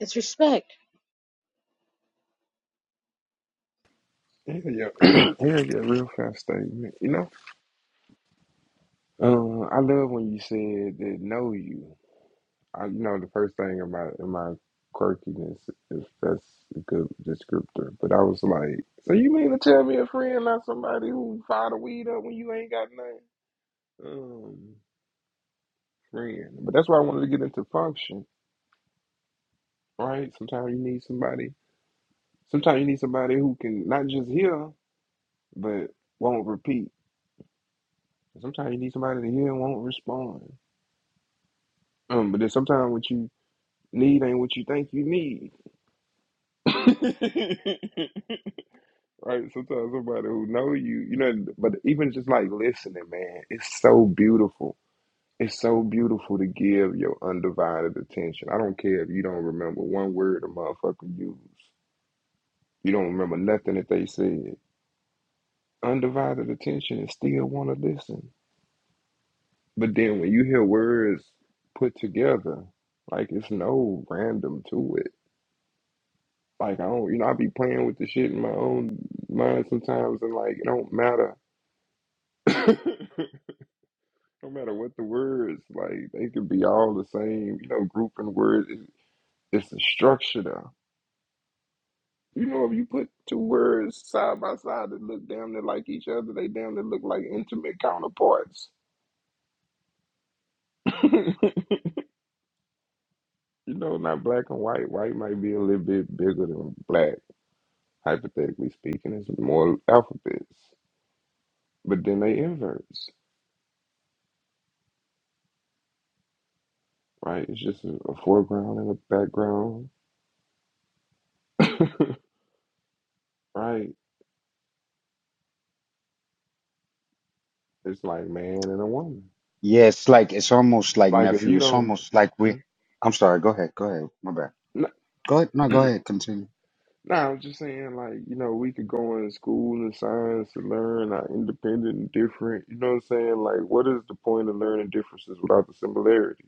K: It's respect.
A: Hell yeah, [CLEARS THROAT] Hell yeah, real fast statement, you know. Um, I love when you said that know you. I know the first thing in my in my quirkiness, if that's a good descriptor. But I was like, so you mean to tell me a friend, not somebody who fire the weed up when you ain't got nothing? Um, friend. But that's why I wanted to get into function, right? Sometimes you need somebody. Sometimes you need somebody who can not just hear, but won't repeat. Sometimes you need somebody to hear and won't respond. Um, but then sometimes what you need ain't what you think you need. [LAUGHS] right? Sometimes somebody who know you, you know, but even just like listening, man, it's so beautiful. It's so beautiful to give your undivided attention. I don't care if you don't remember one word a motherfucker used. You don't remember nothing that they said. Undivided attention and still want to listen. But then when you hear words put together, like it's no random to it. Like I don't, you know, I be playing with the shit in my own mind sometimes, and like it don't matter. [COUGHS] No matter what the words, like they could be all the same, you know, grouping words. It- It's a structure though. You know, if you put two words side by side that look damn near like each other, they damn near look like intimate counterparts. [LAUGHS] You know, not black and white. White might be a little bit bigger than black, hypothetically speaking. It's more alphabets. But then they inverse, right? It's just a, a foreground and a background, right? It's like man and a woman. Like if you don't. Mhm. No, I'm just saying, like, you know, we could go in school and science to learn our independent and different. You know what I'm saying? Like, what is the point of learning differences without the similarities?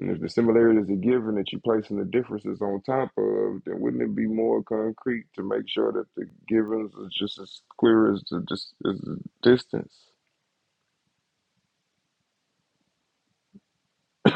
A: And if the similarities are given that you're placing the differences on top of, then wouldn't it be more concrete to make sure that the givens is just as clear as the, dis- as the distance? [LAUGHS]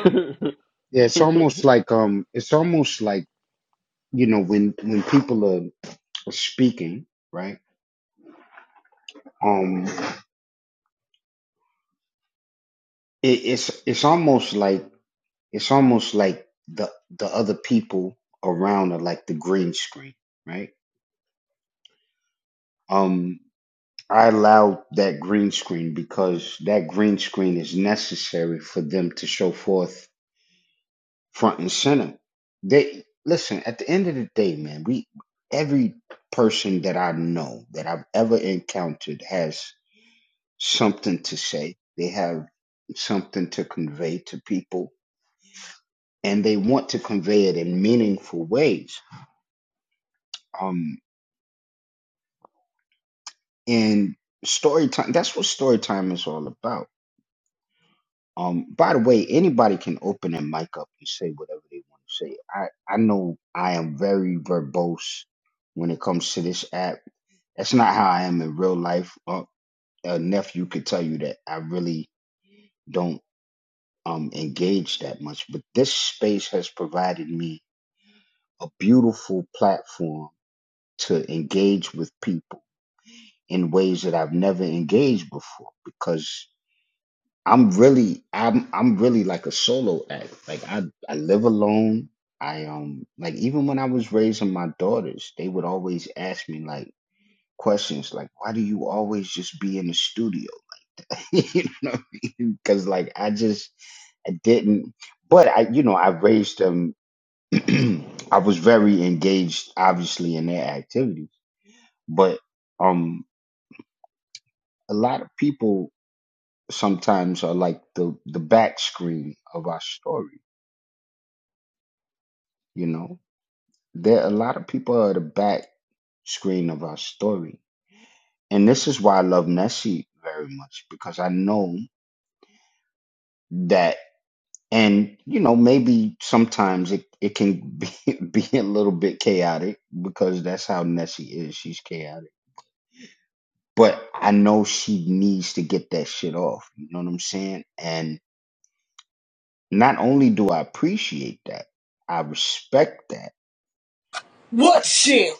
C: What shit?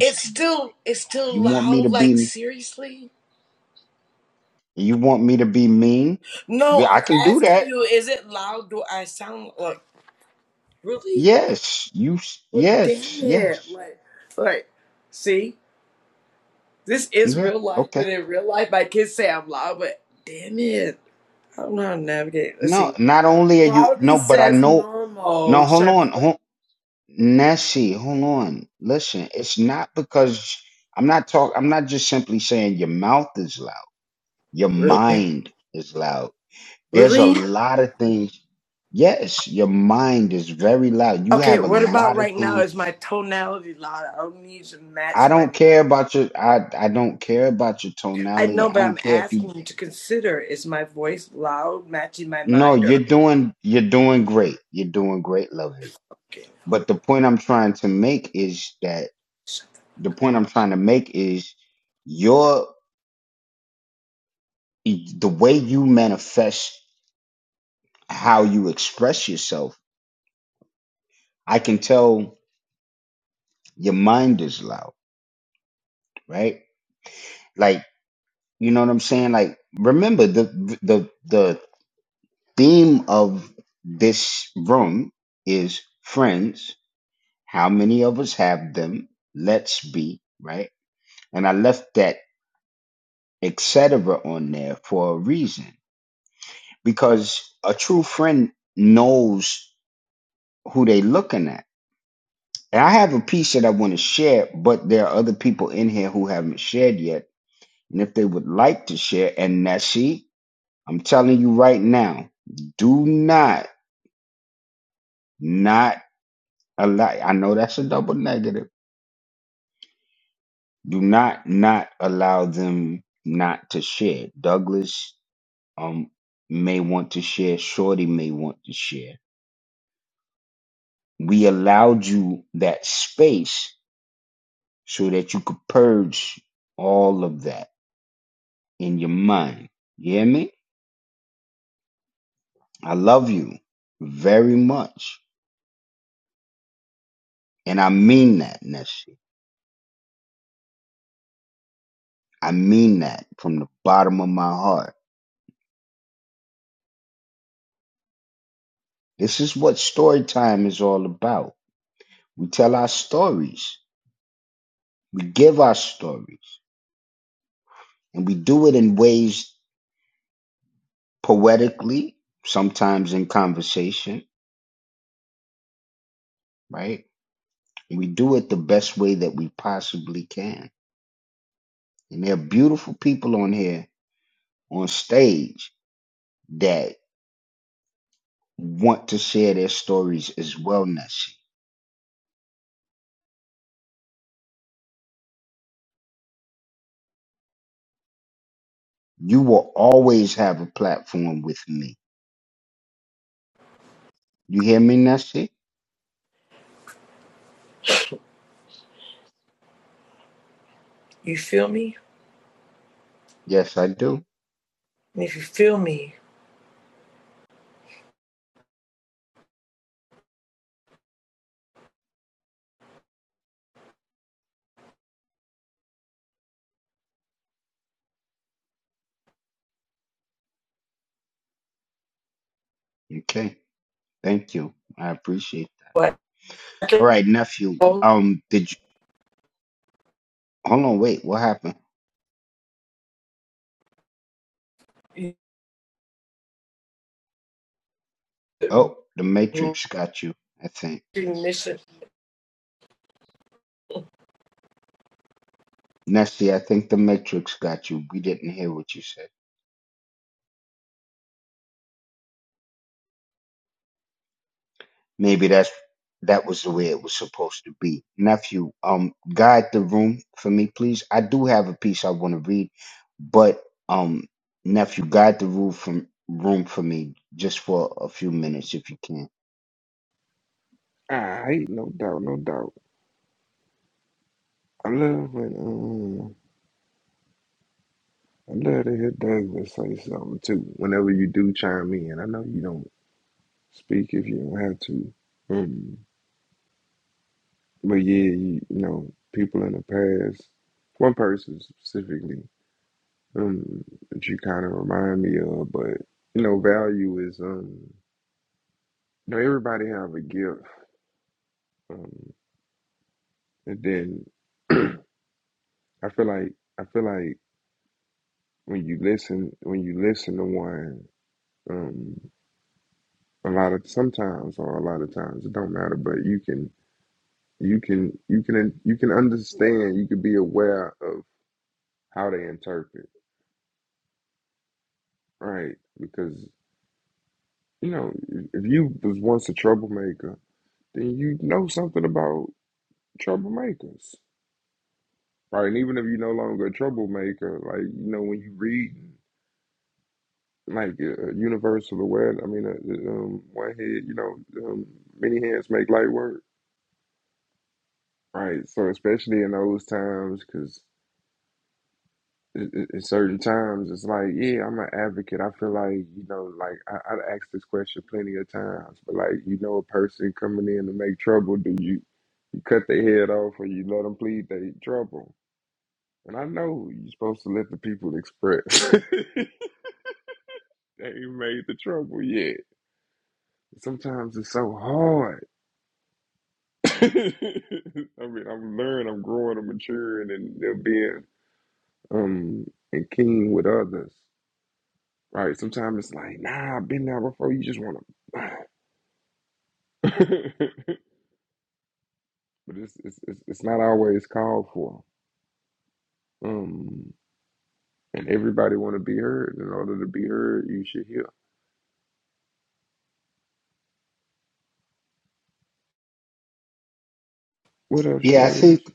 C: It's still it's still loud. Like seriously? No, I'm asking you. Is it loud? Do I sound like really? Well, damn it! Like like, see, this is real life. But in real life, I can say I'm loud. But damn it, I don't know how to navigate. Let's see. Quality says normal. Should I put like really? Really? Okay, what about right now? Is my tonality loud? I don't need to match my. I know, but I'm asking you to consider: is my voice loud, matching my mind, or okay? You feel me? And if you feel me, what? Recognition.
A: I no doubt, no doubt. I love when um I love to hear Douglas say something too. Whenever you do chime in, I know you don't. Speak if you don't have to. Um, but yeah, you, you know, people in the past, one person specifically, um, that you kind of remind me of. But you know, value is um, you know, everybody have a gift. Um, and then [CLEARS THROAT] I feel like I feel like when you listen, when you listen to one, um, a lot of sometimes or a lot of times it don't matter, but you can you can you can you can understand, you can be aware of how they interpret, right? Because you know, if you was once a troublemaker, then you know something about troublemakers, right? And even if you no longer a troublemaker, like you know, when you read like uh, Universal Aware, I mean, uh, um, one head, you know, um, many hands make light work, right? So especially in those times, because. at at- at certain times it's like yeah i'm an advocate i feel like you know like I, i've asked this question plenty of times but like you know a person coming in to make trouble do you you cut their head off or you let them plead their trouble and i know you're supposed to let the people express [LAUGHS] they ain't made the trouble yet sometimes it's so hard [LAUGHS] i mean i'm learning i'm growing i'm maturing and uh, being um and keen with others Right. Sometimes it's like, nah, I've been there before. You just want to, [LAUGHS] but it's, it's it's it's not always called for. Um, and everybody want to be heard. In order to be heard, you should hear. What up, Shorty? What you?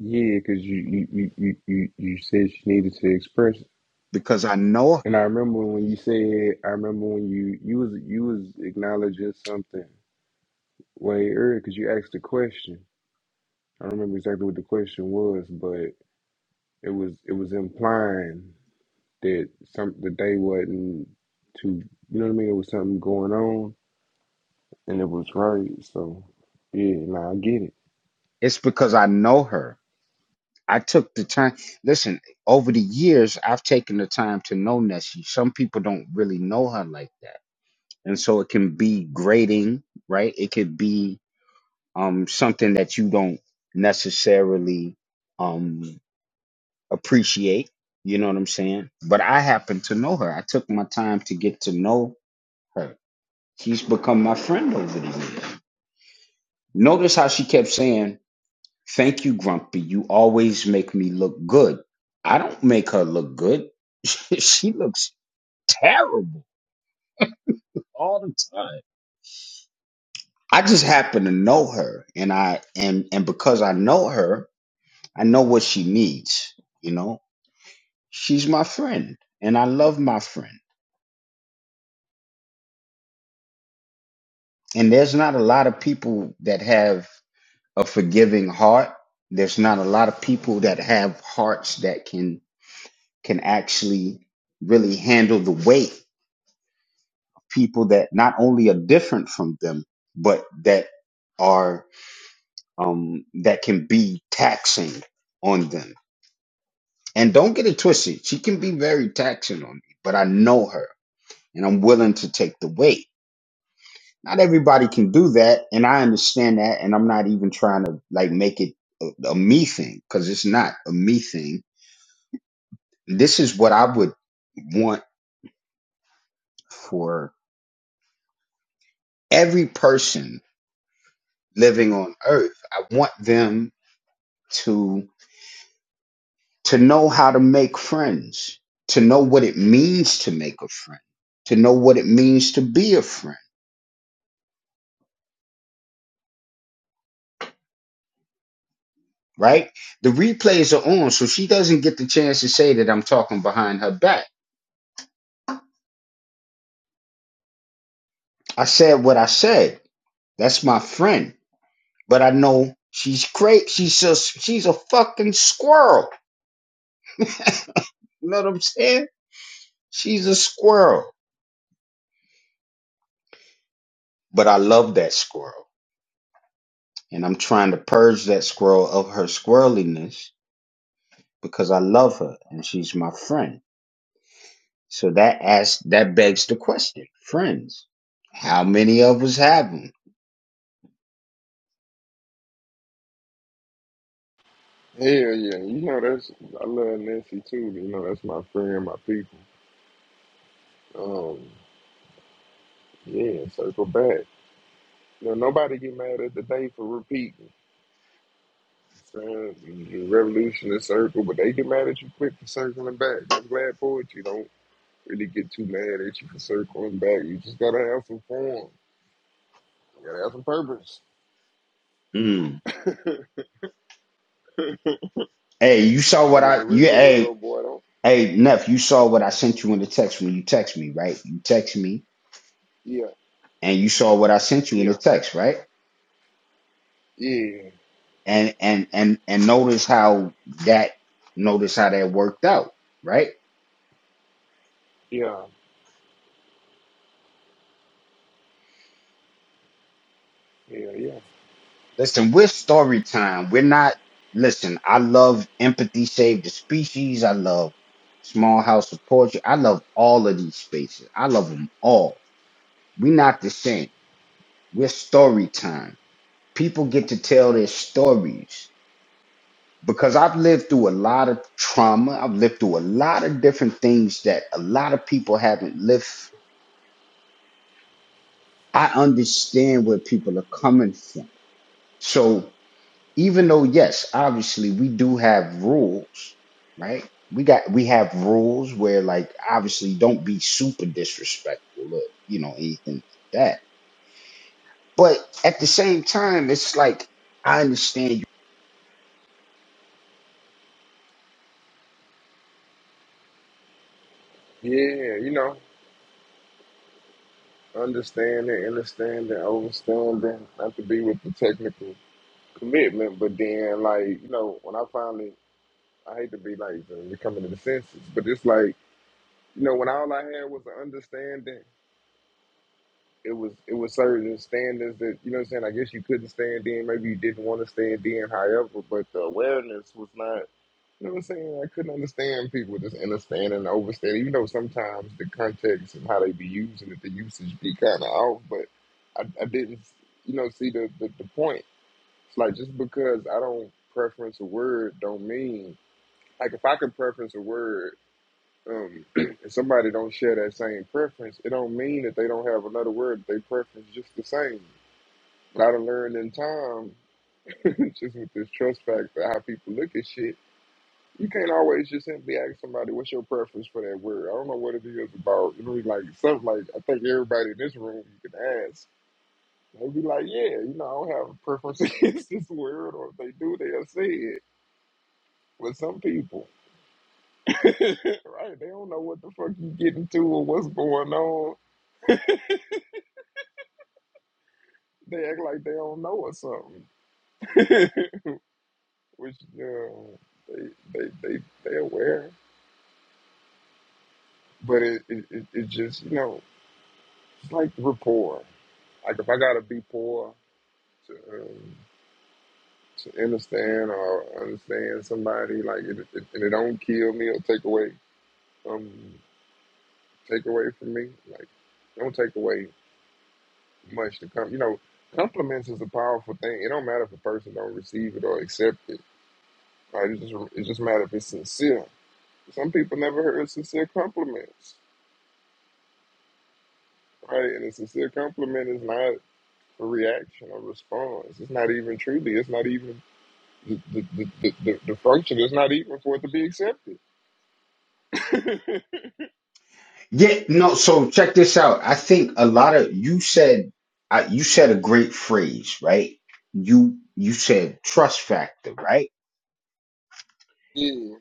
A: Yeah, because you you, you you you you said she needed to express. it. And I remember when you said, I remember when you you was you was acknowledging something way earlier because you asked a question. I don't remember exactly what the question was, but it was it was implying. that some the day wasn't too you know what I mean, it was something going on and it was right, so yeah, nah, I get it. Hell yeah, you know that's I love Nancy too, you know, that's my friend, my people. Um yeah, circle back. You know, nobody get mad at the day for repeating. Saying the revolution is circle, but they get mad at you quick for circling back. I'm glad poetry don't really get too mad at you for circling back. You just gotta have some form. You gotta have some purpose. [LAUGHS] But in the real world, boy, don't. Yeah, yeah, yeah, yeah, yeah, yeah. Yeah, you know, understanding, understanding, overstanding, not to be with the technical commitment, but then, like, you know, when I finally, I hate to be like the- the coming to the senses, but it's like, you know, when all I had was an understanding, it was it was certain standards that, you know what I'm saying, I guess you couldn't stand in, maybe you didn't want to stand in, however, but the awareness was not. You know what I'm saying? I couldn't understand people just understanding and overstanding, even though sometimes the context and how they be using it, the usage be kind of off, but I, I didn't, you know, see the, the, the point. It's like just because I don't preference a word don't mean, like if I could preference a word um, [CLEARS THROAT] and somebody don't share that same preference, it don't mean that they don't have another word that they preference just the same. But I done learned in time, [LAUGHS] just with this trust factor, how people look at shit, you can't always just simply ask somebody what's your preference for that word. I don't know what it is about. You know, like something like I think everybody in this room you can ask. They'd be like, yeah, you know, I don't have a preference [LAUGHS] against this word, or if they do, they'll say it. But some people, [LAUGHS] right? They don't know what the fuck you getting to or what's going on. They act like they don't know or something, [LAUGHS] which you know, they they they they aware, but it it, it it just you know, it's like rapport. Like if I gotta be poor. to, um, to understand or understand somebody. Like it, it, and it don't kill me or take away um take away from me. Like don't take away much to come. You know, compliments is a powerful thing. It don't matter if a person don't receive it or accept it. Right? It just it just matter if it's sincere. Some people never heard sincere compliments. Right, and a sincere compliment is not a reaction or response. It's not even truly. It's not even the, the, the, the, the the function. It's not even for it to be accepted. right? Yeah,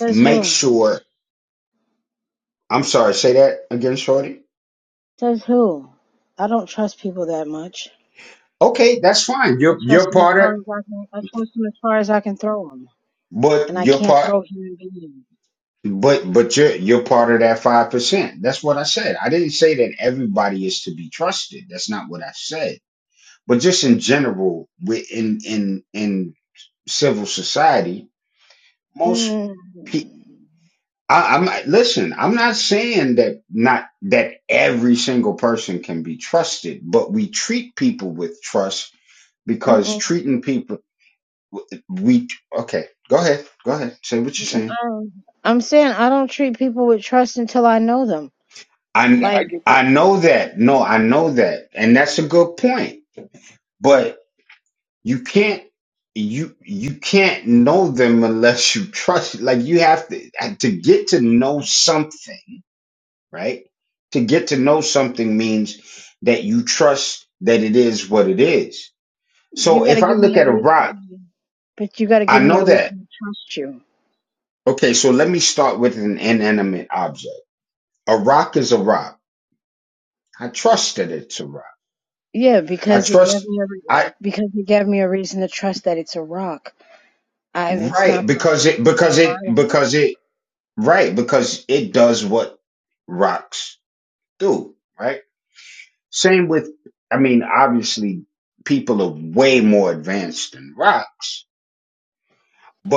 K: Says who? Says who? I don't trust people that much. I trust them as far as I can. I trust them as far as I can throw 'em. and I can't throw human beings. Mm, mm-mm, mm-mm, um, I'm saying I don't treat people with trust until I know them.
A: yeah, I
K: Like
A: get that.
K: you got to give me a reason, but you got to give me a reason to trust you. Yeah, because it gave me a re- because it gave me a reason to trust that it's a rock. I it's not gonna it's not gonna lie to me.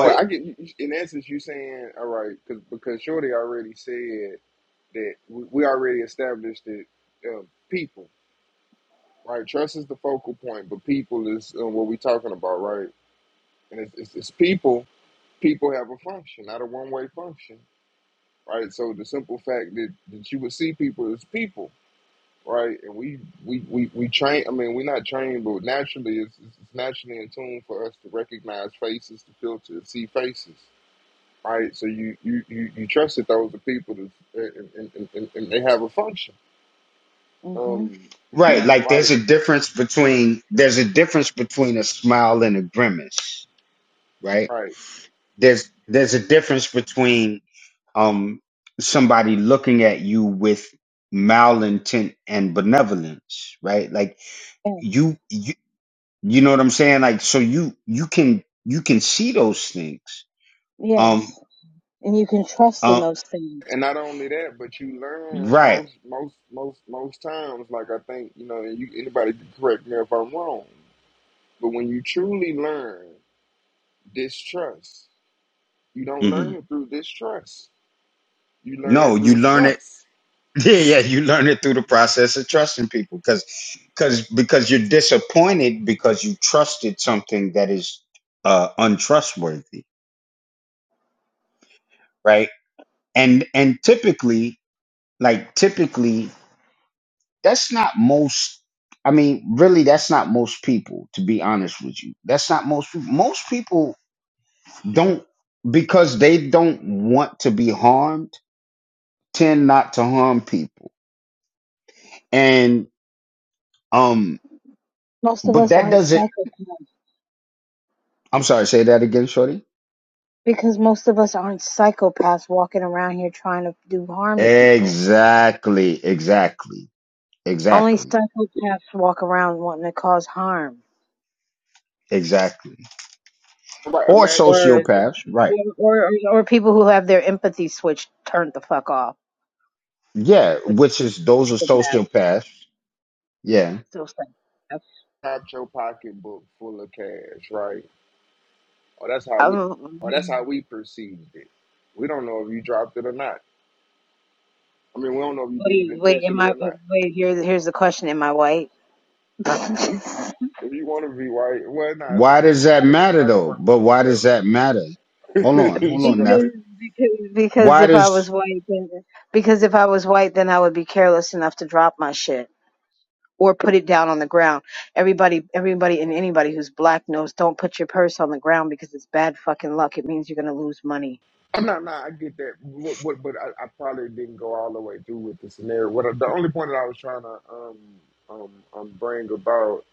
A: Well, I get in essence you saying all right cause, because Shorty already said that we, we already established that uh, people right trust is the focal point, but people is uh, what we talking about, right? And it's, it's, it's people. People have a function, not a one way function, right? So the simple fact that, that you would see people as people, right? And we we we, we train. I mean, we're not trained, but naturally, it's, it's it's naturally in tune for us to recognize faces, to filter, to see faces right? So you you you, you trusted those people to, and, and, and, and they have a function,
K: Mhm.
A: um, [CLEARS THROAT] right? Right.
K: Yes. Yes. And you can trust in those things.
A: And not only that, but you learn most most most most times. Like I think you know, and you anybody can correct me if I'm wrong, but when you truly learn distrust, you don't learn it through distrust. You learn it through trust.
K: Most of us aren't psychopaths. Because most of us aren't psychopaths walking around here trying to do harm to people. Only psychopaths walk around wanting to cause harm.
A: Right? Imagine.
K: Or or, or, or people who have their empathy switch turned the fuck off, which is psychopaths. Still psychopaths.
A: Top your pocketbook full of cash, right? Oh, that's how we. Oh, that's
K: Um,
A: how we perceived it. We don't know if you dropped it or not. I mean, we don't know if you did
K: wait,
A: it
K: wait, am
A: intentionally
K: I,
A: or not.
K: wait, here, here's the question, am I white? [LAUGHS] because,
A: You, if you want to be white, well, nah, it's not gonna work for the. It's not gonna work for the scenario. [LAUGHS] she gonna say,
K: because, because if I was white, then, because if I was white, then I would be careless enough to drop my shit. or put it down on the ground. Everybody, everybody, and anybody who's black knows don't put your purse on the ground because it's bad fucking luck. It means you're gonna lose money.
A: "I'm not. Nah, I get that. but what, but I, I probably didn't go all the way through with the scenario. What I- the only point that I was trying to um um um bring about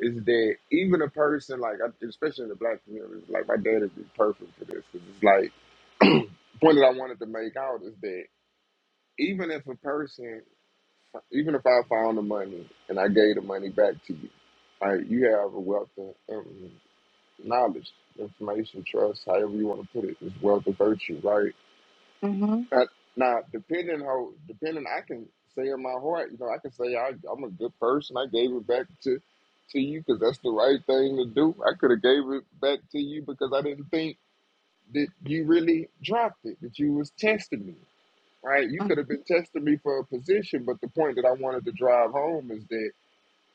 A: is that even a person like, I- especially in the black community, like my dad is perfect for this because it's like [CLEARS THROAT] the point that I wanted to make out is that. even if a person, even if I found the money and I gave the money back to you, right? You have a wealth of um, knowledge, information, trust, however you want to put it. It's wealth of virtue, right?
K: hmm
A: Now, now, depending how, depending, I can say in my heart, you know, I can say I, I'm a good person. I gave it back to to you because that's the right thing to do. I could have gave it back to you because I didn't think that you really dropped it, that you was testing me right? You could have been testing me for a position, but the point that I wanted to drive home is that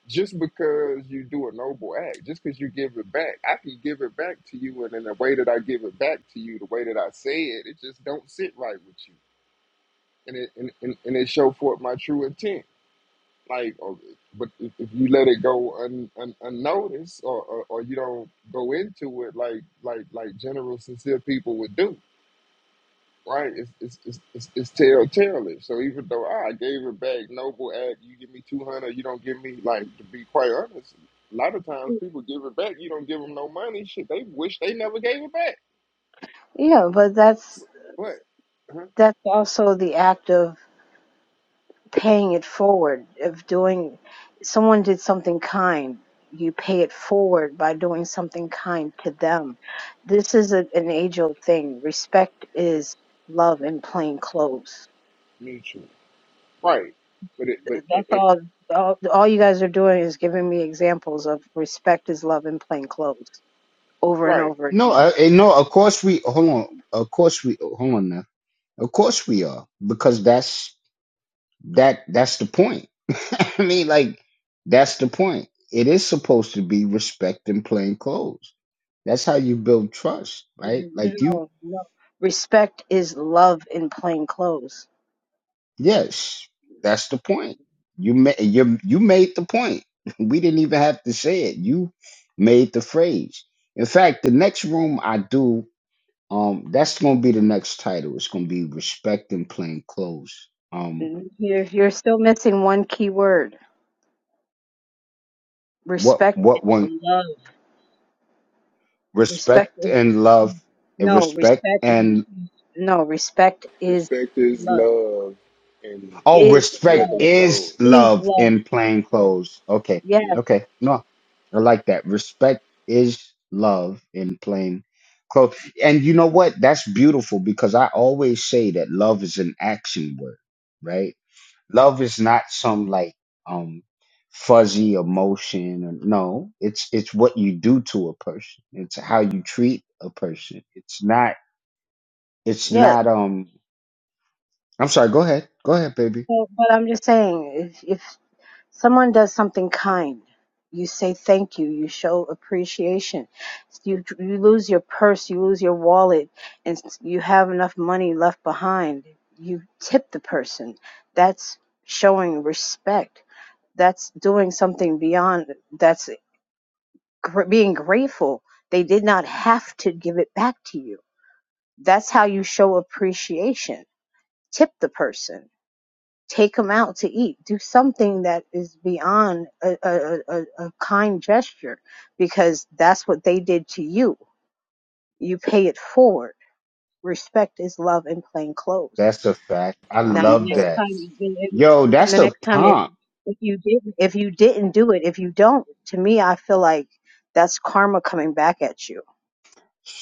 A: just because you do a noble act, just because you give it back, I can give it back to you, and in the way that I give it back to you, the way that I say it, it just don't sit right with you, and it and, and, and it show forth my true intent. Like, or, but if, if you let it go un, un, unnoticed, or, or or you don't go into it like like like general sincere people would do, right? It's it's it's it's, it's telltale-ish. So even though "Ah, I gave it back, noble act, you give me two hundred, you don't give me like to be quite honest. A lot of times people give it back, you don't give them no money. Shit, they wish they never gave it back.
K: Yeah, but that's
A: So, but huh?
K: that's also the act of paying it forward, of doing. Someone did something kind. You pay it forward by doing something kind to them. This is a, an age old thing. Respect is love in plain clothes.
A: mutual, right? But it but
K: That's
A: it, it
K: all, all. All you guys are doing is giving me examples of respect is love in plain clothes over and
A: right.
K: over again. No, no. no. Respect is love in plain clothes. You're you're still missing one key word. Respect is love. Respect is no respect. No, no respect is
A: Respect is
K: love.
A: love and
K: Is love.
A: regular clothes.
K: Is love. Yes.
A: Yeah.
K: Yes. So, but I'm just saying, if, if someone does something kind you say thank you you show appreciation you you lose your purse you lose your wallet and you have enough money left behind you tip the person that's showing respect that's doing something beyond that's gr- being grateful they did not have to give it back to you that's how you show appreciation tip the person take them out to eat do something that is beyond a, a, a, a kind gesture because that's what they did to you you pay it forward respect is love in plain clothes
A: Nah,
K: now the
A: big
K: next time
A: facts.
K: and the next time if if you didn't if you didn't do it if you don't to me i feel like that's karma coming back at you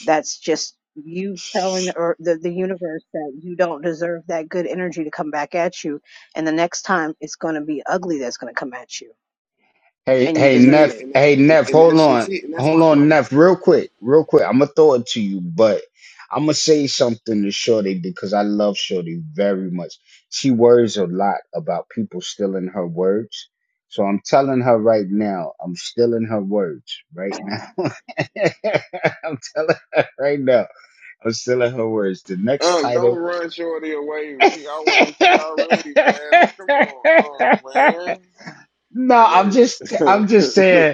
K: that's just you telling the, ear- the the universe that you don't deserve that good energy to come back at you, and the next time it's going to be ugly that's going to come at you, and you deserve
A: Yeah,
K: it.
A: and that- and, and that's just it. And that's why like. Unc, don't run Shorty away. She always, she already badly. Come on, Unc, man. I go ahead.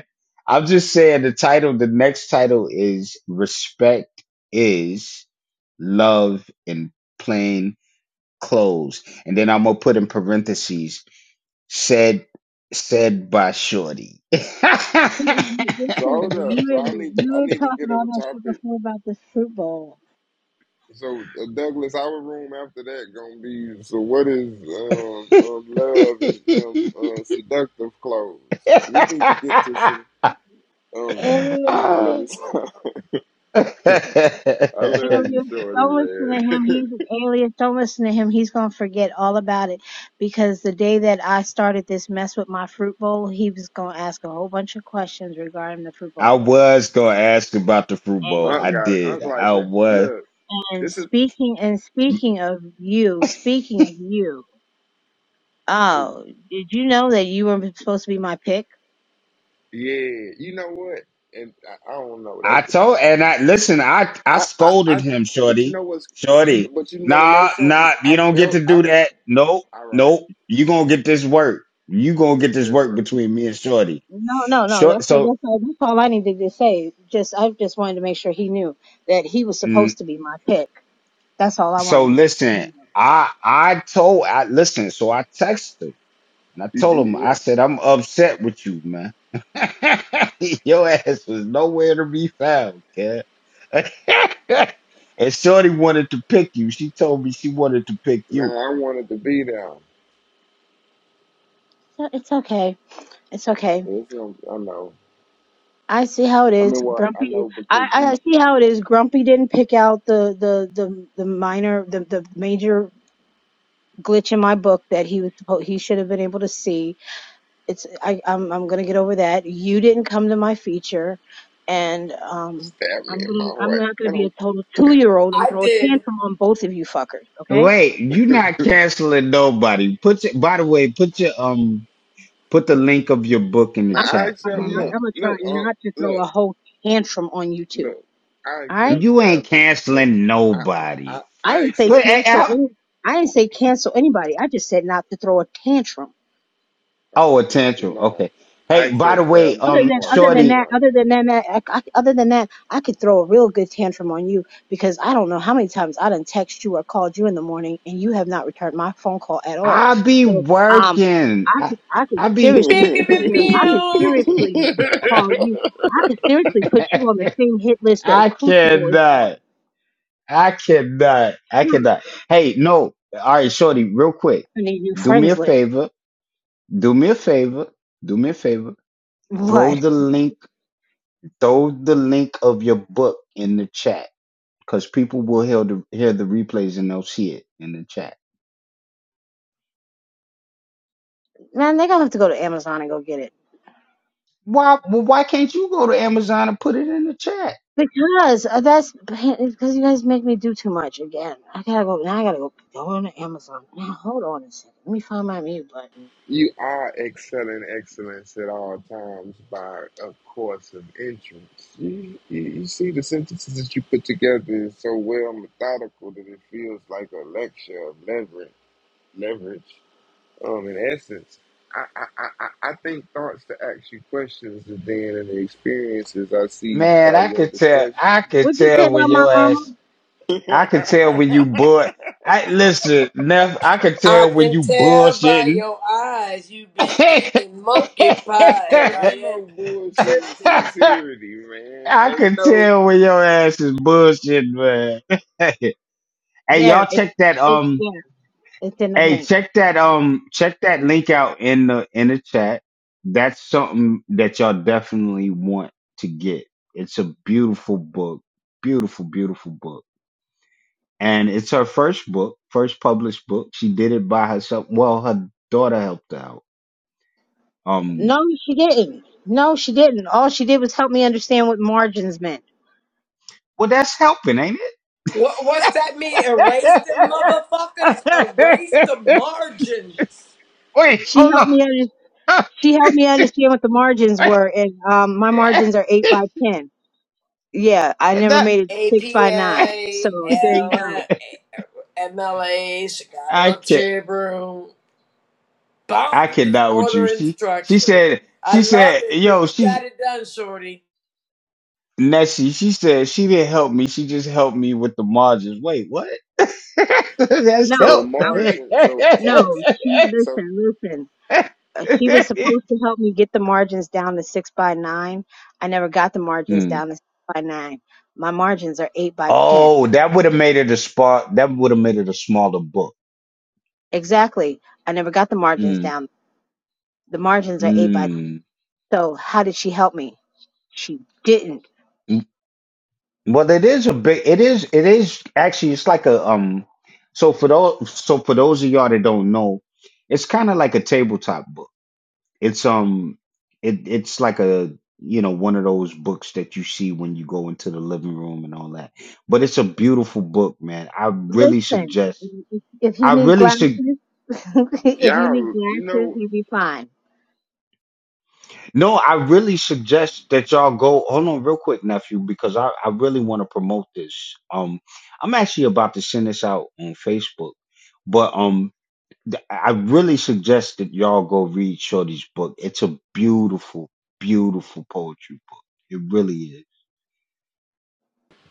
K: Listen,
A: [LAUGHS] so hold up.
K: you
A: So
K: were,
A: I need to, I
K: you
A: need
K: were
A: to
K: talking
A: get up
K: all
A: a
K: that shit
A: topic.
K: before about this fruit bowl.
A: So uh, Douglas, our room after that gonna be. So what is um, um love and um uh, seductive clothes? 'Cause we need to get to some um.
K: Alien,
A: Now let me. [LAUGHS] I love you,
K: alien,
A: Shorty,
K: don't listen
A: man.
K: to him.
A: [LAUGHS]
K: He's an alien. Don't listen to him. He's gonna forget all about it because the day that I started this mess with my fruit bowl, he was gonna ask a whole bunch of questions regarding the fruit bowl. and
A: Unc got it. Unc like it. Look,
K: And
A: this is.
K: speaking and speaking of you, speaking of you, oh,
A: Ooh.
K: did you know that you were supposed to be my pick?
A: Yeah, you know what? And I, I don't know. That could I, I I I- but you know what's you but you want to know something? I felt I all right. It didn't work.
K: No, no, no. That's all, that's all, that's all I needed to say. Just I just wanted to make sure he knew that he was supposed to be my pick. That's all I wanted to make sure he knew.
A: You did, yeah. Man, I wanted to be there.
K: So it's okay. It's okay.
A: It's, um, I know.
K: I see how it
A: I
K: is.
A: mean, well, I
K: Grumpy.
A: know
K: I,
A: because
K: I
A: you
K: see how it is. Grumpy didn't pick out the the the, the minor the, the major glitch in my book that he was supposed he should have been able to see. it's I, I'm I'm gonna get over that. You didn't come to my feature, and um,
A: stabbed me
K: I'm
A: in my
K: gonna I'm
A: heart.
K: not gonna
A: I
K: be a
A: don't.
K: total two year old and
C: I
K: throw a
C: did.
K: tantrum on both of you fuckers. Okay, I'm
A: Now I
K: gonna try
A: accept.
K: not
A: Look,
K: I'm gonna try
A: look,
K: not to
A: uh,
K: throw
A: look,
K: a whole tantrum on you two.
A: look. I
K: All right,
A: accept stabs and look. I I
K: I
A: I
K: didn't say
A: accept.
K: cancel any. I didn't say cancel anybody. I just said not to throw a tantrum.
A: Oh, attention, nah. I accept stabs in
K: Other
A: the
K: than
A: heart
K: other
A: when
K: than
A: they
K: that,
A: right.
K: other than that, that I, I- other than that, I could throw a real good tantrum on you because I don't know how many times I done text you or called you in the morning and you have not returned my phone call at all. So um, I could I could
A: [LAUGHS]
K: seriously
C: Beep, beep,
K: sit
C: beep,
K: here. I
A: you
K: could
C: pew.
K: seriously call you. I could seriously put you on the same hit list that Crucible is on. Hmm. I need new friends list. What? Man, they're gonna have to go to Amazon and go get it. Because uh, that's because you guys make me do too much again. I gotta go now. I gotta go go on to Amazon. Now hold on a second. Let me find my mute button.
A: are excelling excellence at all times by a course of entrance. You, you, you see, the sentences that you put together is so well methodical that it feels like a lecture of leverage. Leverage, um, in essence. I, I, I, I I think thoughts to ask you questions and then in the experiences I see by your discussion.
K: What'd you say about my mama?
A: [LAUGHS]
C: I can tell by your eyes you've been eating monkey pies.
A: Hey,
C: Are
A: ain't
C: you
A: no bullshit and
C: tripping?
A: sincerity, man. Ain't no
K: There, it's it's there. It's in the link. No, she didn't. No, she didn't. All she did was help me understand what margins meant.
C: What, what's that mean? Erase them motherfuckers. Erase the margins.
K: She helped me. Under, she helped me understand what the margins were, and um, my margins are eight by ten. Yeah, I never made it six by nine.
C: APA,
K: So there you
C: L-
K: go.
C: MLA, Chicago Tribune, boundaries, order, and structure. I love it, but you got it done, shorty.
K: No,
A: so a
K: I was.
A: margin. So
K: No,
A: so so
K: she
A: so
K: listen, listen. Uh, She was supposed to help me get the margins down to six by nine. I never got the margins down to six by nine. My margins are eight by ten. Exactly. I never got the margins down. The margins are eight by. So how did she help me? She didn't. Listen, if you need glasses, [LAUGHS] if you need
A: y'all, you
K: glasses,
A: know.
K: you'll be fine.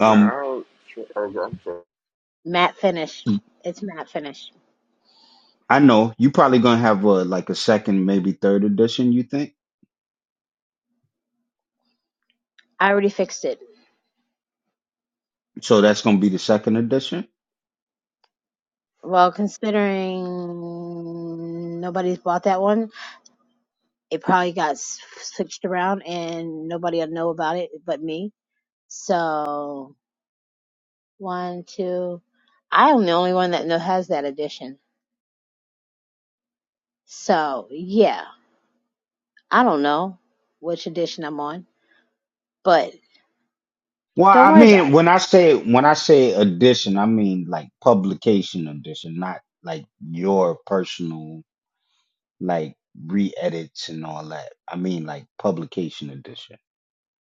A: Nah, I don't. Oh, I'm sorry.
K: Matte finish. It's matte finish. I already fixed it. Well, considering nobody's bought that one, it probably got s- switched around and nobody will know about it but me. So, one, two. I am the only one that know, has that edition. So, yeah, I don't know which edition I'm on, but don't worry about it.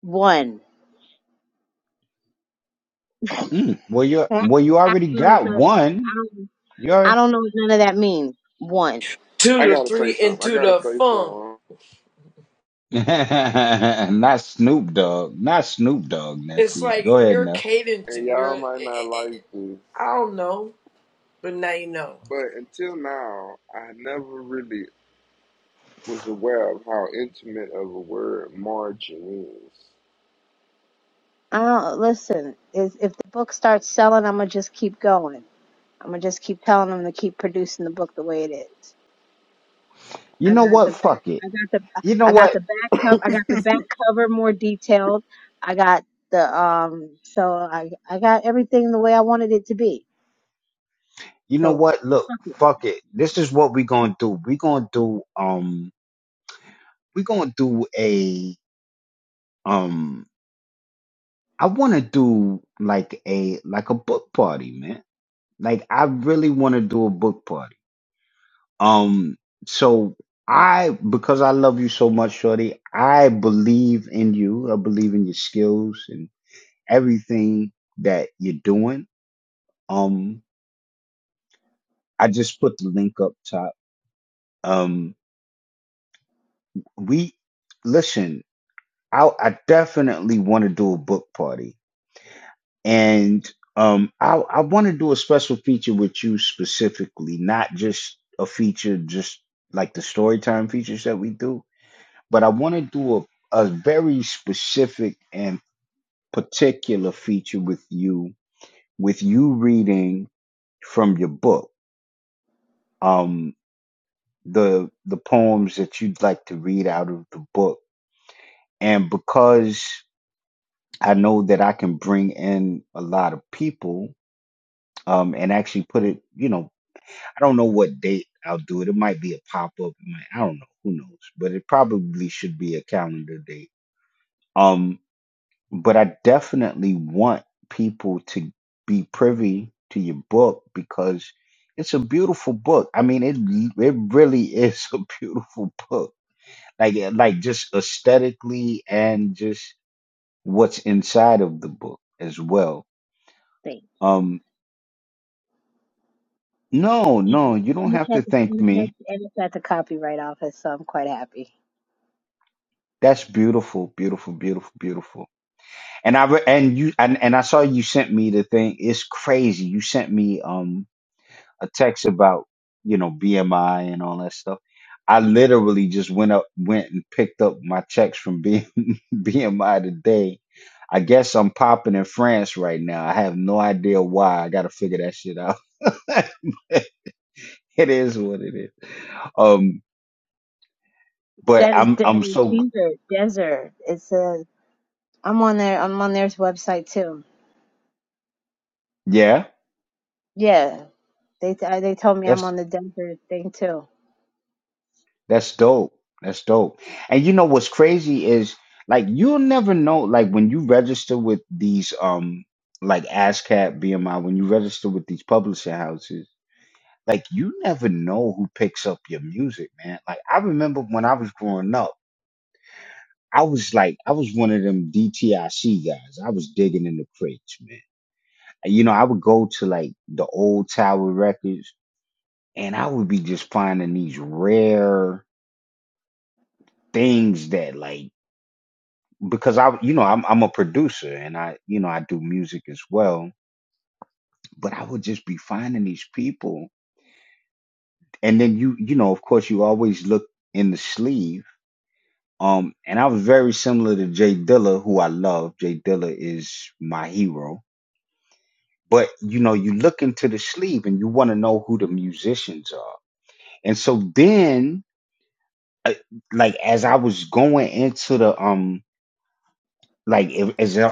K: One. I I don't know what the, I don't, I don't know what none of that means. One.
C: Two
A: I
C: to the
A: gotta
C: three
A: say something. I
C: into
A: gotta
C: the
A: say
C: funk.
A: something.
C: It's like your cadence
A: And
C: and your,
A: y'all
C: It,
A: might not like
C: it,
A: this,
C: I don't know, but now you know.
A: but until now, I never really was aware of how intimate of a word margin
K: I don't, listen, if, if the book starts selling, I'm going to just keep going. I'm gonna just keep telling them to keep producing the book the way it is. I got the back. I got the. I got the back cover.
A: is. [LAUGHS]
K: I got the back cover more detailed. I got the um. So I I got everything the way I wanted it to be. So fuck it. Thank you. And, and it's at the and it's, and it's at the copyright office, so I'm quite happy. That is the desert. Desert. It's a. I'm on their. I'm on their website too. Yeah. They they told me I'm on the desert thing too.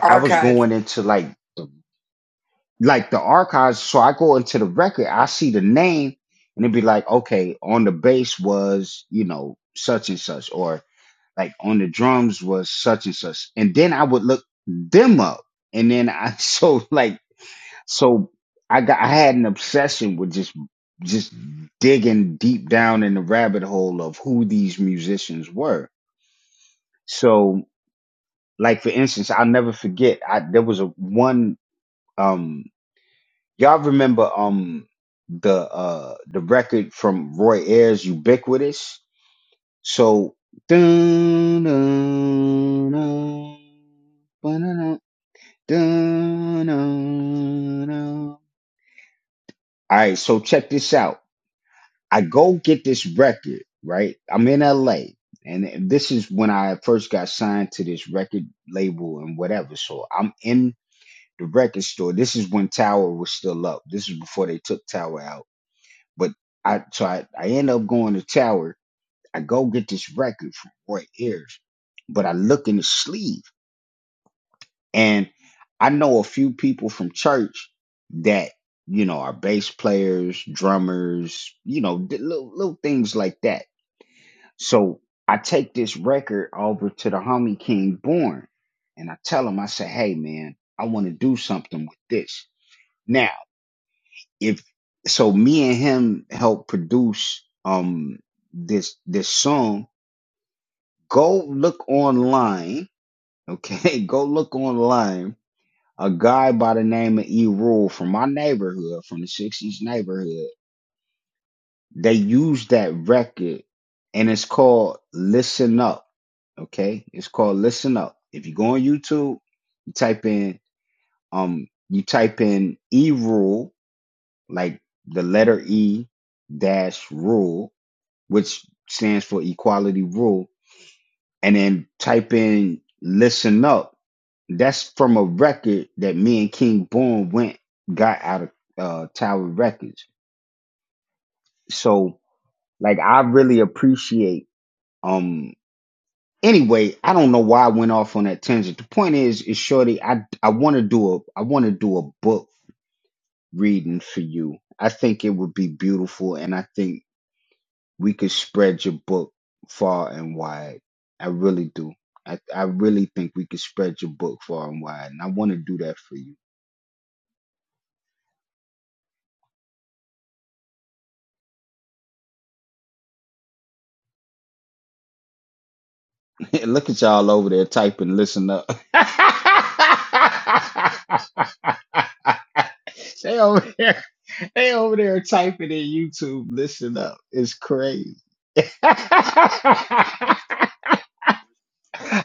C: Archive.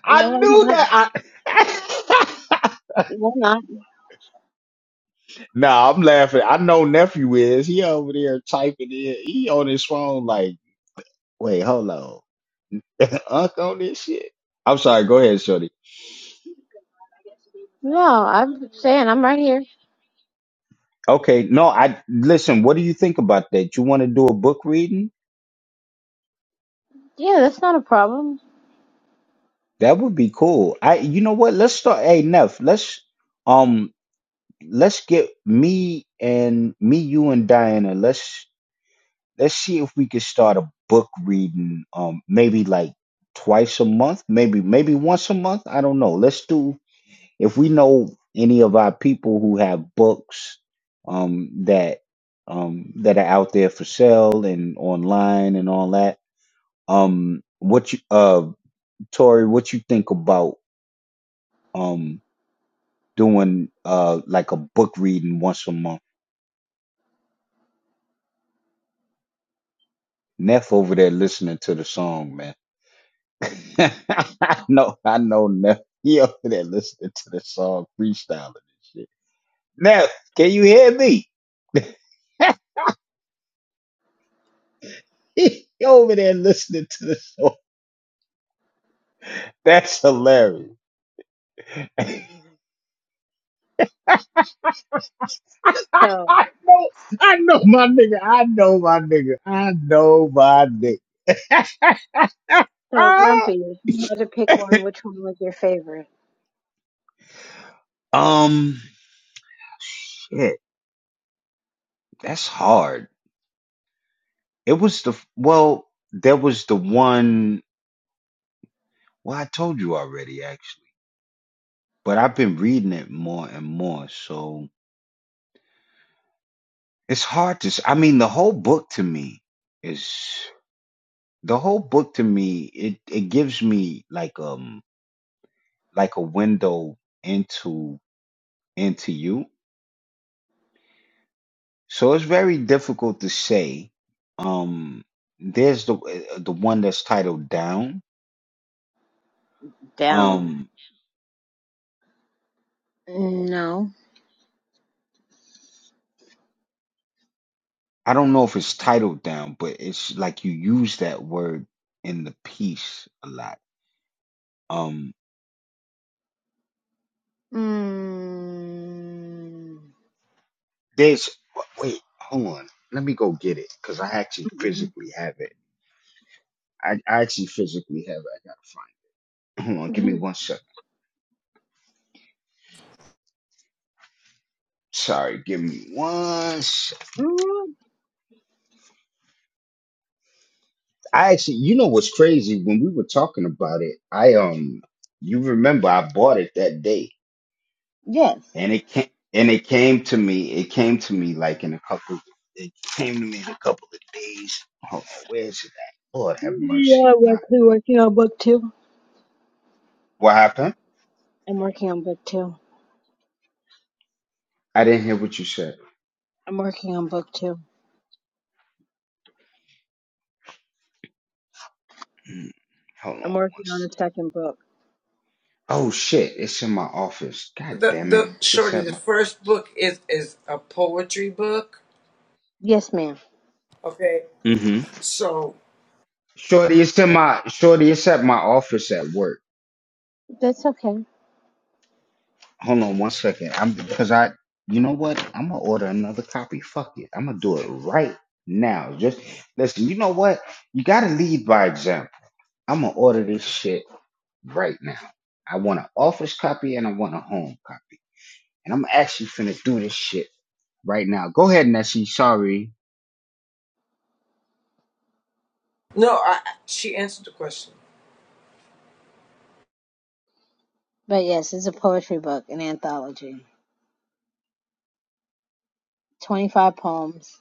K: No, Why not? No, I'm saying I'm right here. Yeah, that's not a problem. So, so Grumpy, if you had to pick one, which one was your favorite? Down. No. Mm. Mm-mm. [LAUGHS] Mm, yes. Yeah, I'm actually working on book two. I'm working on book two. I'm working on book two. I'm working on the second book.
C: The, the shorty, the first book is, is a poetry book
K: Yes, ma'am.
C: Okay. So
K: That's okay.
C: no, I, she answered the question.
K: But yes, it's a poetry book, an anthology. 25 poems,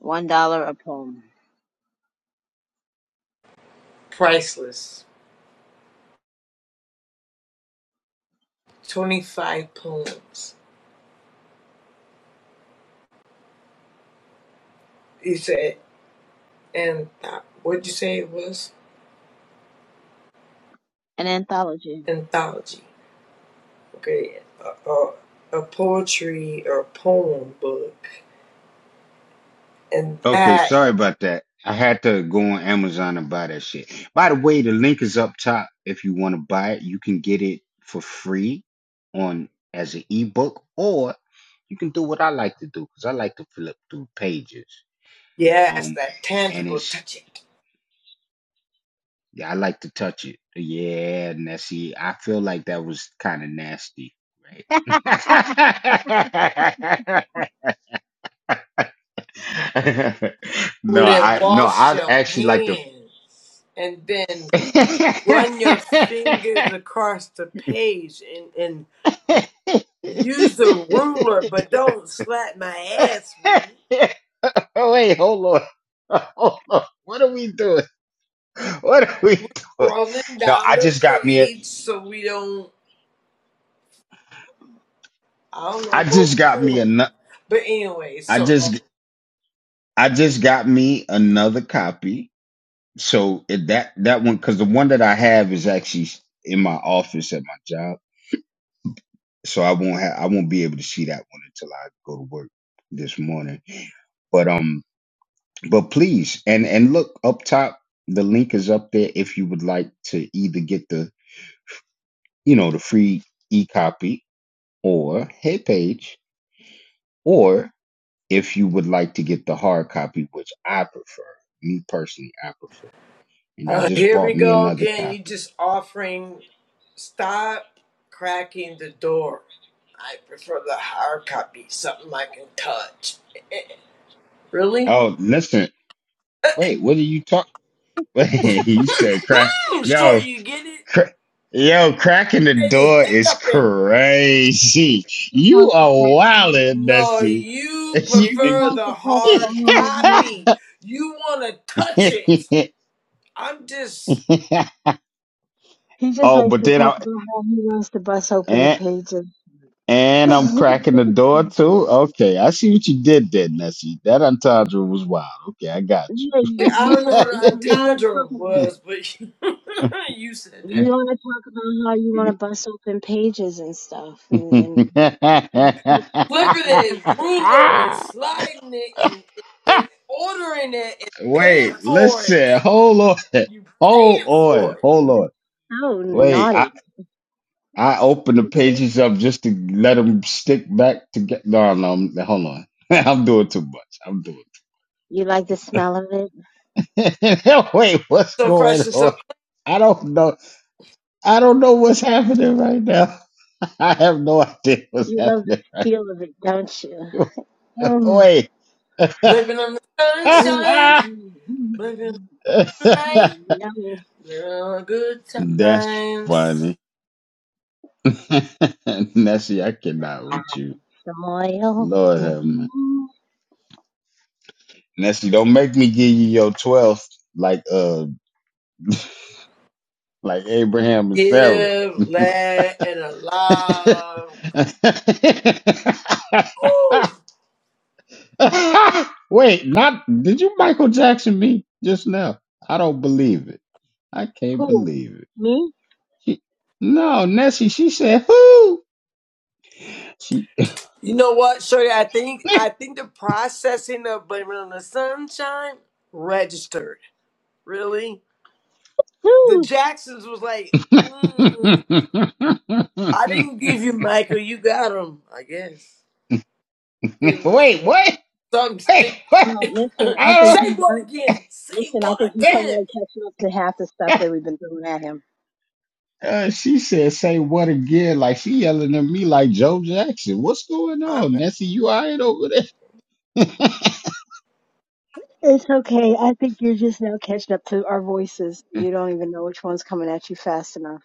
K: $1 a poem.
C: Priceless. Twenty five poems. You said and what'd you say it was?
K: An anthology. He
C: Anthology. Okay. A, a, a poetry or poem book, and that yes, that tangible touch it with a wash your hands, and then run your fingers across the page and and. Use the ruler, but don't slap my ass with it. Scrolling down the page so we don't, I don't know what we're doing. But anyway, so uh, uh, here we go again. You just offering, stop cracking the door. I prefer the hard copy, something I can touch. [LAUGHS] Really? [LAUGHS] Hmm, sure, you get it? Any hiccuping?
K: just wants to cut tangents.
C: No, you
K: He just
C: prefer
K: wants
C: the
K: to talk about
C: hard
K: how he,
C: copy. You want to touch it. I'm just.
K: he just likes to talk about how he wants to bust open the pages. [LAUGHS] yeah, you, like,
C: I
K: you,
C: don't
K: wanna
C: know what
K: be-
C: the
K: you want to
C: entendre
K: talk
C: was, but [LAUGHS] you said
K: you
C: that.
K: want to talk about how you want to bust open pages and stuff and, and, and touch
C: Flipping
K: and touch
C: it,
K: it.
C: ruler and sliding it and, and ordering it and paying for it. You paying for it.
K: So naughty. You like the smell of it.
C: So fresh and so
K: You love the feel of it, don't you? [SIGHS] Oh,
C: blipping on the
K: oh,
C: sunshine,
K: mm, mm,
C: blipping on the
K: it's so
C: light,
K: yummy.
C: blipping on the good times.
K: Loyal.
C: Give, land, and alive. Woo!
K: Cool. Me?
C: You know what, Shorty? I think I think the processing of Blaming on the Sunshine registered. Really? The
K: Woo!
C: Jacksons was like, mm, I didn't give you Michael, you got him, I guess. It was something stick.
K: Oh,
C: [LAUGHS]
K: listen, I think
C: Say
K: he's. I,
C: what again? Say
K: listen, I
C: what
K: think he's
C: again?
K: finally catching up to half the stuff that we've been throwing at him.
C: I'm,
K: It's okay. I think you're just now catching up to our voices. You don't even know which one's coming at you fast enough.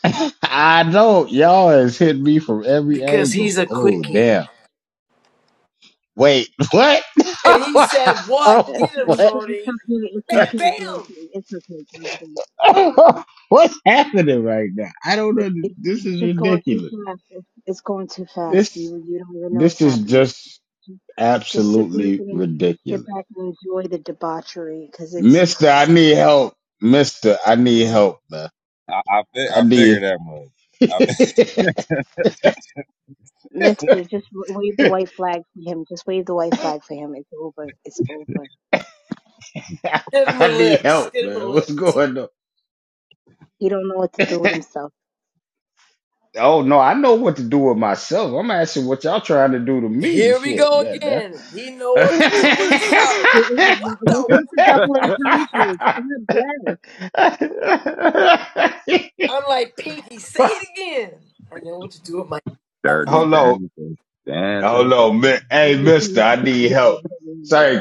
C: because he's a quickie. And he said, What?
K: It's,
C: Get him,
K: it's, it's
C: Shorty.
K: okay. It's
C: Bam,
K: okay,
C: bam.
K: Grumpy. It's okay, Grumpy. It, it, it's just going too fast. It's, it's going too fast. You you don't even know what's happening. Just sit back and just sit back and enjoy the debauchery because it's
G: I I, fi- I figured that much. I, fi-
K: Mister. Just w- wave the white flag for him. Just wave the white flag for him. It's over. It's over.
C: Get him a lift. Just get him a lift.
K: He don't know what to do with himself.
C: Here we go again. He know what to do with himself.
K: It is
C: What
K: what's
C: the?
K: with the double
G: [LAUGHS]
K: entendres? God bless.
C: I'm like Pinky. Say it again. I know what to do with my.
G: Dirty dancing. Dancing.
K: What do you tell us? Take you in the room.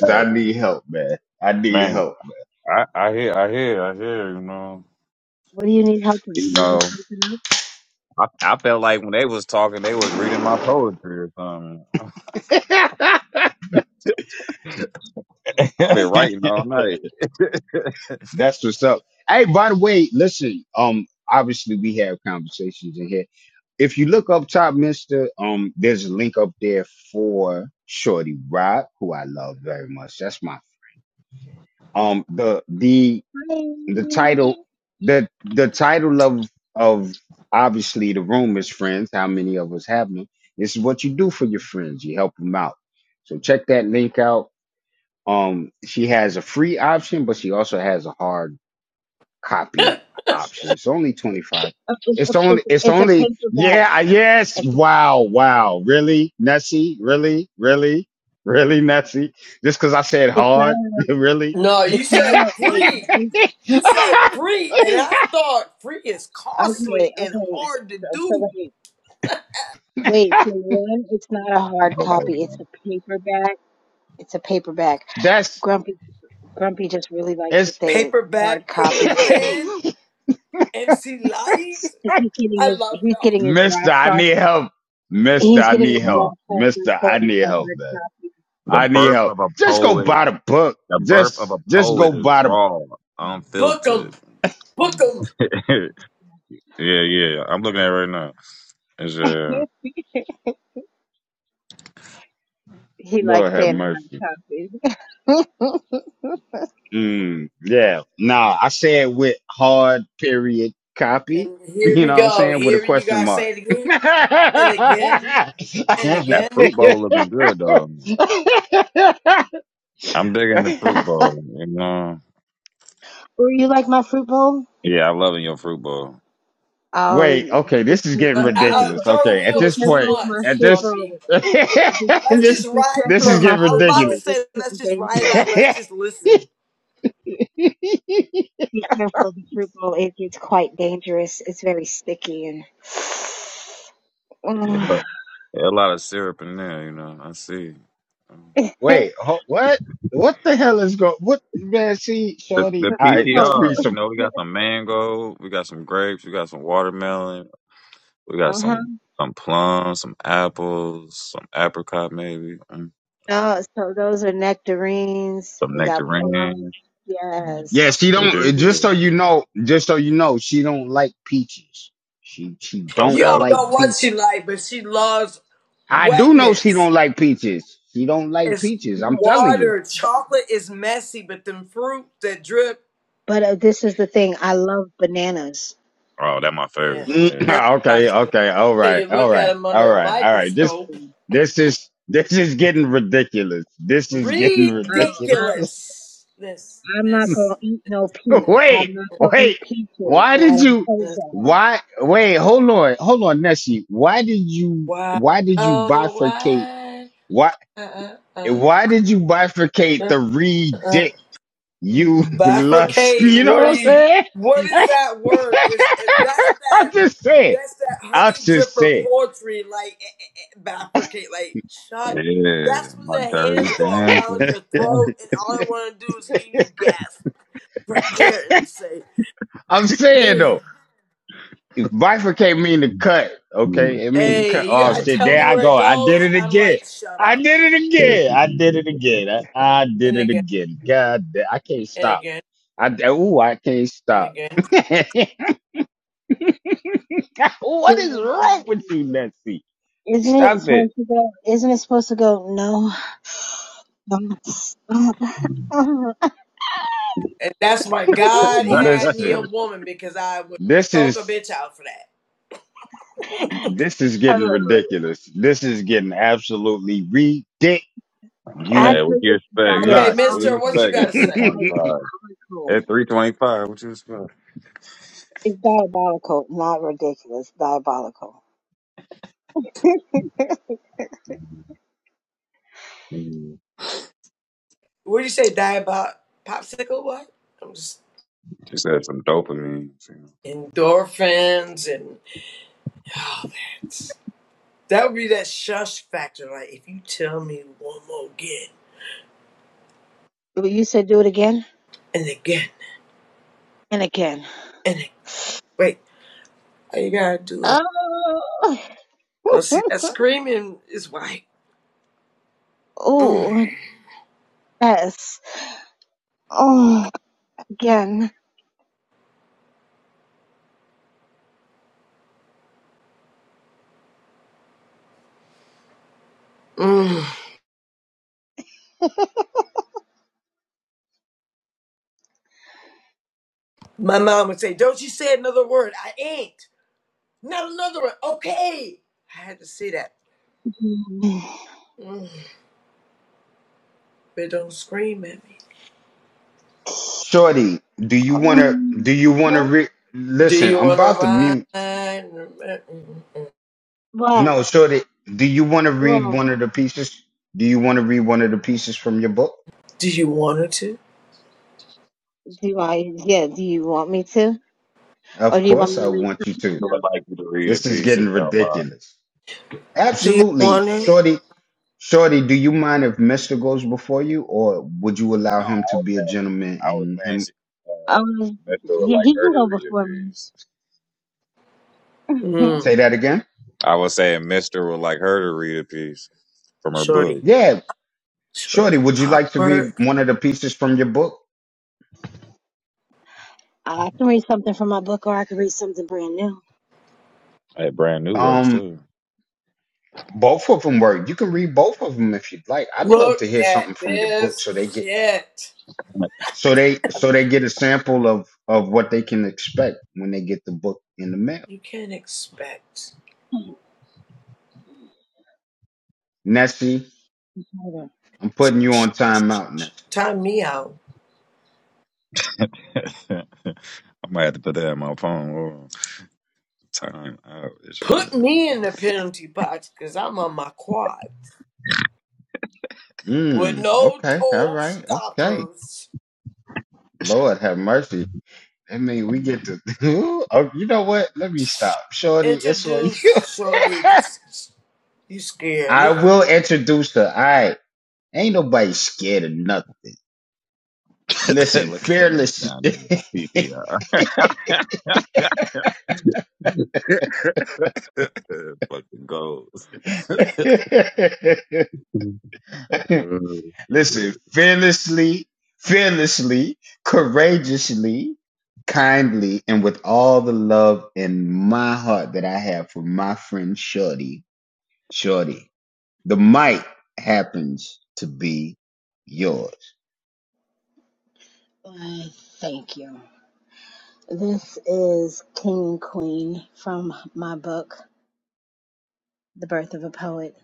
G: Hey, man, I, I hear, I hear, I hear, you know.
K: What do you need help with?
G: You
K: Holding
G: know.
K: something up?
G: I, I felt like when they was talking, they was reading my poetry or something. [LAUGHS] I've been writing all night. [LAUGHS] okay,
K: Hi. Uh, It's a, it's a, it's a paperback. It's a, it's not a
C: No, you
K: it's not
C: said
K: a wait.
C: free. You said free, and I thought free is costly
K: Okay,
C: and
K: okay.
C: hard to
K: So, so
C: do.
K: wait, wait. So one, it's not a hard copy. It's a
G: man.
K: paperback. It's a paperback. Grumpy, Grumpy just really likes to say it's a hard
C: Paperback,
K: copy
C: paper
K: because
C: thin, MC light.
K: 'cause he's getting
C: I
K: his
C: love
K: he's getting
C: y'all.
K: his rocks off. He's getting his
G: Come on.
K: rocks off and saying it's a hard copy.
G: The birth of a poet. The birth of a poet is raw,
C: Book 'em,
G: unfiltered.
C: book 'em,
G: [LAUGHS] yeah, yeah. I'm looking at it right now. It's uh
K: He likes saying hard copies.
C: And here we go. Here you guys say it again and again and
G: that
C: again
G: fruit bowl looking good though. I'm digging the fruit bowl. You know.
K: [LAUGHS] Were you like my fruit bowl?
G: Yeah, I loving your fruit bowl.
K: Oh, you- be, care-
C: Uh,
K: be
C: uh, uh,
K: careful.
C: third
K: Be
C: wheel is too
K: careful of
C: much,
K: my fruit bowl.
C: Grumpy.
K: Be,
C: Let's just
K: be
C: ride it.
K: careful of
C: Look,
K: my
C: I was
K: fruit
C: about to
K: bowl. It's
C: say, let's
K: getting
C: just ride
K: dangerous.
C: it out. Let's just listen.
K: Be careful, be careful. It gets quite dangerous. It's very sticky and [SIGHS]
G: Yeah,
K: Mm.
G: look, there's a lot of syrup in there. You know. I see.
K: the
G: The the
K: fruit bowl.
G: PTR, you know, we got some mango, we got some grapes, we got some watermelon, we got
K: Uh huh.
G: some some plums, some apples, some apricot maybe, mm, okay,
K: Oh, so those are nectarines.
G: some
K: We got plums.
G: nectarines. Mm,
K: Yes.
G: what it is? Okay,
C: You don't
G: okay.
C: know what she like, but she loves wetness. It's
K: Yes.
C: water.
K: But,
C: Chocolate is messy, but them fruit that drip,
K: but uh, this is the thing. I love bananas.
G: Oh, that my
C: yeah,
G: favorite. Yeah,
C: Until you look at them under a microscope,
K: I don't, I,
C: ridiculous. This,
K: don't, I'm not gonna
C: this,
K: eat no peach.
C: this,
K: I'm not gonna eat peaches. I
C: this,
K: don't told
C: this.
K: y'all.
C: Why? Oh, why? Uh, uh, uh. Uh, uh, bifurcate. What do you? What is that word? Is that's that? That's that honey dripper poetry. Like eh, eh, eh, bifurcate. Like shut.
G: yeah,
C: That's when
G: my
C: the
G: dirty
C: hands go
G: dancer.
C: around your
G: Damn.
C: throat, and all I want to do is hear you gasp for air and say, "Ugh."
G: Mm, Jesus
C: "Hey, you gotta
G: Christ,
C: tell me
G: man.
C: where it goes." I'm like, "Shut up!"
G: Therapy done did it. That's just crazy.
C: And again, and again, and again.
K: Isn't it supposed to go? Isn't it supposed to go? No.
C: And that's why God had me a woman because I would talk a bitch out for that.
K: [LAUGHS] Oh.
G: Hey, what
K: Actually,
G: you
K: it's
G: expect? At,
C: Okay,
G: what do you
C: Mister,
K: diabolical.
C: what you
G: expect
C: gotta
G: at
K: It's
G: three
C: say?
G: twenty five?
K: diabolical.
G: At three twenty five, what you expect?
K: It's diabolical, not ridiculous. Diabolical. [LAUGHS]
G: Mm.
C: What do you say? Die about popsicle? What? I'm just
G: Just had some dopamine. You
C: endorphins and all that. That would be that shush factor. Like if you tell me one more again
K: But you said do it again
C: and again
K: and again.
C: and again. wait, all you gotta do is
K: Oh,
C: go see
K: [LAUGHS]
C: that screaming is why. Mm,
K: oh, yes. Oh, again.
C: mm. My mom would say, "Don't you say another word. I ain't not another word. Okay." I had to see that. Mm, but don't scream at me.
K: Oh.
C: Do you want to ride?
K: What? Well,
C: Do you want her to?
K: do I? Yeah. Do you want me to, or do you want me to read something
G: know. I
K: else?
G: would like you to read a piece if you don't mind.
C: Do you want it?
G: No, I was saying, I was saying she, uh,
K: Um,
G: Mister would
K: yeah,
G: like
K: he can
G: her to
K: go
G: read a
K: before me.
G: piece.
K: [LAUGHS]
C: Mm,
G: I was saying Mister would like her to read a piece from her
C: shorty,
G: book.
C: shorty, power.
K: I can read something from my book, or I can read something brand new.
G: I had brand new works too.
C: Look at this shit.
G: [LAUGHS]
C: You can't expect. Time me out.
G: I might have to put that in my phone. Or time out.
C: Put
G: Sure.
C: me in the penalty box because I'm on my quad. With no toll stoppers. Introduce shorty. Just, you scared. Look.
G: [LAUGHS] Look at me down there with the PPR. [LAUGHS] Fucking goals. [LAUGHS] Mm.
K: I thank you. This is King and Queen from my book, The Birth of a Poet.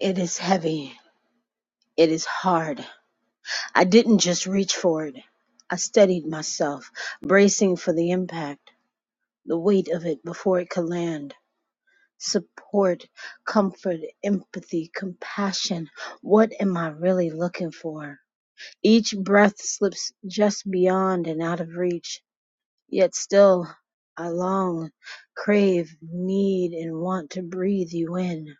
K: It is heavy. It is hard. I didn't just reach for it. I steadied myself, bracing for the impact, the weight of it before it could land. Support, comfort, empathy, compassion. What am I really looking for? Each breath slips just beyond and out of reach Yet still I long, crave, need, and want to breathe you in.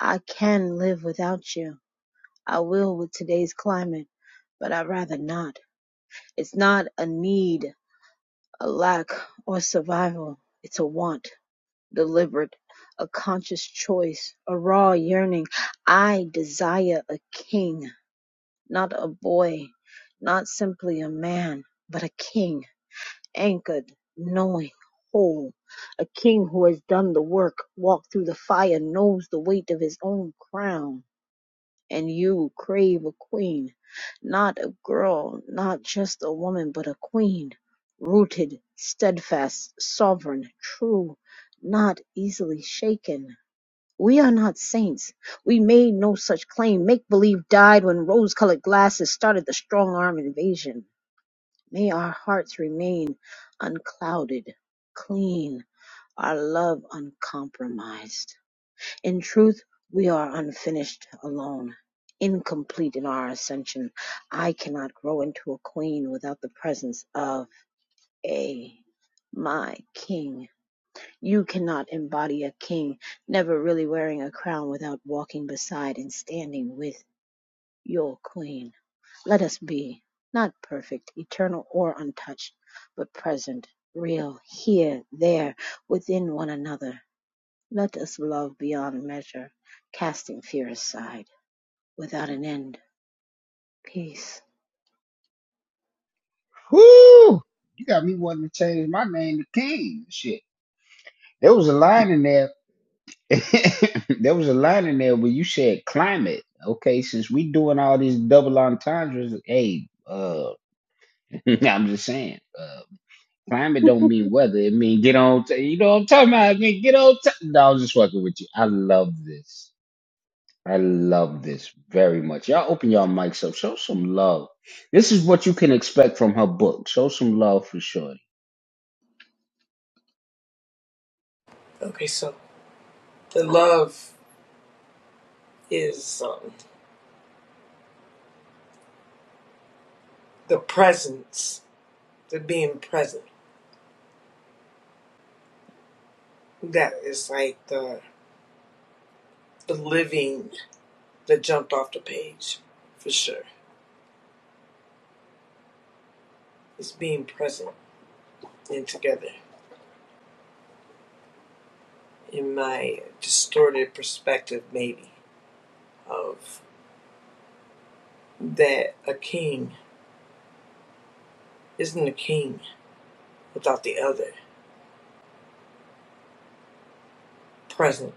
K: I can live without you. I will with today's climate, but I'd rather not. It's not a need, a lack, or survival. It's a want, deliberate, a conscious choice, a raw yearning. I desire a king, not a boy, not simply a man, but a king anchored, knowing, whole. A king who has done the work, walked through the fire, knows the weight of his own crown. And you crave a queen, not a girl, not just a woman, but a queen, rooted, steadfast, sovereign, true, not easily shaken. We are not saints. We made no such claim. Make believe died when rose colored glasses started the strong arm invasion. May our hearts remain unclouded, clean, our love uncompromised. In truth, we are unfinished, alone, incomplete in our ascension. I cannot grow into a queen without the presence of a my king. You cannot embody a king, never really wearing a crown without walking beside and standing with your queen. Let us be, not perfect, eternal, or untouched, but present, real, here, there, within one another. Let us love beyond measure, casting fear aside, without an end. Peace. [LAUGHS]
C: Okay, so the love is something. the presence, the being present. That is like the the living that jumped off the page for sure. It's being present and together in my distorted perspective maybe of that a king isn't a king without the other present.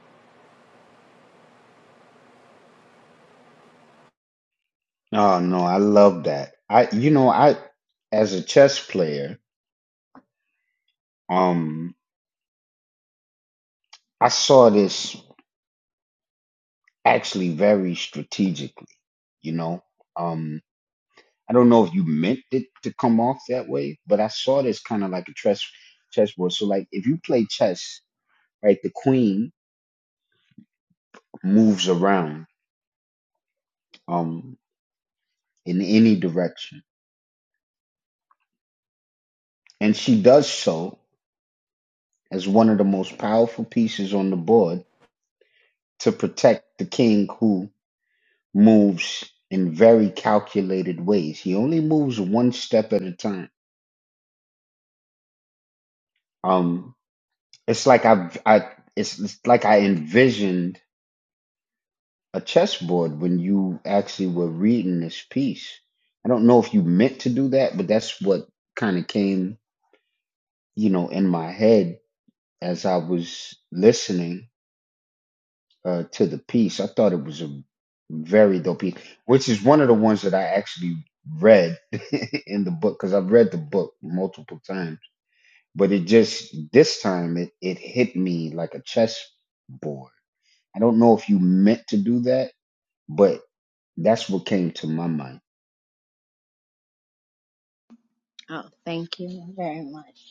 K: Oh, thank you very much.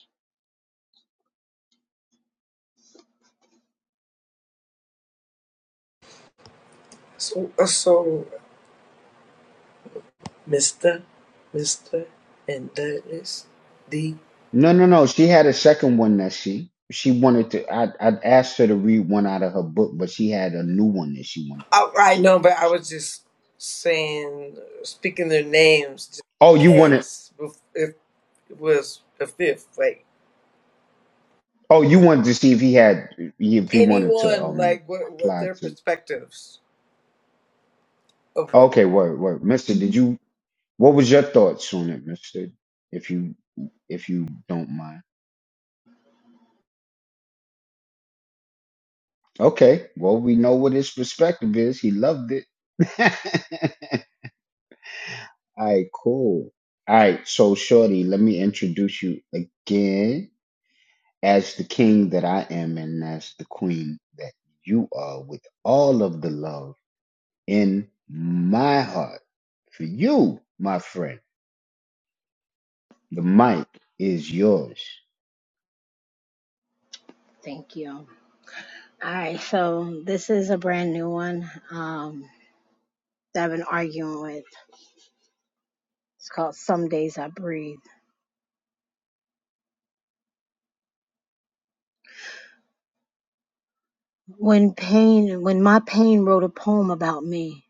C: So, uh, so Mr. Mr. and that is the Oh, I know, but I was just saying, speaking their names, just in case if if it was the fifth, like anyone, like what what their perspectives of what
K: Mhm. Thank you. All right, so this is a brand new one um, that I've been arguing with. It's called Some Days I Breathe. When pain, when my pain wrote a poem about me,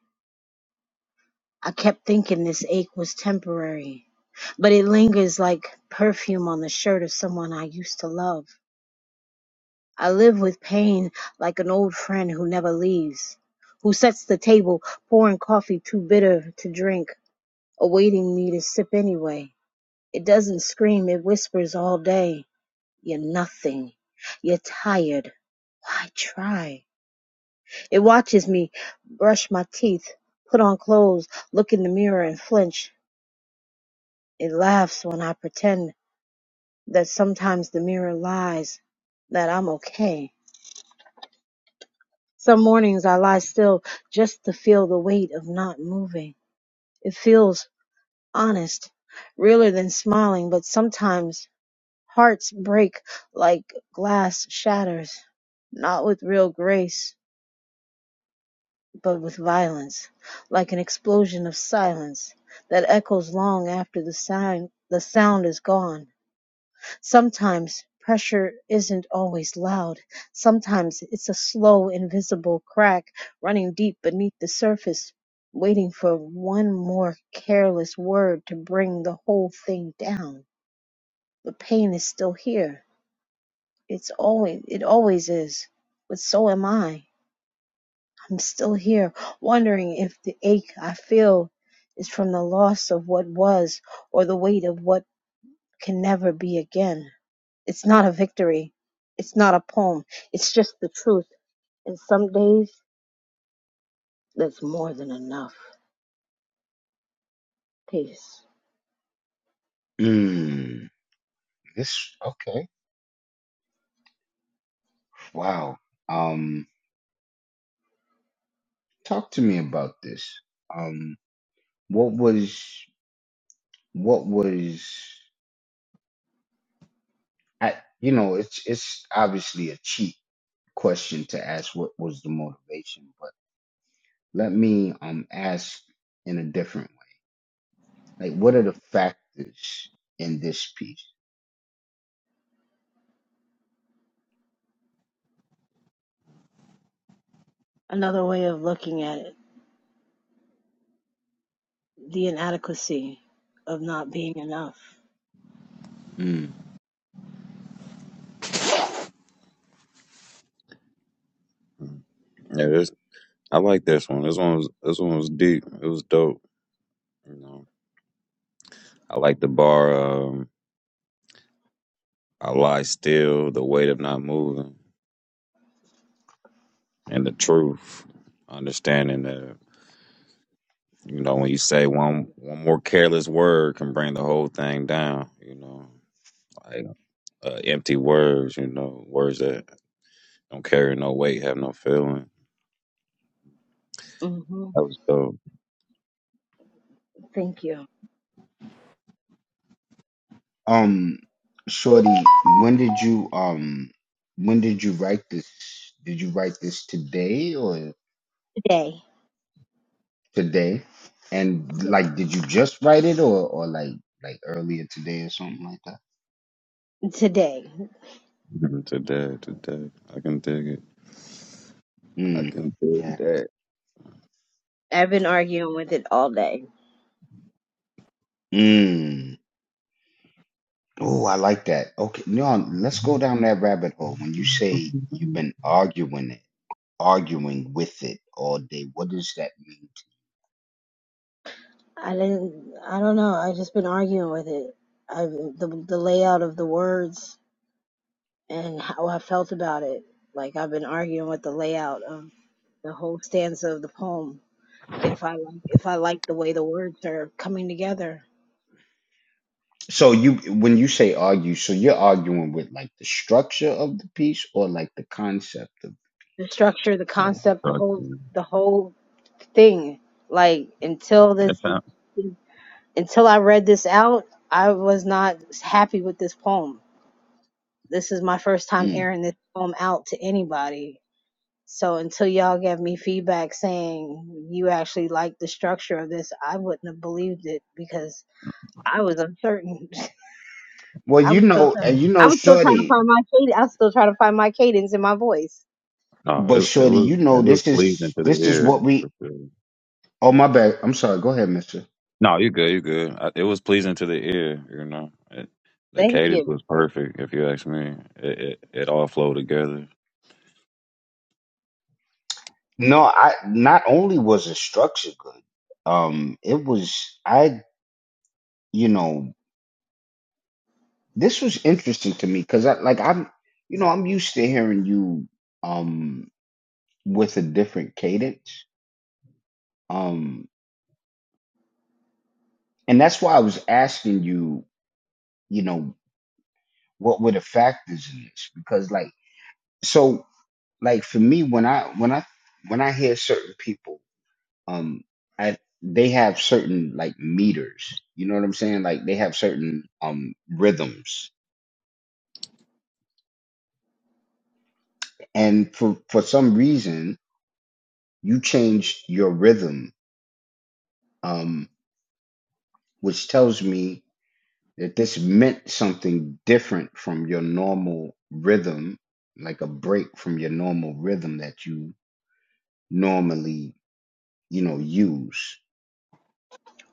K: I kept thinking this ache was temporary, but it lingers like perfume on the shirt of someone I used to love. I live with pain like an old friend who never leaves, who sets the table, pouring coffee too bitter to drink, awaiting me to sip anyway. It doesn't scream, it whispers all day. You're nothing. You're tired. Why try? It watches me brush my teeth, put on clothes, look in the mirror and flinch. It laughs when I pretend that sometimes the mirror lies, that I'm okay. Some mornings I lie still just to feel the weight of not moving. It feels honest, realer than smiling, but sometimes hearts break like glass shatters, not with real grace, but with violence, like an explosion of silence that echoes long after the sound, the sound is gone. Sometimes pressure isn't always loud, sometimes it's a slow, invisible crack running deep beneath the surface, waiting for one more careless word to bring the whole thing down. The pain is still here. It's always it always is. But so am I. I'm still here, wondering if the ache I feel is from the loss of what was or the weight of what can never be again. It's not a victory. It's not a poem. It's just the truth. And some days, that's more than enough. Peace. Another way of looking at it the inadequacy of not being enough.
G: Yeah, this I like this one. This one was this one was deep. It was dope. You know, I like the bar. Um, I lie still. The weight of not moving and the truth. Understanding that you know when you say one one more careless word can bring the whole thing down. You know, like uh, empty words. You know, words that don't carry no weight, have no feeling.
K: hmm
G: That was dope.
K: Thank you. Today. Today.
G: Mhm. Today, today, I can dig it. I can dig that.
K: I've been arguing with it all day. I didn't, I don't know. I've just been arguing with it. I, the, the layout of the words and how I felt about it. Like I've been arguing with the layout of the whole stanza of the poem if I like if I like the way the words are coming together, the structure, the concept, the
G: Fuck,
K: whole the whole thing. Like until this
G: man.
K: until I read this out, I was not happy with this poem. This is my first time airing this poem out to anybody. So until y'all gave me feedback saying you actually like the structure of this, I wouldn't have believed it because I was uncertain. [LAUGHS] I was still trying. I was still trying to find my cadence. I was still trying to find my cadence in my voice.
G: No, it, it was it was pleasing to the ear for sure. No, you good, you good. I, it was pleasing to the ear, you know. It, the
K: Thank
G: cadence
K: you.
G: was perfect, if you ask me. It it, it all flowed together.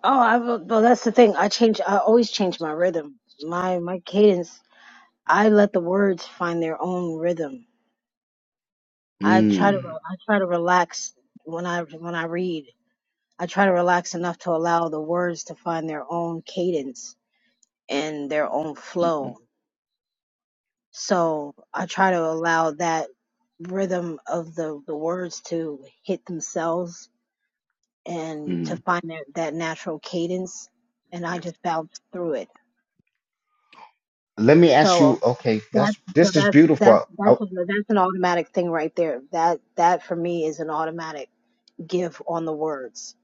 K: Oh, I will- well, that's the thing. I change. I always change my rhythm, my my cadence. I let the words find their own rhythm. I try to re- I try to relax when I when I read. I try to relax enough to allow the words to find their own cadence and their own flow. So I try to allow that rhythm of the the words to hit themselves and to find that, that natural cadence and I just bounced through it. So um, that's so that's that's that's a, that's an automatic thing right there. That that for me is an automatic give on the words.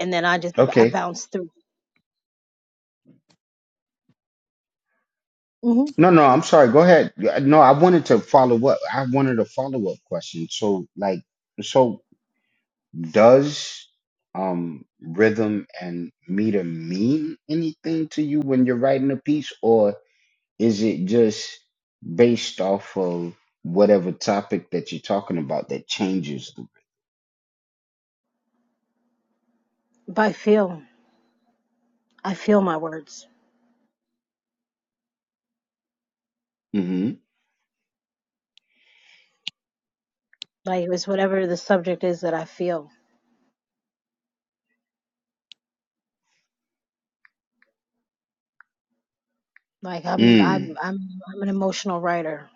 K: And then I just I bounce through. hmm But I feel I feel my words. Like it was whatever the subject is that I feel. Like I'm I'm I'm I'm an emotional writer.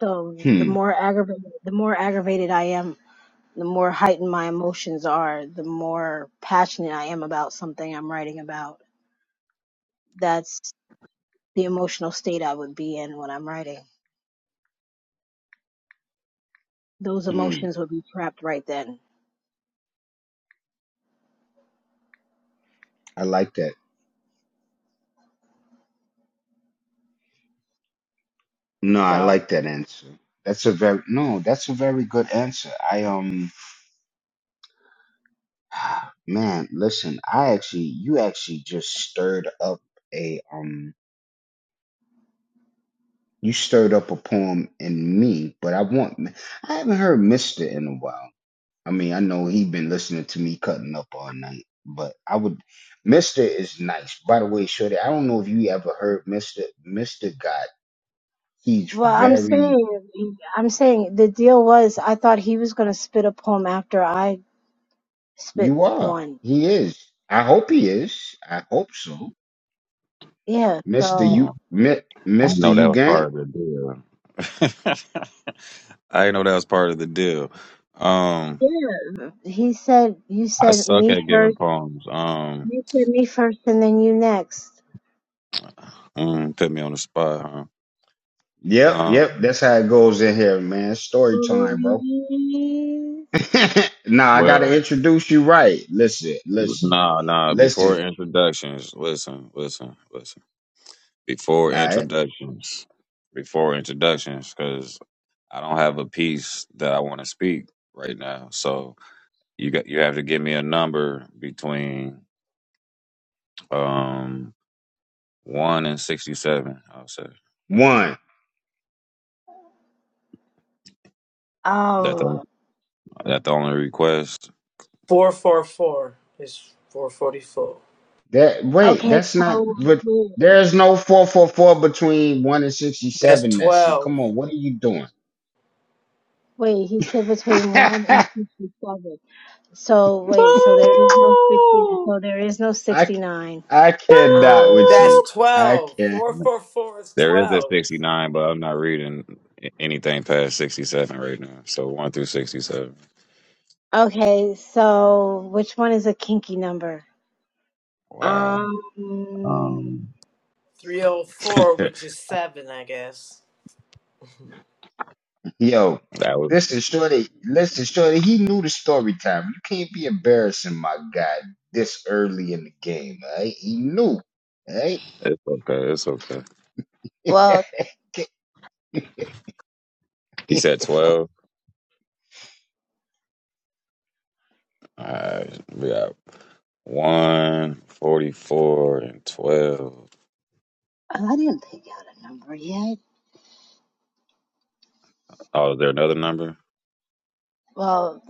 K: So the more aggravated the more aggravated I am the more heightened my emotions are, the more passionate I am about something I'm writing about. That's the emotional state I would be in when I'm writing. Those emotions would be trapped right then. So, well, I'm saying, I'm saying the deal was I thought he was going to spit a poem after I spit one. Yeah. So,
G: No, I didn't know that was part of the deal. [LAUGHS] I didn't know that was part of the deal. Um,
K: yeah. He said, you
G: I
K: said
G: suck
K: me
G: at giving
K: first.
G: poems. Um,
K: You said me first and then you next.
G: mm, put me on the spot, huh? Um,
K: Please.
G: well, nah, nah. Before introductions, listen, listen, listen. before introductions, before introductions, because I don't have a piece that I want to speak right now. So you got you have to give me a number between um one and sixty-seven. I'll say that
K: Um,
G: the that the only request.
C: four four four is four forty four.
K: Okay, so wait,
C: That's twelve.
K: wait, he said between one and fifty-seven. So wait, so there is no sixty.
L: Boo!
K: So there is no sixty-nine. Um.
C: That's
L: Boo!
C: twelve. Four four four is
G: There is a
C: twelve.
G: sixty-nine, but I'm not reading a- anything past sixty-seven right now. So one through sixty-seven.
K: Okay, so which one is a kinky number?
G: Wow.
K: Um.
G: Um,
C: Three oh four,
G: [LAUGHS] that
C: which is seven, I guess. [LAUGHS]
G: was it's okay. It's okay.
K: Well,
G: He said twelve. All right, we got one forty-four and twelve.
K: I didn't pick out a number yet.
G: Oh, is there another number?
K: Well,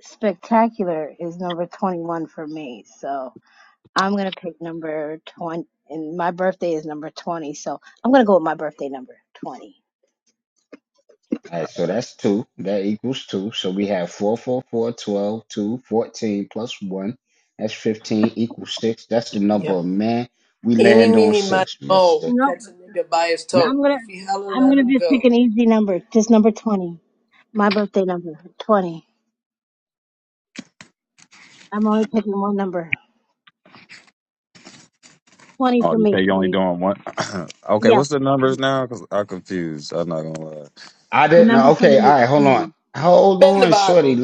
K: spectacular is number twenty-one for me, so I'm gonna pick number twenty. And my birthday is number twenty, so I'm gonna go with my birthday number twenty.
C: Yep. Any meeny miny mo, catch a nigga by his
K: I'm
C: toe.
K: gonna
C: If he holler,
K: I'm
C: let
K: gonna
C: him
K: just pick
C: go.
K: an easy number, just number twenty. My birthday number, twenty. I'm only picking one number. Twenty
G: Oh,
K: for
G: you
K: me,
G: say you only
K: please.
G: doing one? [COUGHS] [CLEARS THROAT] okay,
K: Yes,
G: what's the numbers now? Cause I'm confused. I'm not gonna
K: the number for me is twenty.
C: Bend the bottle.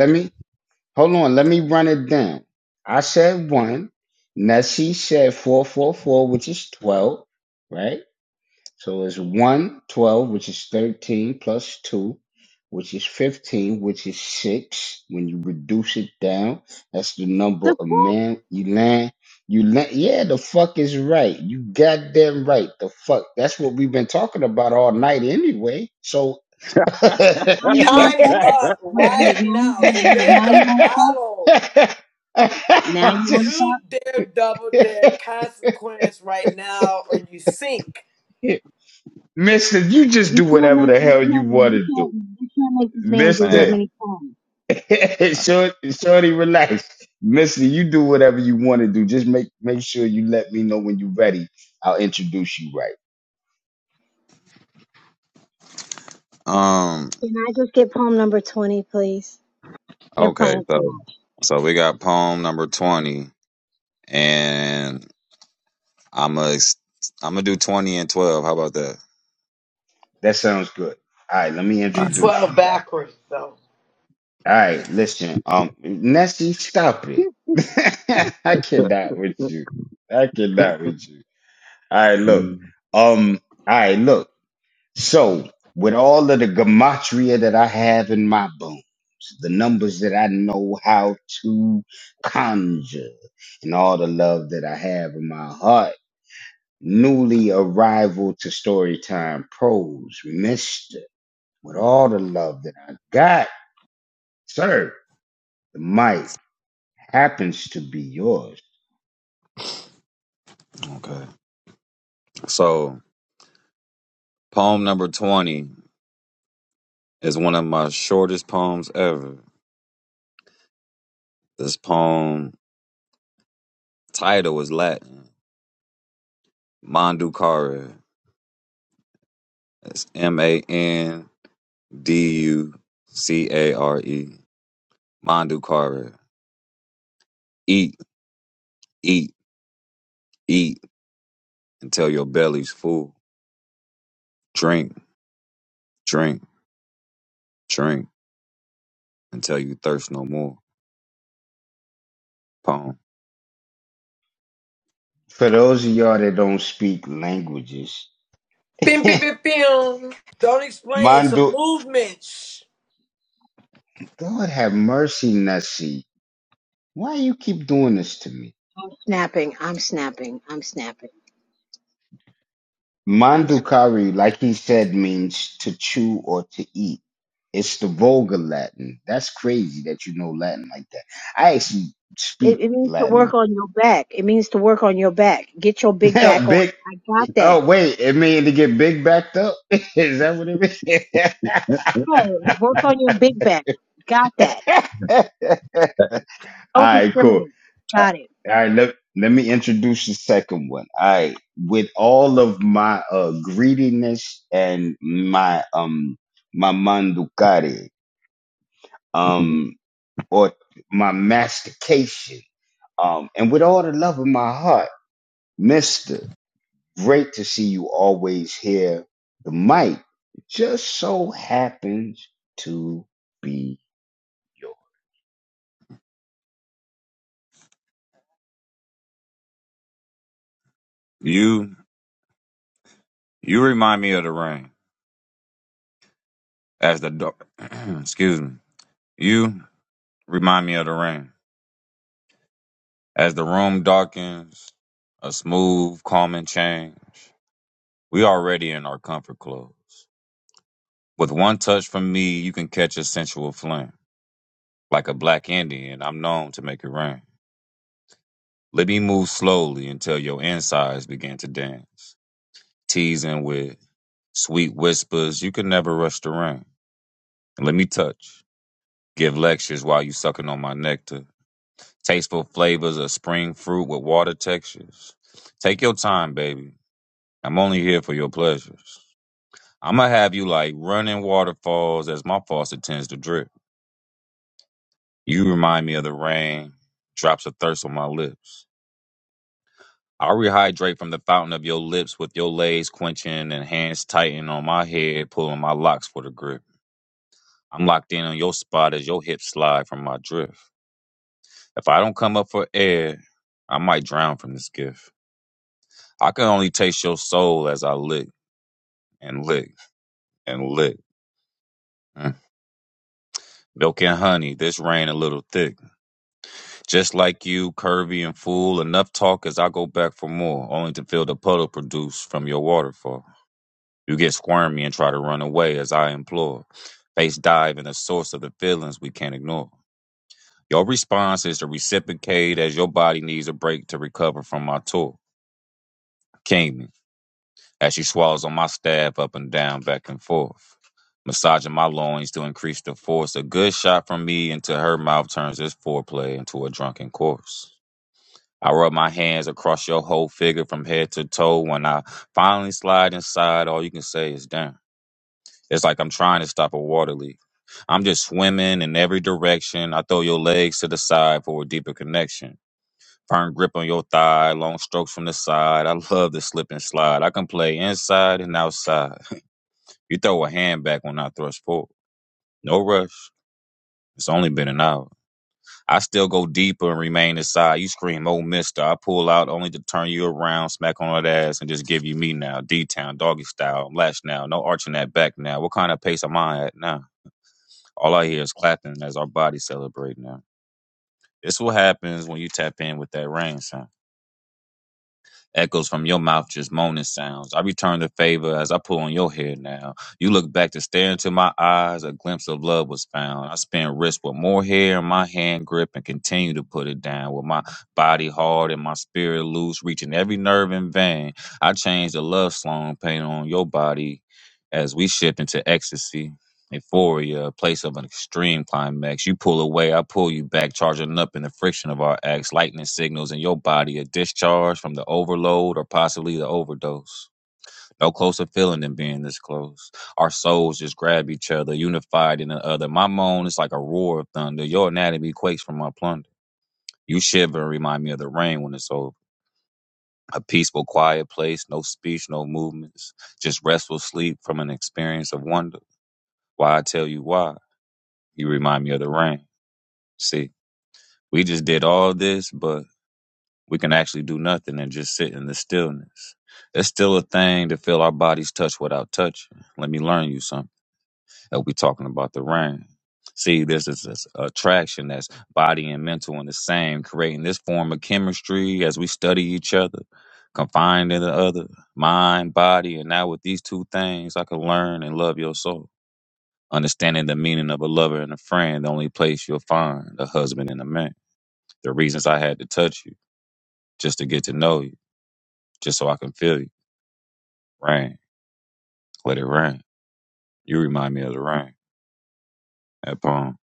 K: The fuck? Now you
G: lie,
K: want to
C: Time's
G: [LAUGHS]
K: fuck?
C: up
K: Wait,
C: right
K: wait, now you
C: now.
K: wait, wait,
C: Spin
K: now you
C: the
K: want to fuck?
C: bottle.
K: Now you want to
C: True
K: fuck?
C: dare, double dare, consequence right now, or you sink.
K: You can't make you can't you can't you can't make this man do that
G: man.
K: many poems.
G: Um,
K: Can I just get poem number twenty, please? You're
G: okay,
K: playing too
G: so
K: much.
G: so we got poem number twenty, and I'm a I'm gonna do twenty and twelve. How about that?
C: Do
G: Um,
C: 12 backwards, though.
K: [LAUGHS]
G: Okay, so poem number twenty is one of my shortest poems ever. This poem Title was Latin. Manducare. That's M A N D U C A R E. Manducare. Eat, eat, eat until your belly's full. Drink, drink, drink until you thirst no more. Poem.
C: Bim, bim, bim, bim. Don't explain it. It's a movement. Shh.
K: snapping. I'm snapping. I'm snapping. I'm It, it means to work on your back. It means to work on your back. Get your big back on. I got that. Yeah, work on your big back. Got that. Don't discriminate. Got it.
G: Mhm. You you remind me of the rain as the dark. [CLEARS THROAT] excuse me. You remind me of the rain as the room darkens. A smooth, calming change. We already in our comfort clothes. With one touch from me, you can catch a sensual flame. Like a black Indian, I'm known to make it rain. Let me move slowly until your insides begin to dance. Teasing with sweet whispers, you can never rush the rain. Let me touch. Give lectures while you sucking on my nectar. Tasteful flavors of spring fruit with water textures. Take your time, baby. I'm only here for your pleasures. I'ma have you like running waterfalls as my faucet tends to drip. You remind me of the rain, drops of thirst on my lips. I rehydrate from the fountain of your lips with your legs quenching and hands tighten on my head, pulling my locks for the grip. I'm locked in on your spot as your hips slide from my drift. If I don't come up for air, I might drown from this gift. I can only taste your soul as I lick and lick and lick. Mm. Milk and honey, this rain a little thick. Just like you, curvy and fool, enough talk as I go back for more, only to feel the puddle produce from your waterfall. You get squirmy and try to run away as I implore. Face dive in the source of the feelings we can't ignore. Your response is to reciprocate as your body needs a break to recover from my tour. King, as she swallows on my staff up and down, back and forth. Massaging my loins to increase the force. A good shot from me into her mouth turns this foreplay into a drunken course. I rub my hands across your whole figure from head to toe. When I finally slide inside, all you can say is damn. It's like I'm trying to stop a water leak. I'm just swimming in every direction. I throw your legs to the side for a deeper connection. Firm grip on your thigh, long strokes from the side. I love the slip and slide. I can play inside and outside. You throw a hand back when I thrust forward. No rush. It's only been an hour. I still go deeper and remain inside. You scream, oh, mister. I pull out only to turn you around, smack on that ass, and just give you me now. D town, doggy style, lash now. No arching that back now. What kind of pace am I at now? All I hear is clapping as our bodies celebrate now. This is what happens when you tap in with that rain sound. Echoes from your mouth just moaning sounds. I return the favor as I pull on your hair now. You look back to stare into my eyes, a glimpse of love was found. I spin wrists with more hair in my hand grip and continue to put it down with my body hard and my spirit loose, reaching every nerve and vein. I change the love song paint on your body as we shift into ecstasy. Euphoria, a place of an extreme climax. You pull away, I pull you back, charging up in the friction of our acts, lightning signals in your body, a discharge from the overload or possibly the overdose. No closer feeling than being this close. Our souls just grab each other, unified in the other. My moan is like a roar of thunder. Your anatomy quakes from my plunder. You shiver and remind me of the rain when it's over. A peaceful, quiet place, no speech, no movements, just restful sleep from an experience of wonder. Why I tell you why, you remind me of the rain. See, we just did all this, but we can actually do nothing and just sit in the stillness. It's still a thing to feel our bodies touch without touching. Let me learn you something. That we talking about the rain. See, this is this attraction that's body and mental in the same, creating this form of chemistry as we study each other, confined in the other, mind, body, and now with these two things, I can learn and love your soul. Understanding the meaning of a lover and a friend, the only place you'll find a husband and a man. The reasons I had to touch you just to get to know you, just so I can feel you. Rain, let it rain. You remind me of the rain. That poem.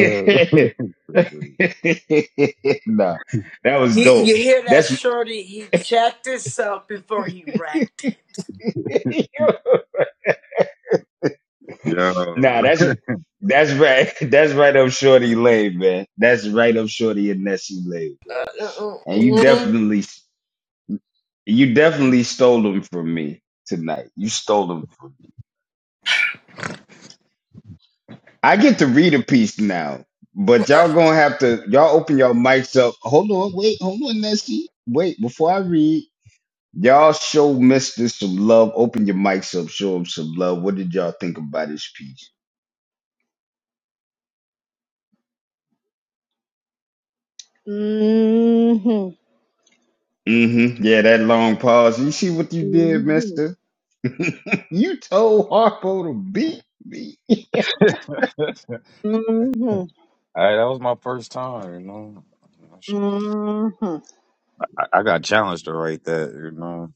G: Uh, [LAUGHS]
C: You, you hear that, Shorty? He checked himself before he wrecked it.
G: Yo.
C: Uh, uh, uh, uh. uh,
K: Mm Mhm. Mm Mhm.
G: hey, [LAUGHS]
K: Mm
G: that was my first time, you know.
K: Mhm. Mhm.
G: I, I got challenged to write that, you know.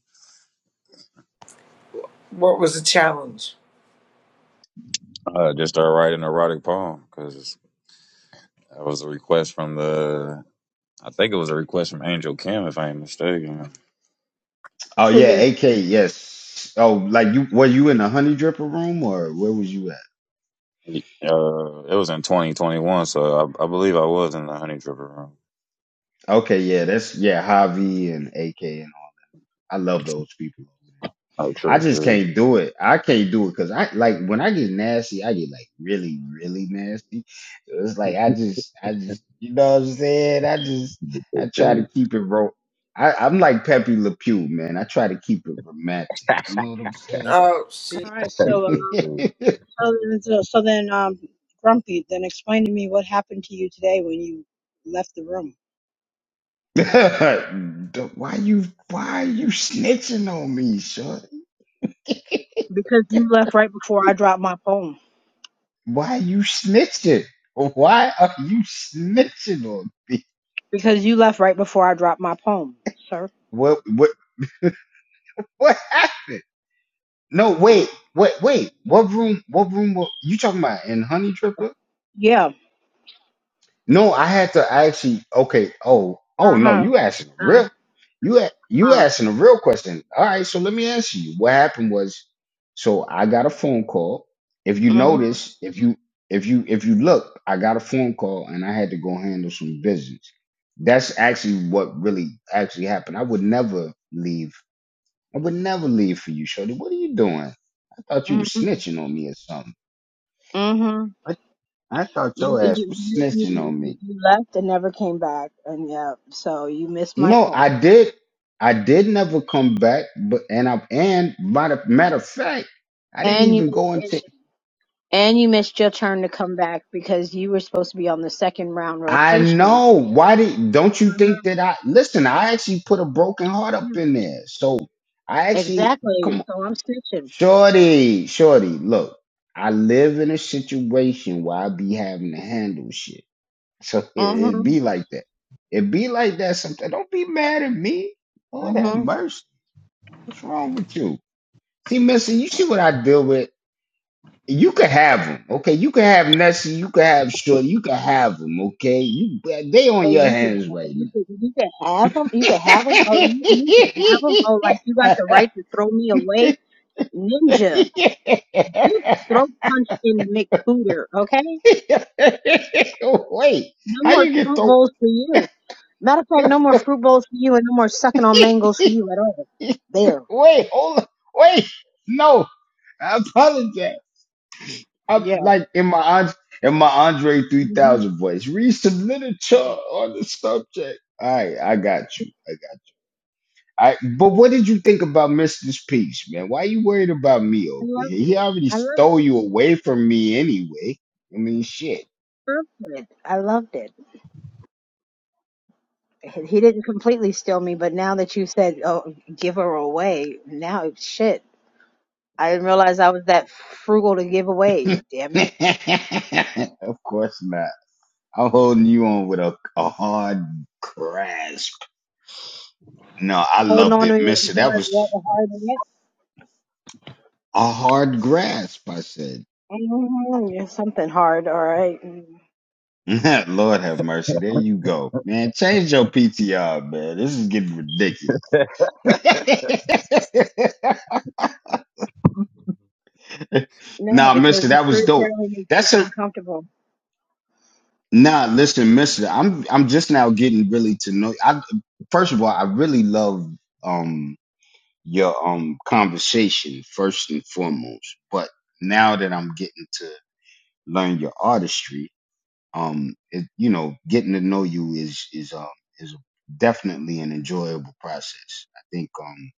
C: What was the challenge?
G: I just started writing an erotic poem because that was a request from the, I think it was a request from Angel Kim, if I ain't mistaken.
K: Figures.
G: Uh, it was in 2021, so I, I believe I was in the Honey Tripper room. Oh, true. Okay.
C: Oh, she.
K: All right, so um,
G: um,
K: so then, so, so then um, Grumpy, then explain to me what happened to you today when you left the room Because you left right before I dropped my poem. Because you left right before I dropped my poem, sir. Yeah. Yeah. Uh-huh. Uh-huh. Mhm. Mhm. Mhm. You, you you you you you you left and never came back, and yeah, so you missed my poem, and you missed, and you missed your turn to come back because you were supposed to be on the second round rotation. hmm Exactly. So I'm snitching. Mhm. Mhm. So you could ha- you could you could have them. You could have them. Oh, you you could have them. Oh, like you got the right to throw me away, ninja. You throat punched in McCooter, okay? No more fruit bowls for you. Matter of fact, no more fruit bowls for you and no more sucking on mangoes for you at all. There. Yeah. hmm I loved it. I loved it. Perfect. I loved it. He he didn't completely steal me, but now that you said, oh, give her away, now it's shit. I didn't realize I was that frugal to give away. Damn it. Holding on to me with a hard, hard, hard, hard, hard, something hard, all right? Mm-hmm. No, because the fruit apparently makes people uncomfortable.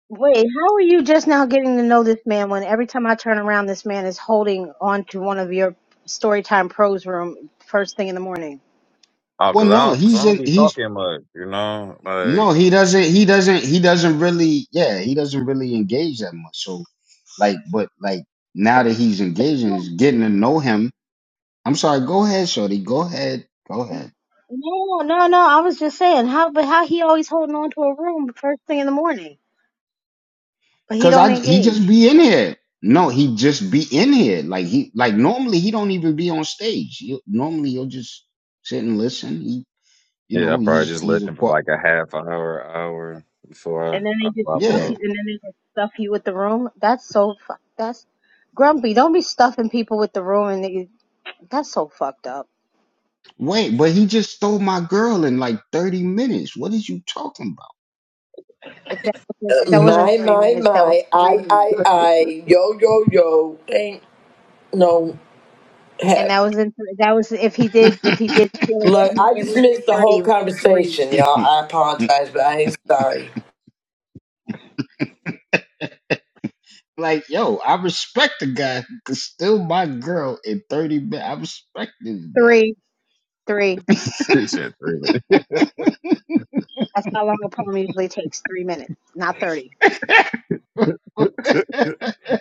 K: Wait, how are you just now getting to know this man when every time I turn around, this man is holding on to one of your Storytime Pros room first thing in the morning?
G: Oh, cause I don't, cause I don't be talking much, you know. Like,
K: No, no, no. I was just saying how, but how he always holding on to a room first thing in the morning, but he don't engage,
G: Yeah, I probably just listen for like a half hour, hour before
K: and then
G: I, I
K: they just
G: pop
K: stuff
G: up.
K: you, and then they just stuff you with the room. That's so fuck. That's grumpy. Don't be stuffing people with the room, and they, that's so fucked up. If that wasn't,
C: Uh,
K: that wasn't
C: my,
K: thirty
C: my,
K: minutes, that was
C: my.
K: three
C: I,
K: minutes.
C: I, I. Yo, yo, yo. Dang. no
K: And
C: hep.
K: that was in that was if he did if he did steal it
C: Look,
K: wasn't
C: I
K: it
C: just
K: wasn't
C: missed the
K: thirty it
C: whole
K: was in three
C: conversation, y'all. I apologize, but I ain't sorry.
K: three three.
G: [LAUGHS] Shit, three minutes.
K: That's how long a poem usually takes three minutes, not thirty.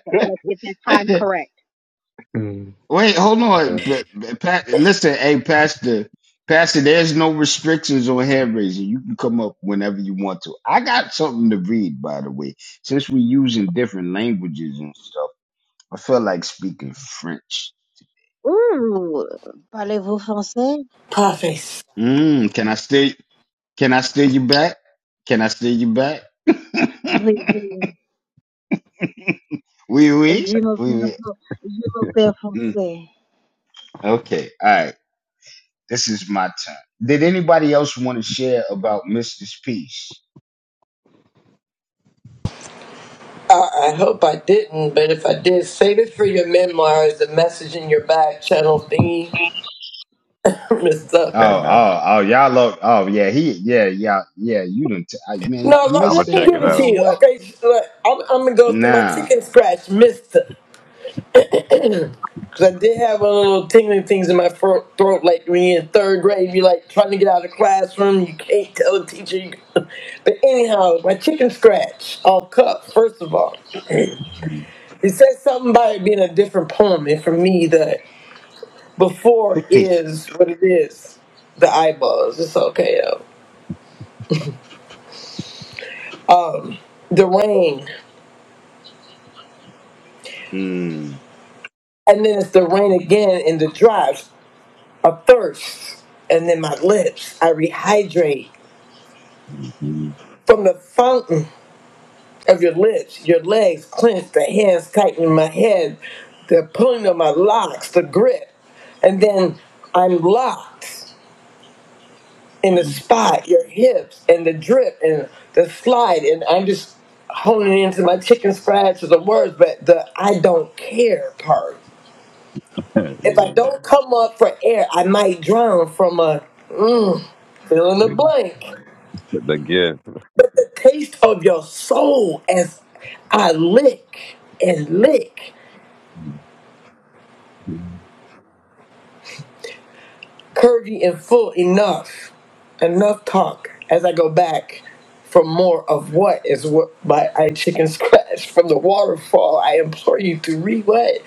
K: But let's get that time correct. Ooh, parlez-vous français?
C: Puffy.
K: Oui, oui. Je m'appelle Fran- je m'appelle français.
C: I, I hope I didn't, but if I did, save it for your memoirs, the message in your back channel thingy. [LAUGHS] Miss Up.
G: [LAUGHS] okay, now
C: No, let,
G: I'm gonna
C: let me
G: check
C: give
G: it
C: it to
G: out.
C: you, okay? Look, I'm, I'm gonna go through my chicken scratch, Mister. Cause I did have a little tingling things in my throat, like when you're in third grade, you're like trying to get out of the classroom, you can't tell the teacher. You... [LAUGHS] But anyhow, my chicken scratch, I'll cut, first of all. It says something about it being a different poem, and for me, the before is what it is. The eyeballs, it's okay, yo. The rain, and then it's the rain again, and the drive, a thirst, and then my lips, I rehydrate
G: Mhm.
C: from the fountain of your lips, your legs clenched, the hands tightening my head, the pulling of my locks, the grip. And then I'm locked in the
G: [LAUGHS]
C: spot, your hips, and the drip, and the slide. And I'm just honing into my chicken scratch of the words, but the I don't care part. If
G: yeah,
C: I don't come up for air, I might drown from a mm, fill in the
G: like,
C: blank.
G: the the gift.
C: But the taste of your soul as I lick and lick.
G: Mhm.
C: curvy and full enough. Enough talk as I go back for more of what is what by I chicken [LAUGHS] scratch from the waterfall. I implore you to read what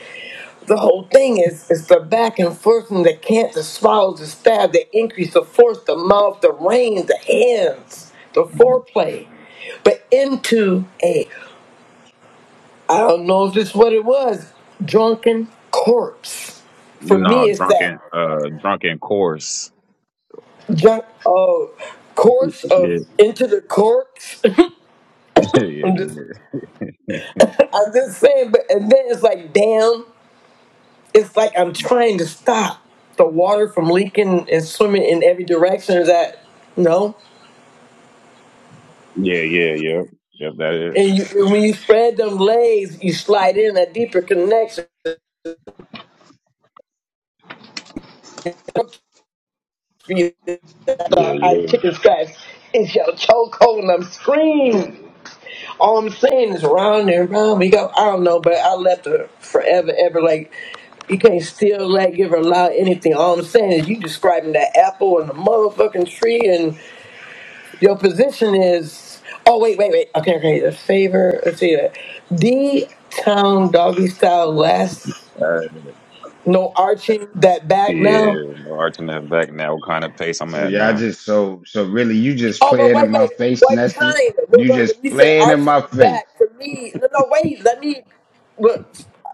C: the whole thing is is the back and forth from the cant, the swallows, the stab, the increase, the force, the mouth, the reins, the hands, the foreplay. But into a I don't know if this is what it was, drunken corpse. For me
G: No,
C: it's that
G: drunken, uh, drunken course.
C: junk uh course
G: yeah,
C: of into the courts. [LAUGHS]
G: [LAUGHS] yeah,
C: I'm just,
G: yeah, Yeah,
C: I'm just saying, but and then it's like, damn, it's like I'm trying to stop the water from leaking and swimming in every direction. Is that no?
G: yeah, yeah, yep, Yep, that
C: And, you,
G: is.
C: and when you spread them legs, you slide in a deeper connection. I
G: yeah, yeah. All
C: chicken scratch. It's your chokehold, and I'm screaming. All I'm saying is round and round we go. I don't know, but I left her forever, ever. Like you can't still like give her a allow anything. All I'm saying is you describing that apple and the motherfucking tree, and your position is. Oh wait, wait, wait. Okay, okay. The favor. Let's see that. D town doggy style last.
G: right.
C: No arching that back
G: Yeah,
C: now.
G: no, arching that back now. What kind of pace I'm at now?
C: Oh, but wait, wait. What kind? Well, look, when you said arching the back, for me, no, no, wait. Let me. Look,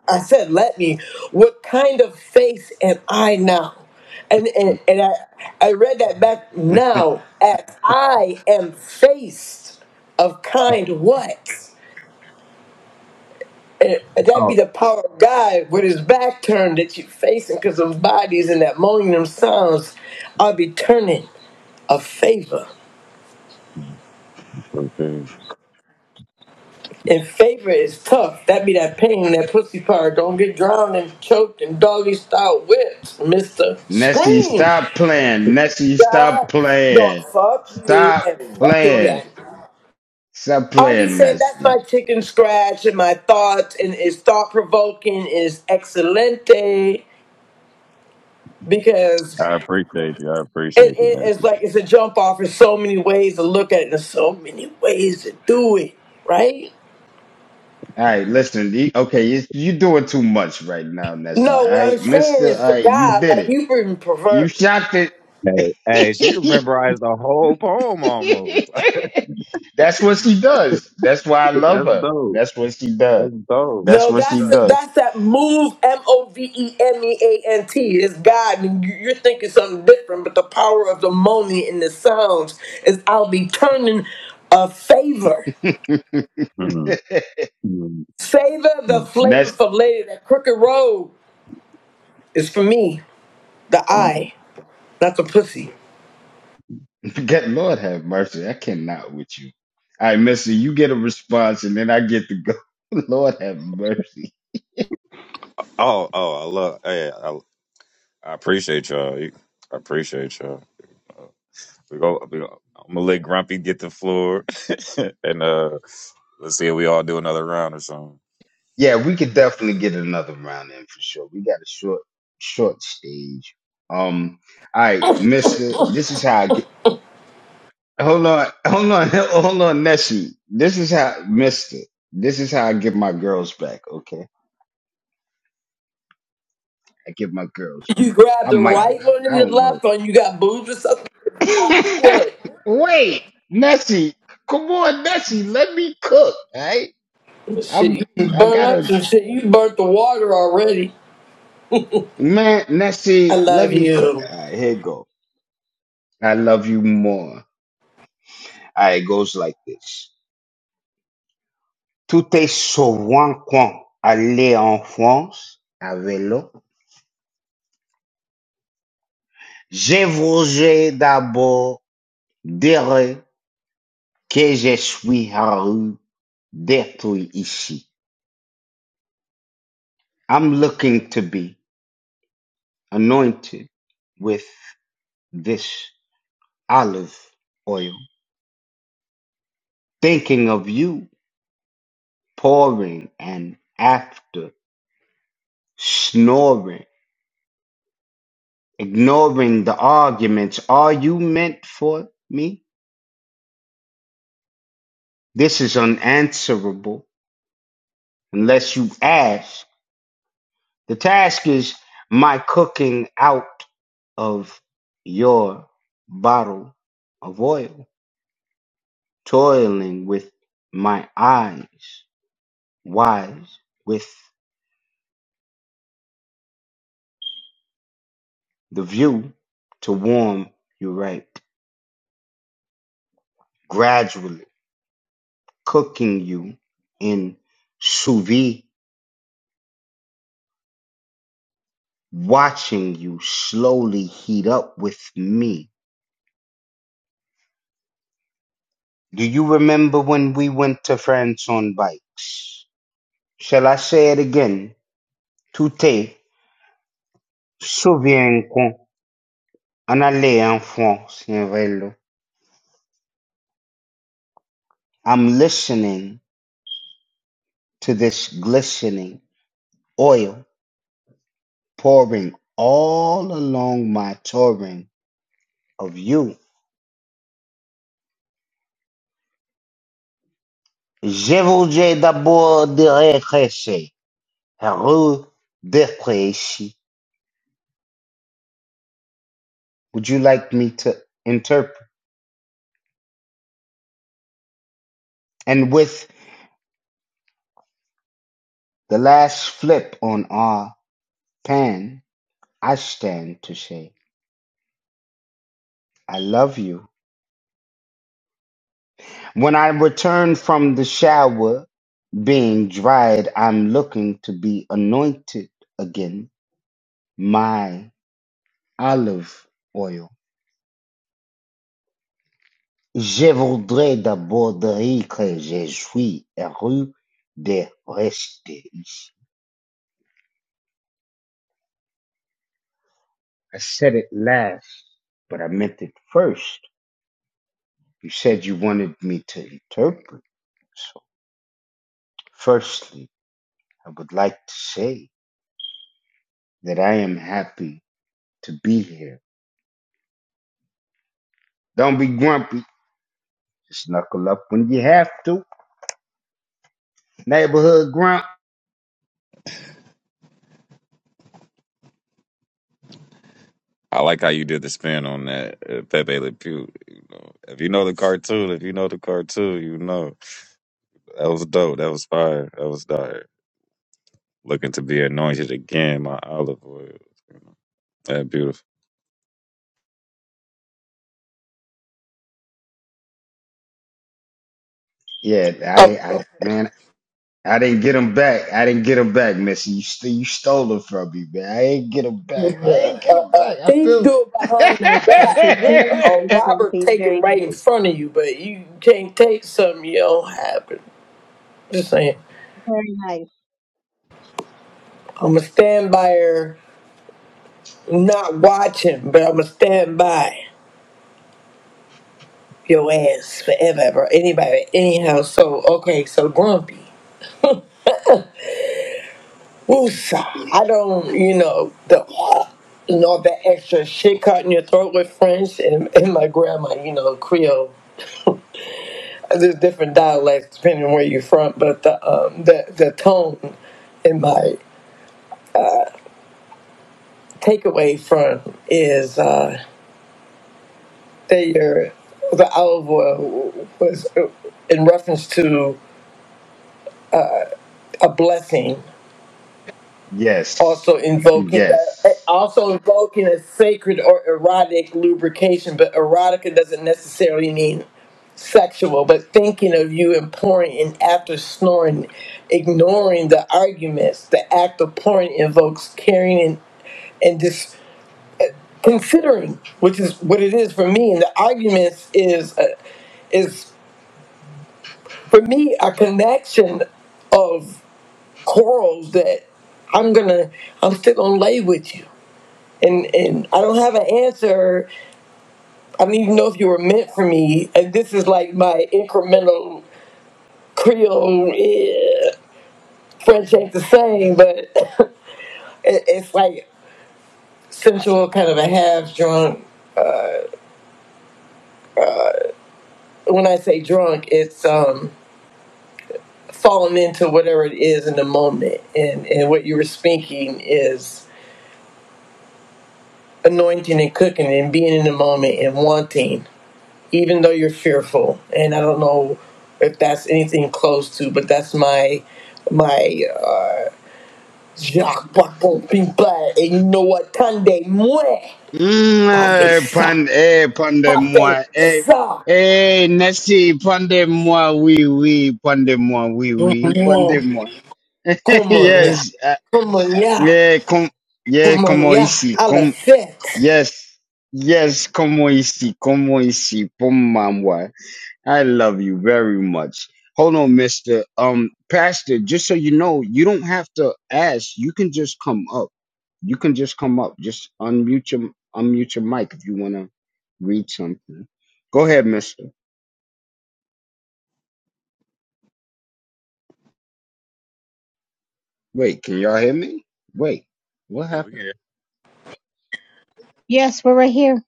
C: I said, let me. What kind of faith am I now? And and, and I I read that back now as I am faced of kind what? And that'd be
G: Oh,
C: the power of God with his back turned that you're facing because of bodies and that moaning them sounds. I'll be turning a favor.
G: okay.
C: And favor is tough. That be that pain, when that pussy part. Don't get drowned and choked and doggy style whipped, Mister. Scream, God, don't fuck you and fuck you again. I'm just saying that's my chicken scratch and my thoughts and it's thought provoking is excelente because
G: I appreciate you. I
C: it,
G: appreciate you,
C: it- it's
G: Nancy.
C: like it's a jump off. There's so many ways to look at it. and There's so many ways to do it, right? No, what I'm saying is for God, like you've been perverted.
G: Hey, hey, she memorized the whole poem almost. [LAUGHS] That's dope. That's dope.
C: No, that's the, that's that move M O V E M E A N T is God, and you- you're thinking something different. But the power of the moaning in the sounds is I'll be turning a favor,
G: Mm, mm,
C: savor the
G: mm,
C: flavor for later. That crooked road is for me, the
G: mm.
C: eye, not the pussy.
G: Oh, oh, I love. Hey, I, I appreciate y'all. You- I appreciate y'all. Uh, We go. We go. I'm gonna let Grumpy get the floor, [LAUGHS] and uh, let's see if we all do another round or something.
C: You grab the right one and the left one. You got boobs or something. What? Shit, you burn up some shit. You burnt the water already. I love you.
G: I like how you did the spin on that uh, Pepe Le Pew. You know, if you know the cartoon, if you know the cartoon, you know that was dope. That was fire. That was dire. Looking to be anointed again, my olive oil. You know, that beautiful.
C: a, a thief do it behind the
K: Nice, Grumpy.
C: back, a, a
K: Very
C: a
K: nice,
C: robber
K: Grumpy.
C: take it
K: Very
C: right in
K: nice.
G: That's-
C: front of you, but you can't take something you don't have. Just saying.
K: Very nice.
C: I'm going to stand by her, not watching, but I'm going to stand by your ass forever, ever, anybody, anyhow. So, okay, so grumpy. Woosa. I don't, you know, the. And all that extra shit caught in your throat with French and, and my grandma, you know, Creole. there's different dialects depending on where you're from, but the um, the the tone in my takeaway from is uh, that your the olive oil was uh, in reference to a blessing also invoking that eh, also invoking a sacred or erotic lubrication but erotica doesn't necessarily mean sexual but thinking of you and pouring in after snoring ignoring the arguments the act of pouring invokes caring and, and just considering which is what it is for me and the arguments is a, is for me a connection of quarrels that i'm gonna i'm still gonna lay with you and and I don't have an answer. I don't even know if you were meant for me. And this is like my incremental Creole eh, French ain't the same, but [LAUGHS] it, it's like sensual, kind of a half drunk. When I say drunk, it's um falling into whatever it is in the moment, and and what you were speaking is anointing and cooking and being in the moment and wanting even though you're fearful and i don't know if that's anything close to but that's my my uh, Jacques Paco Pink Blood and you know what Tunde Mwe Pafe Sa Pafe Sa Come on yeah Come on yeah Come on yeah I'll affect
G: yeah, we can.
K: Yes, we're right here.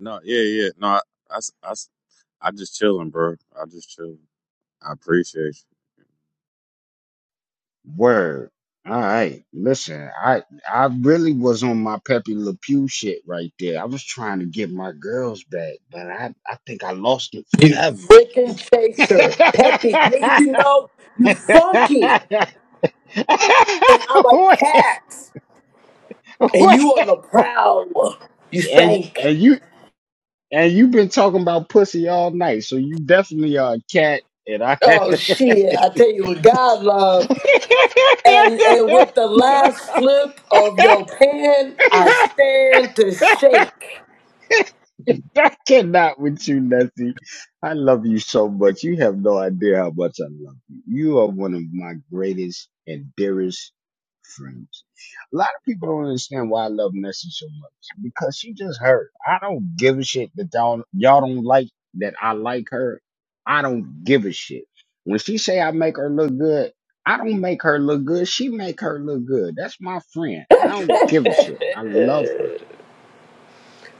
G: No, yeah, yeah. No, I, I s- I s- I just chilling, bro. I just chilling. I appreciate
C: you freaking chaser Peppy. didn't you know you funky and I'm a cat and you on the prowl you stink Oh shit! I tell you what, God love, and and with the last flip of your pen, I stand to shake.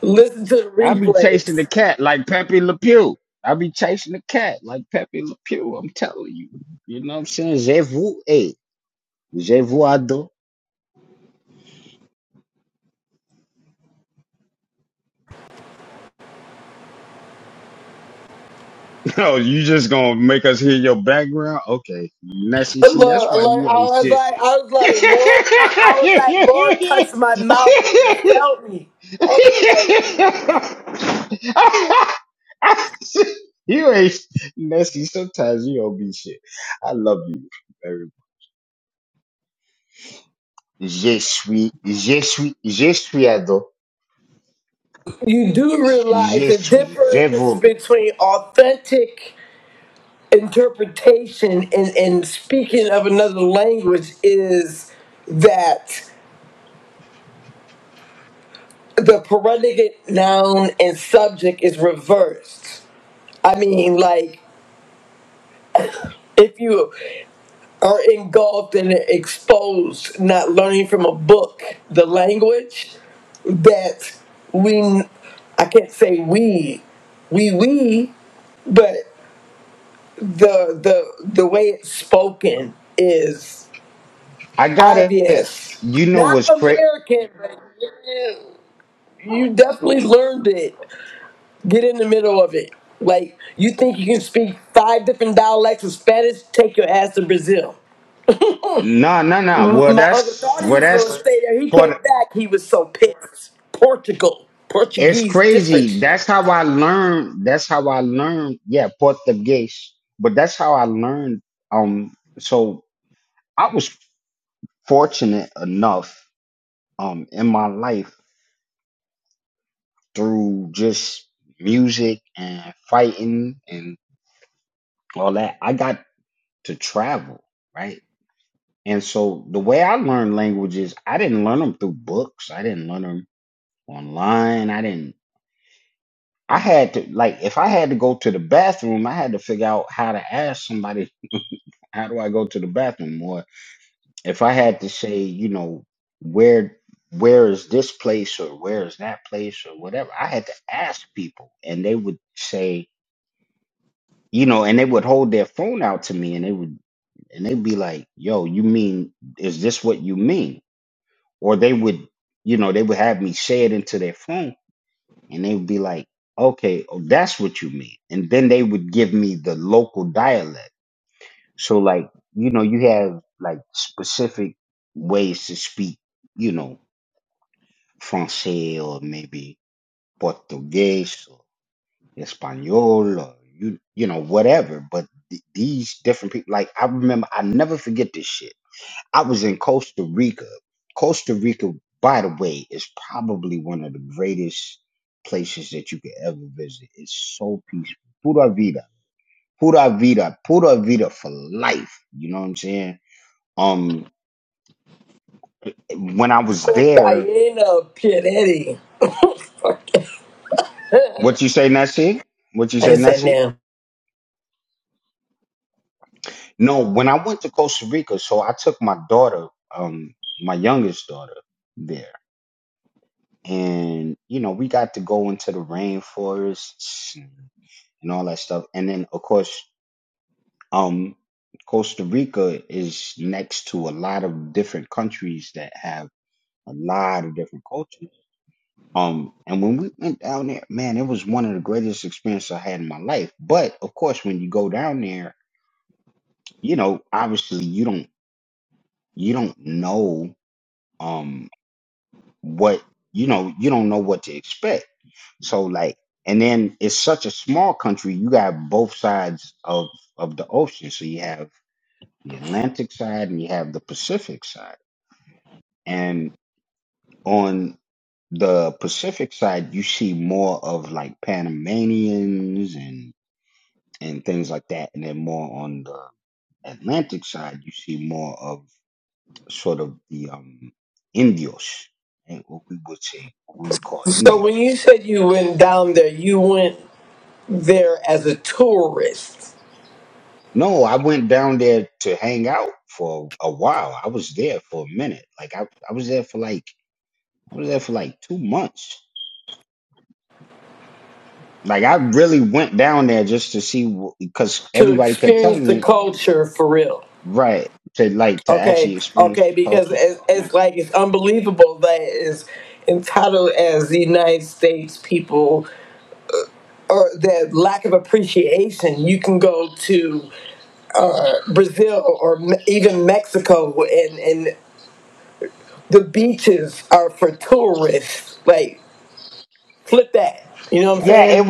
C: Listen to the replays. Lord, Lord, I was like, I was like, Lord, I, I was like, Lord, touch my mouth, but you felt me. I was like, you do realize the difference between authentic interpretation and and speaking of another language is that. the predicate noun and subject is reversed. I mean, like if you are engulfed and exposed, not learning from a book, the language that we, I can't say we, we we, but the the the way it's spoken is obvious. Not American, but you you definitely learned it Get in the middle of it. Like, you think you can speak five different dialects of Spanish? Take your ass to Brazil. My uncle thought he was going to stay there. He came back. He was so pissed. Portugal. Portuguese, different shit. Cocaína, Piretti. [LAUGHS] Fuck. it. I ain't said now. So when you said you went down there, you went there as a tourist to experience the culture for real. Okay, okay, because it, it's like it's unbelievable that it's entitled as the United States people or the lack of appreciation. You can go to uh, Brazil or me- even Mexico, and and the beaches are for tourists. Like flip that, you know what I'm saying?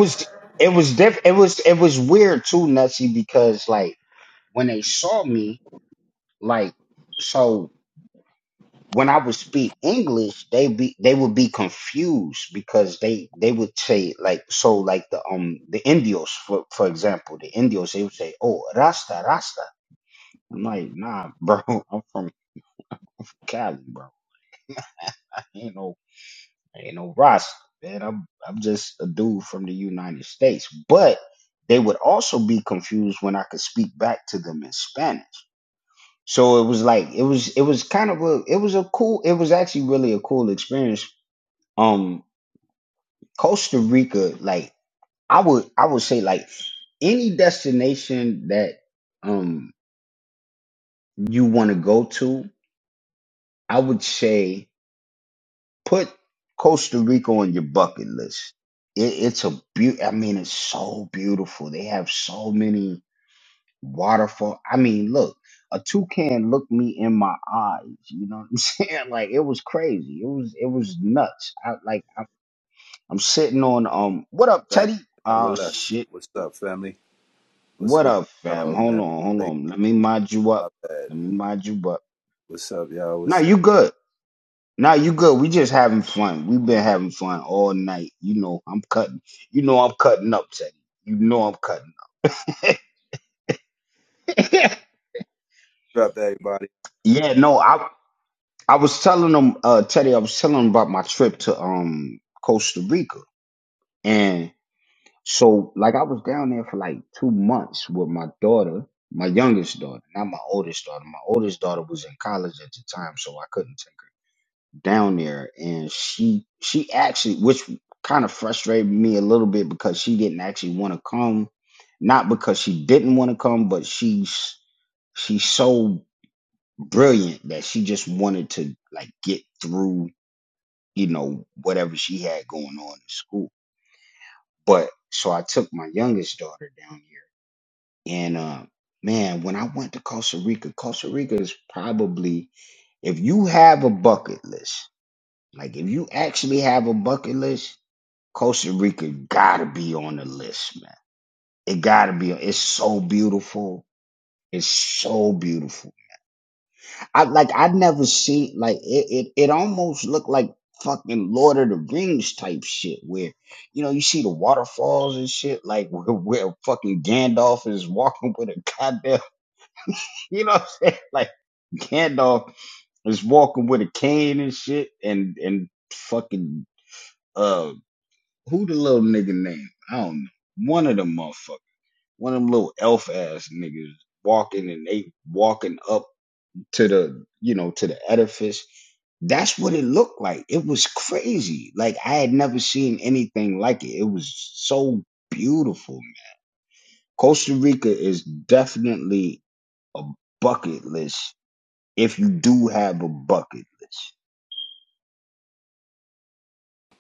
M: back. Never left. What's up, family? What's going on, y'all, man? Late, my bad. What's up, y'all? What's up? What up, everybody?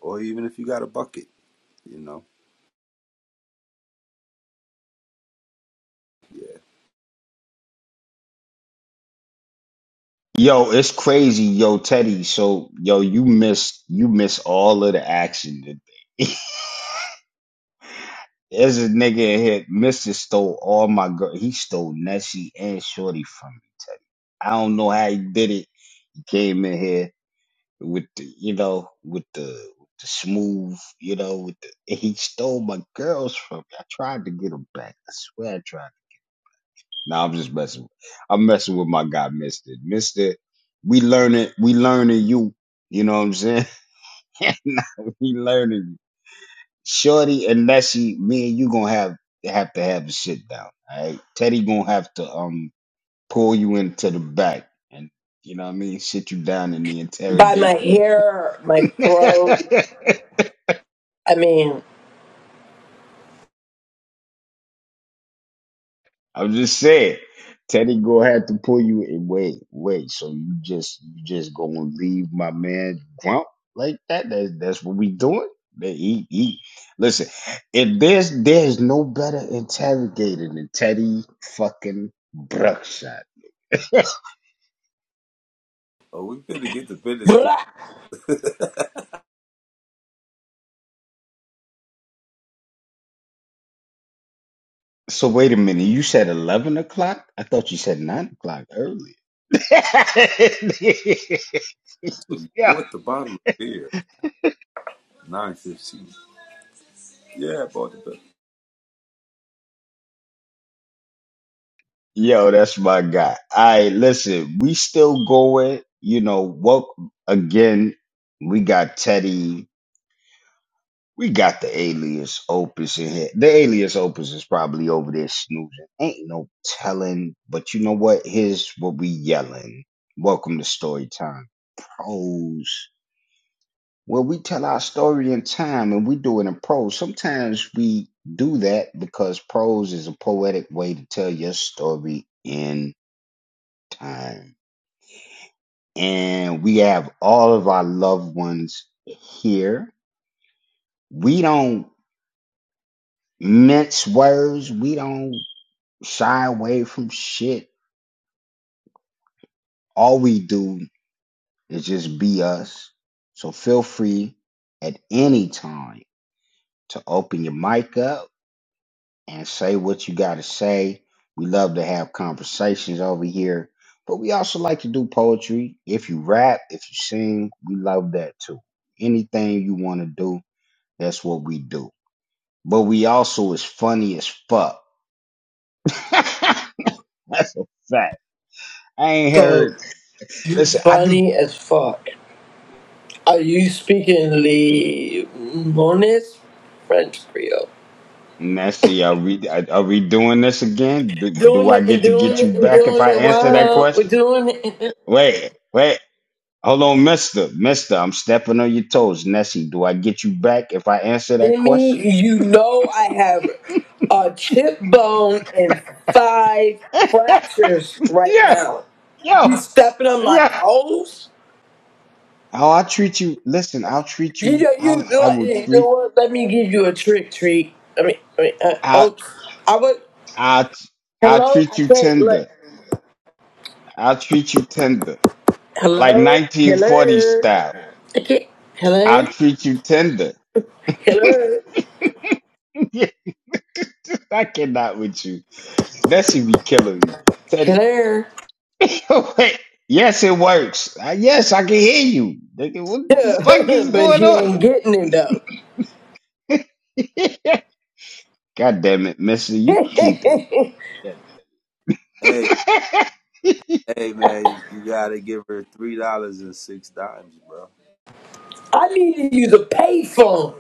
M: Or even if you got a bucket, you know.
C: By my hair, my throat. I mean,
M: Oh, we better get the
C: [LAUGHS]
M: business clear.
C: blah.
M: So you bought the bottle of beer, nine fifteen. Yeah, I bought the bill.
C: so funny as fuck. Are you speaking Le Limones French Creole? Doing it and doing it and doing it well. We're doing it. And and- then you know I have a chip bone and five fractures right now. You stepping on my toes? You know, you know, what- you know what? Let me give you a trick treat. I mean, I mean, uh, oh, I would. Hello, I can't let. Hello, hello. I can't. Hello. Hello. Hello. Yeah, [LAUGHS] but she ain't getting it though. [LAUGHS]
M: Hey, hey, man, you, you gotta give her three dollars and six dimes, bro.
C: I need to use a payphone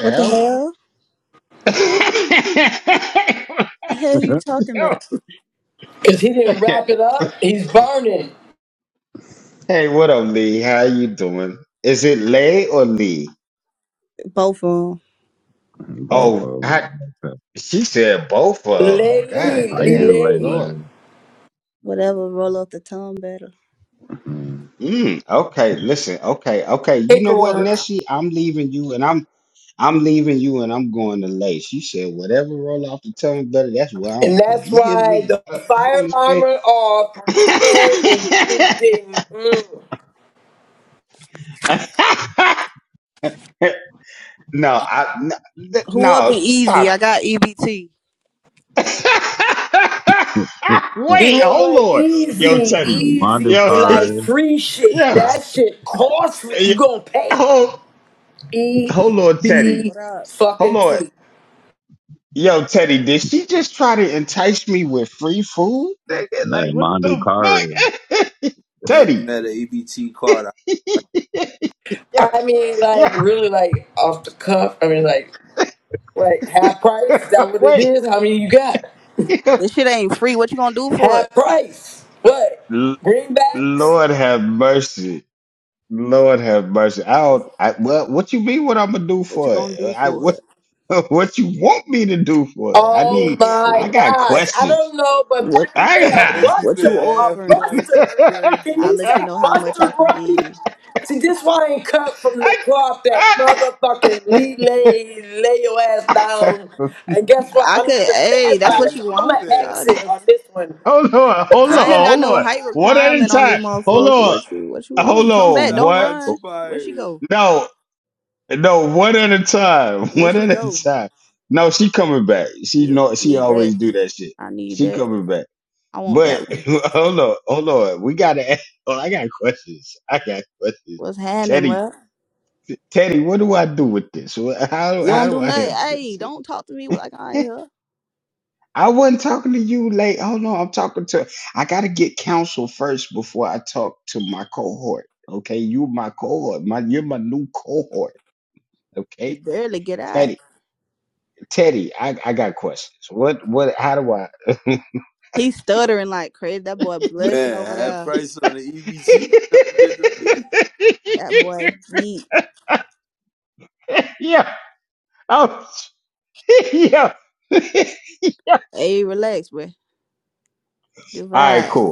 N: What the hell? hell
G: you.
N: you talking about?
C: because he didn't wrap it up. He's burning.
N: Both of them.
G: [LAUGHS] Both of them.
C: Lele,
G: How you do,
C: lele.
G: Lele?
N: Whatever roll off the tongue better.
G: Mm.
C: Paperwork. And that's why the fire alarm went off from the head and you didn't. Mm.
N: Who up and easy? I got EBT.
G: [LAUGHS] Hey,
C: You know what? Easy, easy
G: Mandu
C: be
G: Kare.
C: like free shit. That shit costly. You gonna pay. E B
N: What up?
C: fucking T.
G: Hey, Mondu Kare.
M: Never met an EBT card.
C: I mean, like really, like off the cuff. I mean, like like half price. Is that what it is? How many you got?
N: This shit ain't free. What you gonna do for it?
C: Half price. What greenbacks?
N: What you what you gonna do for it? You
C: Oh
N: gonna do
C: my
N: for it?
C: gosh! I don't know, but
N: What
C: back in the day, a
M: Nancy
N: What you
C: buster,
M: said
C: a
M: half
N: offering?
M: price is
C: buster. Can
M: crazy.
N: I'll
C: you
N: let you
C: say
N: know how much
C: buster
N: I could give.
C: grumpy?
M: [LAUGHS]
C: See, this why I ain't cut from the cloth that motherfucking lay, lay, lay your ass down. And guess what?
N: I
C: I'm
N: could.
C: not a
N: Hey, that's what
M: Boy,
C: standby, so
N: you
M: she
C: I'm going
N: want,
C: to
M: said
C: exit
N: shawty.
M: half.
C: on this one. Have a good
N: I ain't got
C: night.
N: no height requirement on this motherfucker. What you What you want? Come back. Don't
M: Shots
N: run. Where she
M: fired.
N: go? Where she go? Yeah, I need that. I need that. I want that one. What's happening, man? You don't do nothing. Hey, don't talk to me like I ain't here. It barely get out. He stuttering like crazy. That boy blushing
M: Man,
N: over
M: half
N: there.
M: price on the EBT. Sound good to me.
N: That boy geek. Hey, relax, boy. Just vibe.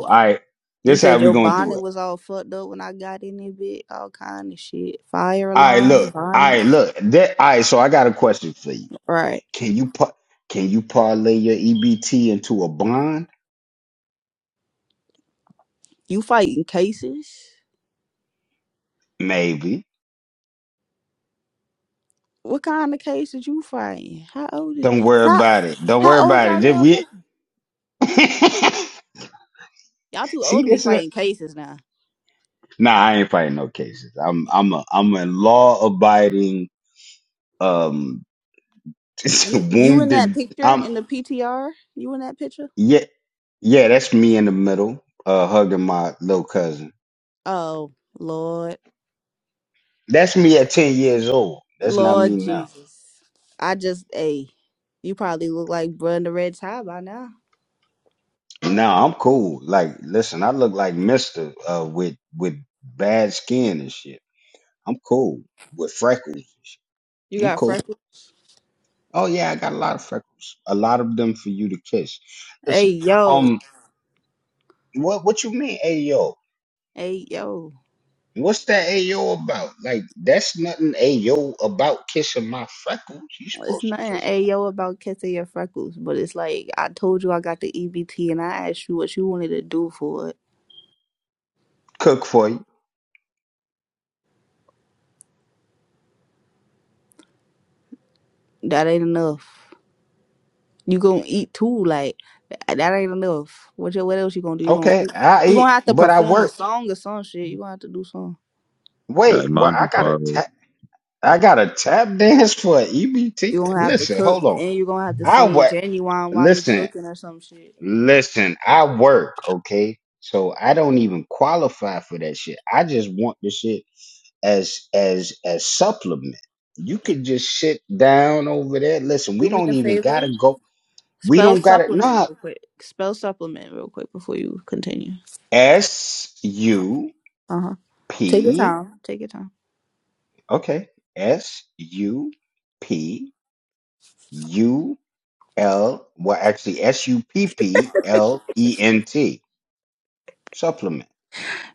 N: You said your bonnet was all fucked up when I got in it, bit. All kind of shit. Fire alarm, bonnet. Right. You fighting cases? What kind of cases you fighting? How old is how how old y'all little bro? Y'all too old to be fighting cases now. You you in that picture in the PTR? You in that picture? Oh Lord, Lord Jesus! I just a you probably look like bruh in the red tie by now. You got freckles. Hey yo, hey yo. It's nothing hey yo about catching your freckles, but it's like I told you I got the EBT and I asked you what you wanted to do for it. That ain't enough. You gonna eat too, like that ain't enough. What you, what else you gonna do? You gonna eat. you gonna have to perform a song or some shit. You gonna have to do something.
G: Hey, Mondu Kare.
N: You gonna have to cook and you gonna have to sing genuine while you cooking or some shit. Do me a favor. Spell supplement real quick. Spell supplement real quick before you continue. Uh huh. Take your time. Take your time.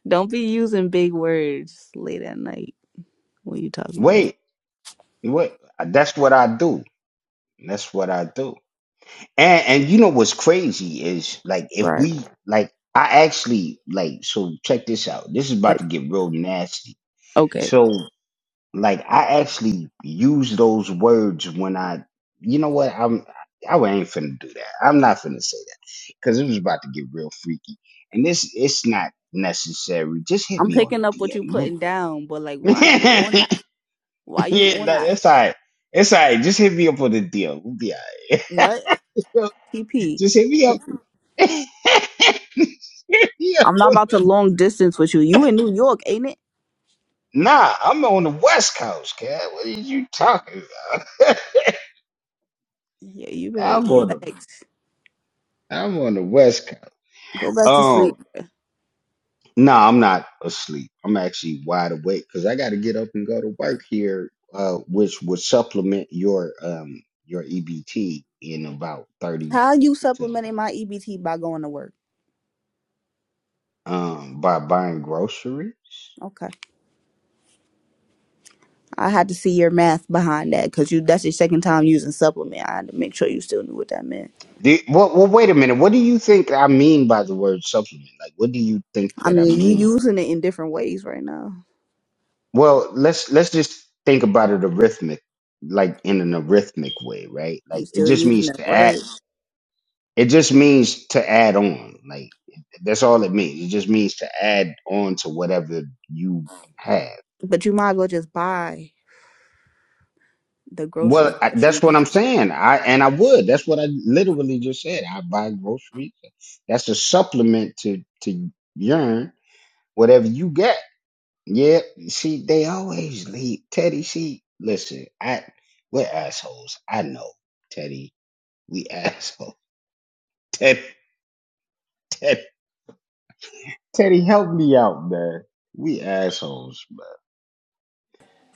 N: Don't be using big words late at night when you talking to me. Right. Like okay. I'm picking up what you putting down, but like why you on that? Why you on that? What? TP. I'm not about to long distance with you. You in New York, ain't it? Yeah, you better relax. Go back to sleep. How you supplementing my EBT by going to work? Okay. I had to see your math behind that because you that's your second time using supplement. I had to make sure you still knew what that meant. I mean, you using it in different ways right now. You still using that word. But you might as well just buy the groceries that you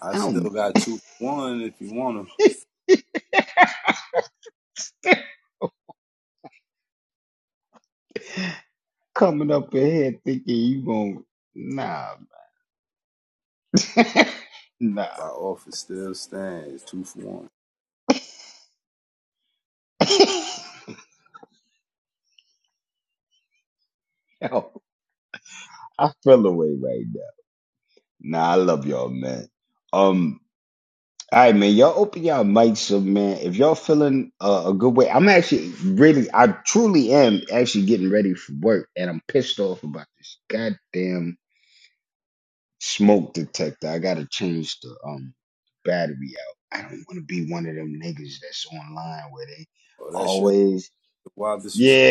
M: I still got two for one if you want them. My offer still stands. Two for one. Oh, that shit. wild disrespect?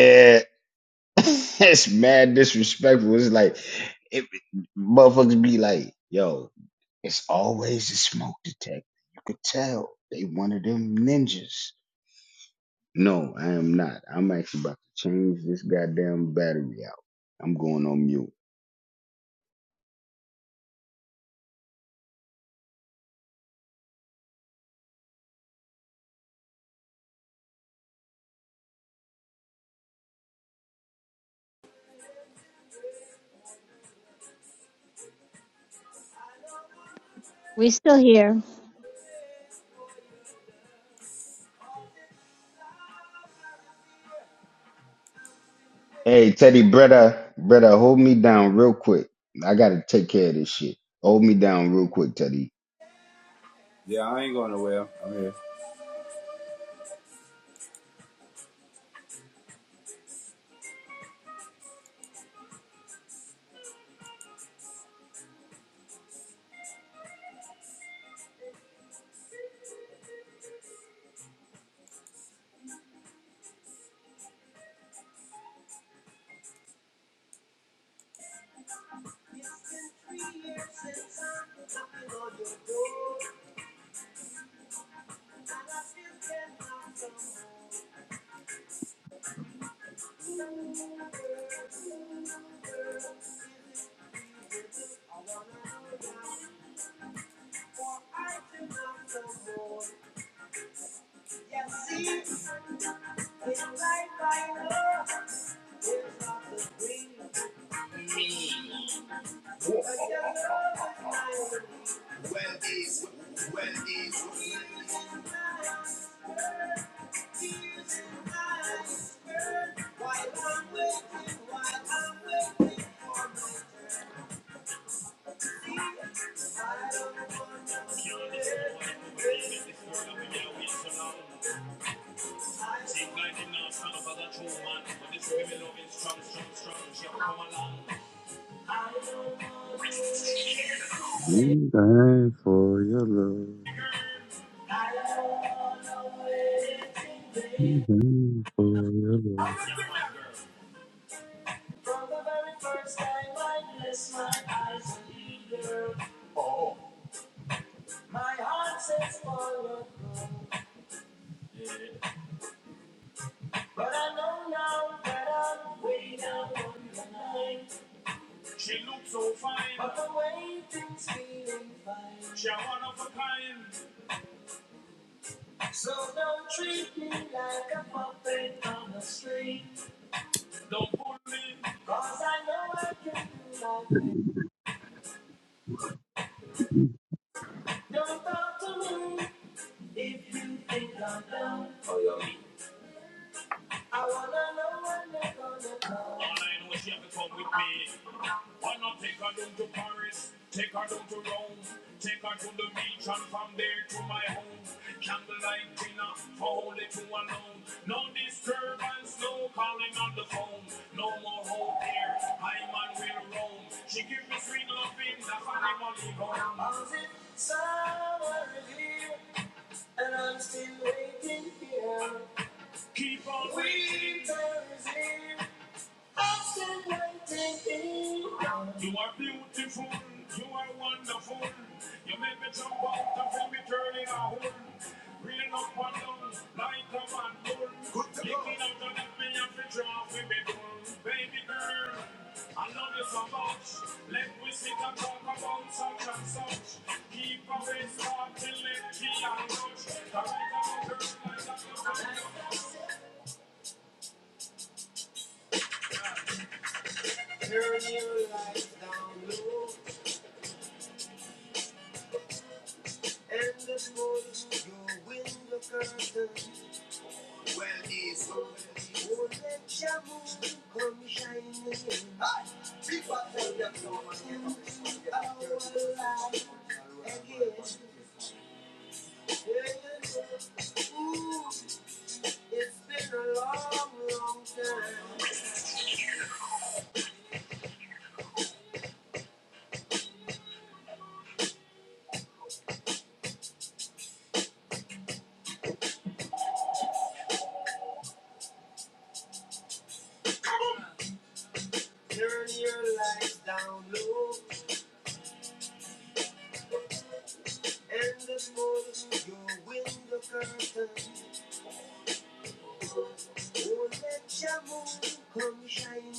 K: We're still here.
M: Yeah, I ain't going nowhere. I'm here. It's it's like I I I'm I'm know it's not don't the dream, but but Tears in my my my eyes, while while waiting, while I'm waiting for my turn. wanna wait Seems like they now stand up as a true man. but this women love is Strong, strong, strong, she'll come along.
G: We die for your love.
M: I don't wanna wait
G: We die for your love.
M: From the very first time I bless my eyes on you, girl, my heart says follow you. But I know now that I'm way down on the line. She looks so fine, but the way things feeling fine. She a one of a kind. So don't treat me like a puppet on the string. Don't pull me, cause I know I can do my Don't talk to me if you think I'm dumb. I wanna know when they're gonna come. All I know is you have to come with me. Why not take her down to Paris, take her down to Rome, take her to the beach and from there to my home. Candlelight dinner for only two alone. No disturbance, no calling on the phone. No more hope here, I man will roam. She give me sweet loving, that's why I'm only home. I was in somewhere here, and I'm still waiting here. Keep on waiting. I'm still waiting. You are beautiful, you are wonderful. You make me jump out and feel me turning a hole. Real up and down, like a man bull. Good to go. Picking out and let me have the trophy before. Baby girl, I love you so much. Let me sit and talk about such and such. Keep away starting, let me and touch. The right of a girl, like a girl. Turn your lights down low and the mold your window curtain. Well, it's over. Oh, let your moon come shining in. Hi, people tell you so much. Our life again. Yeah. Ooh, it's been a long, long time. Turn your lights down low and the mold your window curtain. Oh, let your moon come shining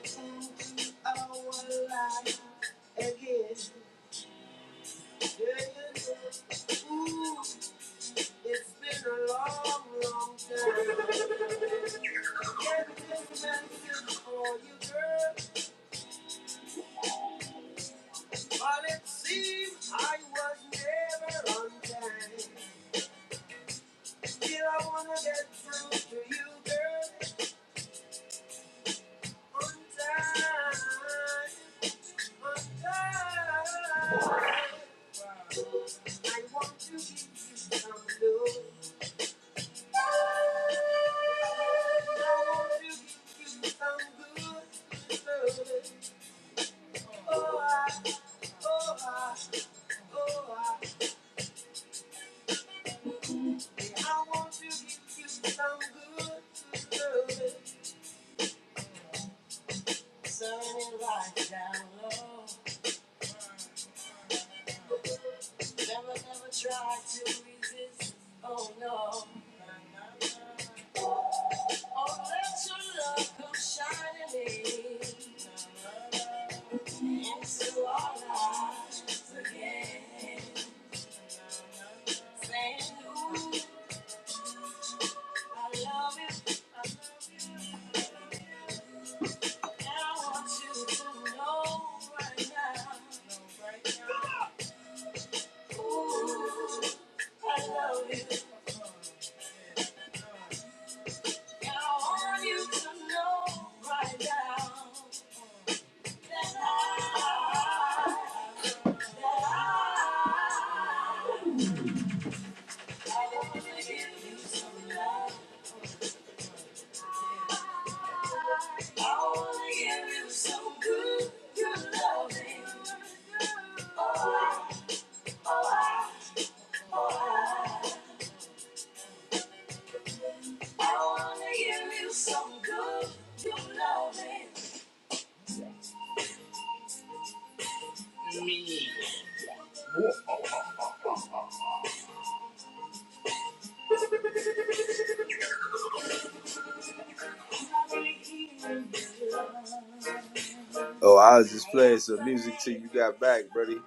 M: into our life again. Yeah, Ooh, it's been a long, long time. Can't this message for you, girl, but it seems I was never on time. Still, I wanna get through to you, girl, on time. Sunlight down low. Never, never try to resist. Oh no. Oh, let your love come shining in into our lives again. Saying, Ooh, I love you, I love you. And I want you to know right right now. Ooh, I love you. And I want you to know right now that I, I want to give you some love. so Oh, I so Oh, was just playing some music till you got back, buddy.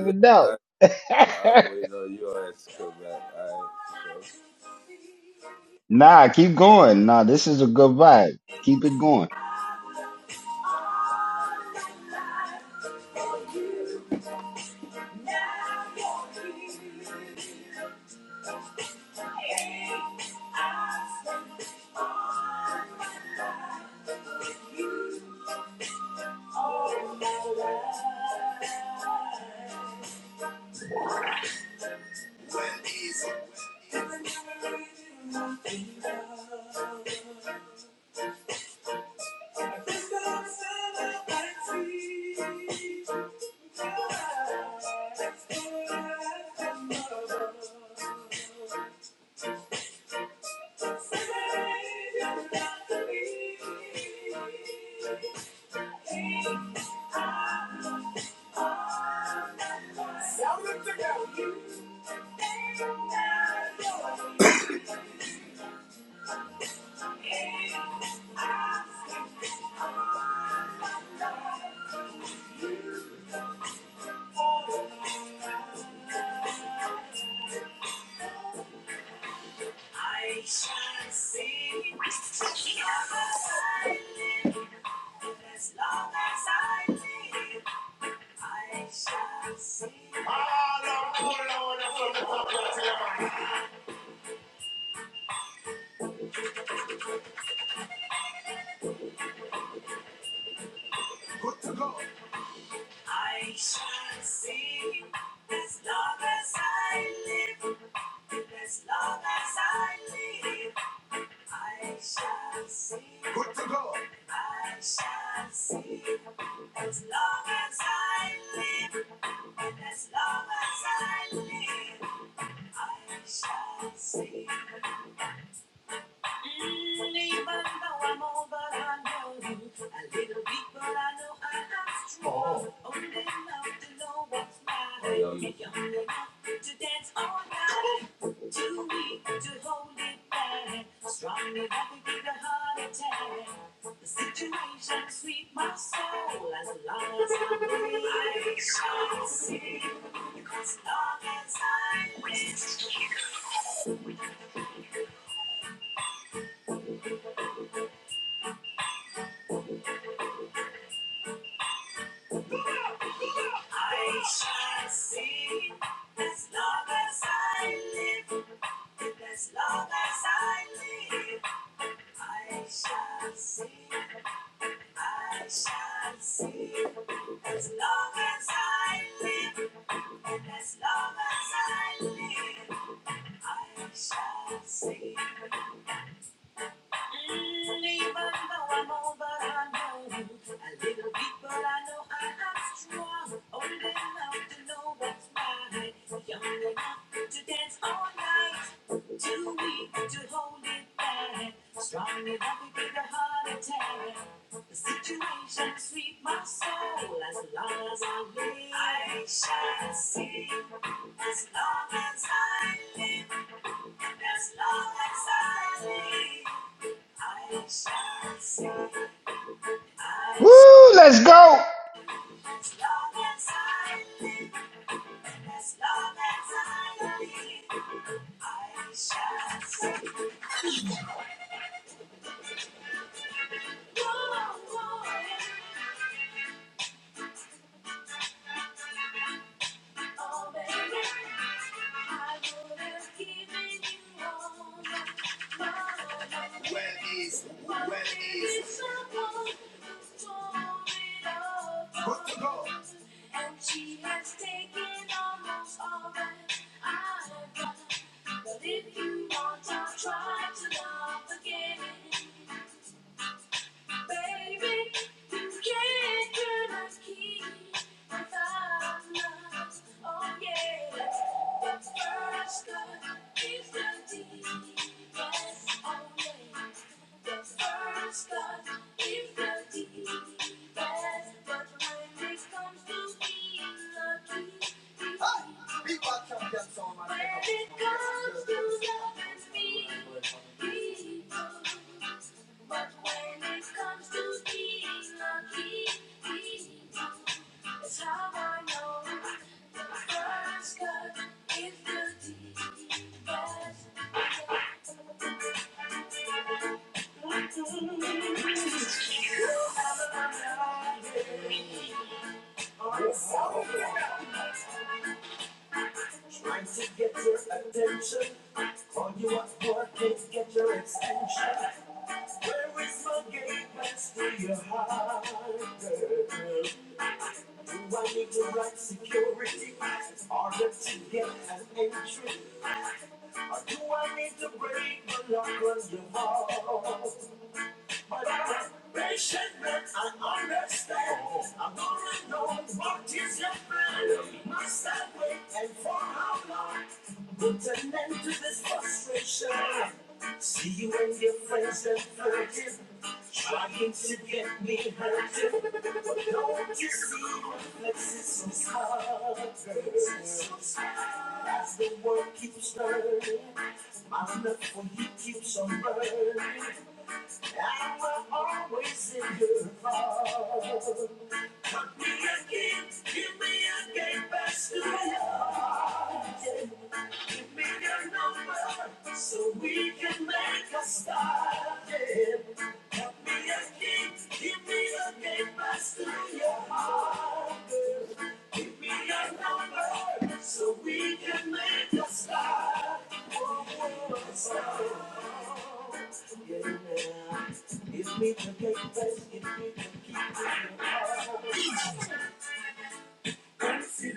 M: Yeah, I, I was waiting on you all to come back. All right, so. Thank you. I shall see as long as I live. I shall see. Ah, now put it on I shall see as long as I live. As long as I live, I shall see. I shall see as long as I live, and as long as I live, I shall see. Mm, right. Um, As long as i see. As long as [LAUGHS] I I shall sing as long as I live, as long as I live. I shall sing, I shall sing as long as I live, as long as I live. I shall sing. And even though I'm old, but I know a little bit, but I know I am strong. Old enough to know what's right, young enough to dance all night. Too weak to hold it back, strong enough to get a heart attack. The situation sweet my soul. As long as I live, I shall sing. As long as I live, as long as I live. I shall sing. I shall as long as I live, as long as I live, I shall sing. Oh, oh. Where is, where is, put the gold. And she has taken almost all that I've got. But if you want, I'll try to love again. Baby, this can't turn us key. A thousand oh yeah. What's first come is the deed. Yes, oh yeah. What's first come is the deed. Yes, but when this comes to being lucky, these when when it it comes comes to to loving me, he knows. But when it comes to being lucky, he knows. That's how I know the the first cut is the deepest. You have a love, or it's all around, Trying to get your attention. All you up for is get your extension. Where is my gateways to your heart? girl? Do I need the right security in order to get an entry? Or do I need to break the lock on your heart? Put an end to this frustration. See you and your friends and flirting to get me hurt. Don't you see? This is so sad. This is so As the world keeps turning, my love for you keeps on burning. And we're always in your heart. Cut me again, give me a game back to love. Make us number so we can make a start. Yeah. Help me a king, give me a game pass to your heart. Give me a number so we can make a start. Oh, oh, oh, oh. Yeah, Give me the game pass, give me the See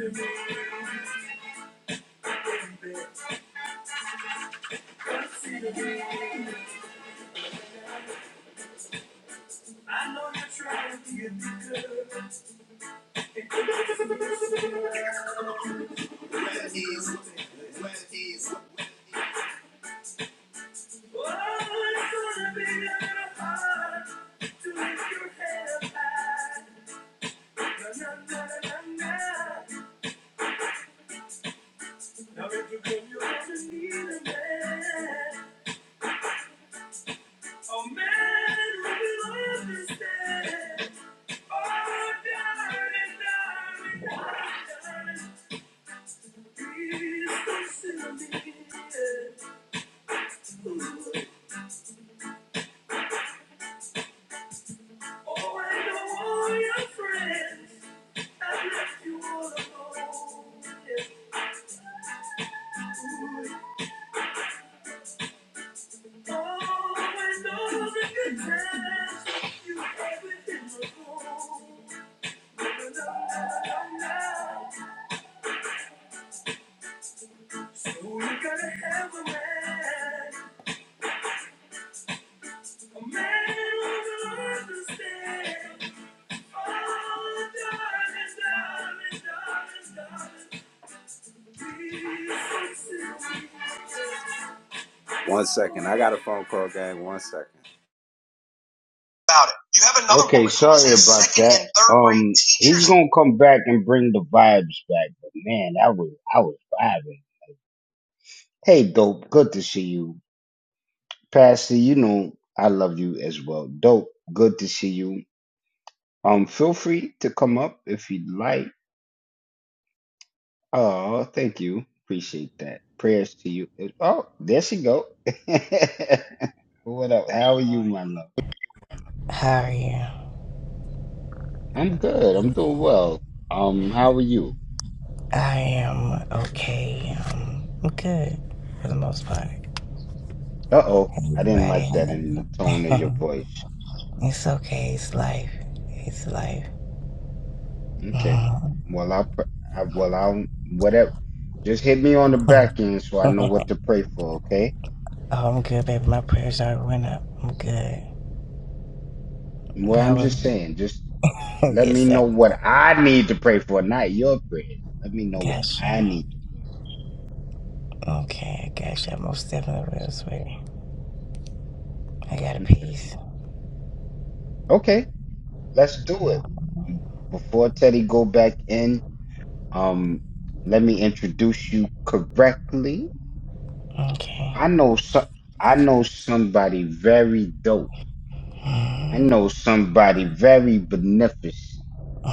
M: I know you're trying to get me good. Oh, and all your friends have left you all alone. One second, I got a phone call, gang. One second.
F: You have
O: Good morning. How are you? I am okay. Um, I'm good for the most part. Anybody? [LAUGHS] it's okay. It's life. It's life. [LAUGHS] oh, I'm good, baby. My prayers are went up. I'm good. But I was, [LAUGHS] yes, sir. Gotcha. Okay, I gotcha. I most definitely will, sweetie. I got a piece. Okay. [LAUGHS]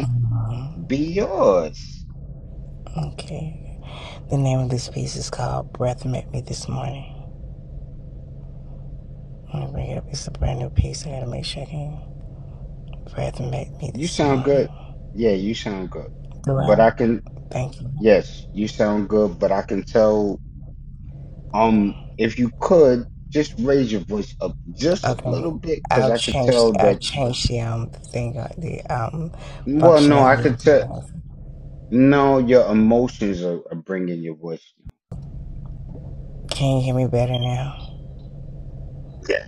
O: Mhm. okay. The name of this piece is called Breath Met Me This Morning. I'm gonna wake up. It's a brand new piece. I gotta make sure I can Brad met me this morning. Wow! thank you. Okay. I'll change I'll change the um thing uh, the um functionality. Can you hear me better now? Yeah.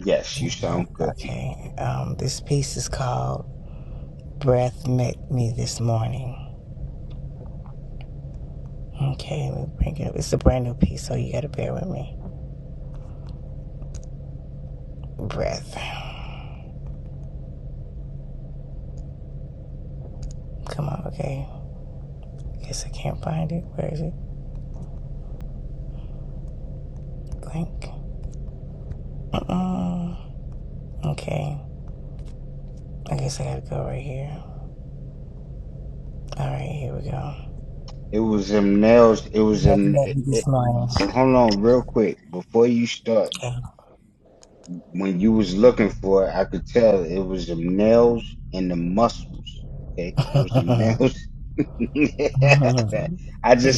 O: Okay. Um this piece is called Breath Met Me This Morning. Okay, let me bring it up. It's a brand new piece, so you gotta bear with me. Breath. Come on, okay. Guess I can't find it. Where is it? Link. Mm-mm. Okay. I guess I gotta go right here. All right, here we go. Nothing that we just learned.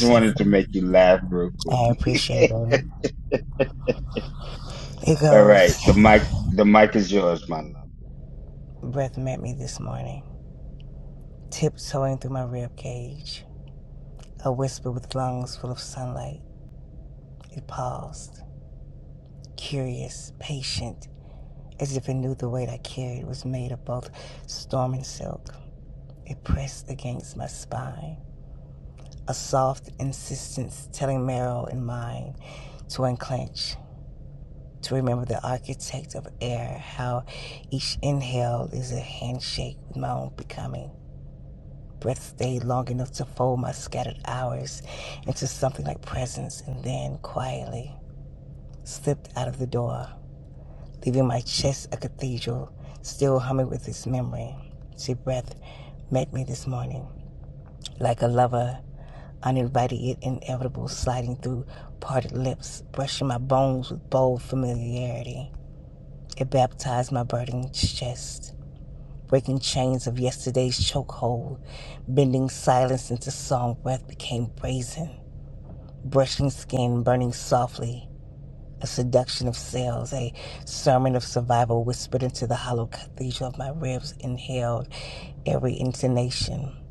O: so [LAUGHS] I appreciate it, baby. It goes. Breath met me this morning, tiptoeing through my rib cage. A whisper with lungs full of sunlight. It paused, curious, patient, as if it knew the weight I carried was made of both storm and silk. It pressed against my spine, a soft insistence telling marrow and mind. to unclench, to remember the architect of air, how each inhale is a handshake with my own becoming. Breath stayed long enough to fold my scattered hours into something like presence, and then quietly slipped out of the door, leaving my chest a cathedral, still humming with its memory. See, breath met me this morning like a lover, uninvited yet inevitable, sliding through parted lips, brushing my bones with bold familiarity. It baptized my burning chest, breaking chains of yesterday's chokehold, bending silence into song breath became brazen, brushing skin burning softly, a seduction of cells, a sermon of survival whispered into the hollow cathedral of my ribs, inhaled every intonation,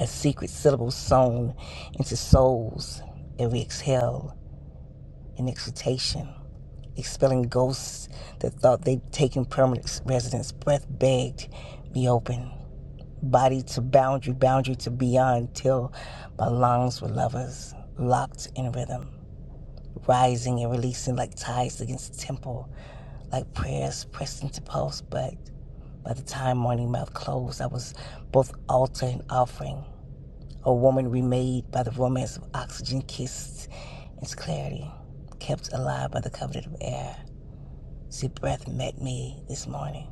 O: a secret syllable sewn into souls, every exhale, an exhortation. expelling ghosts that thought they'd taken permanent residence. Breath begged, be open. Body to boundary, boundary to beyond, till my lungs were lovers, locked in rhythm, rising and releasing like tides against the temple, like prayers pressed into pulse. But by the time morning mouth closed, I was both altar and offering, a woman remade by the romance of oxygen kissed, its clarity, kept alive by the covenant of air. See, breath met me this morning.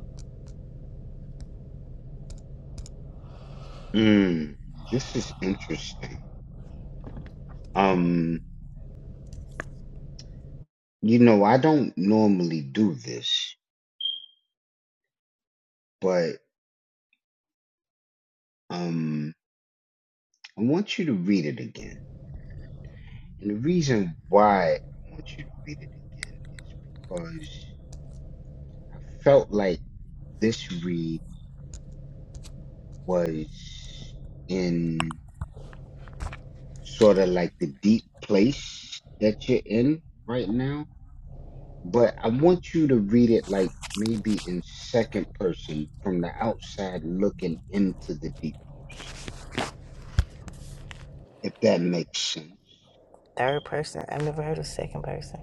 O: Third person. I've never heard of second person.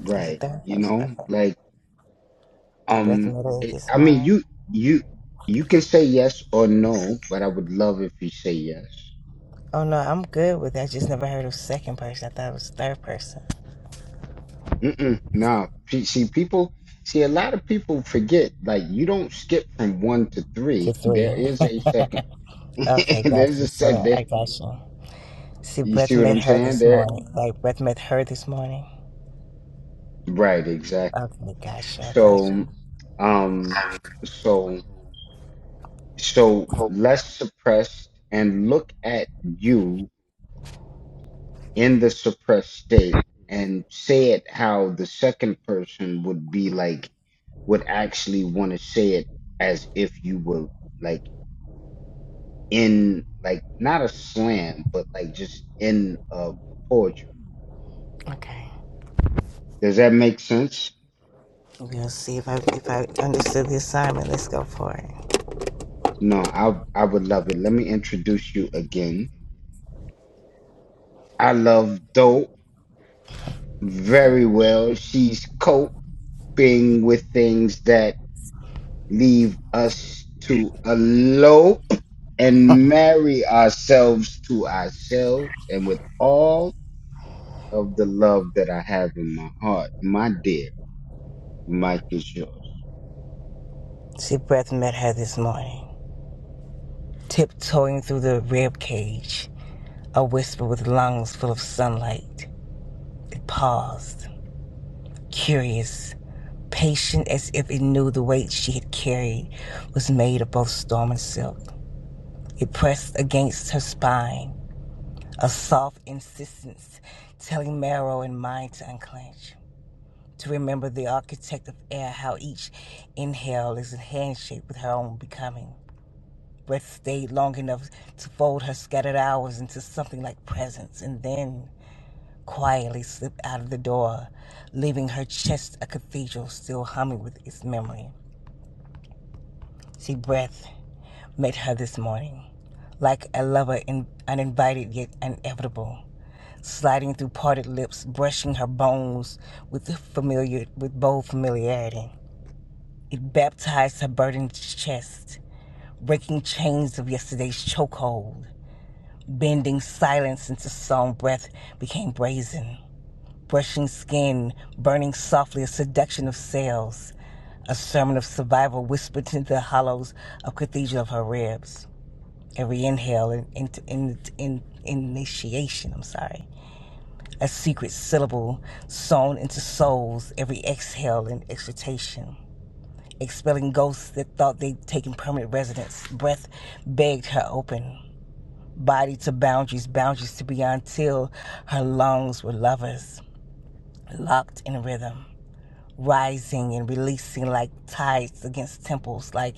O: [LAUGHS] Is it third person? Okay. Breath met us this morning. Oh no, I'm good with it. I just never heard of second person. I thought it was third person. To three. [LAUGHS] okay, gotcha. So I got you. See, breath met her this morning. Like breath met her this morning. Okay, gotcha, gotcha. Okay. We'll see if I if I understood the assignment. Let's go for it. See, breath met her this morning. tiptoeing through the rib cage, a whisper with lungs full of sunlight. It paused, curious, patient as if it knew the weight she had carried was made of both storm and silk. It pressed against her spine, a soft insistence telling marrow and mind to unclench. To remember the architect of air, how each inhale is a handshake with her own becoming. but stayed long enough to fold her scattered hours into something like presence and then quietly slipped out of the door, leaving her chest a cathedral still humming with its memory. She breath met her this morning, like a lover in, uninvited yet inevitable, sliding through parted lips, brushing her bones with familiar with bold familiarity. It baptized her burdened chest, breaking chains of yesterday's chokehold, Bending silence into song breath became brazen. Brushing skin, burning softly a seduction of sails. A sermon of survival whispered into the hollows of cathedral of her ribs. Every inhale in, in, in, in initiation, I'm sorry. A secret syllable sewn into souls, every exhale an exhortation. Expelling ghosts that thought they'd taken permanent residence. Breath begged her open. body to boundaries, boundaries to beyond, till her lungs were lovers, locked in rhythm, rising and releasing like tides against temples, like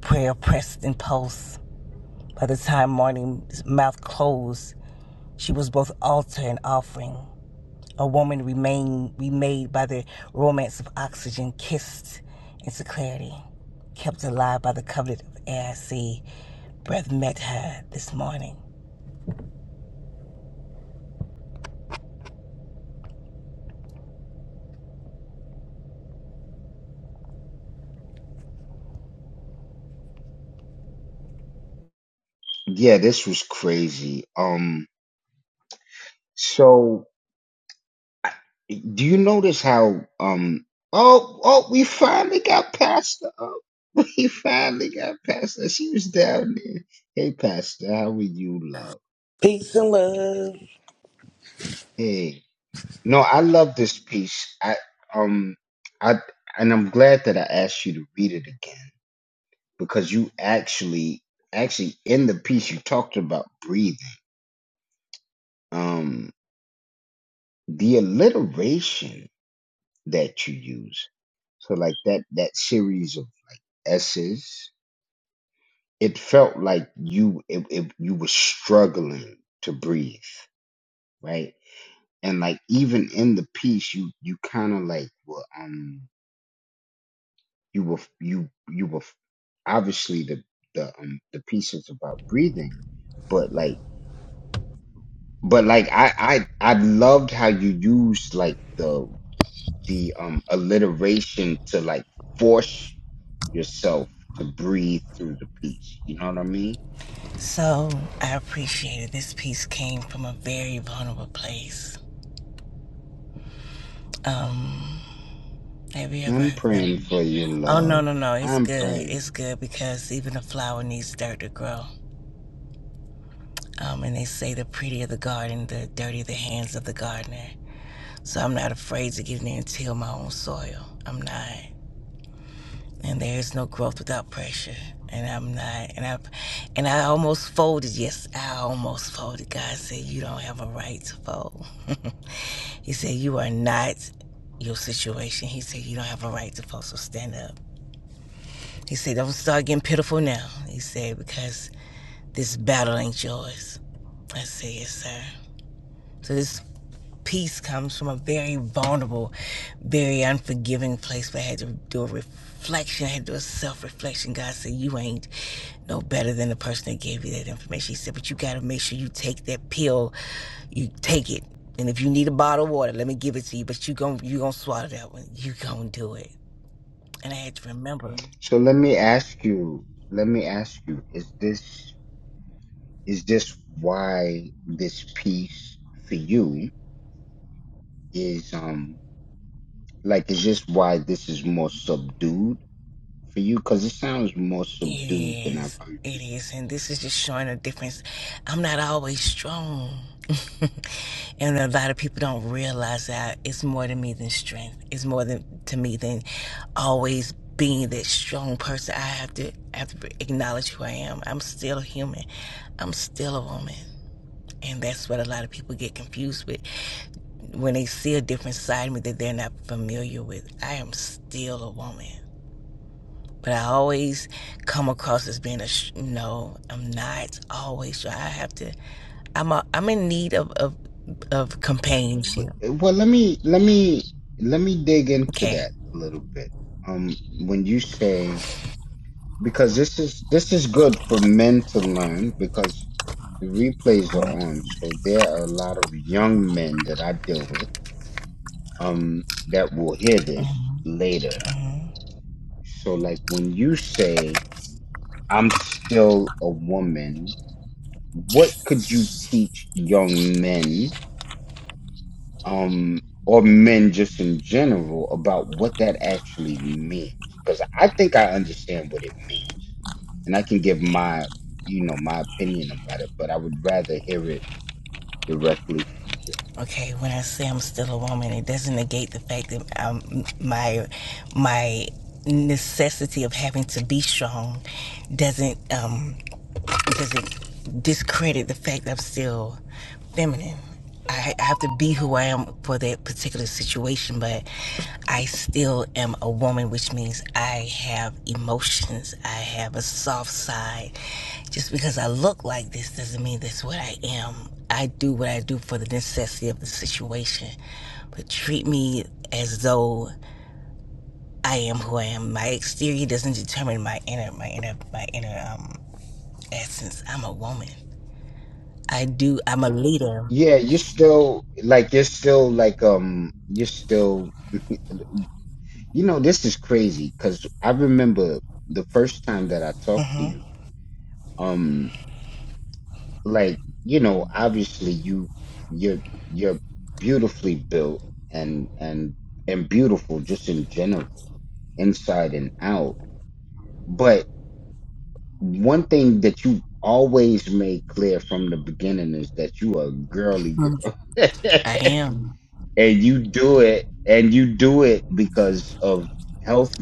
O: prayer pressed in pulse. By the time morning's mouth closed, she was both altar and offering. A woman remained remade by the romance of oxygen, kissed into clarity, kept alive by the covenant of air. I see breath met her this morning
P: Peace and love.
O: So I appreciate it. This piece came from a very vulnerable place. Um, have you ever heard of? Oh no, no, no! It's good. It's good because even a flower needs dirt to grow. Um, and they say the prettier the garden, the dirtier the hands of the gardener. So I'm not afraid to get in there and till my own soil. I'm not. And there is no growth without pressure. And I'm not. And I, and I almost folded. Yes, I almost folded. God said you don't have a right to fold. [LAUGHS] He said, You are not your situation. He said, You don't have a right to post, so stand up. He said, Don't start getting pitiful now. He said, Because this battle ain't yours. I said, Yes, sir. So this peace comes from a very vulnerable, very unforgiving place, but I had to do a reflection. I had to do a self reflection. God said, You ain't no better than the person that gave you that information. He said, But you got to make sure you take that pill You take it. And if you need a bottle of water, let me give it to you. But you gon' you gonna swallow that one. You gonna do it. And I had to remember, it is, it is, and this is just showing a difference. I'm not always strong, [LAUGHS] and a lot of people don't realize that it's more to me than strength. It's more than to me than always being that strong person. I have to I have to acknowledge who I am. I'm still a human. I'm still a woman, and that's what a lot of people get confused with when they see a different side of me that they're not familiar with. I am still a woman. But I always come across as being a sh- no. I'm not always. sure. I have to. I'm a, I'm in need of of, of companionship. Okay. hmm Okay. When I say I'm still a woman, it doesn't negate the fact that I'm, my my necessity of having to be strong doesn't um because it discredit the fact that I'm still feminine. I, I have to be who I am for that particular situation, but I still am a woman, which means I have emotions. I have a soft side. Just because I look like this doesn't mean that's what I am. I do what I do for the necessity of the situation, but treat me as though I am who I am. My exterior doesn't determine my inner, my inner, my inner um, essence. I'm a woman. I do. I'm a leader. Mm-hmm. I am.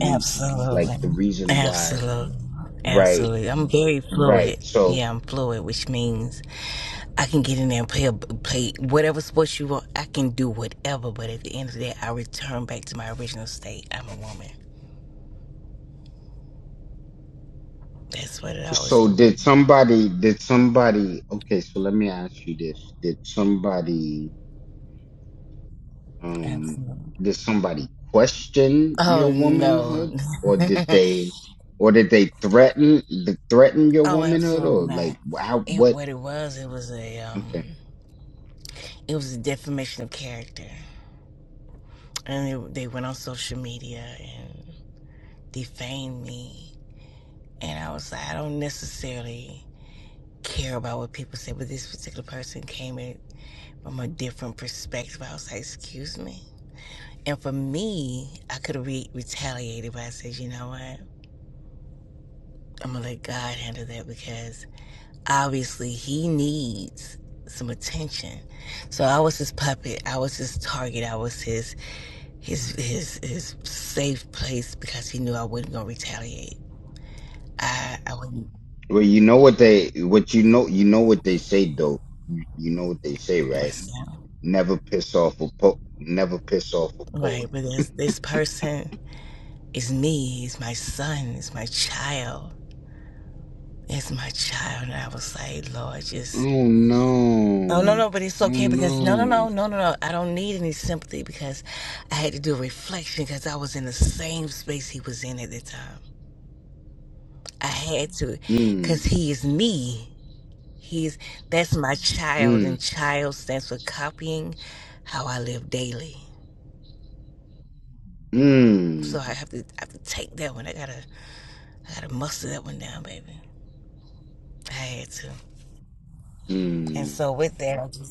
O: Absolutely. absolutely, Absolutely. I'm very fluid. Yeah, I'm fluid, which means I can get in there and play a, play whatever sports you want. I can do whatever, but at the end of the day, I return back to my original state. I'm a woman. That's what it always will be. Absolutely. Oh no. [LAUGHS] oh, absolutely not. It what it was. It was a um. It was a defamation of character. And they, went on social media and defamed me. And I was like, I don't necessarily care about what people say, but this particular person came in from a different perspective. I was like, excuse me. And for me, I could have re- retaliated, but I said, you know what? I'm gonna let God handle that because obviously He needs some attention. So I was his puppet. I was his target. I was his his his his safe place because he knew I wasn't gonna retaliate. I, I wouldn't myself. Right, but this this person is me, is my son, is my child. It's my child. And I was like, Lord, just Oh no no, but it's okay because no no no no no no. I don't need any sympathy because I had to do a reflection because I was in the same space he was in at the time. I had to because he is me. He's that's my child and child stands for copying how I live daily. So I have to I have to take that one. I gotta I had to muster that one down, baby. I had to. And so with that, I just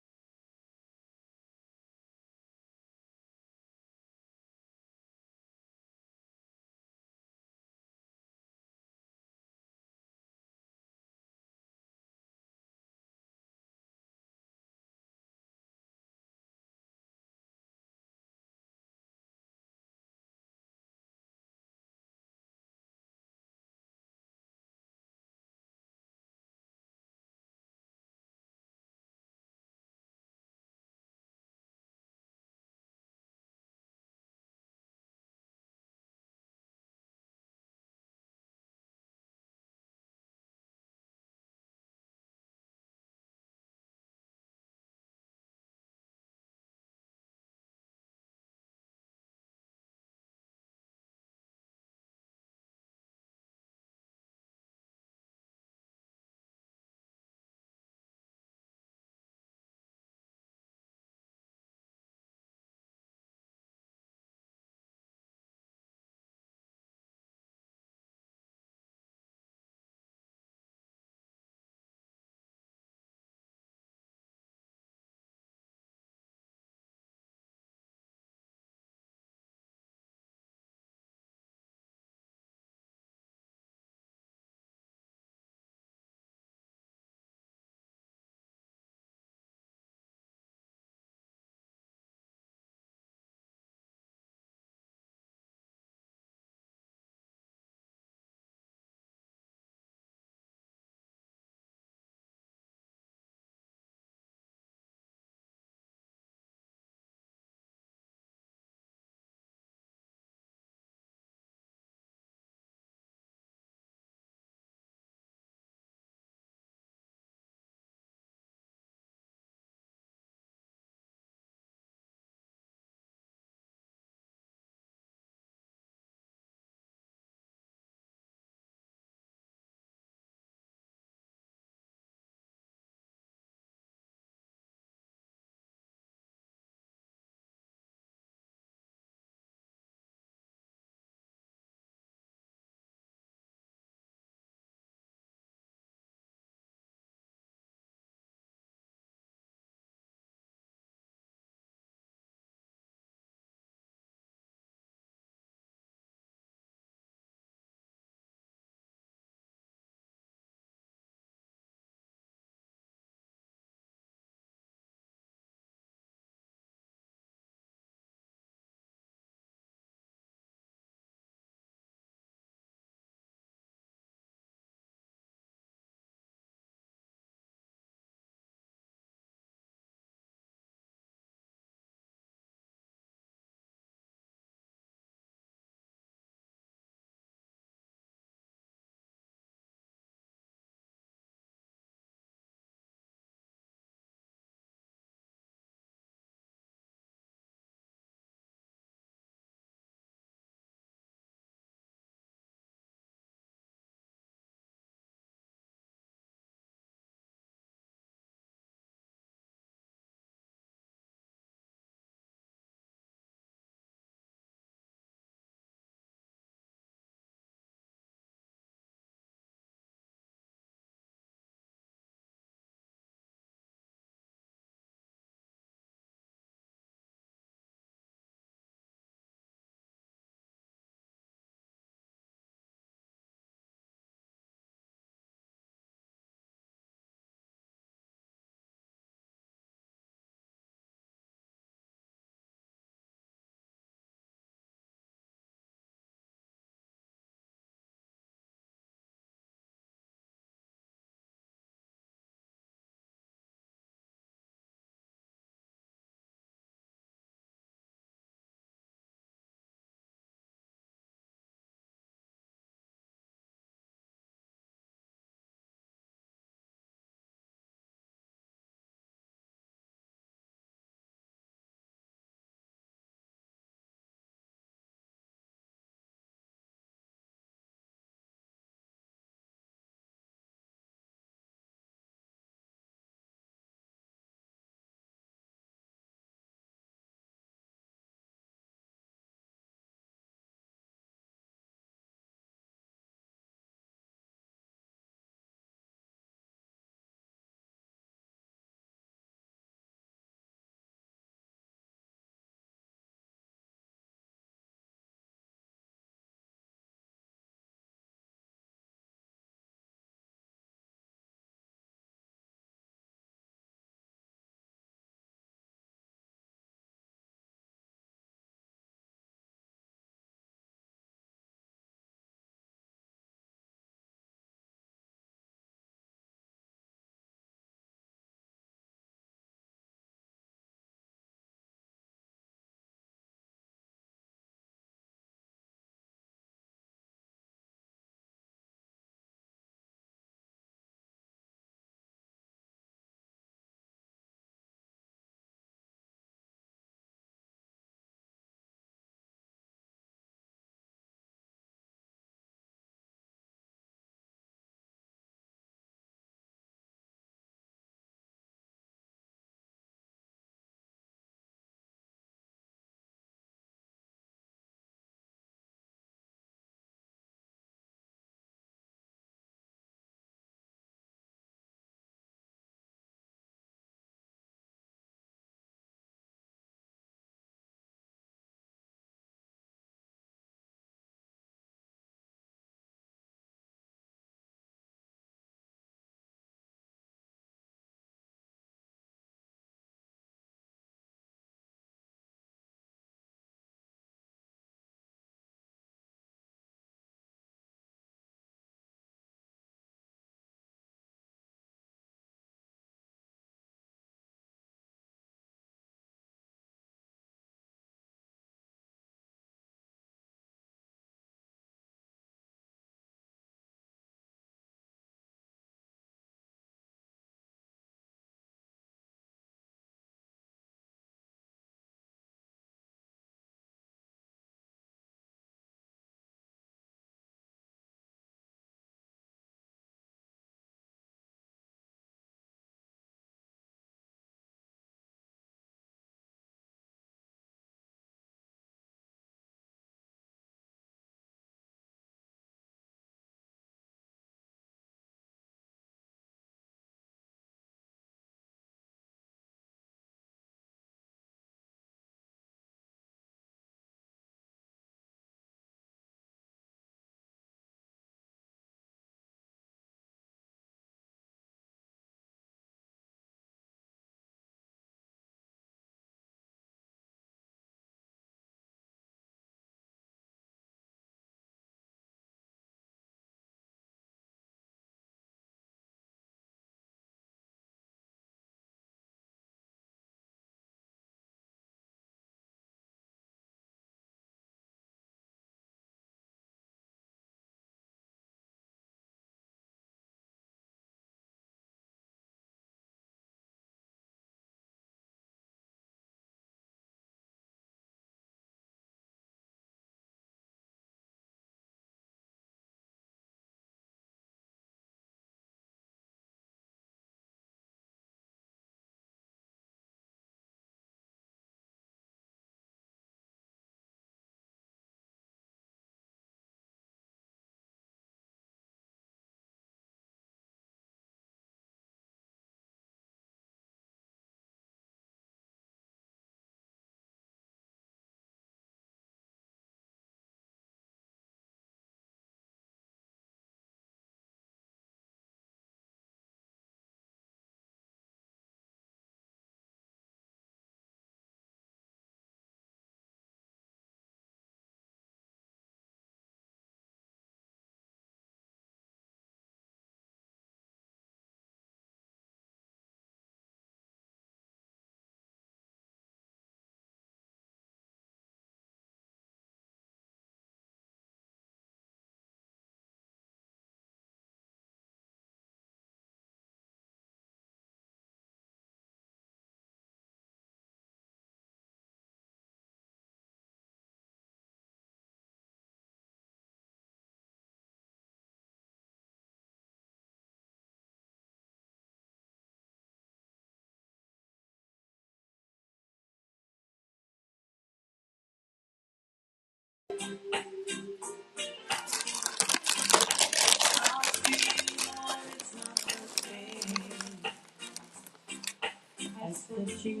M: I search you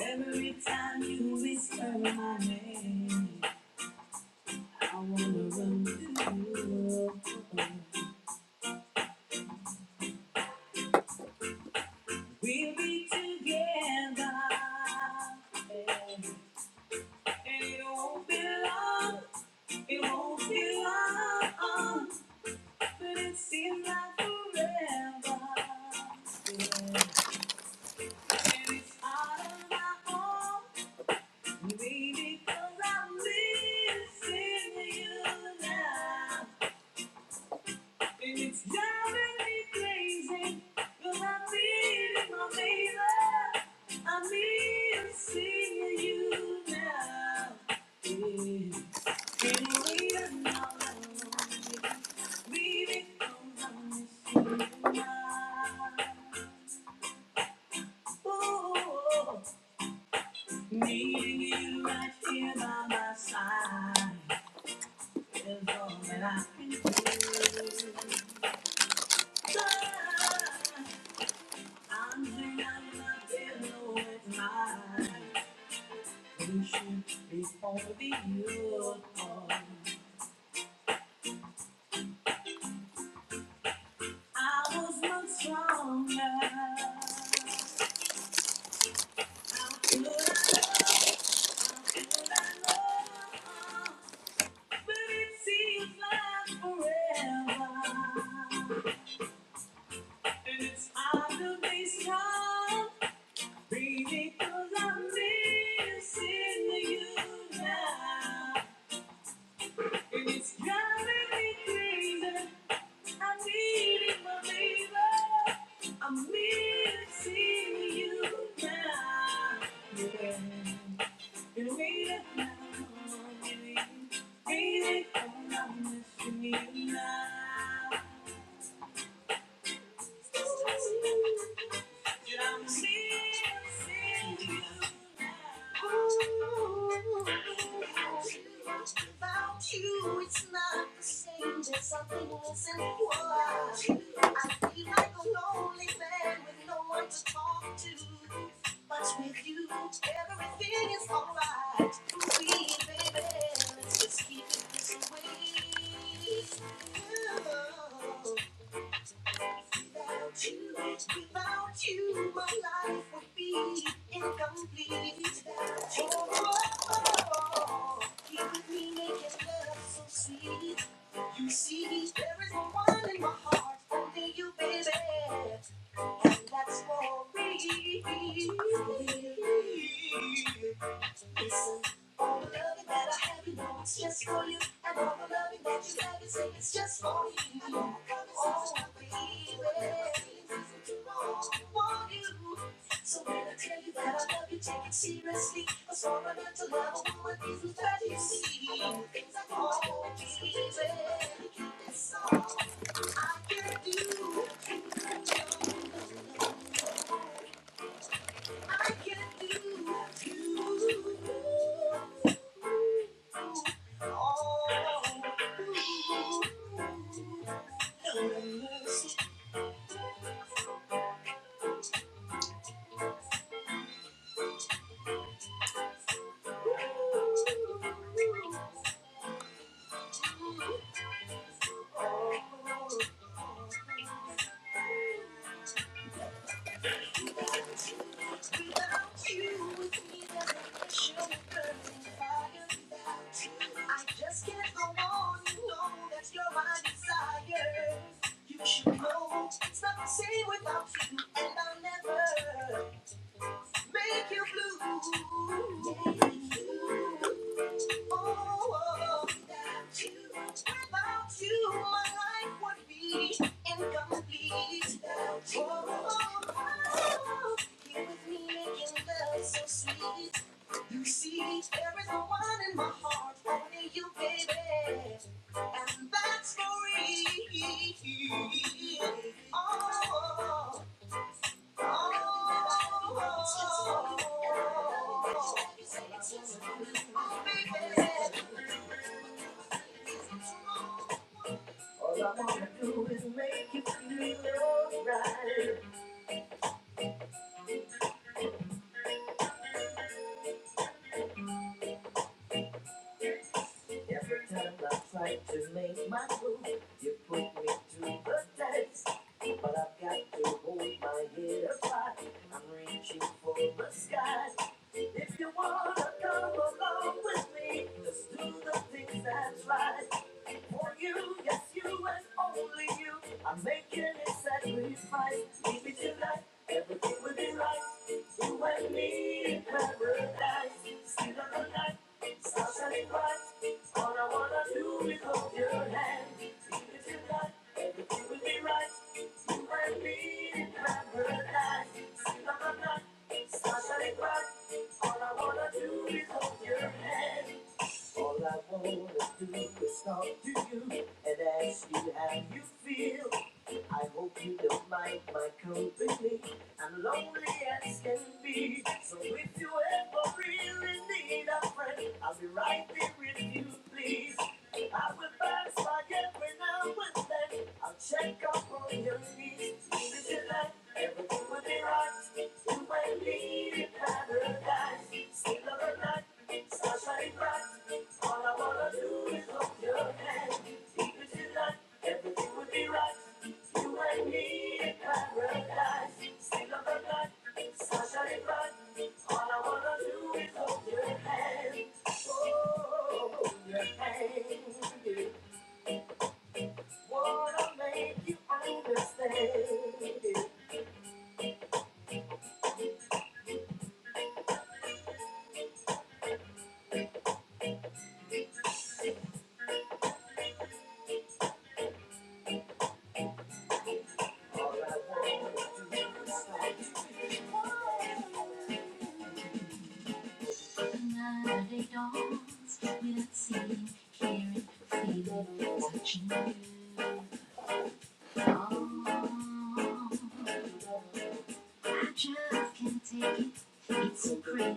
M: Every time you whisper my name. I wanna run to you. We'll be together. And it won't be long. It won't be long. But it seems like forever. And it's out of my home. Maybe I'm missing you now. It's driving me crazy. Girl, I'm needing my baby. I need to see you now. Baby, we are not alone. Baby, come on, it's you now. Ooh, needing you right here by my side is all that I can do. I'm hanging my pillow with mine. You should be only you. on. I was much stronger. How could I know, How could I know, But it seems like forever. And it's hard to be strong. Baby, 'cause I'm missing you now. It's driving me crazy. I need it, my baby. I'm missing you now. Yeah. You need it now. Waiting need it now. I'm missing you now. And I'm missing you now. Ooh, what's it about you? It's not the same. There's something missing. What I do, I feel like a lonely man with no one to talk to. But with you, everything is alright. Don't be a baby, let's just keep it this way. Oh. Without you, without you, my life would be incomplete. Oh, oh, oh, oh. here with me making love so sweet. You see, there is no one in my heart only you, baby, and that's for me. Listen all the loving that I have, you know it's Just for you, and all the loving that you have you say it's just for you. Oh, baby, I want you. So when I tell you that I love you, take it seriously. A strong enough to love a woman is the that you see. Things I won't be It's all I can do. I can do. Oh, oh, oh. I just can't go on, you know that's your my desire. You should know it's not the same without you, and I'll never. Make you blue. Oh, without you, without you, my life would be incomplete. Without you, oh, you with me making love so sweet. You see, there is no one in my heart, only you, baby, and that's for real. Oh, all I wanna do is make you feel alright. Every time I try to make my move, you put me to the test. But I've got to hold my head up high. I'm reaching for the sky. If you wanna come along with me, just do the things that's right. for you. Yes, you and only you. I'm making it sacrifice. Leave it tonight. Everything will be right. You and me in paradise. Still on the night. Stars shining bright. All I wanna do is hold your hand. Leave it tonight. Everything will be right. You and me in paradise. Still on the night. Stars shining bright. All I wanna do is hold your hand. All I wanna do is talk to you and ask you how you feel. I hope you don't mind my company. I'm lonely as can be. So if you ever really need a friend, I'll be right there with you, please. I will pass by every now and then. I'll check up on your needs. This is life, everything will be right. You might leave in paradise. Still love a night. Just like that, all I wanna do is hold your hand. Deep as like, everything would be right. You and me in paradise. Still on the night, sunshine and bright. All I wanna do is hold your hand. Oh, hold your hand. yeah. Wanna make you understand. yeah. Night dawns, we'll see, hear it, feel it, touch me. Oh, I just can't take it. It's so crazy.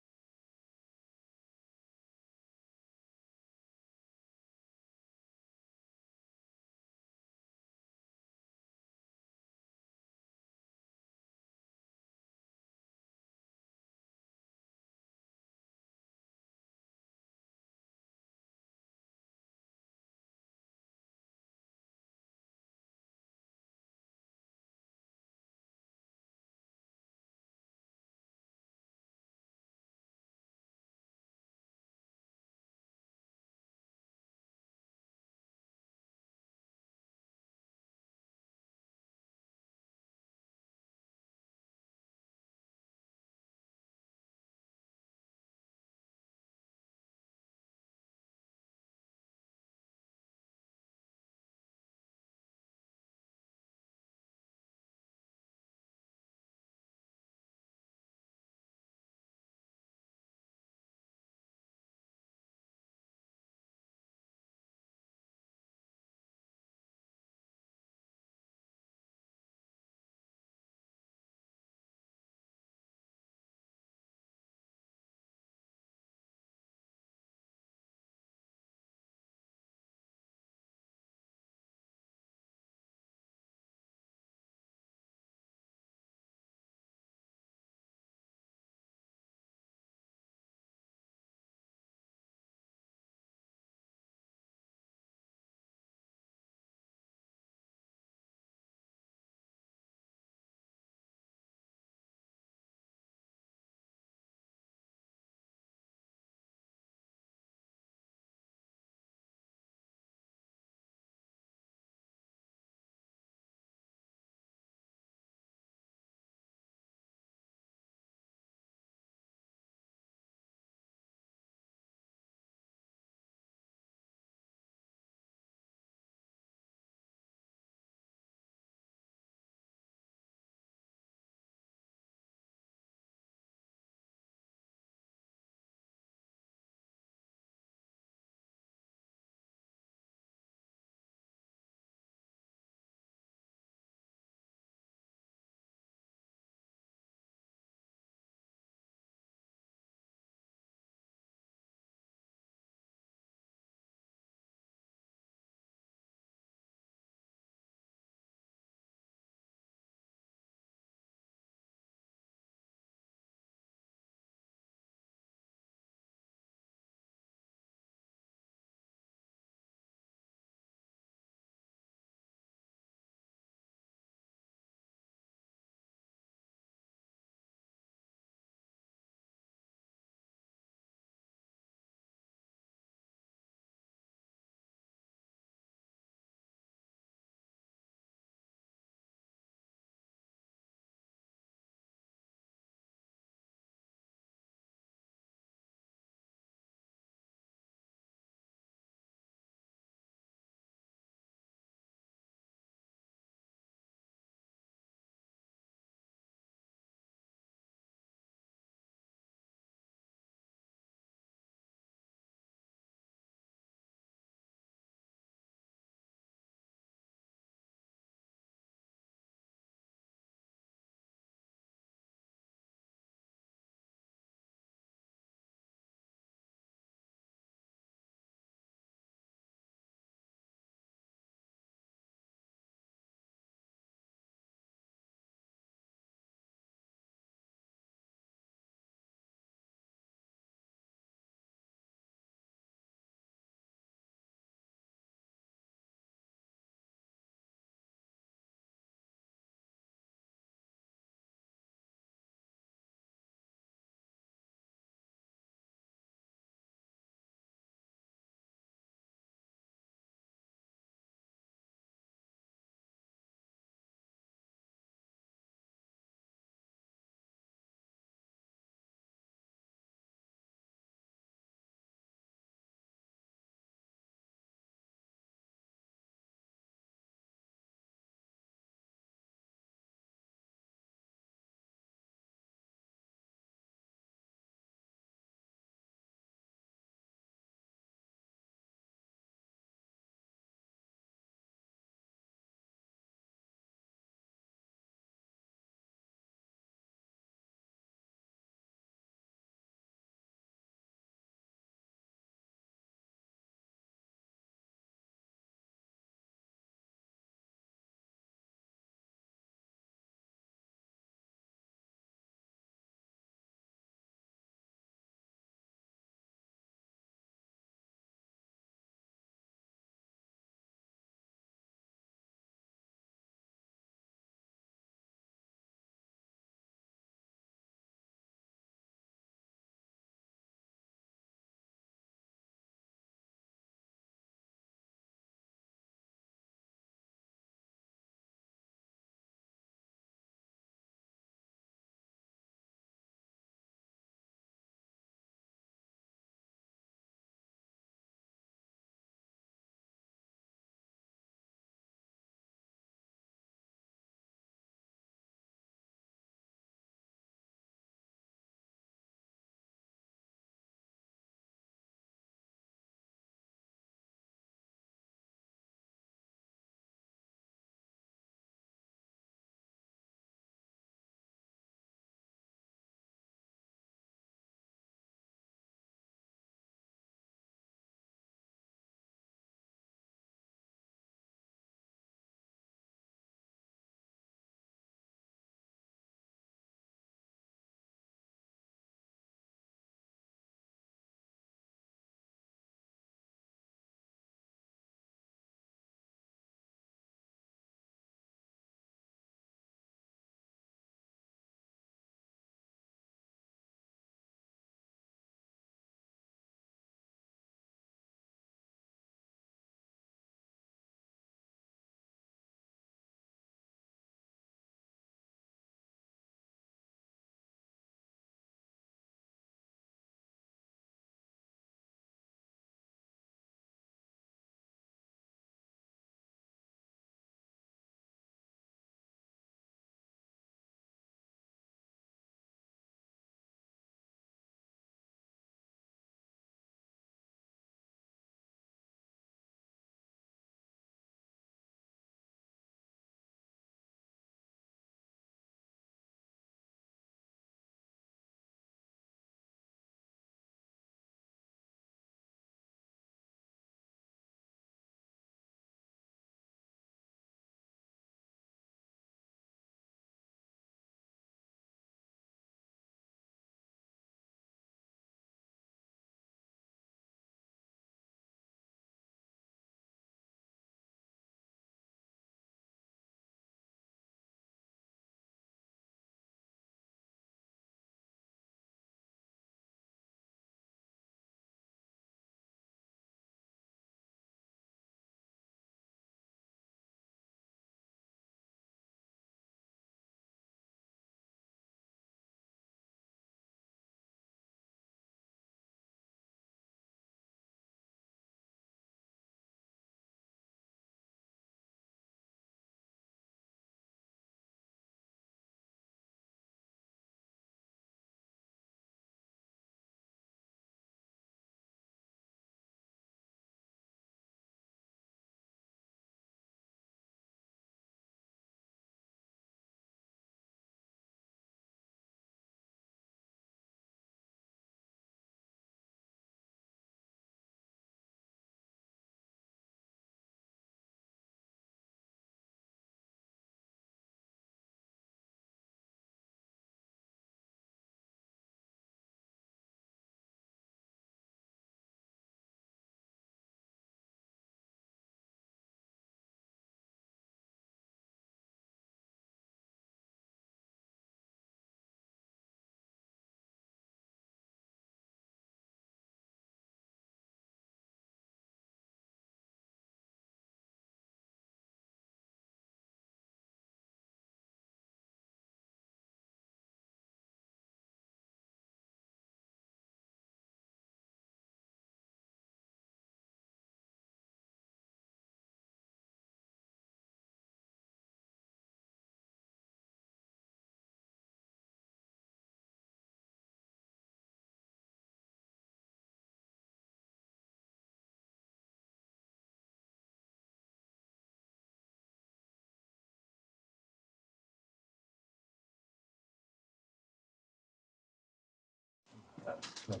Q: I'm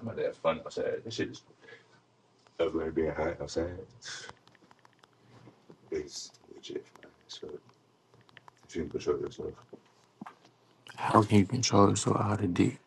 Q: about to have fun outside. This shit is ugly being hot outside, it's legit. fine. So, if you can control yourself, How can you control yourself out of dick?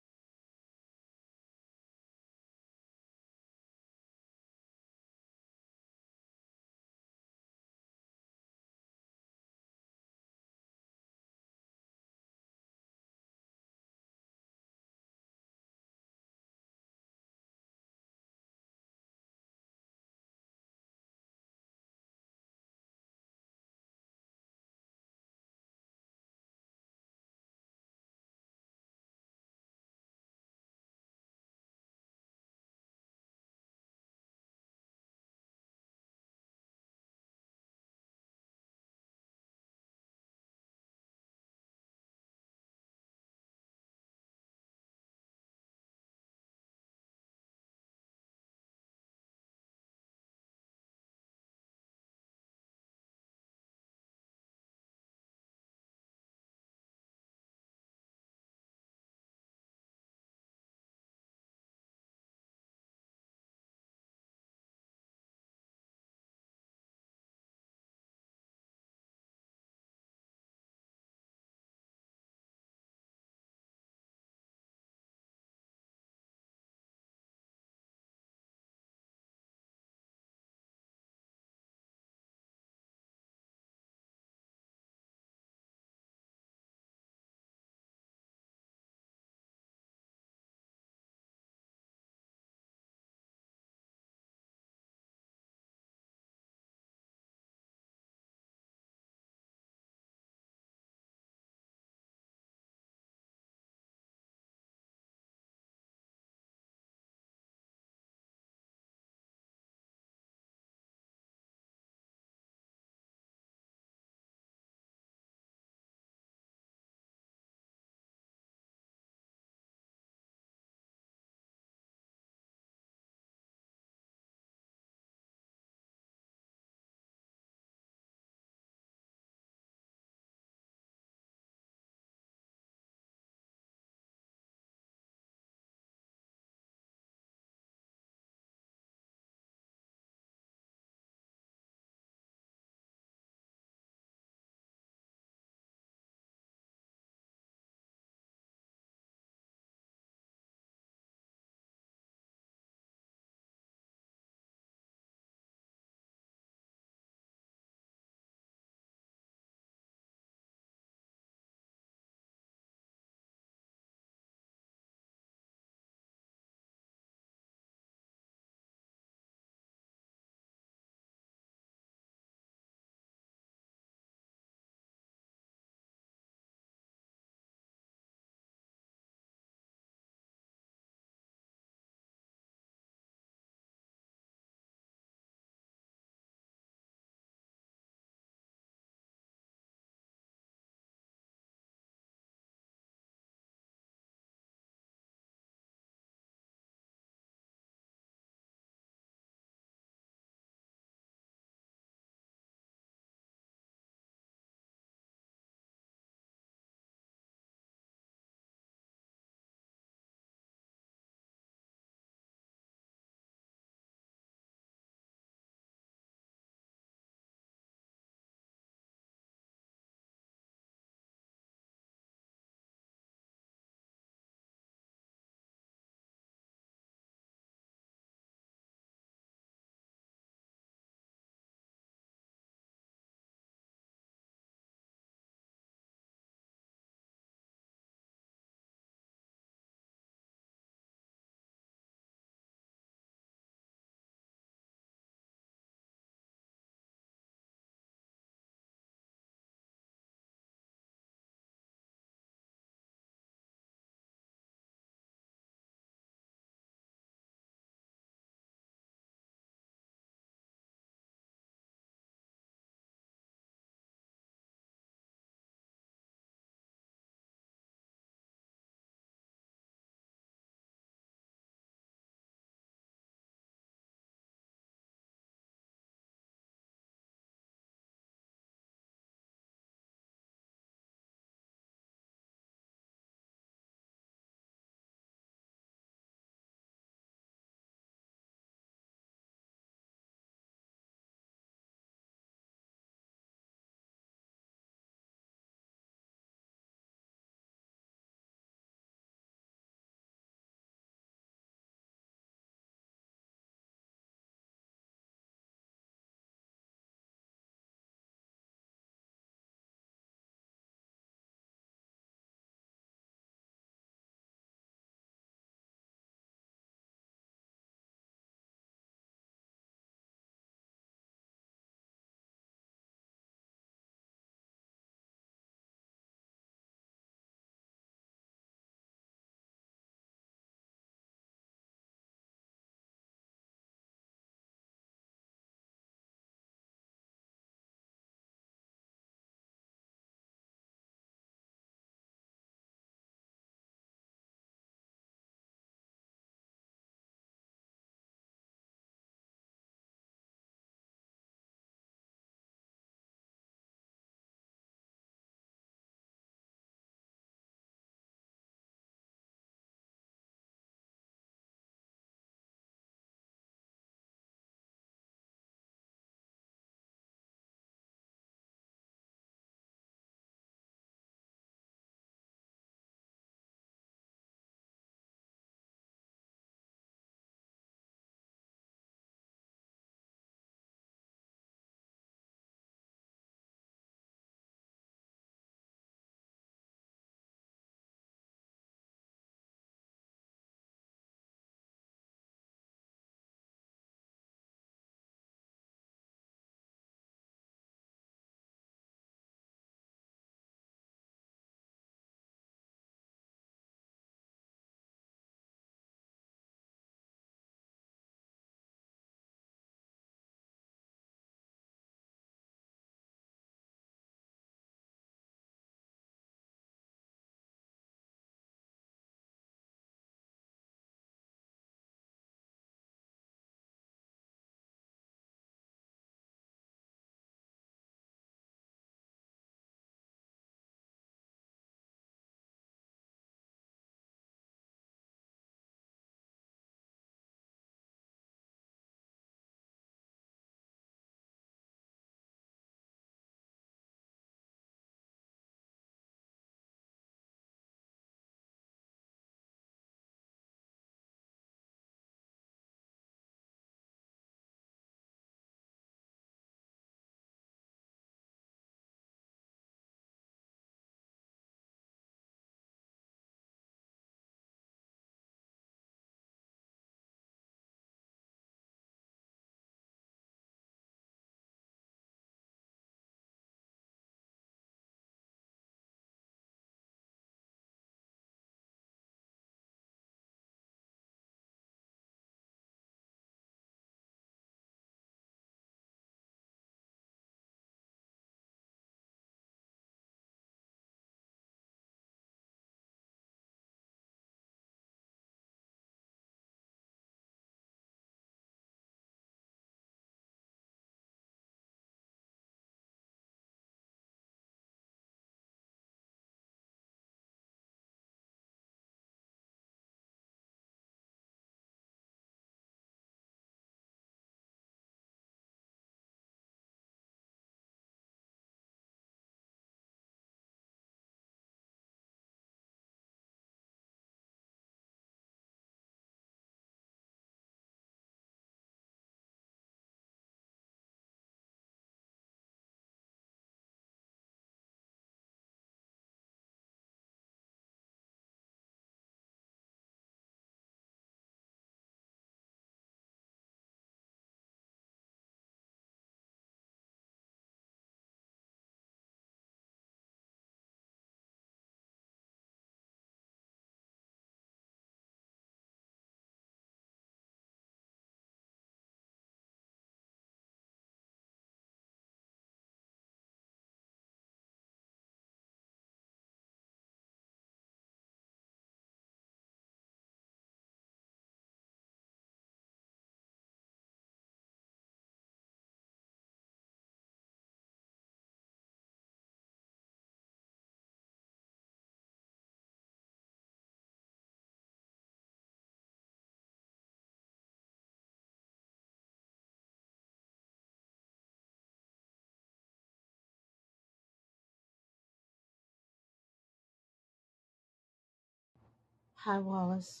K: Hi, Wallace.